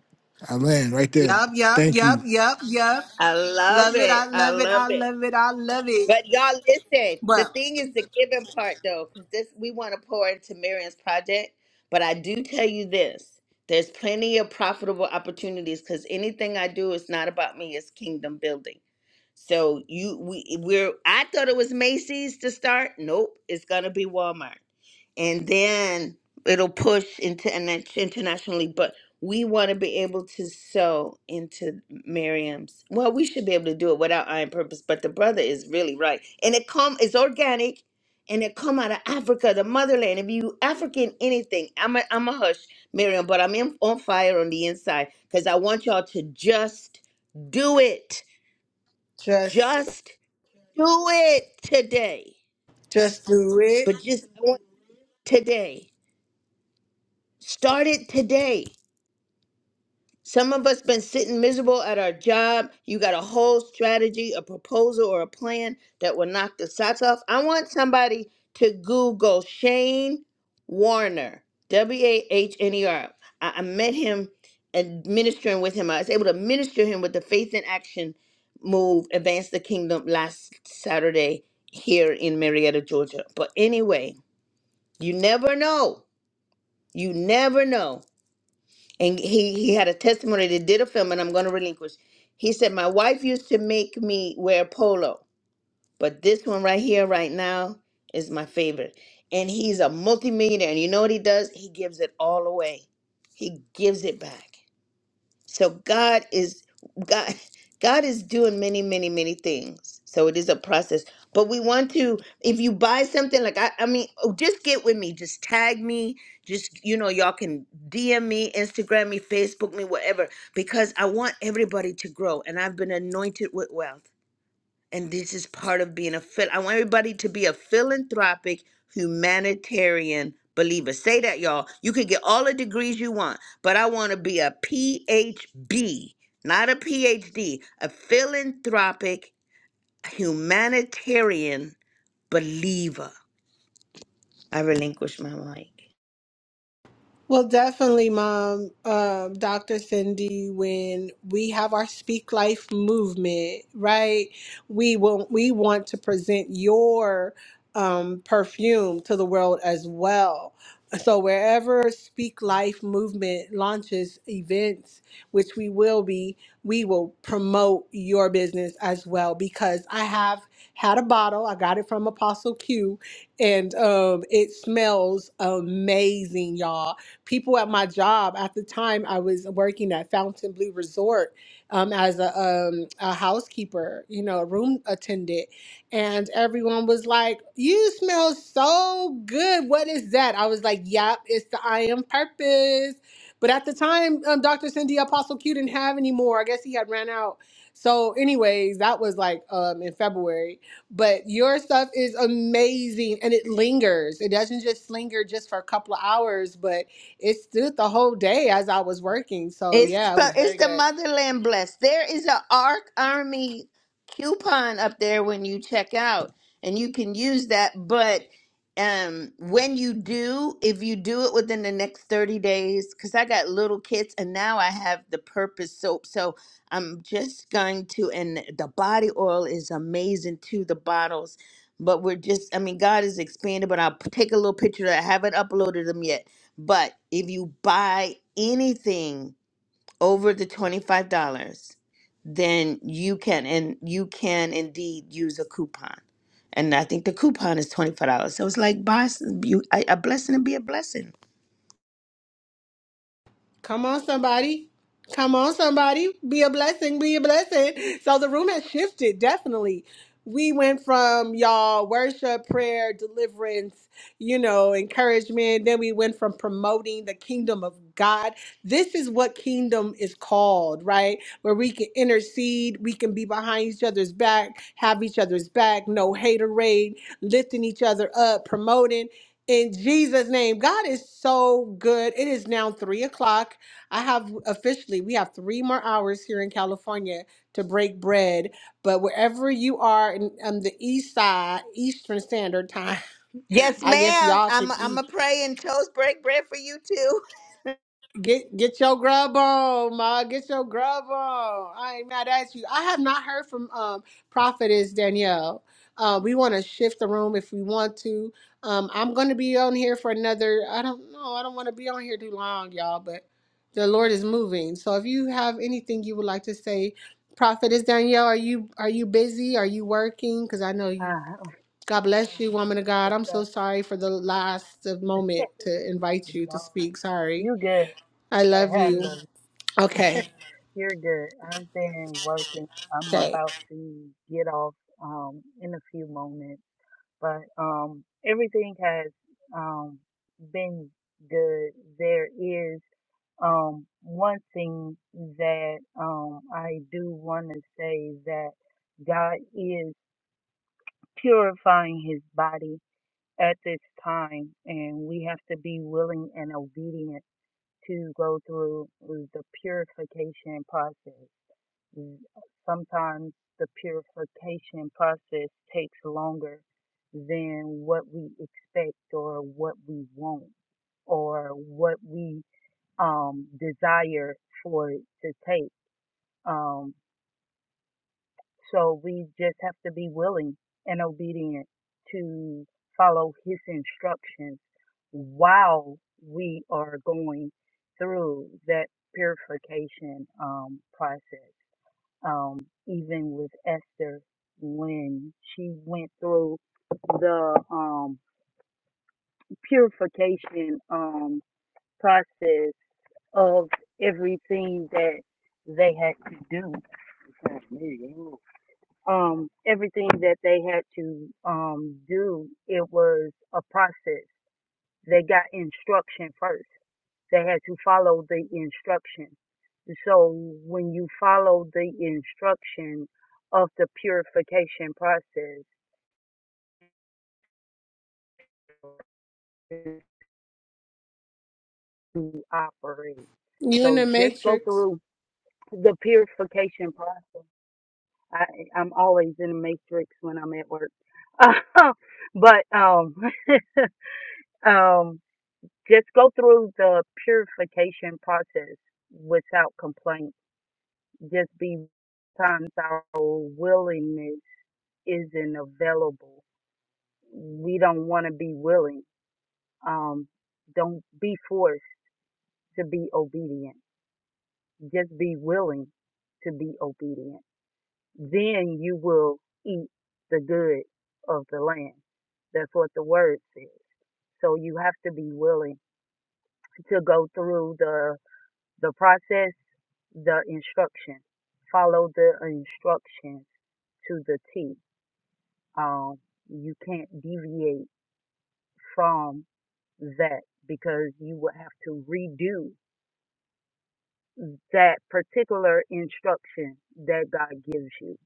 [SPEAKER 14] I land right there.
[SPEAKER 1] Yup, yup,
[SPEAKER 14] Thank you.
[SPEAKER 1] yup, yup, yup.
[SPEAKER 3] I love
[SPEAKER 1] Love it.
[SPEAKER 3] it.
[SPEAKER 1] I
[SPEAKER 3] I
[SPEAKER 1] love it.
[SPEAKER 3] love
[SPEAKER 1] I
[SPEAKER 3] it.
[SPEAKER 1] love it. I love it.
[SPEAKER 3] But y'all listen, the
[SPEAKER 1] Well,
[SPEAKER 3] thing is the giving part though, because this we want to pour into Marion's project. But I do tell you this. There's plenty of profitable opportunities because anything I do is not about me, it's kingdom building. So you we we're I thought it was Macy's to start. Nope, it's gonna be Walmart and then it'll push into and internationally. But we want to be able to sew into Miriam's. Well, we should be able to do it without iron purpose. But the brother is really right, and it come it's organic, and it come out of Africa, the motherland. If you African anything, I'm a I'm a hush, Miriam, but I'm in, on fire on the inside because I want y'all to just do it,
[SPEAKER 1] just,
[SPEAKER 3] just do it today.
[SPEAKER 1] just do it.
[SPEAKER 3] But just I want today. Start it today. Some of us been sitting miserable at our job. You got a whole strategy, a proposal, or a plan that will knock the socks off. I want somebody to Google Shane Warner, W A H N E R. I I met him and ministering with him. I was able to minister him with the Faith in Action move, Advance the Kingdom, last Saturday here in Marietta, Georgia. But anyway, you never know. You never know and he he had a testimony they did a film and i'm going to relinquish he said my wife used to make me wear polo but this one right here right now is my favorite and he's a multimillionaire and you know what he does he gives it all away he gives it back so God is God (laughs) God is doing many, many, many things. So it is a process. But we want to, if you buy something, like I I mean, oh, just get with me. Just tag me. Just, you know, y'all can DM me, Instagram me, Facebook me, whatever. Because I want everybody to grow. And I've been anointed with wealth. And this is part of being a phil. I want everybody to be a philanthropic humanitarian believer. Say that, y'all. You can get all the degrees you want, but I want to be a PhD, not a PhD, a philanthropic humanitarian believer. I relinquish my mic.
[SPEAKER 1] Well, definitely, Mom, um, Dr. Cindy, when we have our Speak Life movement, right? We will, we want to present your um, perfume to the world as well. So wherever Speak Life movement launches events, which we will be, we will promote your business as well because I have had a bottle. I got it from Apostle Q, and um, it smells amazing, y'all people at my job at the time i was working at fountain blue resort um, as a, um, a housekeeper you know a room attendant and everyone was like you smell so good what is that i was like yep it's the i am purpose but at the time um, dr cindy apostle q didn't have any more i guess he had ran out so anyways that was like um, in february but your stuff is amazing and it lingers it doesn't just but it's so
[SPEAKER 3] It's it's the motherland blessed. There is a Ark Army coupon up there when you check out, and you can use that. But um, when you do, if you do it within the next thirty days, because I got little kids, and now I have the Purpose soap, so I'm just going to. And the body oil is amazing too. The bottles. But we're just, I mean, God is expanded, but I'll p- take a little picture. I haven't uploaded them yet. But if you buy anything over the $25, then you can and you can indeed use a coupon. And I think the coupon is $25. So it's like buy you a a blessing and be a blessing.
[SPEAKER 1] Come on, somebody. Come on, somebody. Be a blessing. Be a blessing. So the room has shifted, definitely. We went from y'all worship, prayer, deliverance, you know, encouragement. Then we went from promoting the kingdom of God. This is what kingdom is called, right? Where we can intercede, we can be behind each other's back, have each other's back, no haterade, lifting each other up, promoting in Jesus' name. God is so good. It is now three o'clock. I have officially, we have three more hours here in California to break bread. But wherever you are in, on the east side, Eastern Standard Time, (laughs)
[SPEAKER 3] Yes,
[SPEAKER 1] I guess
[SPEAKER 3] ma'am.
[SPEAKER 1] y'all can
[SPEAKER 3] I'm
[SPEAKER 1] eat.
[SPEAKER 3] I'm a pray and toast break bread for you too.
[SPEAKER 1] Get get your grub on, ma. Get your grub on. I ain't mad at you. I have not heard from um prophetess Danielle. Uh, we want to shift the room if we want to. Um, I'm gonna be on here for another. I don't know. I don't want to be on here too long, y'all. But the Lord is moving. So if you have anything you would like to say, prophetess Danielle, are you are you busy? Are you working? Because I know you.
[SPEAKER 9] Ah,
[SPEAKER 1] God bless you, woman of
[SPEAKER 9] (laughs)
[SPEAKER 1] God.
[SPEAKER 9] it's
[SPEAKER 1] I'm so sorry for the last moment to invite you to
[SPEAKER 9] no,
[SPEAKER 1] speak. Sorry.
[SPEAKER 9] you good.
[SPEAKER 1] I love you.
[SPEAKER 9] Helen,
[SPEAKER 1] Okay.
[SPEAKER 9] you're good. I've been working. I'm
[SPEAKER 1] Okay.
[SPEAKER 9] about to get off um in a few moments, but um everything has um been good. There is um one thing that um I do want to say that God is purifying his body at this time, and we have to be willing and obedient to go through the purification process. Mm, Sometimes the purification process takes longer than what we expect or what we want or what we um, desire for it to take. Um, so we just have to be willing and obedient to follow his instructions while we are going through that purification um, process. Um, even with Esther, when she went through the um, purification um, process of everything that they had to do. um, everything that they had to um, do, it was a process. They got instruction first. They had to follow the instruction. So when you follow the instruction of the purification process to operate. So just go through the purification process. I, I'm always in a matrix when I'm at work. (laughs) but um (laughs) um just go through the purification process without complaint. Just be times our willingness isn't available. We don't want to be willing. Um, don't be forced to be obedient. Just be willing to be obedient. Then you will eat the good of the land. That's what the word says. So you have to be willing to go through the the process the instruction. Follow the instructions to the T. Um, you can't deviate from that because you will have to redo that particular instruction that God gives you.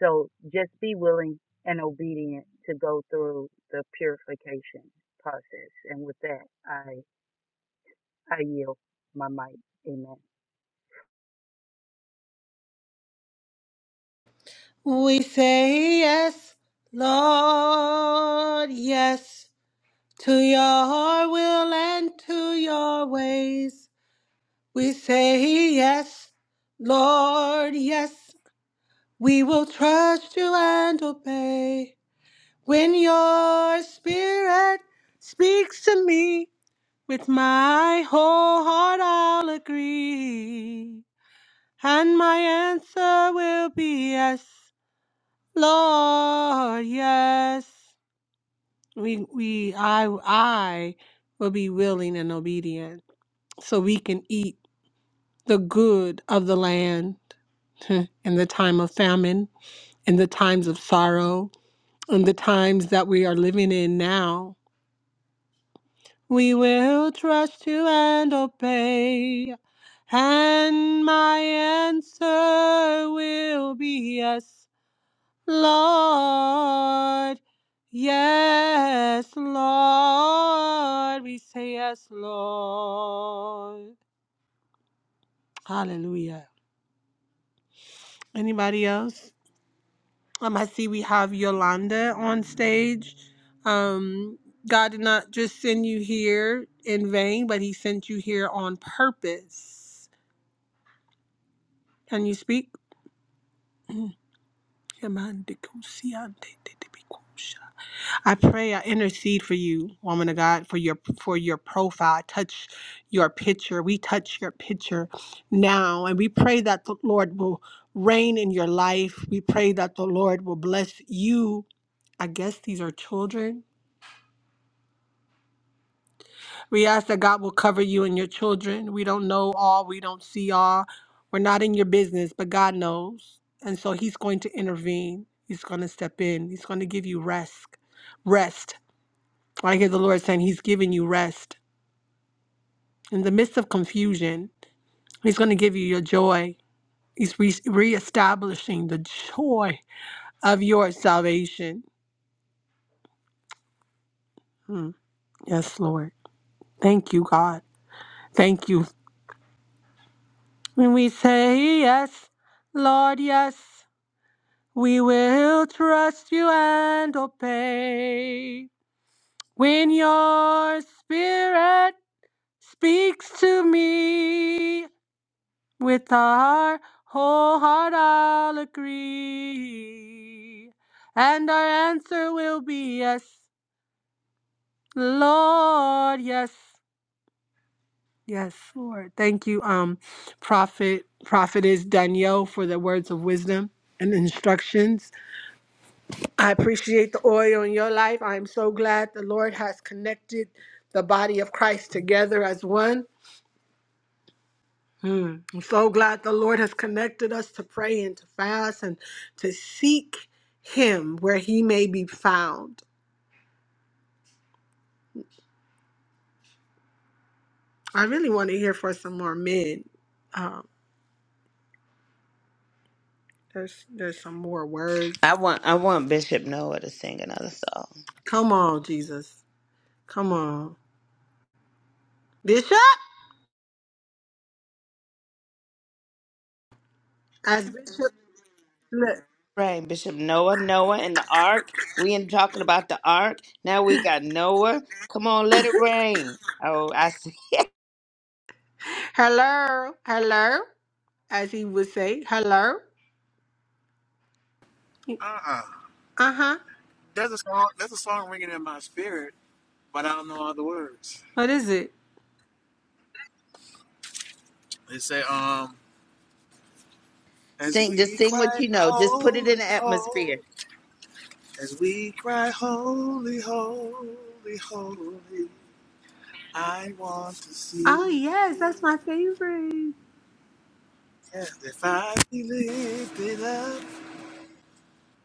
[SPEAKER 9] So just be willing and obedient to go through the purification process. And with that, I I yield my mic. Amen.
[SPEAKER 1] We say yes, Lord, yes, to your will and to your ways. We say yes, Lord, yes, we will trust you and obey. When your spirit speaks to me, with my whole heart I'll agree, and my answer will be yes. Lord, yes. We we I I will be willing and obedient so we can eat the good of the land (laughs) in the time of famine, in the times of sorrow, in the times that we are living in now. We will trust you and obey. And my answer will be yes. Lord. Yes, Lord. We say yes, Lord. Hallelujah. Anybody else? Um, I see we have Yolanda on stage. Um, God did not just send you here in vain, but He sent you here on purpose. Can you speak? (clears throat) Yamandikosiante tebikosha. I pray, I intercede for you, woman of God, for your for your profile. I touch your picture. We touch your picture now, and we pray that the Lord will reign in your life. We pray that the Lord will bless you. I guess these are children. We ask that God will cover you and your children. We don't know all. We don't see all. We're not in your business, but God knows, and so He's going to intervene. He's going to step in. He's going to give you rest. Rest. I hear the Lord saying He's giving you rest In the midst of confusion, He's going to give you your joy. He's re- reestablishing the joy of your salvation. Yes, Lord. Thank you, God. Thank you. When we say yes, Lord, yes, we will trust you and obey. When your spirit speaks to me with our whole heart, I'll agree and our answer will be yes. Lord, yes, yes, Lord. Thank you, um, Prophet, Prophetess Danielle for the words of wisdom and instructions. I appreciate the oil in your life. I am so glad the Lord has connected the body of Christ together as one. Hmm. I'm so glad the Lord has connected us to pray and to fast and to seek Him where He may be found. I really want to hear for some more men. Um, there's there's some more words
[SPEAKER 3] I want I want Bishop Noah to sing another song.
[SPEAKER 1] Come on, Jesus. Come on. Bishop, as Bishop, look.
[SPEAKER 3] Right, Bishop Noah, Noah and the Ark. We ain't talking about the Ark. Now we got Noah. Come on, let it rain. Oh, I see.
[SPEAKER 1] Hello, hello, as he would say, hello.
[SPEAKER 8] Uh-uh.
[SPEAKER 1] Uh huh.
[SPEAKER 8] There's a song. There's a song ringing in my spirit, but I don't know all the words.
[SPEAKER 1] What is it?
[SPEAKER 8] They say, um, As
[SPEAKER 3] Sing, just
[SPEAKER 8] we
[SPEAKER 3] sing what
[SPEAKER 8] cry,
[SPEAKER 3] you know. Just put it
[SPEAKER 8] holy,
[SPEAKER 3] in the
[SPEAKER 8] holy,
[SPEAKER 3] atmosphere.
[SPEAKER 8] as we cry, holy, holy, holy, I want to see
[SPEAKER 1] Oh, yes,
[SPEAKER 8] you.
[SPEAKER 1] that's my favorite.
[SPEAKER 8] Yeah, if I be lifted up.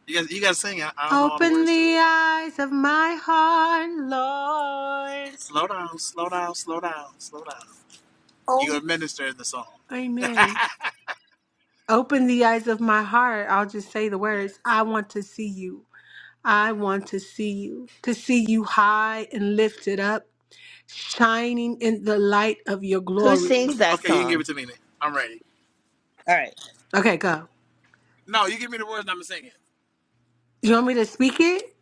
[SPEAKER 8] You guys, you guys sing. I, I don't know all the
[SPEAKER 1] Open
[SPEAKER 8] words to
[SPEAKER 1] the
[SPEAKER 8] it.
[SPEAKER 1] eyes of my heart, Lord.
[SPEAKER 8] Slow down, slow down, slow down, slow down. You
[SPEAKER 1] Oh,
[SPEAKER 8] gonna minister in the song.
[SPEAKER 1] amen. Open the eyes of my heart. I'll just say the
[SPEAKER 8] Yes.
[SPEAKER 1] words I want to see you. I want to see you, to see you high and lifted up shining in the light of your
[SPEAKER 3] Who
[SPEAKER 1] glory.
[SPEAKER 3] sings that
[SPEAKER 8] Okay, you can give
[SPEAKER 3] song?
[SPEAKER 8] it to me. Nick. I'm ready.
[SPEAKER 3] All right,
[SPEAKER 1] Okay, go.
[SPEAKER 8] No, you give me the words and I'm gonna sing it.
[SPEAKER 1] You want me to speak it?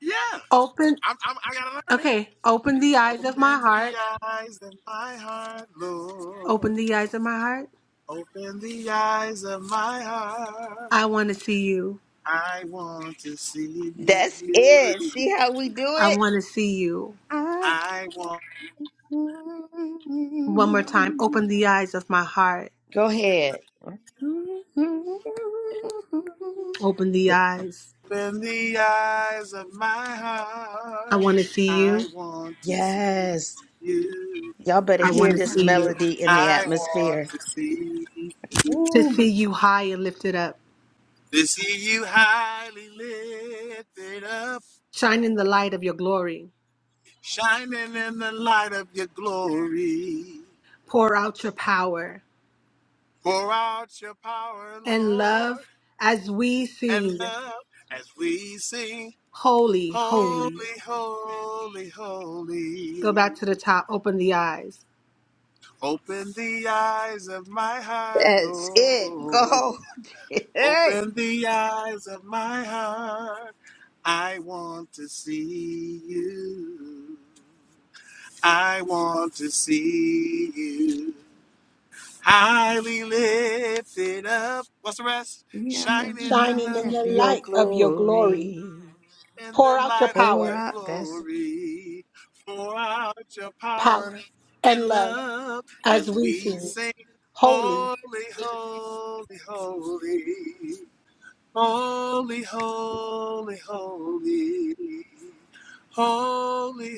[SPEAKER 8] Yeah,
[SPEAKER 1] Open.
[SPEAKER 8] I'm, I'm, I gotta learn it.
[SPEAKER 1] Okay, open the eyes of my
[SPEAKER 8] Open the
[SPEAKER 1] heart.
[SPEAKER 8] eyes in my heart, Lord.
[SPEAKER 1] Open the eyes of my heart.
[SPEAKER 8] Open the eyes of my heart.
[SPEAKER 1] I want to see you.
[SPEAKER 8] I want to see
[SPEAKER 3] that's it.
[SPEAKER 8] you.
[SPEAKER 3] See how we do
[SPEAKER 1] I
[SPEAKER 3] it?
[SPEAKER 1] want to see you.
[SPEAKER 3] I-
[SPEAKER 8] I want
[SPEAKER 1] One more time. Open the eyes of my heart.
[SPEAKER 3] Go ahead.
[SPEAKER 1] Open the eyes.
[SPEAKER 8] to open the eyes of my
[SPEAKER 1] I
[SPEAKER 8] heart.
[SPEAKER 1] want to see you.
[SPEAKER 8] I want to see
[SPEAKER 3] Yes,
[SPEAKER 8] you.
[SPEAKER 3] y'all better
[SPEAKER 1] I
[SPEAKER 3] hear
[SPEAKER 1] want to
[SPEAKER 3] this
[SPEAKER 1] see you.
[SPEAKER 3] melody in the
[SPEAKER 8] I want
[SPEAKER 3] atmosphere.
[SPEAKER 8] to see you.
[SPEAKER 1] To
[SPEAKER 3] Ooh,
[SPEAKER 1] see you high and lifted up.
[SPEAKER 8] To see you highly lifted up,
[SPEAKER 1] Shine in the light of your glory.
[SPEAKER 8] shining in the light of your glory.
[SPEAKER 1] Pour out your power
[SPEAKER 8] Pour out your power,
[SPEAKER 1] and
[SPEAKER 8] Lord,
[SPEAKER 1] love as we
[SPEAKER 8] and
[SPEAKER 1] sing,
[SPEAKER 8] love as we sing.
[SPEAKER 1] Holy, Holy.
[SPEAKER 8] Holy, holy,
[SPEAKER 1] Go
[SPEAKER 8] holy.
[SPEAKER 1] back to the top. Open the eyes.
[SPEAKER 8] Open the eyes of my heart,
[SPEAKER 3] that's it. Go.
[SPEAKER 8] Lord.
[SPEAKER 3] (laughs) hey.
[SPEAKER 8] Open the eyes of my heart. I want to see you. I want to see you. Highly lifted up. What's the rest?
[SPEAKER 3] Yeah, I'm
[SPEAKER 8] Shining in
[SPEAKER 1] shining
[SPEAKER 8] the
[SPEAKER 3] reminded of your
[SPEAKER 1] light of your glory,
[SPEAKER 3] glory.
[SPEAKER 8] in the light of
[SPEAKER 3] Pour
[SPEAKER 8] your
[SPEAKER 3] out. That's
[SPEAKER 8] glory. Pour out your power
[SPEAKER 1] power, and
[SPEAKER 8] and
[SPEAKER 1] love
[SPEAKER 8] love
[SPEAKER 1] as
[SPEAKER 8] as
[SPEAKER 1] we
[SPEAKER 8] we
[SPEAKER 1] sing.
[SPEAKER 8] sing
[SPEAKER 1] Holy.
[SPEAKER 8] holy, holy, holy, holy, holy, holy, holy, holy,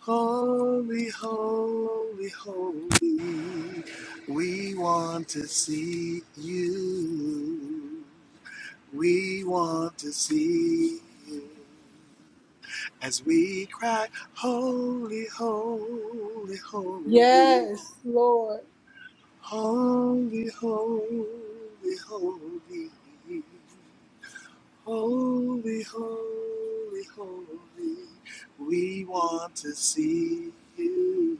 [SPEAKER 8] holy, holy, holy, holy. We want to see you. We want to see you as we cry, Holy, holy, holy,
[SPEAKER 1] Yes, Lord.
[SPEAKER 8] holy, holy, holy, holy, holy, holy. We want to see you,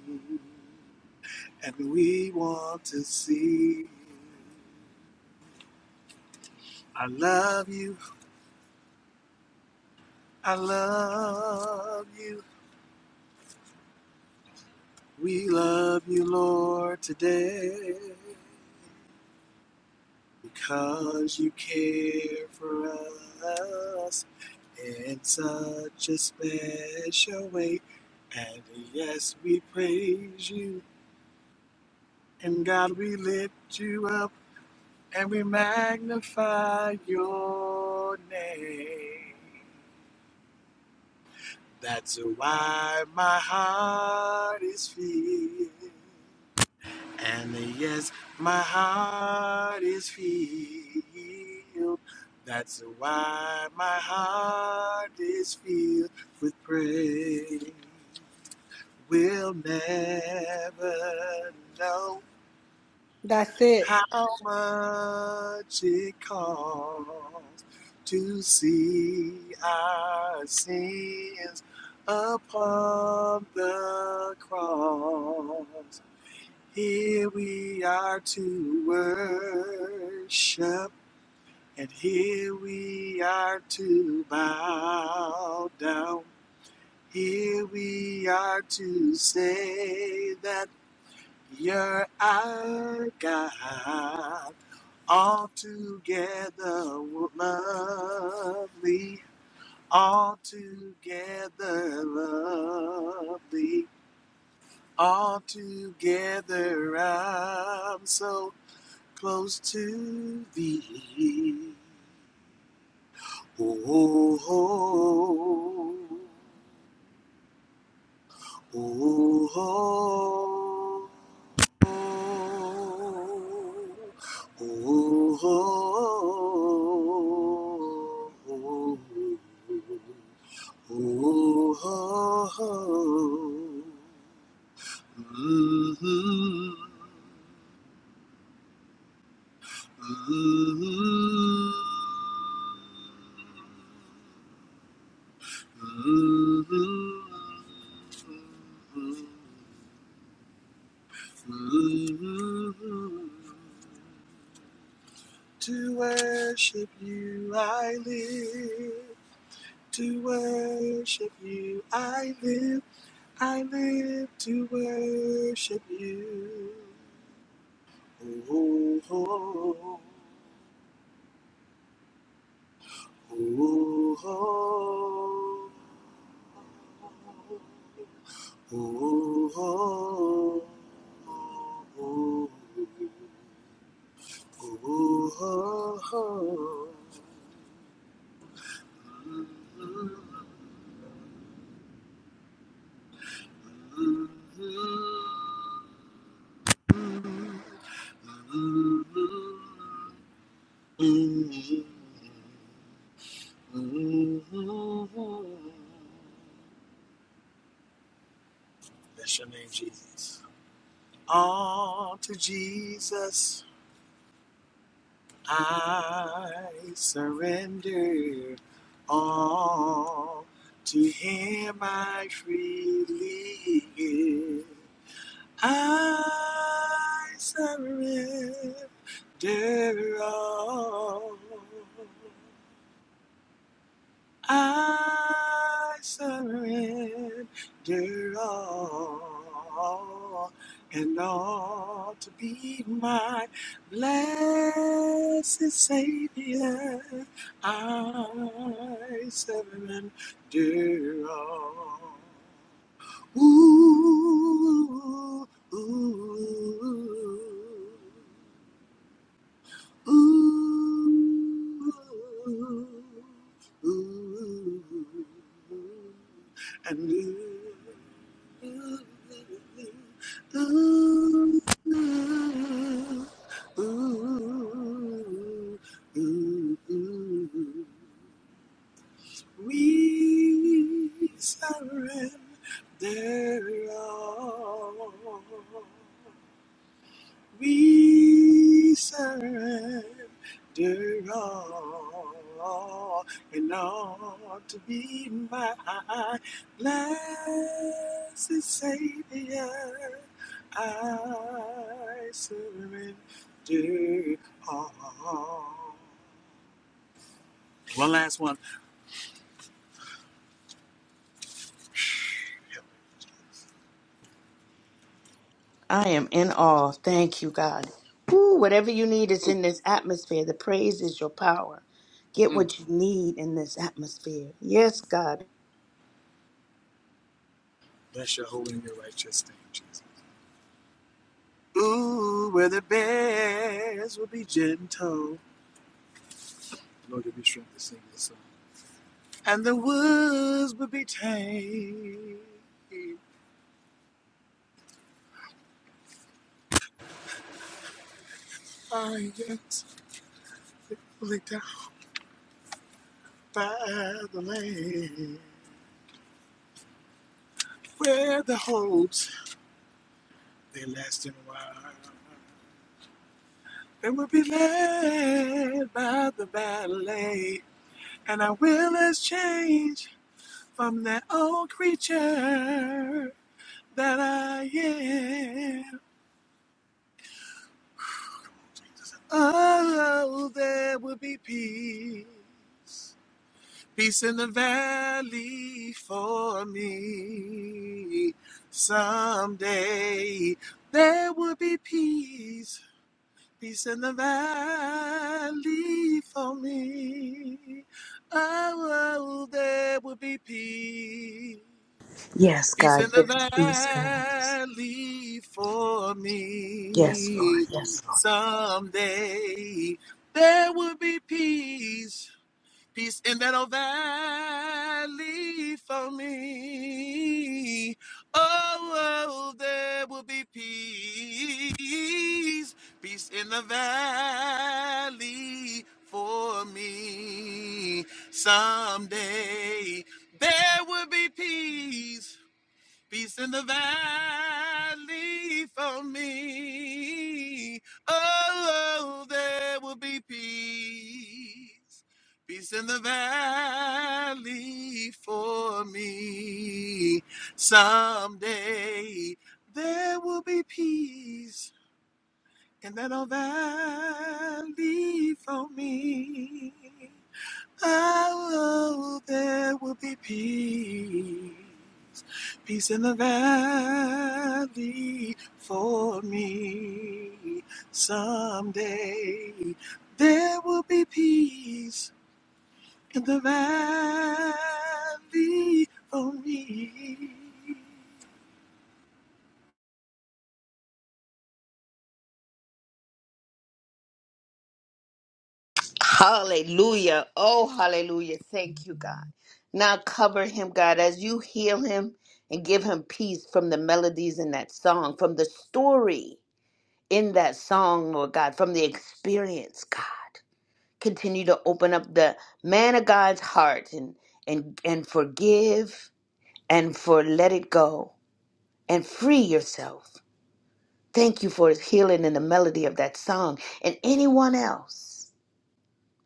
[SPEAKER 8] and we want to see you. I love you, I love you, we love you, Lord, today. Because you care for us in such a special way. And yes, we praise you. And God, we lift you up and we magnify your name. That's why my heart is filled. And yes, my heart is filled. That's why my heart is filled with praise. We'll never know
[SPEAKER 1] That's it.
[SPEAKER 8] how much it costs to see our sins upon the cross. Here we are to worship, and here we are to bow down. Here we are to say that you're our God. Altogether lovely, altogether lovely, altogether I'm so close to thee. Oh, oh, oh, oh, oh, oh, oh, oh, oh. oh, oh, Mhm, mhm. To worship you I live, to worship you I live, I live to worship you. Oh, oh, oh, oh. oh. Ooh, oh, oh, oh, ooh, oh, oh. Bless your name, Jesus. On to Jesus. I surrender all to Him I freely give. I surrender all. I surrender all and all to be my blessed Savior. I surrender all. Ooh, ooh, ooh. Ooh, ooh, and ooh, ooh, ooh, ooh, ooh, ooh, ooh, and We surrender all. We surrender all and all to be my blessed Savior. I surrender all. One last one.
[SPEAKER 3] I am in awe. Thank you, God. Woo, whatever you need is in this atmosphere. The praise is your power. Get
[SPEAKER 8] Mm.
[SPEAKER 3] what you need in this atmosphere. Yes, God.
[SPEAKER 8] Bless your holy and your righteous name, Jesus. Ooh, where the bears will be gentle. Lord, give me strength to sing this song. and the woods would be tamed. I yes, simply down by the lake, where the hopes they last in a while. And will be led by the ballet, and I will exchange from that old creature that I am. Oh, there will be peace Peace in the valley for me. Someday there will be peace. Peace in the valley for me. Oh, oh, there will be peace.
[SPEAKER 3] Yes,
[SPEAKER 8] Peace in
[SPEAKER 3] God.
[SPEAKER 8] the
[SPEAKER 3] Give him peace, God.
[SPEAKER 8] valley for
[SPEAKER 3] Yes, Lord.
[SPEAKER 8] me.
[SPEAKER 3] Yes, Lord.
[SPEAKER 8] Someday there will be peace Peace in that old valley for me. Oh, oh, there will be peace. Peace in the valley for me. Someday there will be peace Peace in the valley for me. Oh, oh, there will be peace. Peace in the valley for me. Someday there will be peace in that old valley for me. Oh, there will be peace, peace in the valley for me. Someday there will be peace in the valley for me.
[SPEAKER 3] Hallelujah. Oh, hallelujah. Thank you, God. Now cover him, God, as you heal him and give him peace from the melodies in that song, from the story in that song, Lord God, from the experience, God. continue to open up the man of God's heart and and and forgive and for let it go and free yourself. Thank you for his healing in the melody of that song and anyone else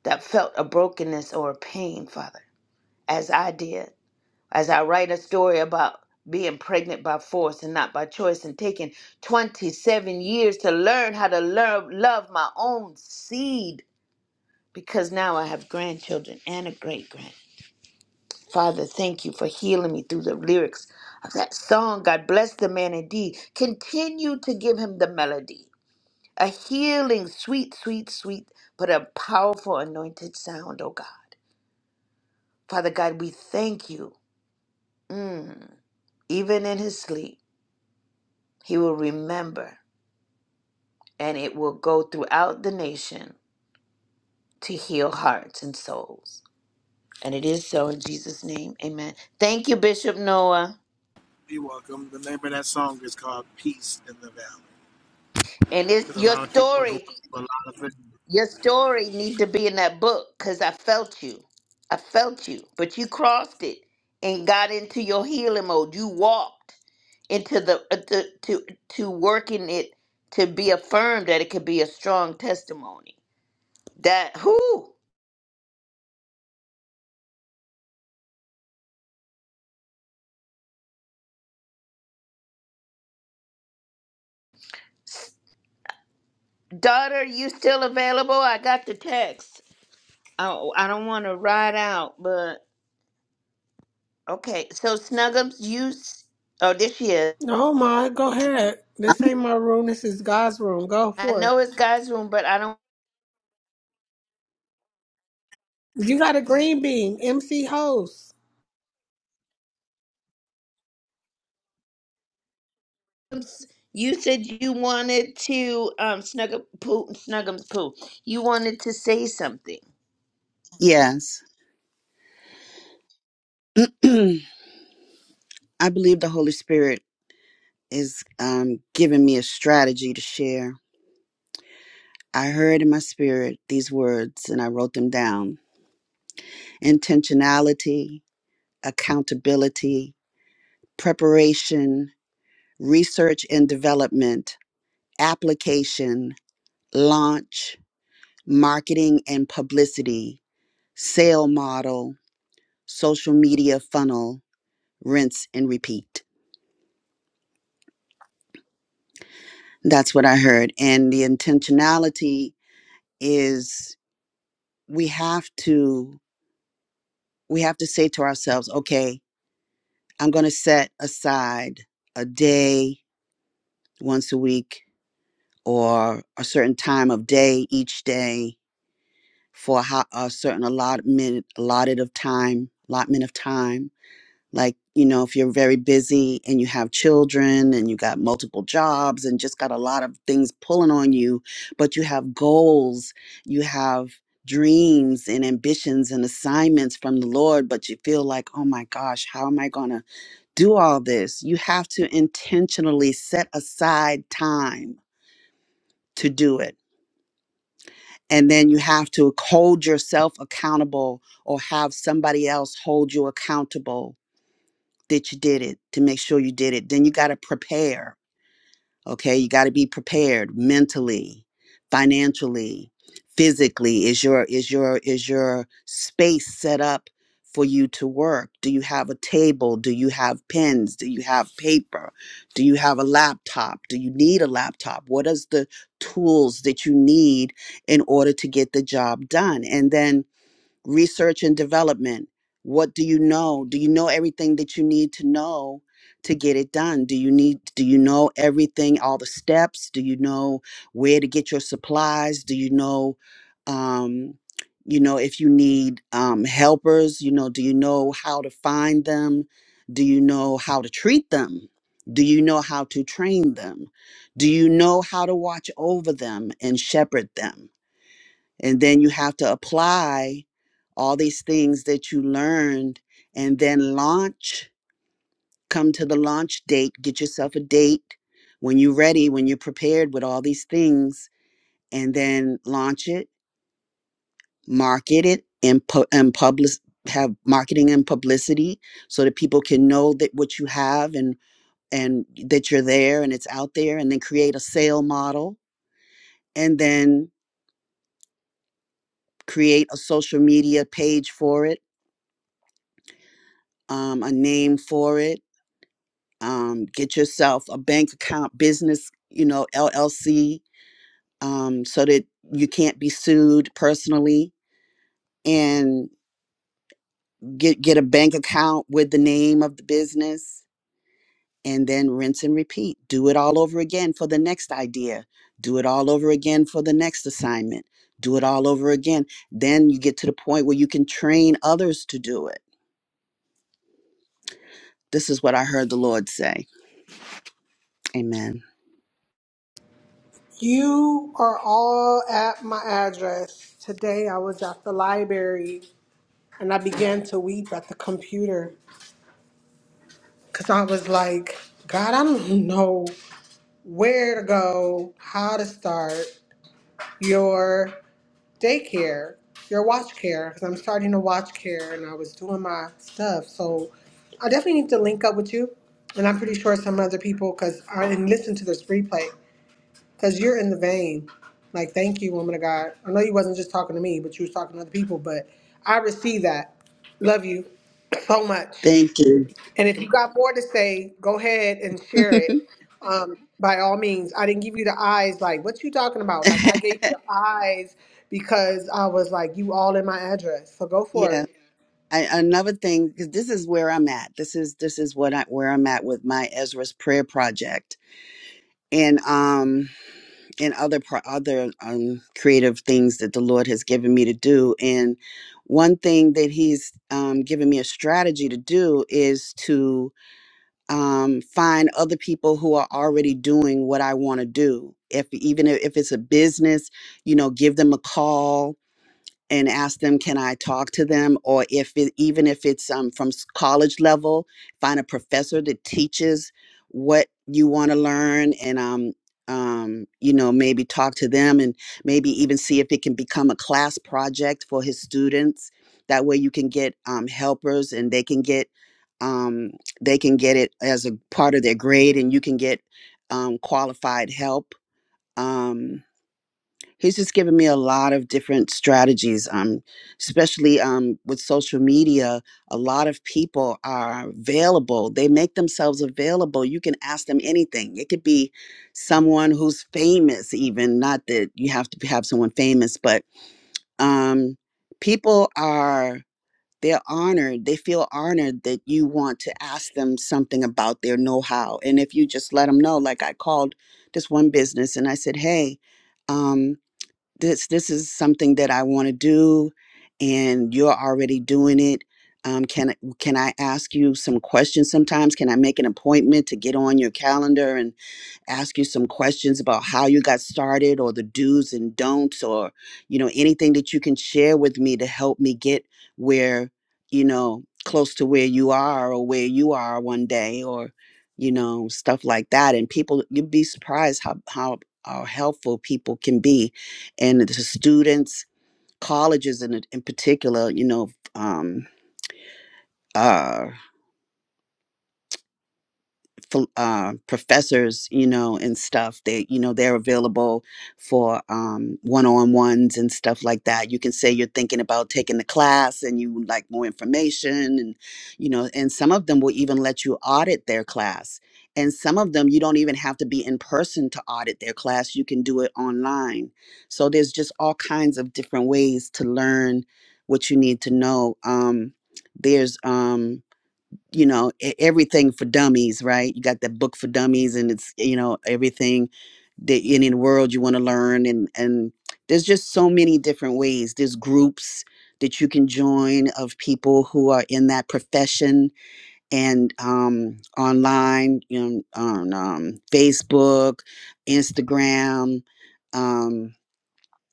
[SPEAKER 3] that felt a brokenness or a pain, Father, as I did, as I write a story about being pregnant by force and not by choice and taking 27 years to learn how to learn, love my own seed because now I have grandchildren and a great grandchild. Father, thank you for healing me through the lyrics of that song. God bless the man indeed. Continue to give him the melody, a healing, sweet, sweet, sweet, but a powerful anointed sound, oh God. Father God, we thank you. Mm. Even in his sleep, he will remember, and it will go throughout the nation to heal hearts and souls. And it is so in Jesus' name. Amen. Thank you, Bishop Noah.
[SPEAKER 8] You're welcome. The name of that song is called Peace in the Valley
[SPEAKER 3] And it's
[SPEAKER 8] because a
[SPEAKER 3] your
[SPEAKER 8] lot of people are going
[SPEAKER 3] story.
[SPEAKER 8] through a lot of things.
[SPEAKER 3] Your story need to be in that book because I felt you. I felt you, but you crossed it and got into your healing mode. You walked into the uh, to to, to working it to be affirmed that it could be a strong testimony. That who daughter, you still available? I got the text. Oh, I don't want to ride out, but okay. So Snuggums, you s- oh, this she is.
[SPEAKER 1] Oh my, go ahead. This ain't my room. This is God's room. Go
[SPEAKER 3] I
[SPEAKER 1] forth.
[SPEAKER 3] know it's guys' room, but I don't.
[SPEAKER 1] You got a green bean, MC host.
[SPEAKER 3] you said you wanted to um snuggle poo snuggums poo. You wanted to say something.
[SPEAKER 10] Yes. (clears throat) I believe the Holy Spirit is um, giving me a strategy to share. I heard in my spirit these words and I wrote them down intentionality, accountability, preparation, research and development, application, launch, marketing and publicity, sale model, social media funnel, rinse and repeat. That's what I heard. And the intentionality is we have to we have to say to ourselves, okay, I'm going to set aside a day once a week or a certain time of day each day for how, a certain allotment allotted of time, allotment of time Like, you know, if you're very busy and you have children and you got multiple jobs and just got a lot of things pulling on you, but you have goals, you have dreams and ambitions and assignments from the Lord, but you feel like, oh my gosh, how am I going to do all this? You have to intentionally set aside time to do it. And then you have to hold yourself accountable or have somebody else hold you accountable that you did it to make sure you did it then you got to prepare okay you got to be prepared mentally financially physically is your is your is your space set up for you to work do you have a table do you have pens do you have paper do you have a laptop do you need a laptop what is the tools that you need in order to get the job done and then research and development. What do you know? Do you know everything that you need to know to get it done? Do you need do you know everything, all the steps? Do you know where to get your supplies? Do you know um you know if you need um helpers, you know, do you know how to find them? Do you know how to treat them? Do you know how to train them? Do you know how to watch over them and shepherd them? And then you have to apply all these things that you learned and then launch, come to the launch date, get yourself a date when you're ready, when you're prepared with all these things, and then launch it, market it, and, pu- and publish, have marketing and publicity so that people can know that what you have and and that you're there and it's out there and then create a sale model and then create a social media page for it um, a name for it. Um, get yourself a bank account, business, you know, LLC, um, so that you can't be sued personally. And get get a bank account with the name of the business, and then rinse and repeat. Do it all over again for the next idea. Do it all over again for the next assignment. Do it all over again. Then you get to the point where you can train others to do it. This is what I heard the Lord say. Amen.
[SPEAKER 1] You are all at my address. Today I was at the library and I began to weep at the computer because I was like, God, I don't know. where to go, how to start your daycare, your watch care, because I'm starting a watch care and I was doing my stuff. So I definitely need to link up with you. And I'm pretty sure some other people, because I did listen to this replay, because you're in the vein. Like, thank you, woman of God. I know you wasn't just talking to me, but you was talking to other people, but I received that. Love you so much.
[SPEAKER 10] Thank you.
[SPEAKER 1] And if you got more to say, go ahead and share
[SPEAKER 10] (laughs)
[SPEAKER 1] it. Um, by all means, I didn't give you the eyes. Like, what you talking about? Like, I gave you
[SPEAKER 10] (laughs)
[SPEAKER 1] the eyes because I was like, you all in my address. So go for
[SPEAKER 10] yeah.
[SPEAKER 1] it.
[SPEAKER 10] I, another thing, because this is where I'm at. This is this is what I where I'm at with my Ezra's prayer project and um and other pro- other um creative things that the Lord has given me to do. And one thing that He's um, given me a strategy to do is to um, find other people who are already doing what I want to do. If even if if it's a business, you know, give them a call and ask them can i talk to them or if it, even if it's um, from s- college level find a professor that teaches what you want to learn and um, um, you know maybe talk to them and maybe even see if it can become a class project for his students that way you can get um, helpers and they can get um, they can get it as a part of their grade and you can get um, qualified help um, he's just given me a lot of different strategies um especially um with social media a lot of people are available they make themselves available you can ask them anything it could be someone who's famous even not that you have to have someone famous but um people are they're honored they feel honored that you want to ask them something about their know-how and if you just let them know like i called this one business and i said hey um this this is something that I want to do, and you're already doing it. Um, can can I ask you some questions? Sometimes can I make an appointment to get on your calendar and ask you some questions about how you got started, or the do's and don'ts, or you know anything that you can share with me to help me get where you know close to where you are or where you are one day, or you know stuff like that. And people, you'd be surprised how how, how helpful people can be and the students colleges in, in particular you know um, uh, ph- uh, professors, you know, and stuff. They, you know, they're available for um, one-on-ones and stuff like that. You can say you're thinking about taking the class and you would like more information, and you know, and some of them will even let you audit their class. And some of them you don't even have to be in person to audit their class. You can do it online. So there's just all kinds of different ways to learn what you need to know. Um, there's um, you know e- everything for dummies right you got that book for dummies and it's you know everything that in the world you want to learn and and there's just so many different ways there's groups that you can join of people who are in that profession and um, online you know on um, facebook instagram Um,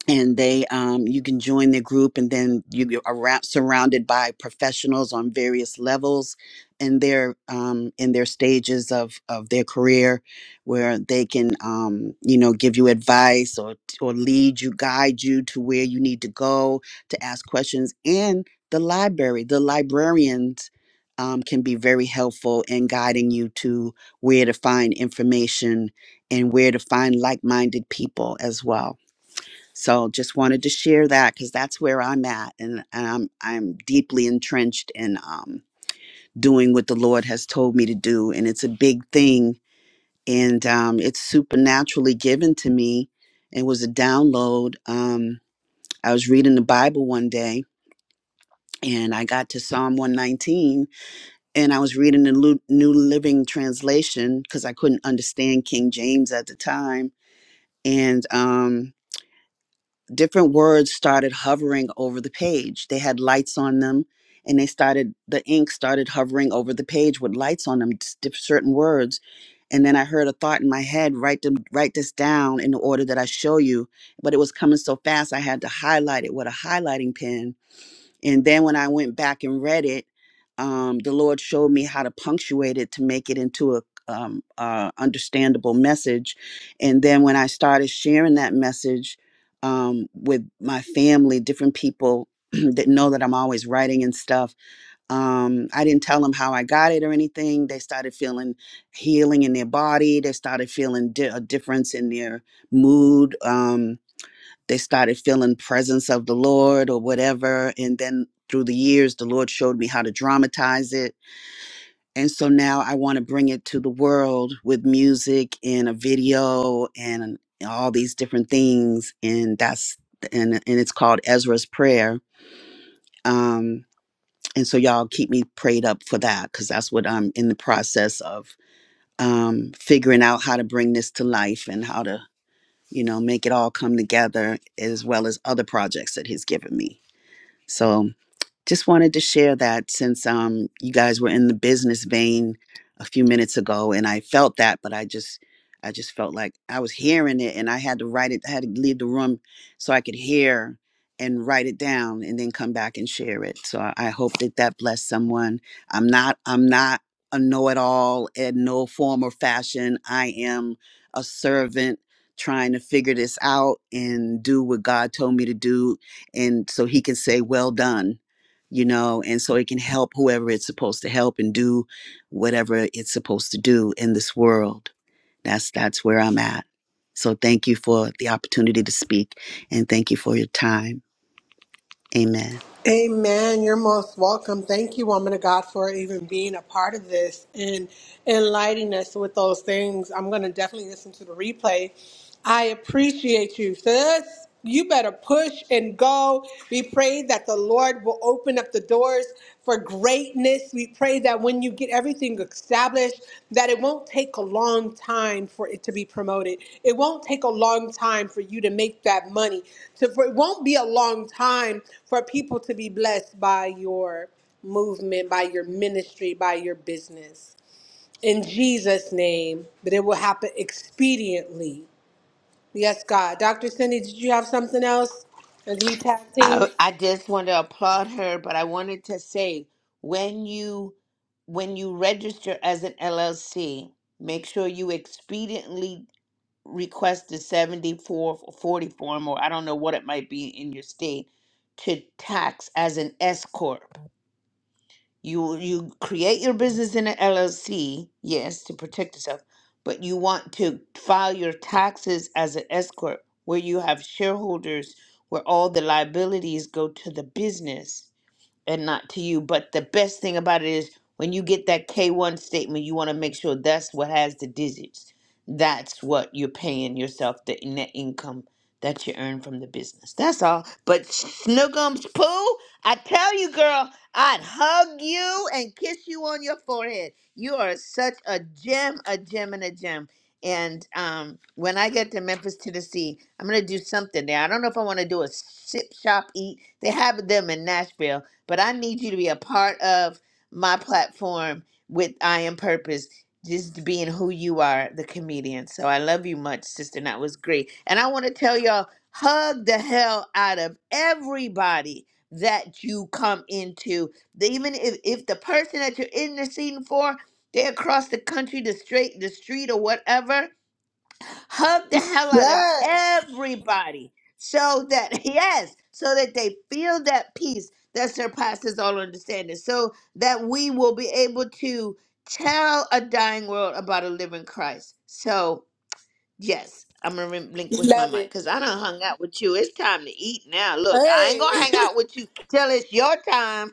[SPEAKER 10] and they um, you can join their group and then you you are ra- surrounded by professionals on various levels in their um, in their stages of of their career where they can um, you know give you advice or or lead you guide you to where you need to go to ask questions and the library the librarians um, can be very helpful in guiding you to where to find information and where to find like-minded people as well so just wanted to share that because that's where I'm at, and, and I'm I'm deeply entrenched in um, doing what the Lord has told me to do, and it's a big thing, and um, it's supernaturally given to me. It was a download. Um, I was reading the Bible one day, and I got to Psalm 119, and I was reading the Lu- New Living Translation because I couldn't understand King James at the time, and um, different words started hovering over the page. They had lights on them, and they started the ink started hovering over the page with lights on them, s- diff- certain words. And then I heard a thought in my head: write them, write this down in the order that I show you. But it was coming so fast, I had to highlight it with a highlighting pen and then when I went back and read it, um, the Lord showed me how to punctuate it to make it into a um, uh, understandable message. And then when I started sharing that message um, with my family, different people (clears throat) that know that I'm always writing and stuff, um, I didn't tell them how I got it or anything. They started feeling healing in their body. They started feeling di- a difference in their mood. Um, they started feeling presence of the lord or whatever and then through the years the lord showed me how to dramatize it and so now i want to bring it to the world with music and a video and all these different things and that's and and it's called ezra's prayer um and so y'all keep me prayed up for that because that's what i'm in the process of um figuring out how to bring this to life and how to you know, make it all come together as well as other projects that he's given me. So just wanted to share that since um, you guys were in the business vein a few minutes ago, and I felt that, but I just, I just felt like I was hearing it, and I had to write it. I had to leave the room so I could hear and write it down, and then come back and share it. So I, I hope that that blessed someone. I'm not, I'm not a know-it-all in no form or fashion. I am a servant trying to figure this out and do what God told me to do and so he can say well done you know, and so it can help whoever it's supposed to help and do whatever it's supposed to do in this world. That's that's where I'm at. So thank you for the opportunity to speak and thank you for your time. Amen.
[SPEAKER 1] Amen. You're most welcome. Thank you. And, and, and like, doors for greatness. We pray that when you get everything established, that it won't take a long time for it to be promoted. It won't take a long time for you to make that money. So for, it won't be a long time for people to be blessed by your movement, by your ministry, by your business. In Jesus' name, but it will happen expediently. Yes, God. Dr. Cindy, did you have something else as we tag team?
[SPEAKER 3] I I just want to applaud her, but I wanted to say when you when you register as an LLC, make sure you expediently request the 7440 form or I don't know what it might be in your state to tax as an S corp. You you create your business in an LLC, yes, to protect yourself, but you want to file your taxes as an S corp, where you have shareholders, where all the liabilities go to the business and not to you. But the best thing about it is when you get that K1 statement, you want to make sure that's what has the digits. That's what you're paying yourself, the net income that you earn from the business. That's all. But Snookums Pooh, I tell you, girl, I'd hug you and kiss you on your forehead. You are such a gem, a gem, and a gem. And um, when I get to Memphis, Tennessee, I'm gonna do something there. I don't know if I want to do a sip, shop, eat. They have them in Nashville, but I need you to be a part of my platform with I Am Purpose, just being who you are, the comedian. So I love you much, sister. and That was great. And I want to tell y'all, hug the hell out of everybody that you come into. The- Even if, if the person that you're in the scene for, they're across the country, the straight, the street, or whatever hug the hell out of
[SPEAKER 1] Yes.
[SPEAKER 3] everybody so that (laughs) yes so that they feel that peace that surpasses all understanding so that we will be able to tell a dying world about a living christ so yes i'm gonna relinquish my
[SPEAKER 1] Love
[SPEAKER 3] mic
[SPEAKER 1] it.
[SPEAKER 3] because i don't hung out with you it's time to eat now look i ain't
[SPEAKER 1] Hey.
[SPEAKER 3] gonna
[SPEAKER 1] (laughs)
[SPEAKER 3] hang out with you till it's your time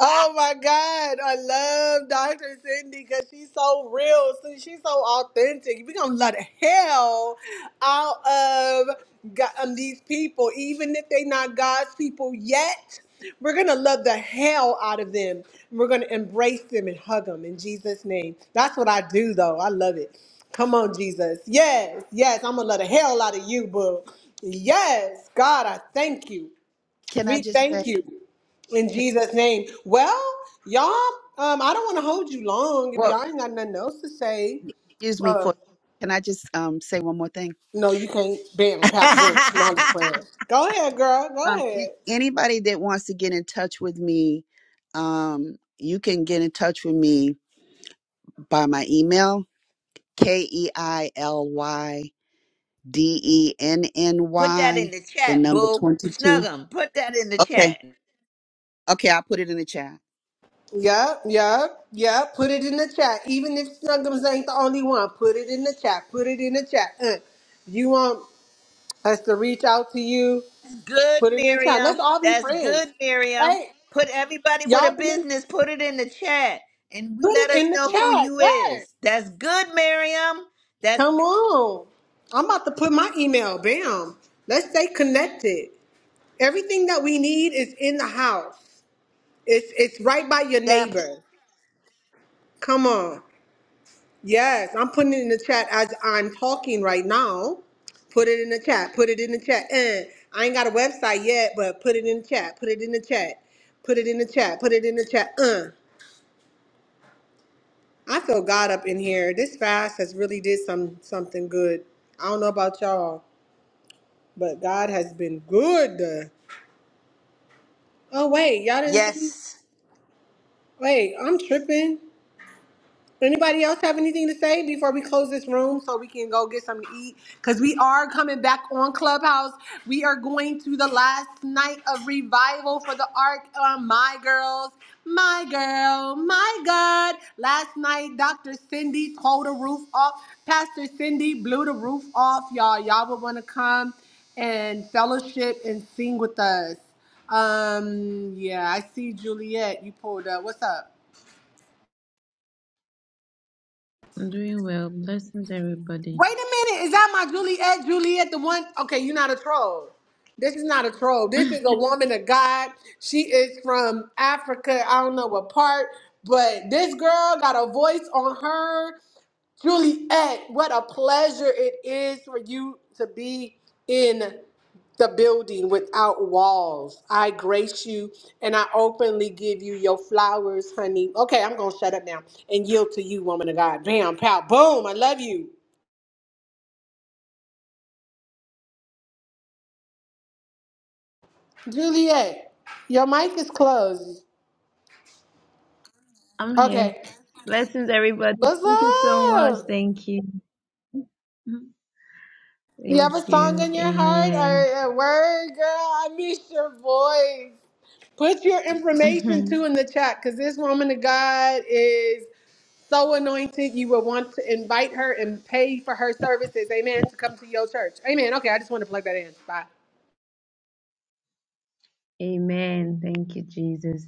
[SPEAKER 1] Oh my God, I love Dr. Cindy because she's so real. See, she's so authentic. We're gonna let hell out of God, um, these people, even if they're not God's people yet. We're gonna love the hell out of them. We're gonna embrace them and hug them in Jesus' name. That's what I do, though. I love it. Come on, Jesus. Yes, yes. I'm gonna love the hell out of you, boo. Yes, God, I thank you.
[SPEAKER 10] Can I
[SPEAKER 1] We
[SPEAKER 10] just say,
[SPEAKER 1] thank you. In
[SPEAKER 10] can,
[SPEAKER 1] Jesus' name. Well, y'all, um, I don't want to hold you long. If
[SPEAKER 10] well,
[SPEAKER 1] y'all ain't got nothing else to say,
[SPEAKER 10] excuse me
[SPEAKER 1] uh,
[SPEAKER 10] for, can I just um, say one more thing?
[SPEAKER 1] no, you can't. Bam, pow, boom. No, I'm just
[SPEAKER 10] (laughs)
[SPEAKER 1] playing. Go ahead, girl. Go
[SPEAKER 10] Um,
[SPEAKER 1] ahead.
[SPEAKER 10] a- anybody that wants to get in touch with me, um, you can get in touch with me by my email, K E I L Y. D E N N
[SPEAKER 3] put that in
[SPEAKER 10] Y,
[SPEAKER 3] the
[SPEAKER 10] the
[SPEAKER 3] chat
[SPEAKER 10] number
[SPEAKER 3] boo snug
[SPEAKER 10] 22.
[SPEAKER 3] 'em. put that in the
[SPEAKER 10] Okay.
[SPEAKER 3] chat
[SPEAKER 10] Okay. I'll put it in the chat.
[SPEAKER 1] Yep, yep, yep. Put it in the chat. Even if Snuggums ain't the only one, put it in the chat. Put it in the chat. Uh, you want us to reach out to you?
[SPEAKER 3] Good,
[SPEAKER 1] Put it in the chat. Let's
[SPEAKER 3] Miriam.
[SPEAKER 1] all be
[SPEAKER 3] That's
[SPEAKER 1] friends.
[SPEAKER 3] good, Miriam.
[SPEAKER 1] Hey,
[SPEAKER 3] Put everybody with a
[SPEAKER 1] y'all remember?
[SPEAKER 3] business, put it in the chat and we
[SPEAKER 1] Put it
[SPEAKER 3] let us
[SPEAKER 1] in the
[SPEAKER 3] know who
[SPEAKER 1] chat.
[SPEAKER 3] you
[SPEAKER 1] Yes.
[SPEAKER 3] is. That's good, Miriam. That's
[SPEAKER 1] Come on. I'm about to put my email. Bam. Let's stay connected. Everything that we need is in the house. It's it's right by your
[SPEAKER 3] that
[SPEAKER 1] neighbor. Come on. Yes, I'm putting it in the chat as I'm talking right now. Put it in the chat. Put it in the chat. And I ain't got a website yet, but put it in the chat. Put it in the chat. Put it in the chat. Put it in the chat. Uh. I feel God up in here. This fast has really did some something good. I don't know about y'all, but God has been good. Oh wait, y'all didn't see?
[SPEAKER 3] yes.
[SPEAKER 1] Wait, I'm tripping. Anybody else have anything to say before we close this room so we can go get something to eat? Because we are coming back on Clubhouse. We are going to the last night of revival for the Ark. Um, my girls, my girl, my God. Last night, Dr. Cindy tore the roof off. Pastor Cindy blew the roof off, y'all. Y'all would want to come and fellowship and sing with us. Um, yeah, I see Juliet. You pulled up. What's up?
[SPEAKER 15] I'm doing well. Blessings, everybody.
[SPEAKER 1] Wait a minute, is that my Juliet? Juliet, the one? Okay, you're not a troll. This is not a troll. This is a
[SPEAKER 15] (laughs)
[SPEAKER 1] woman of God. She is from Africa. I don't know what part in the building without walls. I grace you and I openly give you your flowers, honey. Okay, I'm going to shut up now and yield to you, woman of God. Bam, pow, boom. I love you. Juliet, your mic is closed.
[SPEAKER 15] I'm here.
[SPEAKER 1] Okay.
[SPEAKER 15] Blessings, everybody.
[SPEAKER 1] What's
[SPEAKER 15] Thank you so much.
[SPEAKER 1] up?
[SPEAKER 15] Thank you.
[SPEAKER 1] Do you
[SPEAKER 15] Thank
[SPEAKER 1] have a song
[SPEAKER 15] you.
[SPEAKER 1] in your heart
[SPEAKER 15] Amen.
[SPEAKER 1] or a word, girl? I miss your voice. Put your
[SPEAKER 15] (laughs)
[SPEAKER 1] information
[SPEAKER 15] Amen.
[SPEAKER 1] too in the chat because this woman of God is so anointed. You will want to invite her and pay for her services. Amen. To come to your church. Amen. Okay, I just want to plug that in. Bye.
[SPEAKER 15] Thank you, Jesus.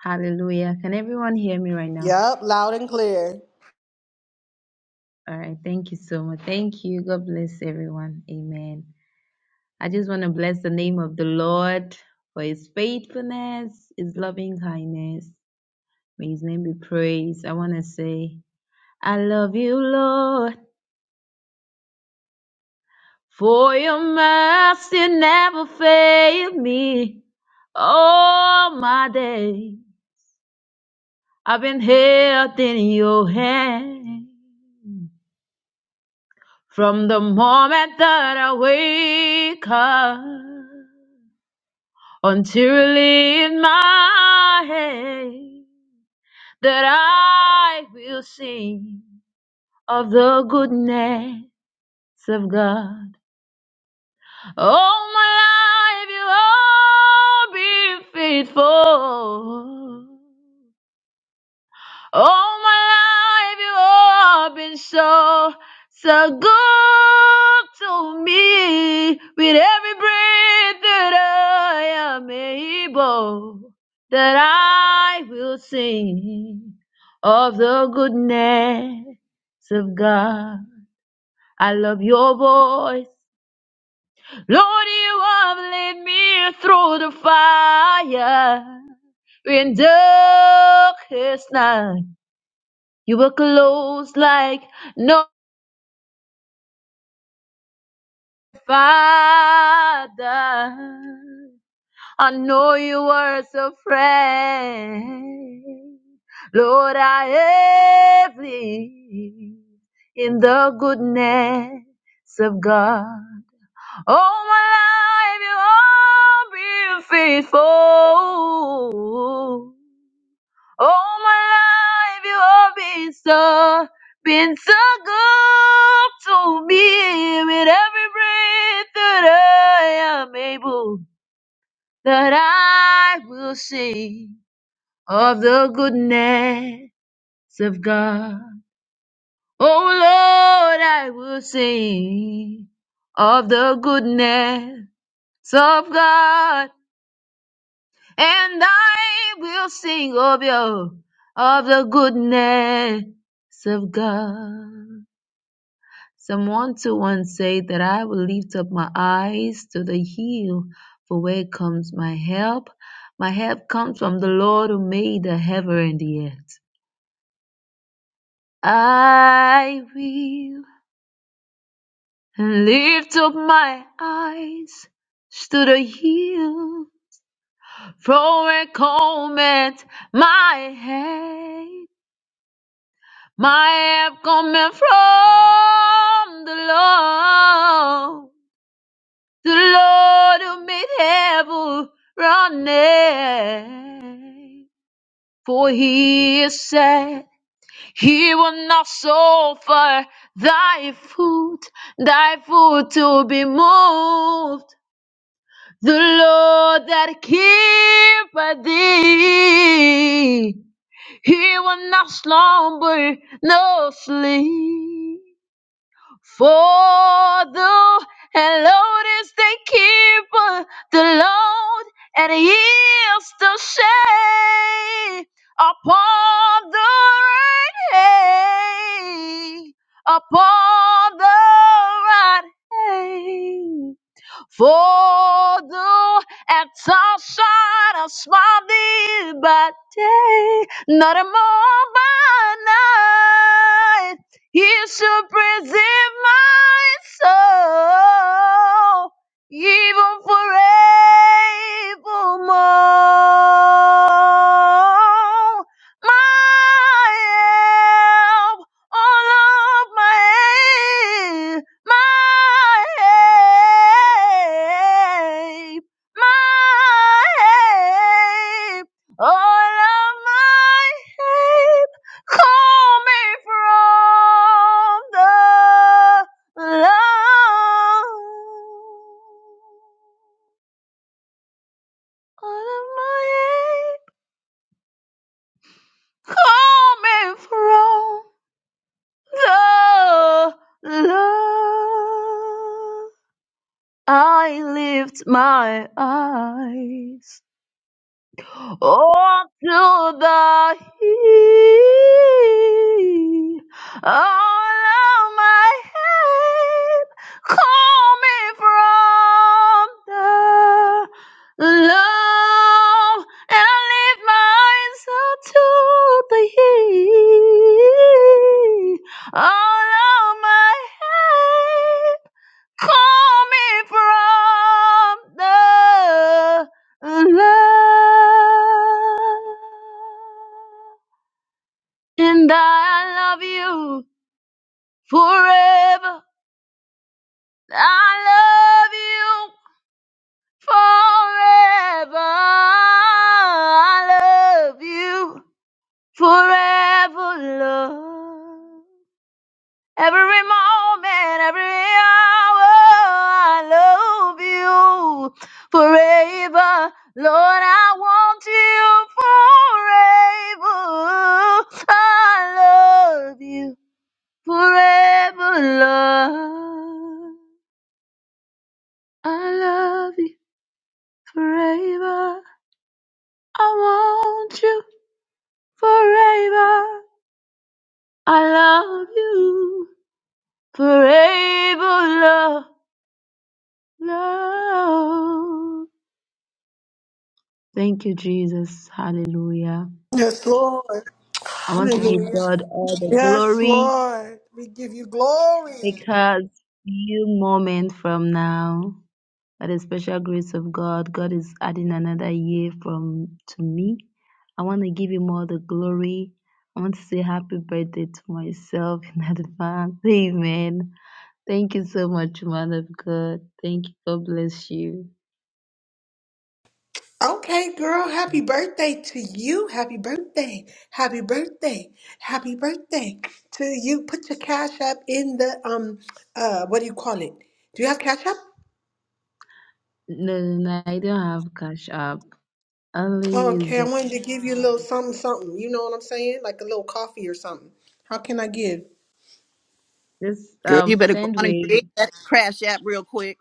[SPEAKER 15] Hallelujah. Can everyone hear me right now?
[SPEAKER 1] Yep, loud and clear.
[SPEAKER 15] All right. Thank you so much. Thank you. God bless everyone. Amen. I just want to bless the name of the Lord for his faithfulness, his loving kindness. May his name be praised. I want to say, I love you, Lord, for your mercy never failed me all my day. I've been held in your hand from the moment that I wake up until you leave my head, that I will sing of the goodness of God. All my life you have been faithful. All my life you have been so, so good to me. With every breath that I am able, that I will sing of the goodness of God. I love your voice. Lord, you have led me through the fire. In darkest night, you were close like no father. I know you were so friend. Lord, I have lived in the goodness of God. All my life you have been faithful. All my life you have been so, been so good to me with every breath that I am able, that I will sing of the goodness of God. Oh Lord, I will sing of the goodness of God, and I will sing of your of the goodness of God. Psalm one to one say that I will lift up my eyes to the hill, for where comes my help? My help comes from the Lord who made the heaven and the earth. I will lift up my eyes to the hill For a comment, my help, my help coming from the Lord. The Lord who made heaven running. For he has said, he will not suffer thy foot, thy foot to be moved. The Lord that keepeth thee He will not slumber, nor sleep. For the Lord is the keeper, the Lord, and He is the shade upon the right hand, upon the right hand. For thou art outside a small thee by day, not a more by night. He shall preserve my soul, even forevermore. My help, all of my aid, my help, my help, all of my help coming from the Lord. All of my help coming from the Lord. I lift my eyes up to the hill. All of my help coming from the Lord, and I lift my eyes up to the hill. All of my help Call me from the love. And I love you forever. I love you forever. I love you forever, love. Every moment, every hour, I love you forever. Lord, I want you forever. I love you forever, Lord. I love you forever. I want you forever. I love you forever, Lord. Lord. Thank you, Jesus. Hallelujah.
[SPEAKER 1] Yes, Lord.
[SPEAKER 15] I want to give
[SPEAKER 1] Hallelujah.
[SPEAKER 15] God all the
[SPEAKER 1] Yes,
[SPEAKER 15] glory
[SPEAKER 1] Lord. We give you glory.
[SPEAKER 15] because few moments from now, by the special grace of God, God is adding another year from to me. I want to give him all the glory. I want to say happy birthday to myself (laughs) in advance. Amen. Thank you so much, man of God. Thank you. God bless you.
[SPEAKER 1] Okay, girl, happy birthday to you. Happy birthday. Happy birthday. Happy birthday to you. Put your cash app in the um uh what do you call it? Do you have cash app?
[SPEAKER 15] No, no, no, I don't have cash app. I only use
[SPEAKER 1] Okay, I
[SPEAKER 15] the-
[SPEAKER 1] wanted to give you a little something something. You know what I'm saying? Like a little coffee or something. How can I give?
[SPEAKER 15] this
[SPEAKER 10] Girl, you
[SPEAKER 15] um
[SPEAKER 10] better go
[SPEAKER 15] send
[SPEAKER 10] on and
[SPEAKER 15] way
[SPEAKER 10] create that Crash app real quick.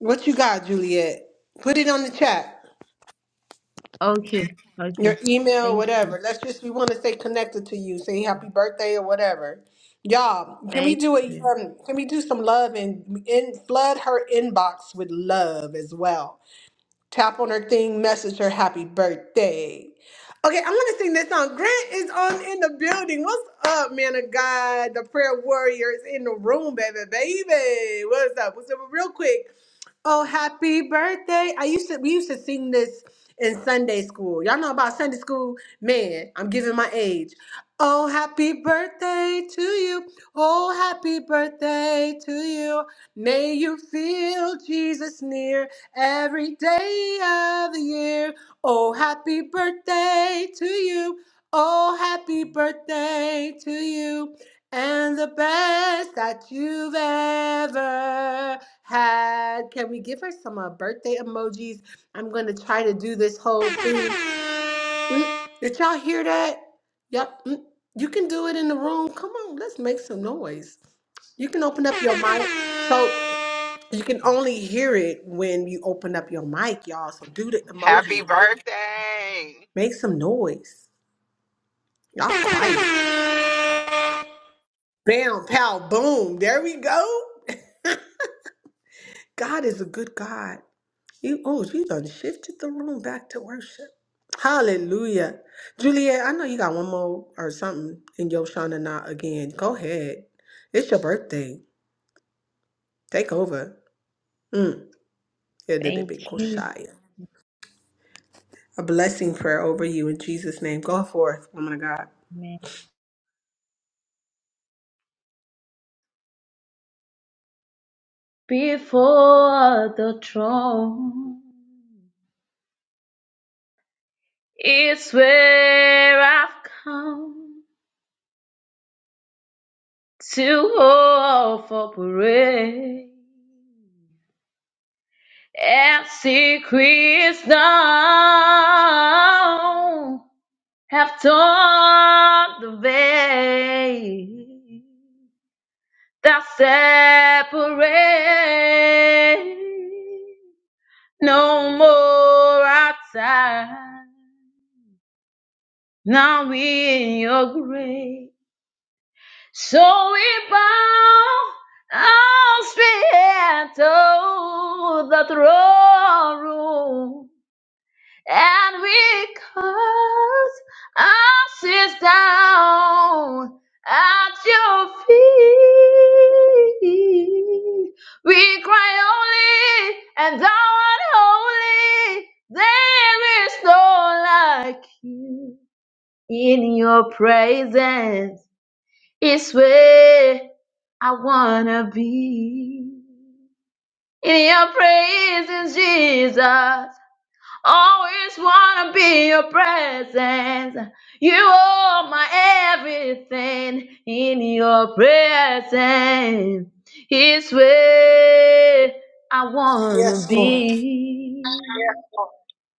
[SPEAKER 1] What you got, Juliet? Put it on the chat.
[SPEAKER 15] Okay, okay.
[SPEAKER 1] your email,
[SPEAKER 15] Thank you.
[SPEAKER 1] whatever. Let's just we want to stay connected to you. Say happy birthday or whatever. Y'all, can we
[SPEAKER 15] Thank
[SPEAKER 1] do a
[SPEAKER 15] you.
[SPEAKER 1] um, can we do some love and in flood her inbox with love as well? Tap on her thing, message her happy birthday. Okay, I'm gonna sing this song. Grant is on in the building. What's up, man of God? The prayer warrior is in the room, baby, baby. What's up? What's up? Real quick. Oh, happy birthday. I used to we used to sing this in Sunday school. Y'all know about Sunday school? Man, I'm giving my age. Oh, happy birthday to you. Oh, happy birthday to you. May you feel Jesus near every day of the year. Oh, happy birthday to you. Oh, happy birthday to you. And the best that you've ever had. Can we give her some uh, birthday emojis? I'm going to try to do this whole thing. Mm, Did y'all hear that? Yep. mm, You can do it in the room. Come on, let's make some noise. You can open up your mic. So you can only hear it when you open up your mic, y'all. So do the emoji. Make some noise. Y'all quiet. Bam, pow, boom. There we go. (laughs) God is a good God. You, oh, you done shifted the room back to worship. Hallelujah. Juliet, I know you got one more or something in your Shana now again. Go ahead. It's your birthday. Take over. Mm. Yeah, did it
[SPEAKER 15] Thank
[SPEAKER 1] be
[SPEAKER 15] you.
[SPEAKER 1] Koshaya. A blessing prayer over you in Jesus' name. Go forth, woman of God.
[SPEAKER 15] Man. Before the throne is where I've come to offer praise and see Christ now have torn the veil that separates. No more outside. Now we in your grave. So we bow our spirit to the throne room. And because I sit down at your feet, we cry holy and thou art holy. There is no like you in your presence. is where I wanna be. In your presence, Jesus. Always wanna be in your presence. You are my everything in your presence. It's where I wanna be.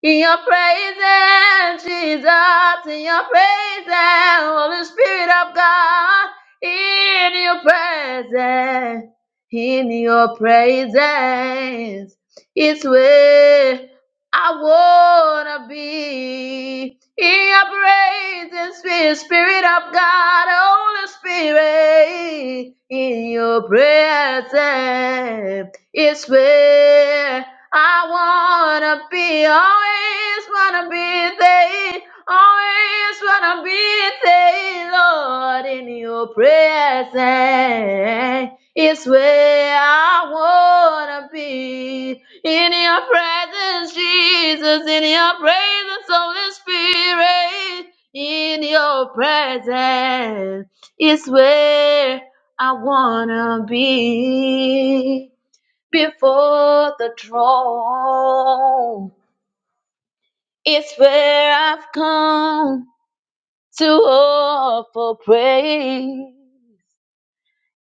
[SPEAKER 15] In your presence, Jesus, in your presence, Holy Spirit of God, in your presence, in your presence, it's where I wanna be in your presence, Spirit, Spirit of God, Holy Spirit. In your presence is where I wanna be. Always wanna be there. Always wanna be there, Lord. In your presence is where I wanna be. In your presence, Jesus, in your presence, Holy Spirit, in your presence is where I wanna be. Before the throne is where I've come to offer praise.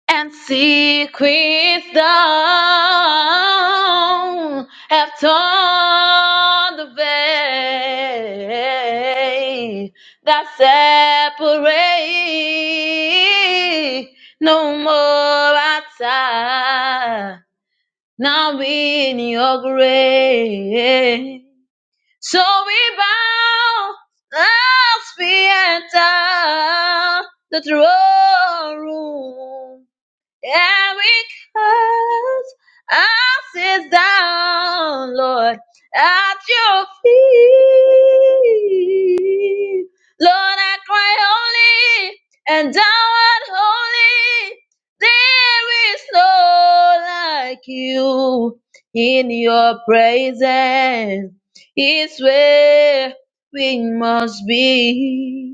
[SPEAKER 15] and secrets thou have torn the veil that separate no more outside now in your grace so we bow as we enter the throne room yeah, because I sit down, Lord, at your feet. Lord, I cry holy, and thou art holy. There is no like you in your presence. It's where we must be.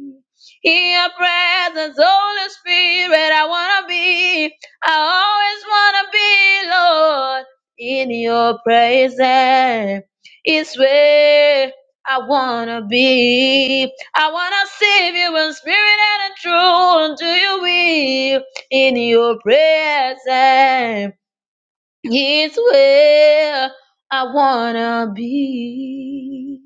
[SPEAKER 15] In your presence, Holy Spirit, I wanna be. I always wanna be, Lord, in your presence. It's where I wanna be. I wanna serve you in spirit and in truth. Do you will in your presence? It's where I wanna be.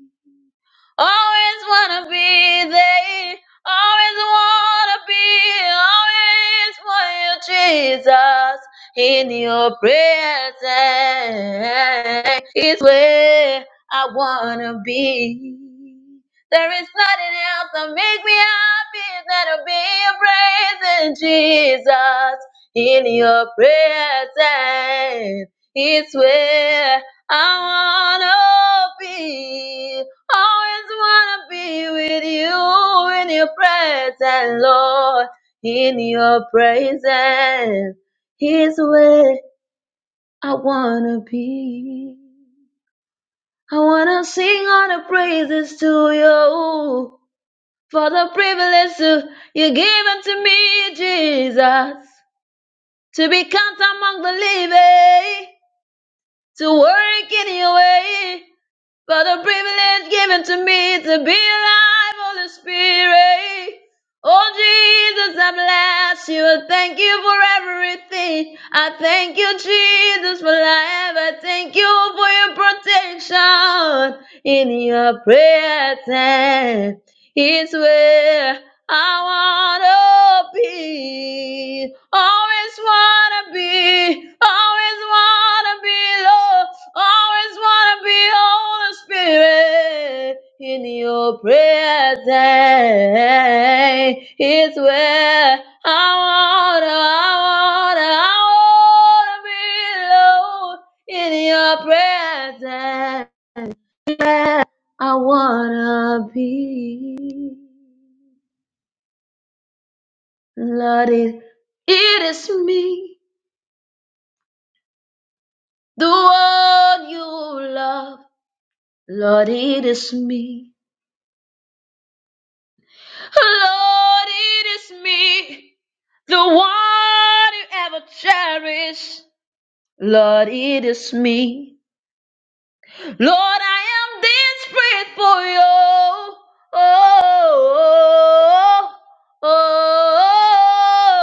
[SPEAKER 15] Always wanna be there. Always wanna be. Always want you, Jesus. In your presence is where I wanna be. There is nothing else that make me happy than to be in praise Jesus. In your presence is where I wanna be. Always wanna be with you in your presence, Lord. In your presence is where I wanna be. I wanna sing all the praises to you for the privilege to, you given to me, Jesus, to be counted among the living, to work in your way. For the privilege given to me to be alive, Holy Spirit. Oh Jesus, I bless you. I thank you for everything. I thank you, Jesus, for life. I thank you for your protection in your prayer time is where I wanna be. Always wanna be, always wanna be, Lord. Always wanna be, Holy Spirit. In your presence is where I wanna, I wanna, I wanna be, Lord. In your presence I wanna be Lord, it it is me, the one you love. Lord, it is me. Lord, it is me, the one you ever cherish. Lord, it is me. Lord, I am desperate for you. oh, oh, oh. oh,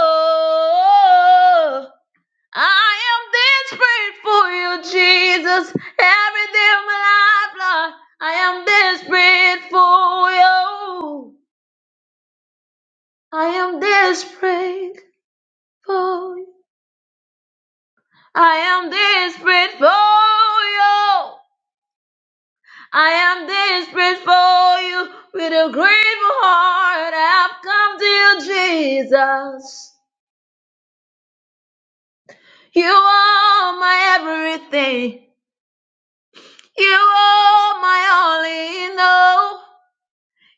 [SPEAKER 15] oh, oh. I am desperate for you, Jesus. Every day of my life, Lord, I am desperate for you. I am desperate for you. I am desperate for you. I am desperate for you. With a grateful heart, I've come to you, Jesus. You are my everything. You are my all in all.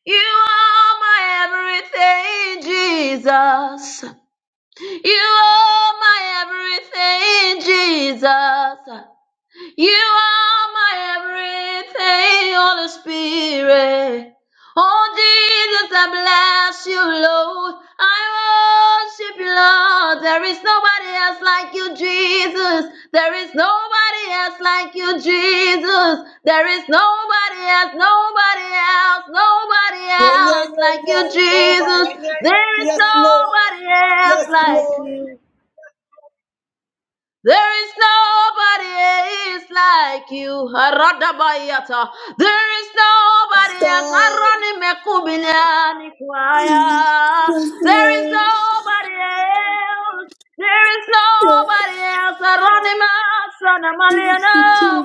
[SPEAKER 15] You are my everything, Jesus. You are my everything, Jesus. You are my everything, Holy Spirit. Oh Jesus, I bless you, Lord. I worship you, Lord. There is nobody else like you, Jesus. There is nobody else like you, Jesus. There is nobody else, nobody else, nobody
[SPEAKER 1] Yeah, yeah,
[SPEAKER 15] else
[SPEAKER 1] yeah,
[SPEAKER 15] like you,
[SPEAKER 1] yeah.
[SPEAKER 15] Jesus.
[SPEAKER 1] Nobody.
[SPEAKER 15] There is
[SPEAKER 1] Yes, Lord.
[SPEAKER 15] nobody else
[SPEAKER 1] Yes,
[SPEAKER 15] like
[SPEAKER 1] Lord.
[SPEAKER 15] you. There is nobody is like you. Aradabayata. There is nobody else. Aronimekubiliani kwaya. There is nobody else. There is nobody else. Aronima sanamaliana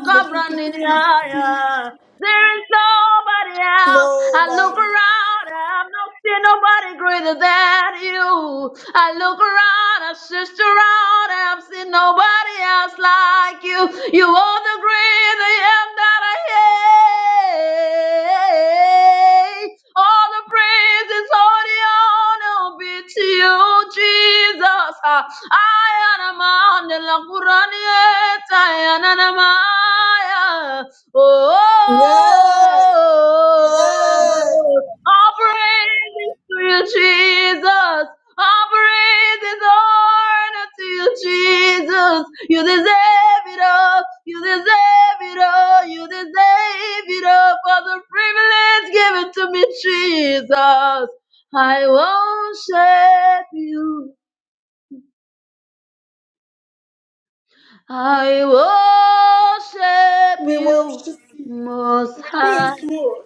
[SPEAKER 15] kabranidiaya. There is nobody else. I look around, I've not seen nobody greater than you. I look around, I searched around, I've seen nobody else like you. You are the great I am that I am. All the praise is all the honor be to you, Jesus. Ah, I am a man, the Quran, I am a man. yeah. Oh,
[SPEAKER 1] Yes, yes.
[SPEAKER 15] offering to you, Jesus. Offering this honor to you, Jesus. You deserve it all. You deserve it all. You deserve it all for the privilege given to me, Jesus. I worship you. I worship
[SPEAKER 1] We
[SPEAKER 15] you,
[SPEAKER 1] worship you.
[SPEAKER 15] Most High.
[SPEAKER 1] Yes, Lord.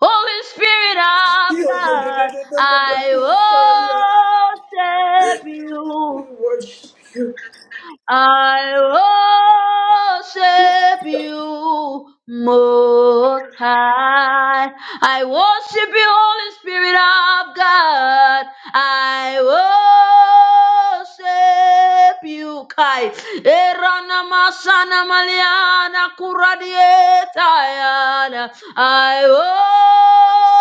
[SPEAKER 15] Holy Spirit of God, I worship you. I worship you, Most High. I worship you, Holy Spirit of God. I worship you, Kai. Erana masana maliana kuradieta yana. I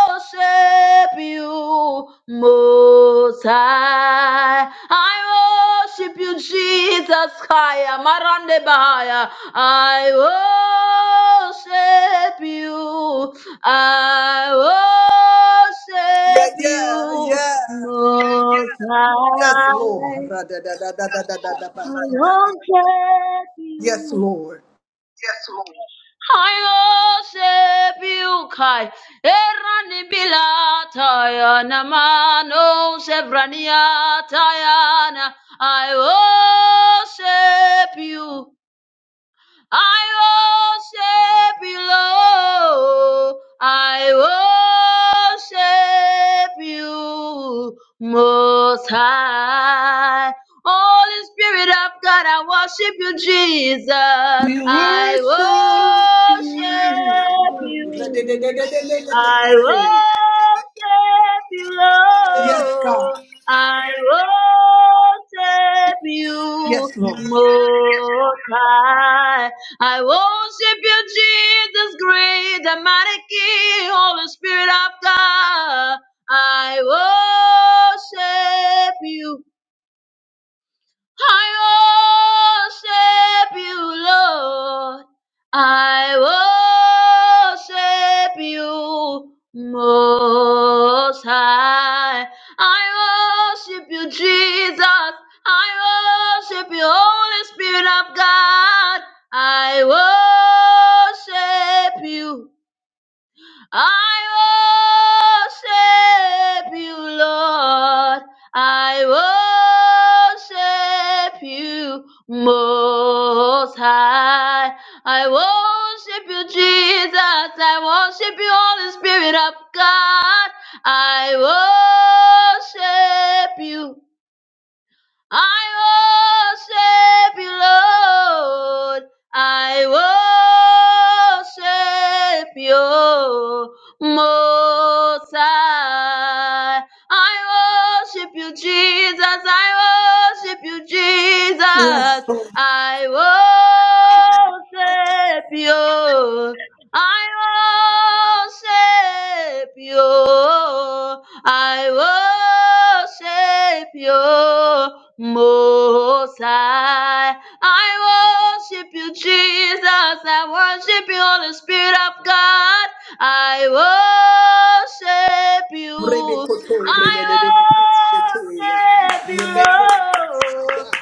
[SPEAKER 15] worship you, Most High. I worship you, Jesus. Higher, Marande Bahaya. I worship you. I
[SPEAKER 1] Yeah,
[SPEAKER 15] worship
[SPEAKER 1] yeah,
[SPEAKER 15] you,
[SPEAKER 1] yeah.
[SPEAKER 15] Most
[SPEAKER 1] Yes,
[SPEAKER 15] High.
[SPEAKER 1] Lord. Ra-da-da-da-da-da-da-da-da.
[SPEAKER 15] I worship
[SPEAKER 1] Yes,
[SPEAKER 15] you.
[SPEAKER 1] Lord.
[SPEAKER 15] Hayo sebukai erani bilata ya na mano sevrania tayana ayo sebu I worship you, Lord. I worship you, Most High. Holy Spirit of God, I worship you, Jesus.
[SPEAKER 1] We
[SPEAKER 15] I
[SPEAKER 1] worship
[SPEAKER 15] worship
[SPEAKER 1] you. ra da da da da da
[SPEAKER 15] you.
[SPEAKER 1] da da da
[SPEAKER 15] I
[SPEAKER 1] da
[SPEAKER 15] worship you,
[SPEAKER 1] Yes, God.
[SPEAKER 15] Lord. I worship you,
[SPEAKER 1] Yes, Lord.
[SPEAKER 15] Most High. I worship you, Jesus, great and mighty King, Holy Spirit of God. I worship you. I worship you, Lord. I worship you, Most High. I worship you, Jesus. I worship you, Holy Spirit of God. I worship you. I worship you, Lord. I worship you, Most High. I worship you, Jesus. I worship you, Holy Spirit of God. I worship you. I worship you, Lord. I worship you, Most High. I worship you, Jesus. I worship you,
[SPEAKER 1] Yes,
[SPEAKER 15] Jesus.
[SPEAKER 1] Lord.
[SPEAKER 15] I worship you. I worship you. I worship you, Most High. I worship you, Jesus. I worship you, Holy Spirit of God. I worship you.
[SPEAKER 1] Re-be-ko-to,
[SPEAKER 15] I
[SPEAKER 1] re-le-le-le-le-le-ko-she-te-ya.
[SPEAKER 15] worship
[SPEAKER 1] You make no
[SPEAKER 15] you, Lord.
[SPEAKER 1] God.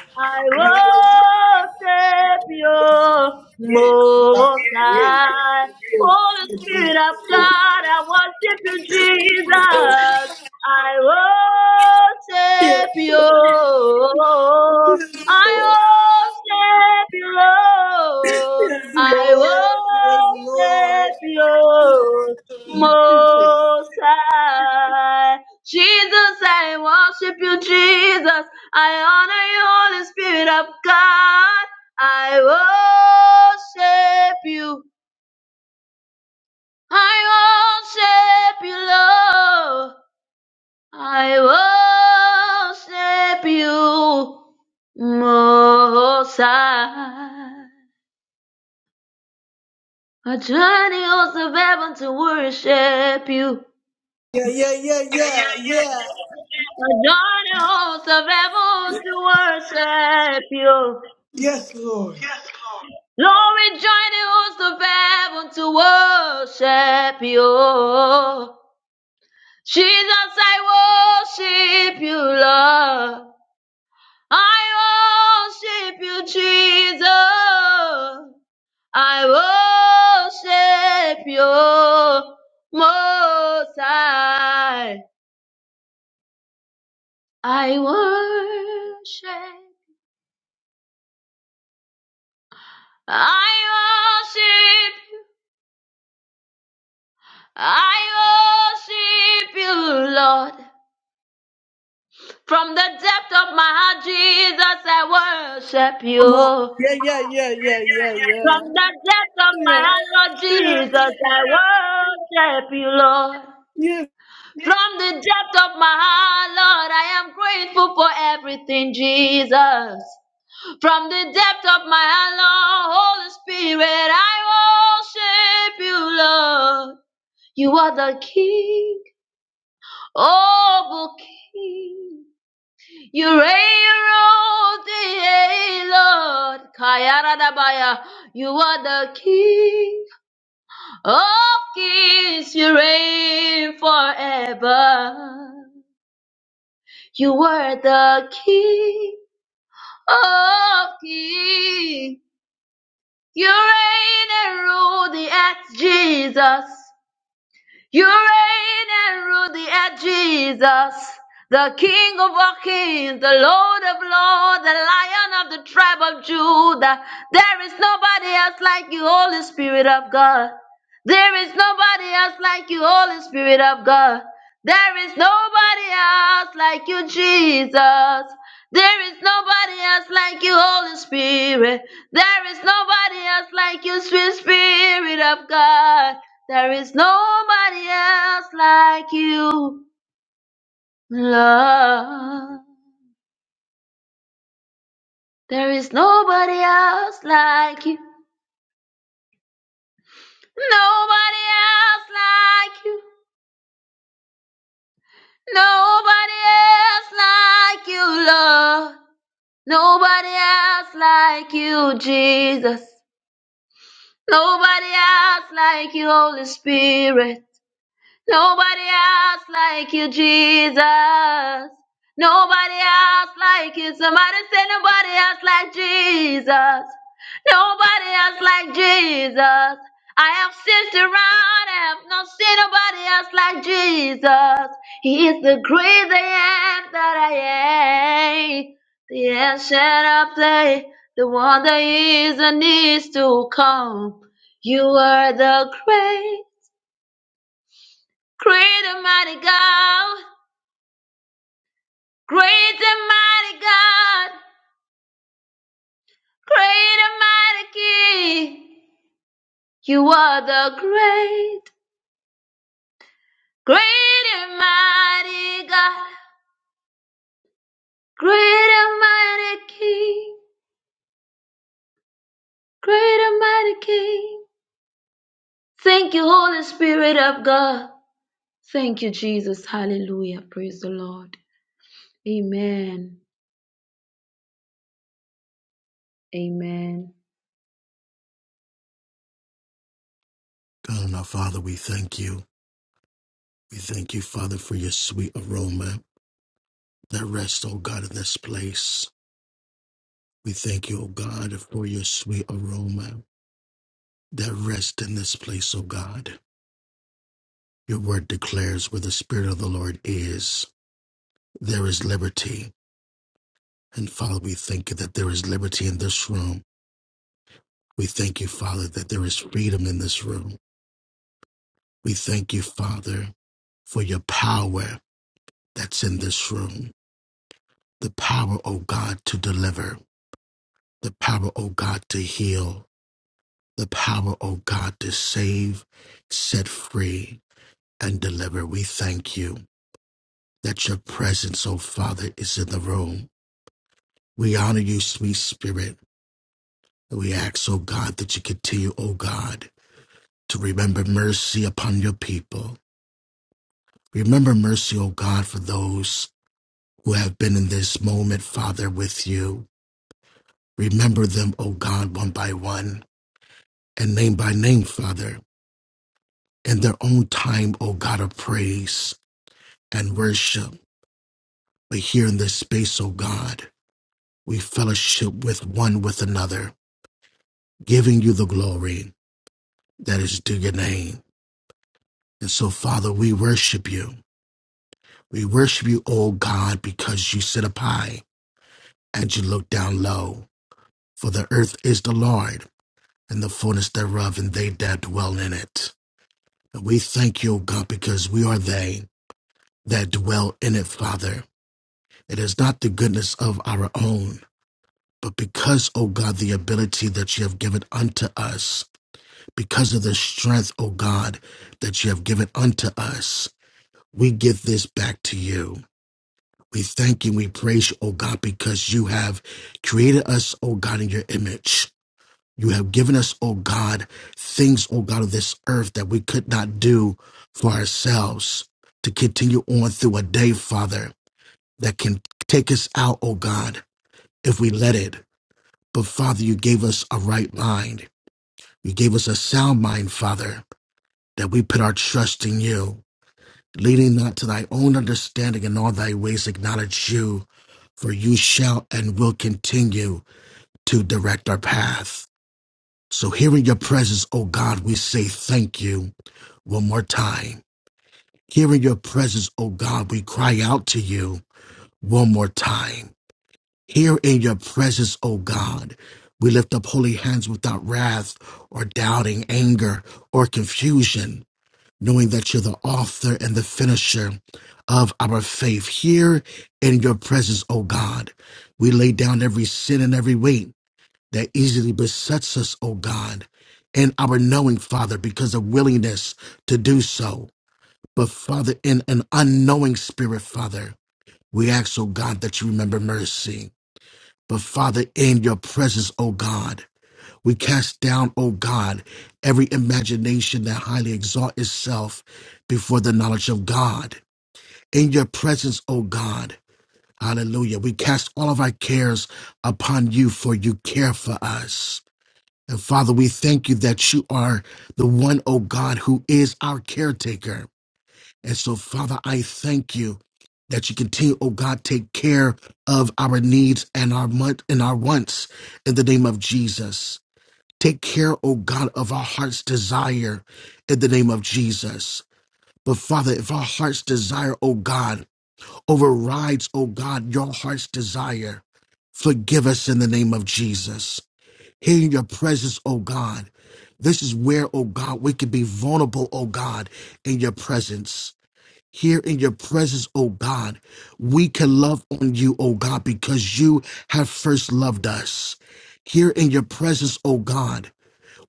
[SPEAKER 1] We worship.
[SPEAKER 15] I worship you
[SPEAKER 1] Yes, God.
[SPEAKER 15] most high.
[SPEAKER 1] Yes, Lord.
[SPEAKER 15] Holy
[SPEAKER 1] Yes,
[SPEAKER 15] Spirit of
[SPEAKER 1] Lord.
[SPEAKER 15] God, I worship you, Jesus. I worship
[SPEAKER 1] Yes,
[SPEAKER 15] you.
[SPEAKER 1] Lord. Yes,
[SPEAKER 15] I
[SPEAKER 1] Lord.
[SPEAKER 15] worship you, Lord.
[SPEAKER 1] Yes,
[SPEAKER 15] I
[SPEAKER 1] Lord. Yes, Lord.
[SPEAKER 15] worship you most high. Jesus, I worship you, Jesus. I honor you, Holy Spirit of God. I worship you. I worship you, Lord. I worship you, Most High. I join the host of heaven to worship you.
[SPEAKER 1] Yeah, yeah, yeah, yeah, yeah.
[SPEAKER 15] I join the host of heaven to worship you.
[SPEAKER 1] Yes, Lord.
[SPEAKER 15] Glory join the hosts of heaven to worship you. Jesus, I worship you, Lord. I worship you, Jesus. I worship you, Most High. I worship. I worship. I worship you, Lord. From the depth of my heart, Jesus, I worship
[SPEAKER 1] Come on.
[SPEAKER 15] you.
[SPEAKER 1] Yeah, yeah, yeah, yeah, yeah, yeah.
[SPEAKER 15] From the depth of my
[SPEAKER 1] Yeah,
[SPEAKER 15] heart, Lord
[SPEAKER 1] yeah,
[SPEAKER 15] Jesus, I worship you, Lord.
[SPEAKER 1] yeah.
[SPEAKER 15] From the depth of my heart, Lord, I am grateful for everything, Jesus. From the depth of my heart, Lord, Holy Spirit, I worship you, Lord. You are the King, oh, King. You reign, you rule the Lord. Kayaradabaya. You are the King of Kings. You reign forever. You are the King of Kings. You reign and rule the earth, Jesus. You reign and rule the earth, Jesus, the King of all kings, the Lord of lords, the Lion of the tribe of Judah. There is nobody else like you, Holy Spirit of God. There is nobody else like you, Holy Spirit of God. There is nobody else like you, Jesus. There is nobody else like you, Holy Spirit. There is nobody else like you, sweet Spirit of God. There is nobody else like you, Lord. There is nobody else like you. Nobody else like you. Nobody else like you, Lord. Nobody else like you, Jesus. Nobody else like you, Holy Spirit. Nobody else like you, Jesus. Nobody else like you. Somebody say nobody else like Jesus. Nobody else like Jesus. I have searched around, I have not seen nobody else like Jesus. He is the great I am that I am. The ancient of days, the one that is and is to come. You are the great. Great and mighty God, great and mighty God, great and mighty King. You are the great, great and mighty God, great and mighty King, great and mighty King. Thank you, Holy Spirit of God. Thank you, Jesus. Hallelujah. Praise the Lord. Amen. Amen.
[SPEAKER 16] God and our Father, we thank you. We thank you, Father, for your sweet aroma that rests, oh God, in this place. We thank you, oh God, for your sweet aroma that rests in this place, oh God. Your word declares where the Spirit of the Lord is, there is liberty. And Father, we thank you that there is liberty in this room. We thank you, Father, that there is freedom in this room. We thank you, Father, for your power that's in this room. The power, oh God, to deliver the power, O God, to heal, the power, O God, to save, set free, and deliver. We thank you that your presence, O Father, is in the room. We honor you, sweet Spirit. We ask, O God, that you continue, O God, to remember mercy upon your people. Remember mercy, O God, for those who have been in this moment, Father, with you. Remember them, O God, one by one and name by name, Father. in their own time, O God of praise and worship. But here in this space, O God, we fellowship with one with another, giving you the glory that is due your name. And so, Father, we worship you. We worship you, O God, because you sit up high and you look down low. For the earth is the Lord and the fullness thereof, and they that dwell in it. And we thank you, O God, because we are they that dwell in it, Father. It is not the goodness of our own, But because, O God, the ability that you have given unto us, because of the strength, O God, that you have given unto us, we give this back to you. We thank you, we praise you, O God, because you have created us, O God, in your image. You have given us, O God, things, O God, of this earth that we could not do for ourselves to continue on through a day, Father, that can take us out, O God, if we let it. But Father, you gave us a right mind. You gave us a sound mind, Father, that we put our trust in you, leading not to thy own understanding in all thy ways acknowledge you, for you shall and will continue to direct our path. So here in your presence, O God, we say thank you one more time. Here in your presence, O God, we cry out to you one more time. Here in your presence, O God, we lift up holy hands without wrath or doubting, anger or confusion. knowing that you're the author and the finisher of our faith here in your presence, O God. We lay down every sin and every weight that easily besets us, O God, and our knowing, Father, because of willingness to do so. But, Father, in an unknowing spirit, Father, we ask, O God, that you remember mercy. But, Father, in your presence, O God, we cast down, O God, every imagination that highly exalts itself before the knowledge of God. In your presence, O God, hallelujah, we cast all of our cares upon you, for you care for us. And Father, we thank you that you are the one, O God, who is our caretaker. And so, Father, I thank you that you continue, O God, take care of our needs and our want- and our wants in the name of Jesus. Take care, O God, of our heart's desire in the name of Jesus. But Father, if our heart's desire, O God, overrides, O God, your heart's desire, forgive us in the name of Jesus. Here in your presence, O God, this is where, O God, we can be vulnerable, O God, in your presence. Here in your presence, O God, we can love on you, O God, because you have first loved us. Here in your presence, O God,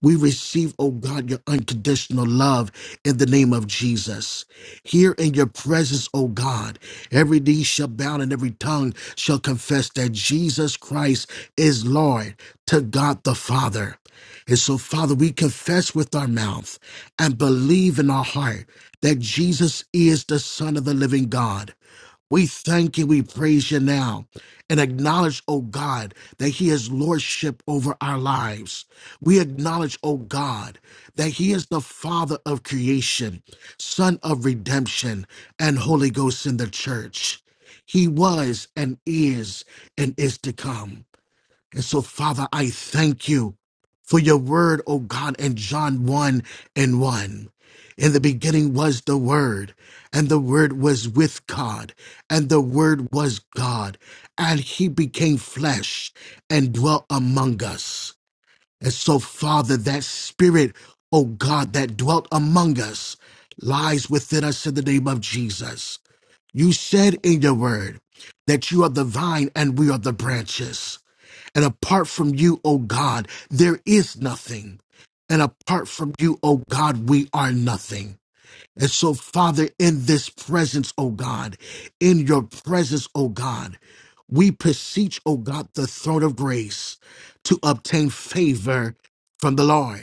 [SPEAKER 16] we receive, oh God, your unconditional love in the name of Jesus. Here in your presence, oh God, every knee shall bow and every tongue shall confess that Jesus Christ is Lord to God the Father. And so, Father, we confess with our mouth and believe in our heart that Jesus is the Son of the living God. We thank you, we praise you now, and acknowledge, O God, that He has lordship over our lives. We acknowledge, O God, that He is the Father of creation, Son of redemption, and Holy Ghost in the church. He was and is and is to come. And so, Father, I thank you for your word, O God, in John 1 and 1. In the beginning was the Word, and the Word was with God, and the Word was God, and He became flesh and dwelt among us. And so, Father, that Spirit, O God, that dwelt among us lies within us in the name of Jesus. You said in your word that you are the vine and we are the branches. And apart from you, O God, there is nothing. And apart from you, O God, we are nothing. And so, Father, in this presence, O God, in your presence, O God, we beseech, O God, the throne of grace to obtain favor from the Lord.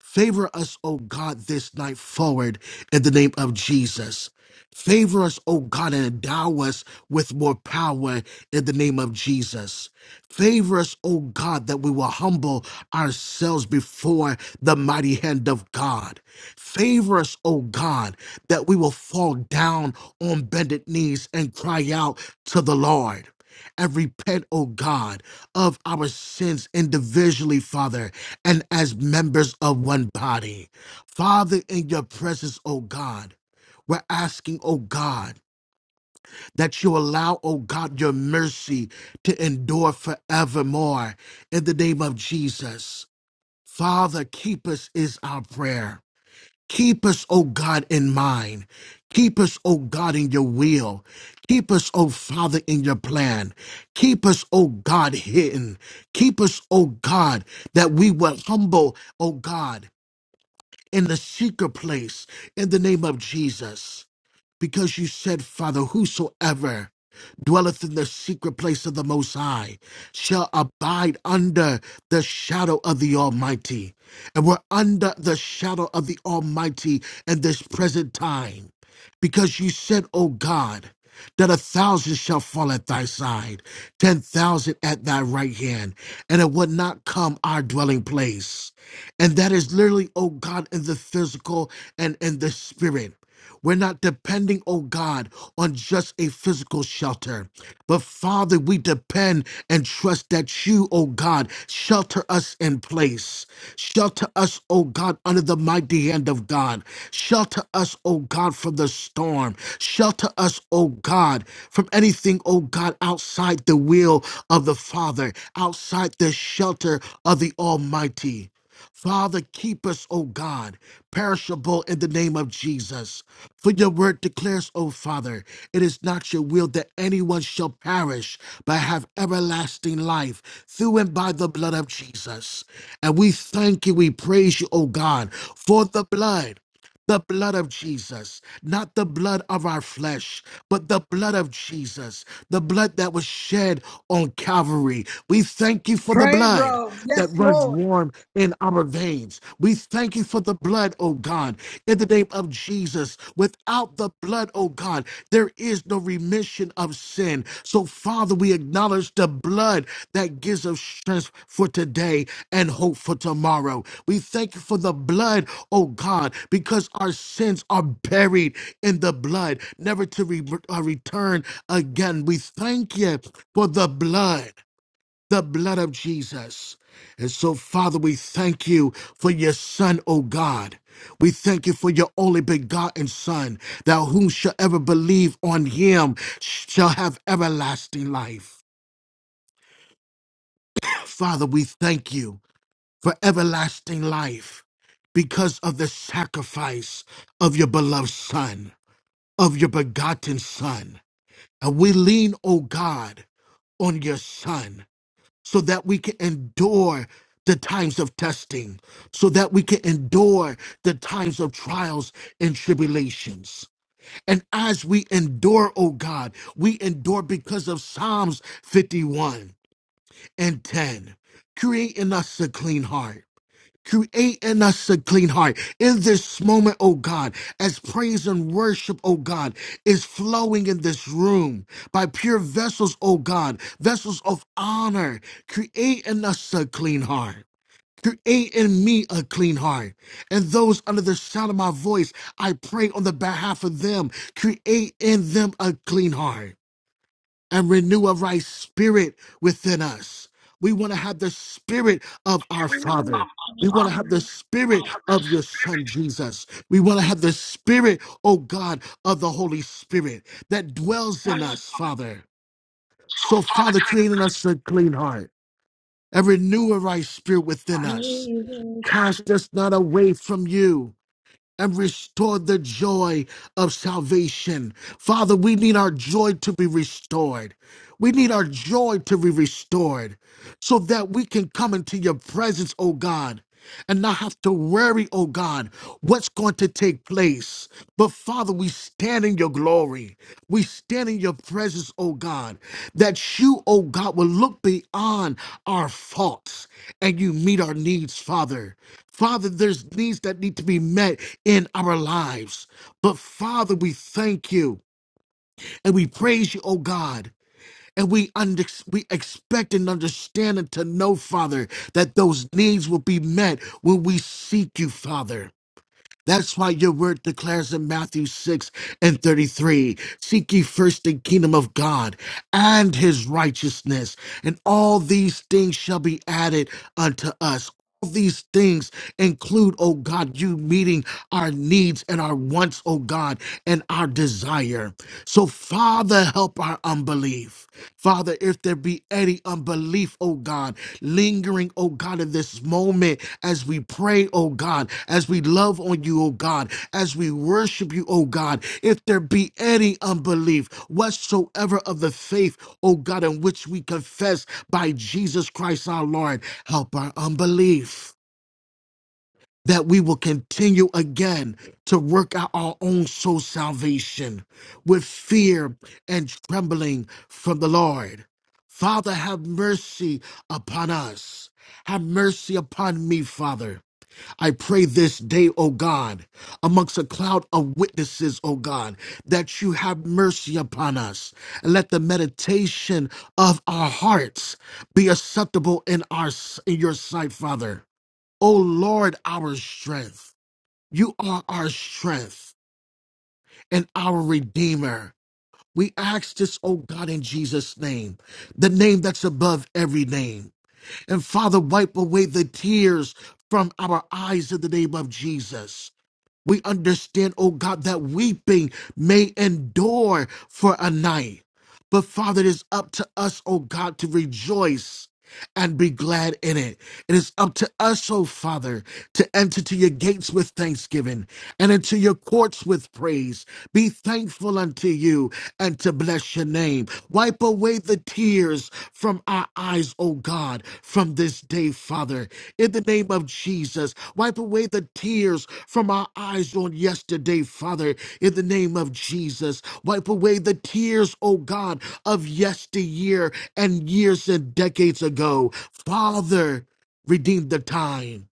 [SPEAKER 16] Favor us, O God, this night forward in the name of Jesus. Favor us, O God, and endow us with more power in the name of Jesus. Favor us, O God, that we will humble ourselves before the mighty hand of God. Favor us, O God, that we will fall down on bended knees and cry out to the Lord. And repent, O God, of our sins individually, Father, and as members of one body. Father, in your presence, O God, we're asking, O God, that you allow, O God, your mercy to endure forevermore in the name of Jesus. Father, keep us is our prayer. Keep us, O God, in mind. Keep us, O God, in your will. Keep us, O Father, in your plan. Keep us, O God, hidden. Keep us, O God, that we will humble, O God in the secret place in the name of Jesus. Because you said, Father, whosoever dwelleth in the secret place of the Most High shall abide under the shadow of the Almighty. And we're under the shadow of the Almighty in this present time. Because you said, O God, that a thousand shall fall at thy side, ten thousand at thy right hand, and it would not come our dwelling place. And that is literally, oh God, in the physical and in the spirit. We're not depending, oh God, on just a physical shelter. But Father, we depend and trust that you, oh God, shelter us in place. Shelter us, oh God, under the mighty hand of God. Shelter us, oh God, from the storm. Shelter us, oh God, from anything, oh God, outside the will of the Father, outside the shelter of the Almighty. Father, keep us, O God, perishable in the name of Jesus. For your word declares, O Father, it is not your will that anyone shall perish, but have everlasting life through and by the blood of Jesus. And we thank you, we praise you, O God, for the blood. The blood of Jesus, not the blood of our flesh, but the blood of Jesus, the blood that was shed on Calvary. We thank you for the
[SPEAKER 1] Pray,
[SPEAKER 16] blood
[SPEAKER 1] bro. Yes,
[SPEAKER 16] that runs
[SPEAKER 1] Lord.
[SPEAKER 16] warm in our veins. We thank you for the blood, oh God, in the name of Jesus. Without the blood, oh God, there is is no remission of sin. So, Father, we acknowledge the blood that gives us strength for today and hope for tomorrow. We thank you for the blood, oh God, because our sins are buried in the blood, never to re- uh, return again. We thank you for the blood the blood of Jesus. And so, Father, we thank you for your Son, O God. We thank you for your only begotten Son, that whom shall ever believe on him shall have everlasting life. Father, we thank you for everlasting life because of the sacrifice of your beloved Son, of your begotten Son. And we lean, O God, on your Son so that we can endure the times of testing, so that we can endure the times of trials and tribulations. And as we endure, oh God, we endure because of Psalms 51 and 10. Create in us a clean heart Create in us a clean heart. In this moment, oh God, as praise and worship, oh God, is flowing in this room by pure vessels, oh God, vessels of honor. Create in us a clean heart. Create in me a clean heart. And those under the sound of my voice, I pray on the behalf of them. Create in them a clean heart and renew a right spirit within us. We want to have the spirit of our Father. We want to have the
[SPEAKER 15] Amen.
[SPEAKER 16] spirit of your Son, Jesus. We want to have the spirit, oh God, of the Holy Spirit that dwells in us, Father. So, Father, create in us a clean heart and renew a right spirit within us. Cast us not away from you and restore the joy of salvation. Father, we need our joy to be restored. We need our joy to be restored so that we can come into your presence, oh God. And not have to worry, oh God, what's going to take place. But Father, we stand in your glory. We stand in your presence, oh God, that you, oh God, will look beyond our faults and you meet our needs, Father. Father, there's needs that need to be met in our lives. But Father, we thank you and we praise you, oh God. And we, under, we expect and understand and to know, Father, that those needs will be met when we seek you, Father. That's why your word declares in Matthew 6 and 33 Seek ye first the kingdom of God and his righteousness, and all these things shall be added unto us. All these things include, oh God, you meeting our needs and our wants, oh God, and our desire. So, Father, help our unbelief. Father, if if there be any unbelief, oh God, lingering, oh God, in this moment as we pray, oh God, as we love on you, oh God, as we worship you, oh God, if there be any unbelief whatsoever of the faith, oh God, in which we confess by Jesus Christ our Lord, help our unbelief that we will continue again to work out our own soul salvation with fear and trembling from the Lord. Father, have mercy upon us. Have mercy upon me, Father. I pray this day, O God, amongst a cloud of witnesses, O God, that you have mercy upon us. And let the meditation of our hearts be acceptable in our in your sight, Father. O Lord, our strength. You are our strength and our Redeemer. We ask this, O God, in Jesus' name, the name that's above every name. And Father, wipe away the tears from our eyes in the name of Jesus. We understand, oh God, that weeping may endure for a night. But Father, it is up to us, oh God, to rejoice and be glad in it. It is up to us, O Father, to enter to your gates with thanksgiving and into your courts with praise. Be thankful unto you and to bless your name. Wipe away the tears from our eyes, O God, from from this day, Father, in the name of Jesus. Wipe away the tears from our eyes on yesterday, Father, in the name of Jesus. Wipe away the tears, oh God, of yesteryear and years and decades ago. Father, redeem the time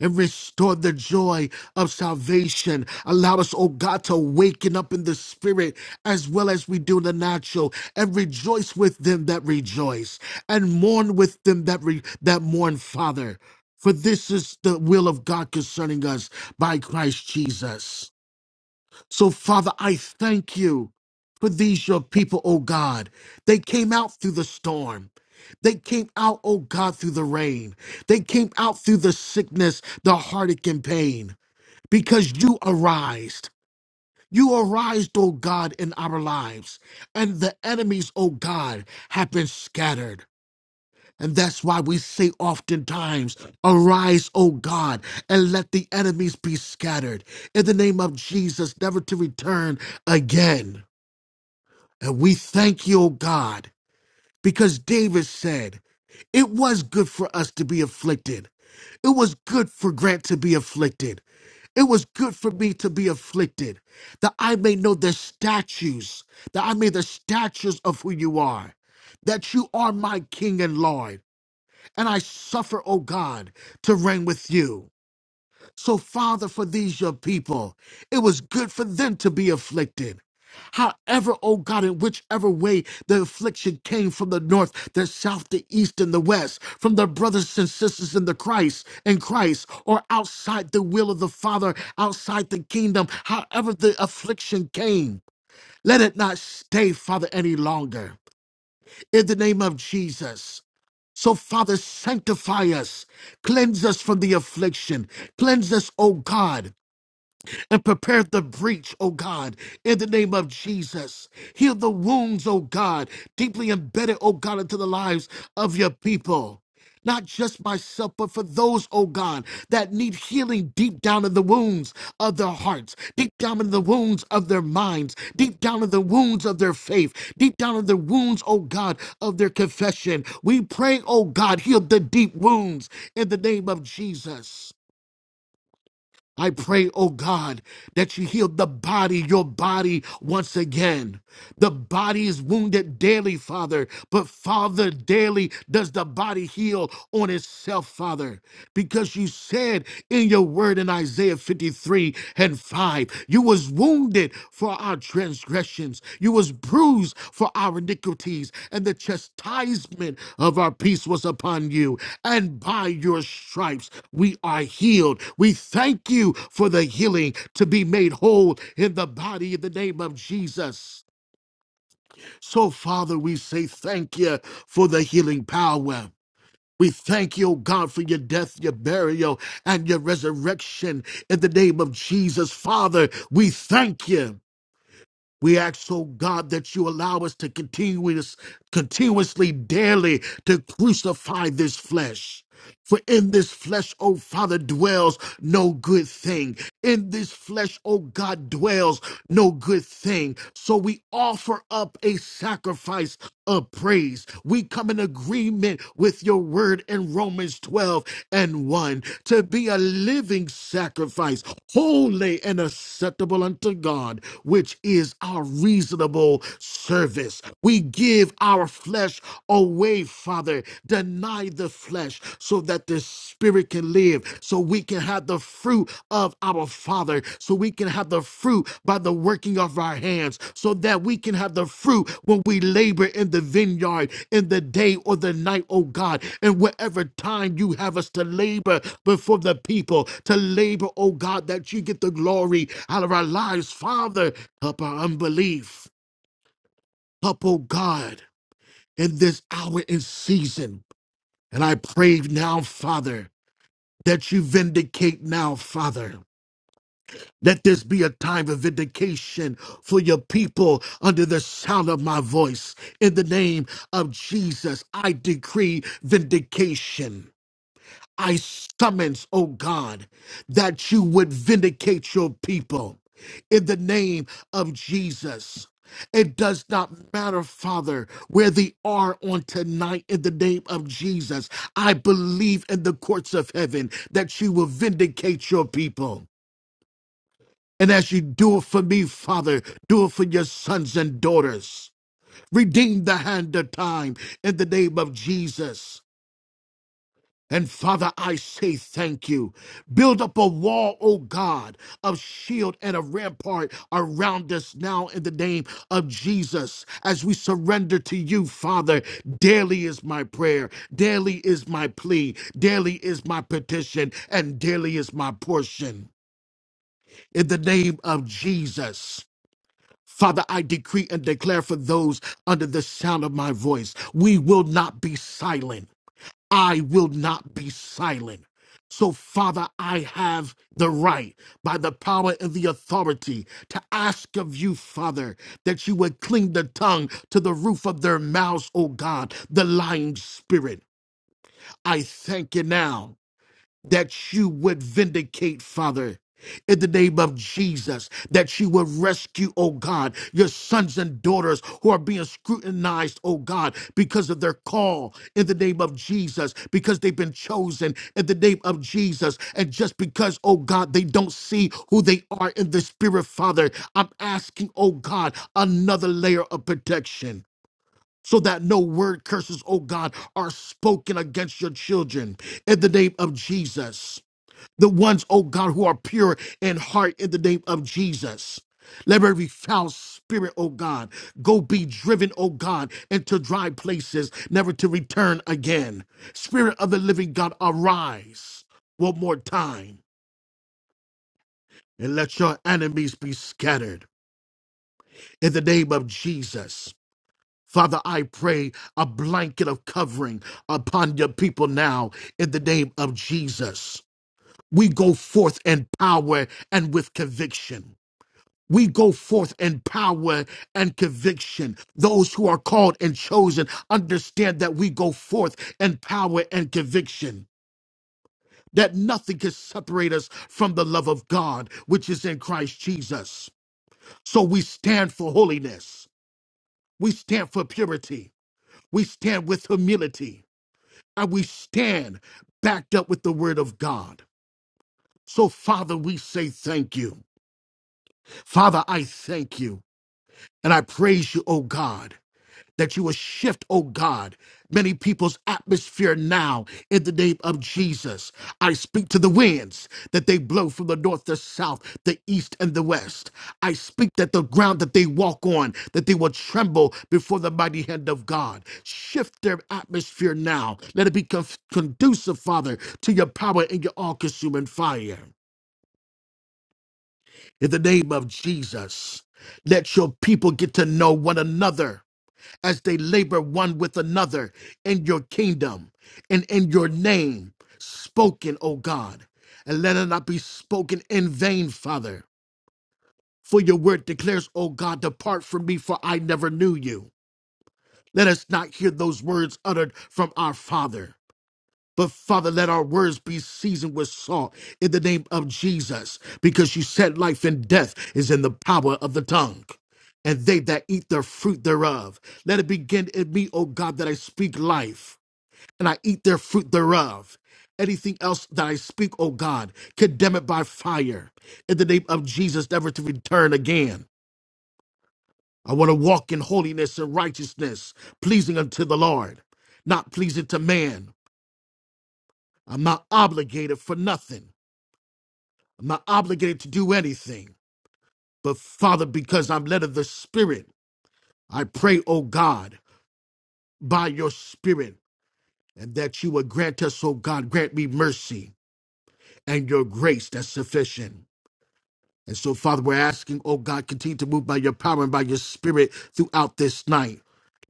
[SPEAKER 16] and restore the joy of salvation. Allow us, oh God, to waken up in the spirit as well as we do in the natural and rejoice with them that rejoice and mourn with them that, re- that mourn, Father. For this is the will of God concerning us by Christ Jesus. So, Father, I thank you for these, your people, oh God. They came out through the storm. They came out, oh God, through the rain. They came out through the sickness, the heartache, and pain because you arise. You arise, oh God, in our lives, and the enemies, oh God, have been scattered. And that's why we say oftentimes, Arise, O God, and let the enemies be scattered in the name of Jesus, never to return again. And we thank you, O God, because David said, It was good for us to be afflicted. It was good for Grant to be afflicted. It was good for me to be afflicted, that I may know the statues, that I may the statues of who you are, that you are my King and Lord and I suffer, O God, to reign with you. So, Father, for these your people, it was good for them to be afflicted. However, O God, in whichever way the affliction came from the north, the south, the east, and the west, from the brothers and sisters in the Christ, in Christ, or outside the will of the Father, outside the kingdom, however the affliction came, let it not stay, Father, any longer. In the name of Jesus. So, Father, sanctify us. Cleanse us from the affliction. Cleanse us, O God and prepare the breach, O God, in the name of Jesus. Heal the wounds, O God, deeply embedded, O God, into the lives of your people. Not just myself, but for those, O God, that need healing deep down in the wounds of their hearts, deep down in the wounds of their minds, deep down in the wounds of their faith, deep down in the wounds, O God, of their confession. We pray, O God, heal the deep wounds in the name of Jesus. I pray, oh God, that you heal the body, your body once again. The body is wounded daily, Father, but Father, daily does the body heal on itself, Father, because you said in your word in Isaiah 53 and 5, you was wounded for our transgressions. You was bruised for our iniquities, and the chastisement of our peace was upon you. And by your stripes we are healed. We thank you for the healing to be made whole in the body in the name of Jesus. So, Father, we say thank you for the healing power. We thank you, O God, for your death, your burial, and your resurrection in the name of Jesus. Father, we thank you. We ask, oh God, that you allow us to continuous, continuously, daily to crucify this flesh. For in this flesh, O Father, dwells no good thing in this flesh, oh God, dwells no good thing. So we offer up a sacrifice of praise. We come in agreement with your word in Romans 12 and 1 to be a living sacrifice, holy and acceptable unto God, which is our reasonable service. We give our flesh away, Father, denying by the flesh so that the spirit can live, so we can have the fruit of our Father, so we can have the fruit by the working of our hands, so that we can have the fruit when we labor in the vineyard in the day or the night, oh God, and whatever time you have us to labor before the people, to labor, oh God, that you get the glory out of our lives. Father, help our unbelief. Help, oh God, in this hour and season. And I pray now, Father, that you vindicate now, Father. Let this be a time of vindication for your people under the sound of my voice. In the name of Jesus, I decree vindication. I summons, oh God, that you would vindicate your people in the name of Jesus. It does not matter, Father, where they are on tonight in the name of Jesus. I believe in the courts of heaven that you will vindicate your people. And as you do it for me, Father, do it for your sons and daughters. Redeem the hand of time in the name of Jesus. And Father, I say thank you. Build up a wall, O God, of shield and a rampart around us now in the name of Jesus. As we surrender to you, Father, daily is my prayer, daily is my plea, daily is my petition, and daily is my portion. In the name of Jesus. Father, I decree and declare for those under the sound of my voice, we will not be silent. I will not be silent. So, Father, I have the right by the power and the authority to ask of you, Father, that you would cling the tongue to the roof of their mouths, O God, the lying spirit. I thank you now that you would vindicate, Father. In the name of Jesus, that you would rescue, oh God, your sons and daughters who are being scrutinized, oh God, because of their call in the name of Jesus, because they've been chosen in the name of Jesus. And just because, oh God, they don't see who they are in the spirit, Father, I'm asking, oh God, another layer of protection. So that no word curses, oh God, are spoken against your children in the name of Jesus the ones, oh God, who are pure in heart in the name of Jesus. Let every foul spirit, oh God, go be driven, oh God, into dry places, never to return again. Spirit of the living God, arise one more time and let your enemies be scattered in the name of Jesus. Father, I pray a blanket of covering upon your people now in the name of Jesus. We go forth in power and with conviction. we go forth in power and conviction. Those who are called and chosen understand that we go forth in power and conviction, that nothing can separate us from the love of God, which is in Christ Jesus. So we stand for holiness, we stand for purity, we stand with humility, and we stand backed up with the word of God. So, Father, we say thank you. Father, I thank you and I praise you, O God. that you will shift, oh God, many people's atmosphere now in the name of Jesus. I speak to the winds that they blow from the north, the south, the east, and the west. I speak that the ground that they walk on, that they will tremble before the mighty hand of God. Shift their atmosphere now. Let it be conf- conducive, Father, to your power and your all consuming fire. In the name of Jesus, let your people get to know one another as they labor one with another in your kingdom and in your name spoken, O God. And let it not be spoken in vain, Father. For your word declares, O God, depart from me, for I never knew you. Let us not hear those words uttered from our Father. But Father, let our words be seasoned with salt in the name of Jesus, because you said life and death is in the power of the tongue. And they that eat the fruit thereof, let it begin in me, O God, that I speak life and I eat their fruit thereof. Anything else that I speak, O God, condemn it by fire in the name of Jesus, never to return again. I want to walk in holiness and righteousness, pleasing unto the Lord, not pleasing to man. I'm not obligated for nothing. I'm not obligated to do anything. But Father, because I'm led of the Spirit, I pray, O God, by your Spirit, and that you would grant us, O God, grant me mercy and your grace that's sufficient. And so, Father, we're asking, O God, continue to move by your power and by your Spirit throughout this night.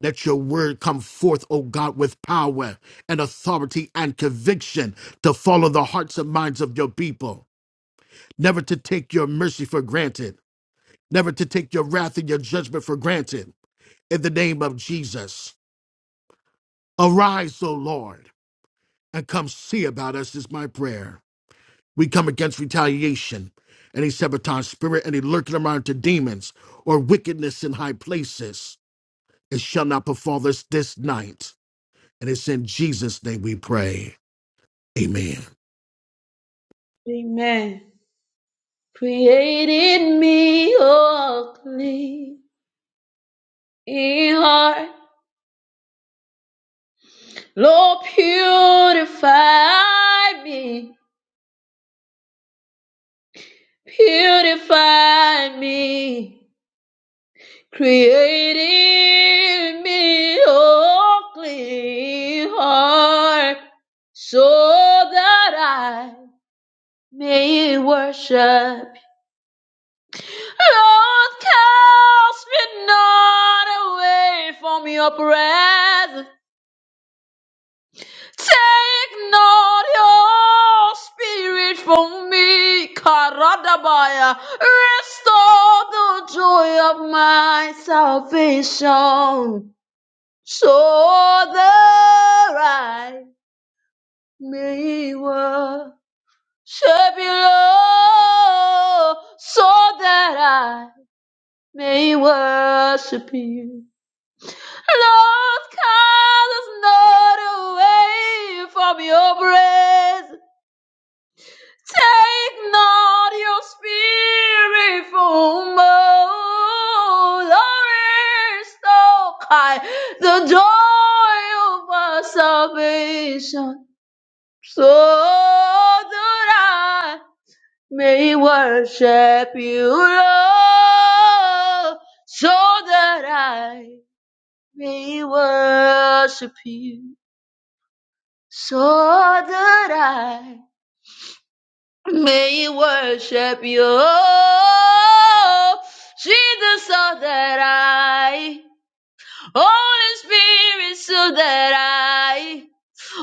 [SPEAKER 16] Let your word come forth, O God, with power and authority and conviction to follow the hearts and minds of your people, never to take your mercy for granted never to take your wrath and your judgment for granted. In the name of Jesus, arise, O Lord, and come see about us, is my prayer. We come against retaliation, any sabotage spirit, any lurking around to demons or wickedness in high places. It shall not befall us this night. And it's in Jesus' name we pray. Amen.
[SPEAKER 15] Amen. Create in me a clean heart. Lord, purify me. Purify me. Create in me a clean heart so that I may worship. Lord, cast me not away from your presence. Take not your spirit from me, Karadabaya. Restore the joy of my salvation, so that I may worship you, Lord, so that I may worship you. Lord, cast us not away from your grace. Take not your spirit from us, Lord, restore the joy of our salvation, so that I may worship you, Lord, so that I may worship you, so that I May you worship you. oh, Jesus, so that I, Holy Spirit, so that I.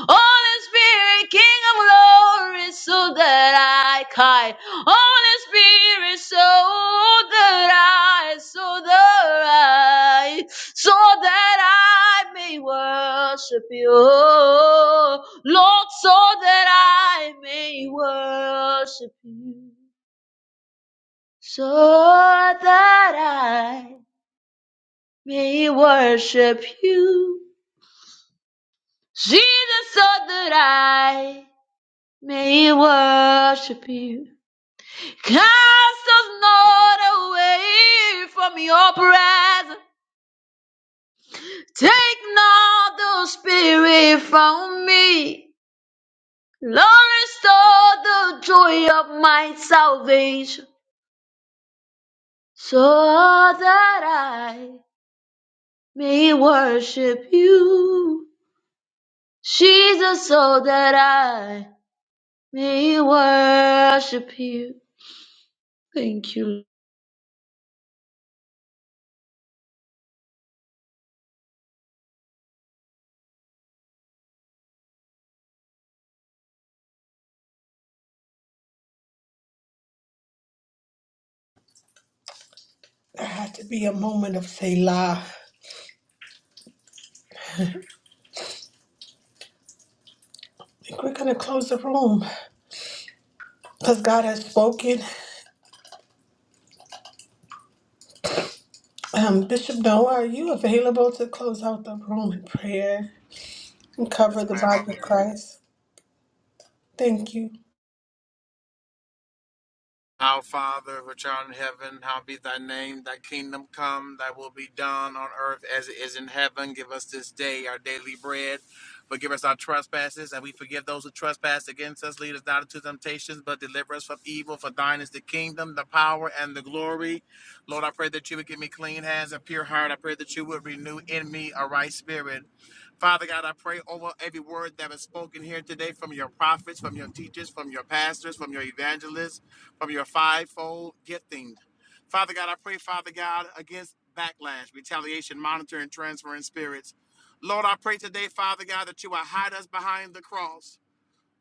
[SPEAKER 15] Holy Spirit, King of glory, so that I can. Holy Spirit, so that I, so that I, so that I may worship you. Lord, so that I may worship you. So that I may worship you. Jesus, so that I May we worship you. Cast us not away from your presence. Take not the spirit from me. Lord, restore the joy of my salvation so that I may worship you. Jesus, so that I may worship you. Thank you.
[SPEAKER 1] There had to be a moment of Selah. I think we're going to close the room because God has spoken. Um, Bishop Noah, are you available to close out the room in prayer and cover
[SPEAKER 8] Yes,
[SPEAKER 1] the
[SPEAKER 8] ma'am,
[SPEAKER 1] body
[SPEAKER 8] I'm
[SPEAKER 1] of
[SPEAKER 8] here.
[SPEAKER 1] Christ? Thank you.
[SPEAKER 8] Our Father, which art in heaven, hallowed be thy name, thy kingdom come, thy will be done on earth as it is in heaven. Give us this day our daily bread. Forgive us our trespasses, and we forgive those who trespass against us. Lead us not into temptations, but deliver us from evil. For thine is the kingdom, the power, and the glory. Lord, I pray that you would give me clean hands and pure heart. I pray that you would renew in me a right spirit. Father God, I pray over every word that was spoken here today from your prophets, from your teachers, from your pastors, from your evangelists from your fivefold gifting. Father God, I pray, Father God, against backlash, retaliation, monitoring, transferring spirits. Lord, I pray today, Father God, that you will hide us behind the cross.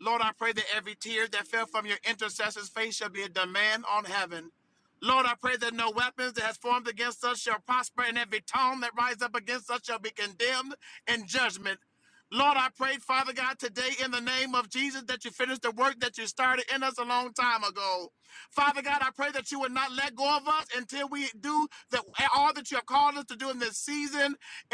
[SPEAKER 8] Lord, I pray that every tear that fell from your intercessor's face shall be a demand on heaven. Lord, I pray that no weapons that has formed against us shall prosper, and every tongue that rises up against us shall be condemned in judgment. Lord, I pray, Father God, today in the name of Jesus that you finish the work that you started in us a long time ago. Father God, I pray that you would not let go of us until we do that all that you have called us to do in this season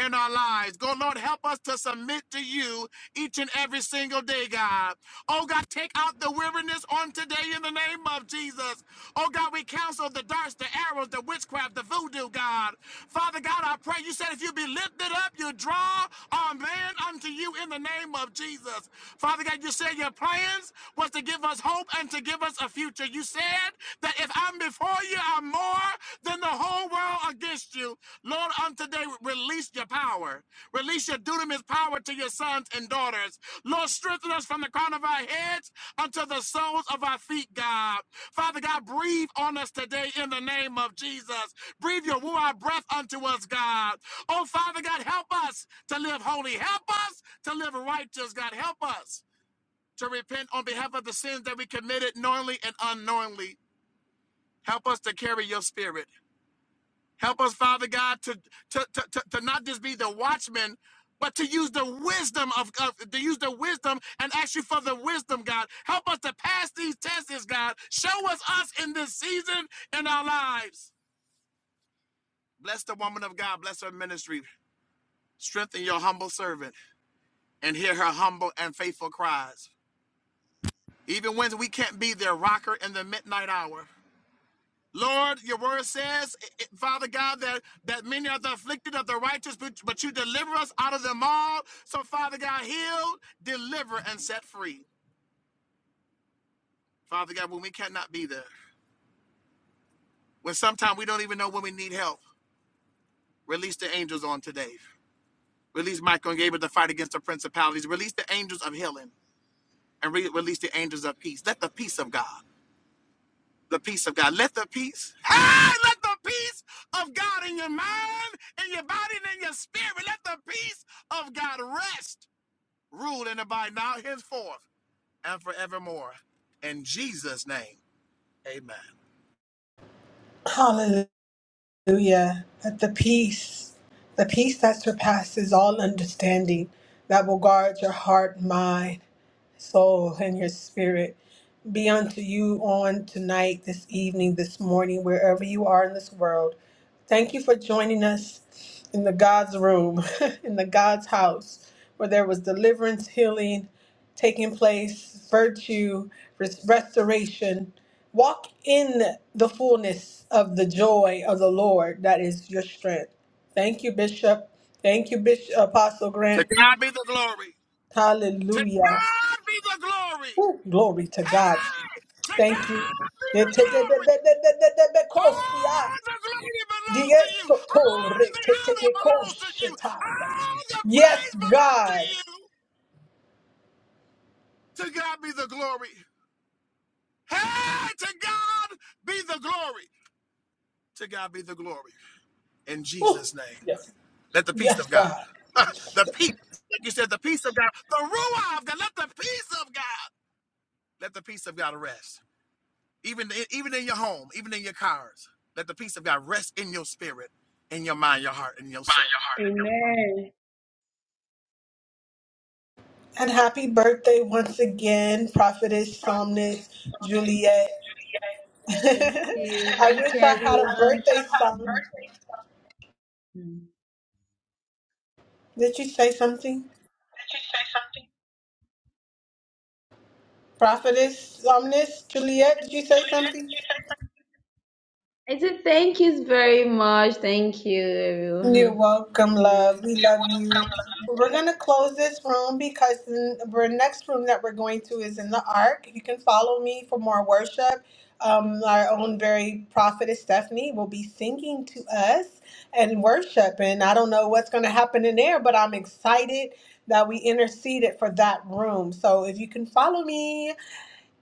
[SPEAKER 8] in our lives. Go, Lord, help us to submit to you each and every single day, God. Oh, God, take out the weariness on today in the name of Jesus. Oh, God, we counsel the darts, the arrows, the witchcraft, the voodoo, God. Father God, I pray you said if you be lifted up, you draw our man unto you in the name of Jesus. Father God, you said your plans was to give us hope and to give us a future. You said that if I'm before you, I'm more than the whole world against you. Lord, on today, release your power. Release your dunamis power to your sons and daughters. Lord, strengthen us from the crown of our heads unto the soles of our feet, God. Father God, breathe on us today in the name of Jesus. Breathe your ruah breath unto us, God. Oh, Father God, help us to live holy. Help us to live righteous, God. Help us to repent on behalf of the sins that we committed knowingly and unknowingly. Help us to carry your spirit. Help us, Father God, to to to, to, to not just be the watchman, but to use the wisdom of, of to use the wisdom and ask you for the wisdom, God. Help us to pass these tests, God. Show us us in this season in our lives. Bless the woman of God. Bless her ministry. Strengthen your humble servant and hear her humble and faithful cries. Even when we can't be their rocker in the midnight hour, Lord, your word says, Father God, that, that many are the afflicted of the righteous, but, but you deliver us out of them all. So, Father God, heal, deliver, and set free. Father God, when we cannot be there, when sometimes we don't even know when we need help, release the angels on today. Release Michael and Gabriel to fight against the principalities. Release the angels of healing and re- release the angels of peace. Let the peace of God. the peace of God. Let the peace, hey, let the peace of God in your mind, in your body, and in your spirit, let the peace of God rest, rule, and abide now, henceforth, and forevermore. In Jesus' name, amen.
[SPEAKER 1] Hallelujah. Hallelujah. That the peace, the peace that surpasses all understanding, that will guard your heart, mind, soul, and your spirit, be unto you on tonight, this evening, this morning, wherever you are in this world. Thank you for joining us in the God's room, (laughs) in the God's house, where there was deliverance, healing taking place, virtue, res- restoration. Walk in the fullness of the joy of the Lord that is your strength. Thank you, Bishop. Thank you, Bishop Apostle
[SPEAKER 8] To
[SPEAKER 1] Grant.
[SPEAKER 8] God be the glory. To
[SPEAKER 1] Hallelujah.
[SPEAKER 8] God be the glory.
[SPEAKER 1] Woo, glory to God.
[SPEAKER 8] Hey, to
[SPEAKER 1] Thank you.
[SPEAKER 8] God be the glory. All the glory belongs to you. All the honor belongs to you.
[SPEAKER 1] Diesotoretetekoshetaya.
[SPEAKER 8] All the
[SPEAKER 1] Yes,
[SPEAKER 8] praise belongs to
[SPEAKER 1] God.
[SPEAKER 8] you. To God be the glory. Hey, to God be the glory. To God be the glory. In
[SPEAKER 1] Woo.
[SPEAKER 8] Jesus' name.
[SPEAKER 1] Yes,
[SPEAKER 8] Let the peace
[SPEAKER 1] yes,
[SPEAKER 8] of God.
[SPEAKER 1] God.
[SPEAKER 8] (laughs) the peace. Like you said, the peace of God. The Ruah of God. Let the peace of God. Let the peace of God rest. Even, even in your home, even in your cars. Let the peace of God rest in your spirit, in your mind, your heart, and your soul.
[SPEAKER 15] Amen.
[SPEAKER 1] And happy birthday once again, prophetess, somnus, Juliet. (laughs)
[SPEAKER 15] Thank you. (laughs)
[SPEAKER 1] I
[SPEAKER 15] Thank you,
[SPEAKER 1] wish I had a
[SPEAKER 15] everyone.
[SPEAKER 1] birthday song.
[SPEAKER 15] Mm.
[SPEAKER 1] Did you say something? Prophetess, somnus, Juliet, did you say something?
[SPEAKER 15] I said thank you very much. Thank you,
[SPEAKER 1] You're
[SPEAKER 15] everyone. (laughs)
[SPEAKER 1] welcome,
[SPEAKER 15] Amen.
[SPEAKER 1] love. We love you. We're going to close this room because the the next room that we're going to is in the Ark. You can follow me for more worship. Um, our own very prophetess Stephanie will be singing to us and worship. And I don't know what's going to happen in there, but I'm excited that we interceded for that room. So if you can follow me,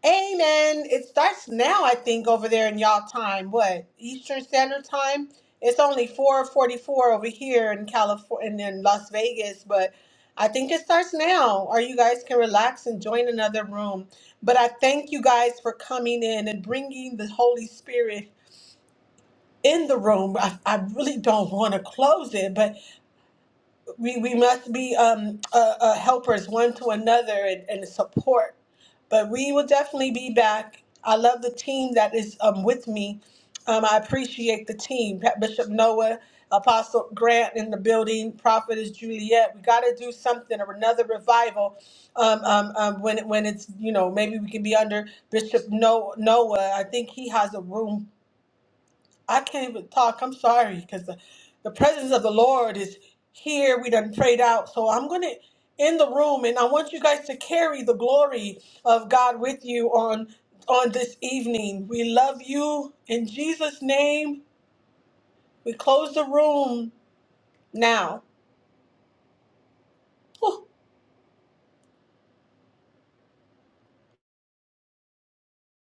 [SPEAKER 1] Amen. It starts now, I think, over there in y'all time. What Eastern Standard Time? It's only four forty-four over here in California and in Las Vegas, but I think it starts now, or you guys can relax and join another room. But I thank you guys for coming in and bringing the Holy Spirit in the room. I, I really don't want to close it, but we, we must be um, uh, uh, helpers one to another and, and support. But we will definitely be back. I love the team that is um, with me. Um, I appreciate the team. Pa- Bishop Noah, Apostle Grant in the building, Prophetess Juliet. We got to do something or another revival um, um, um, when, it- when it's, you know, maybe we can be under Bishop No- Noah. I think he has a room I can't even talk. I'm sorry because the, the presence of the Lord is here. We done prayed out. So I'm going to end the room and I want you guys to carry the glory of God with you on on this evening. We love you in Jesus name. We close the room now.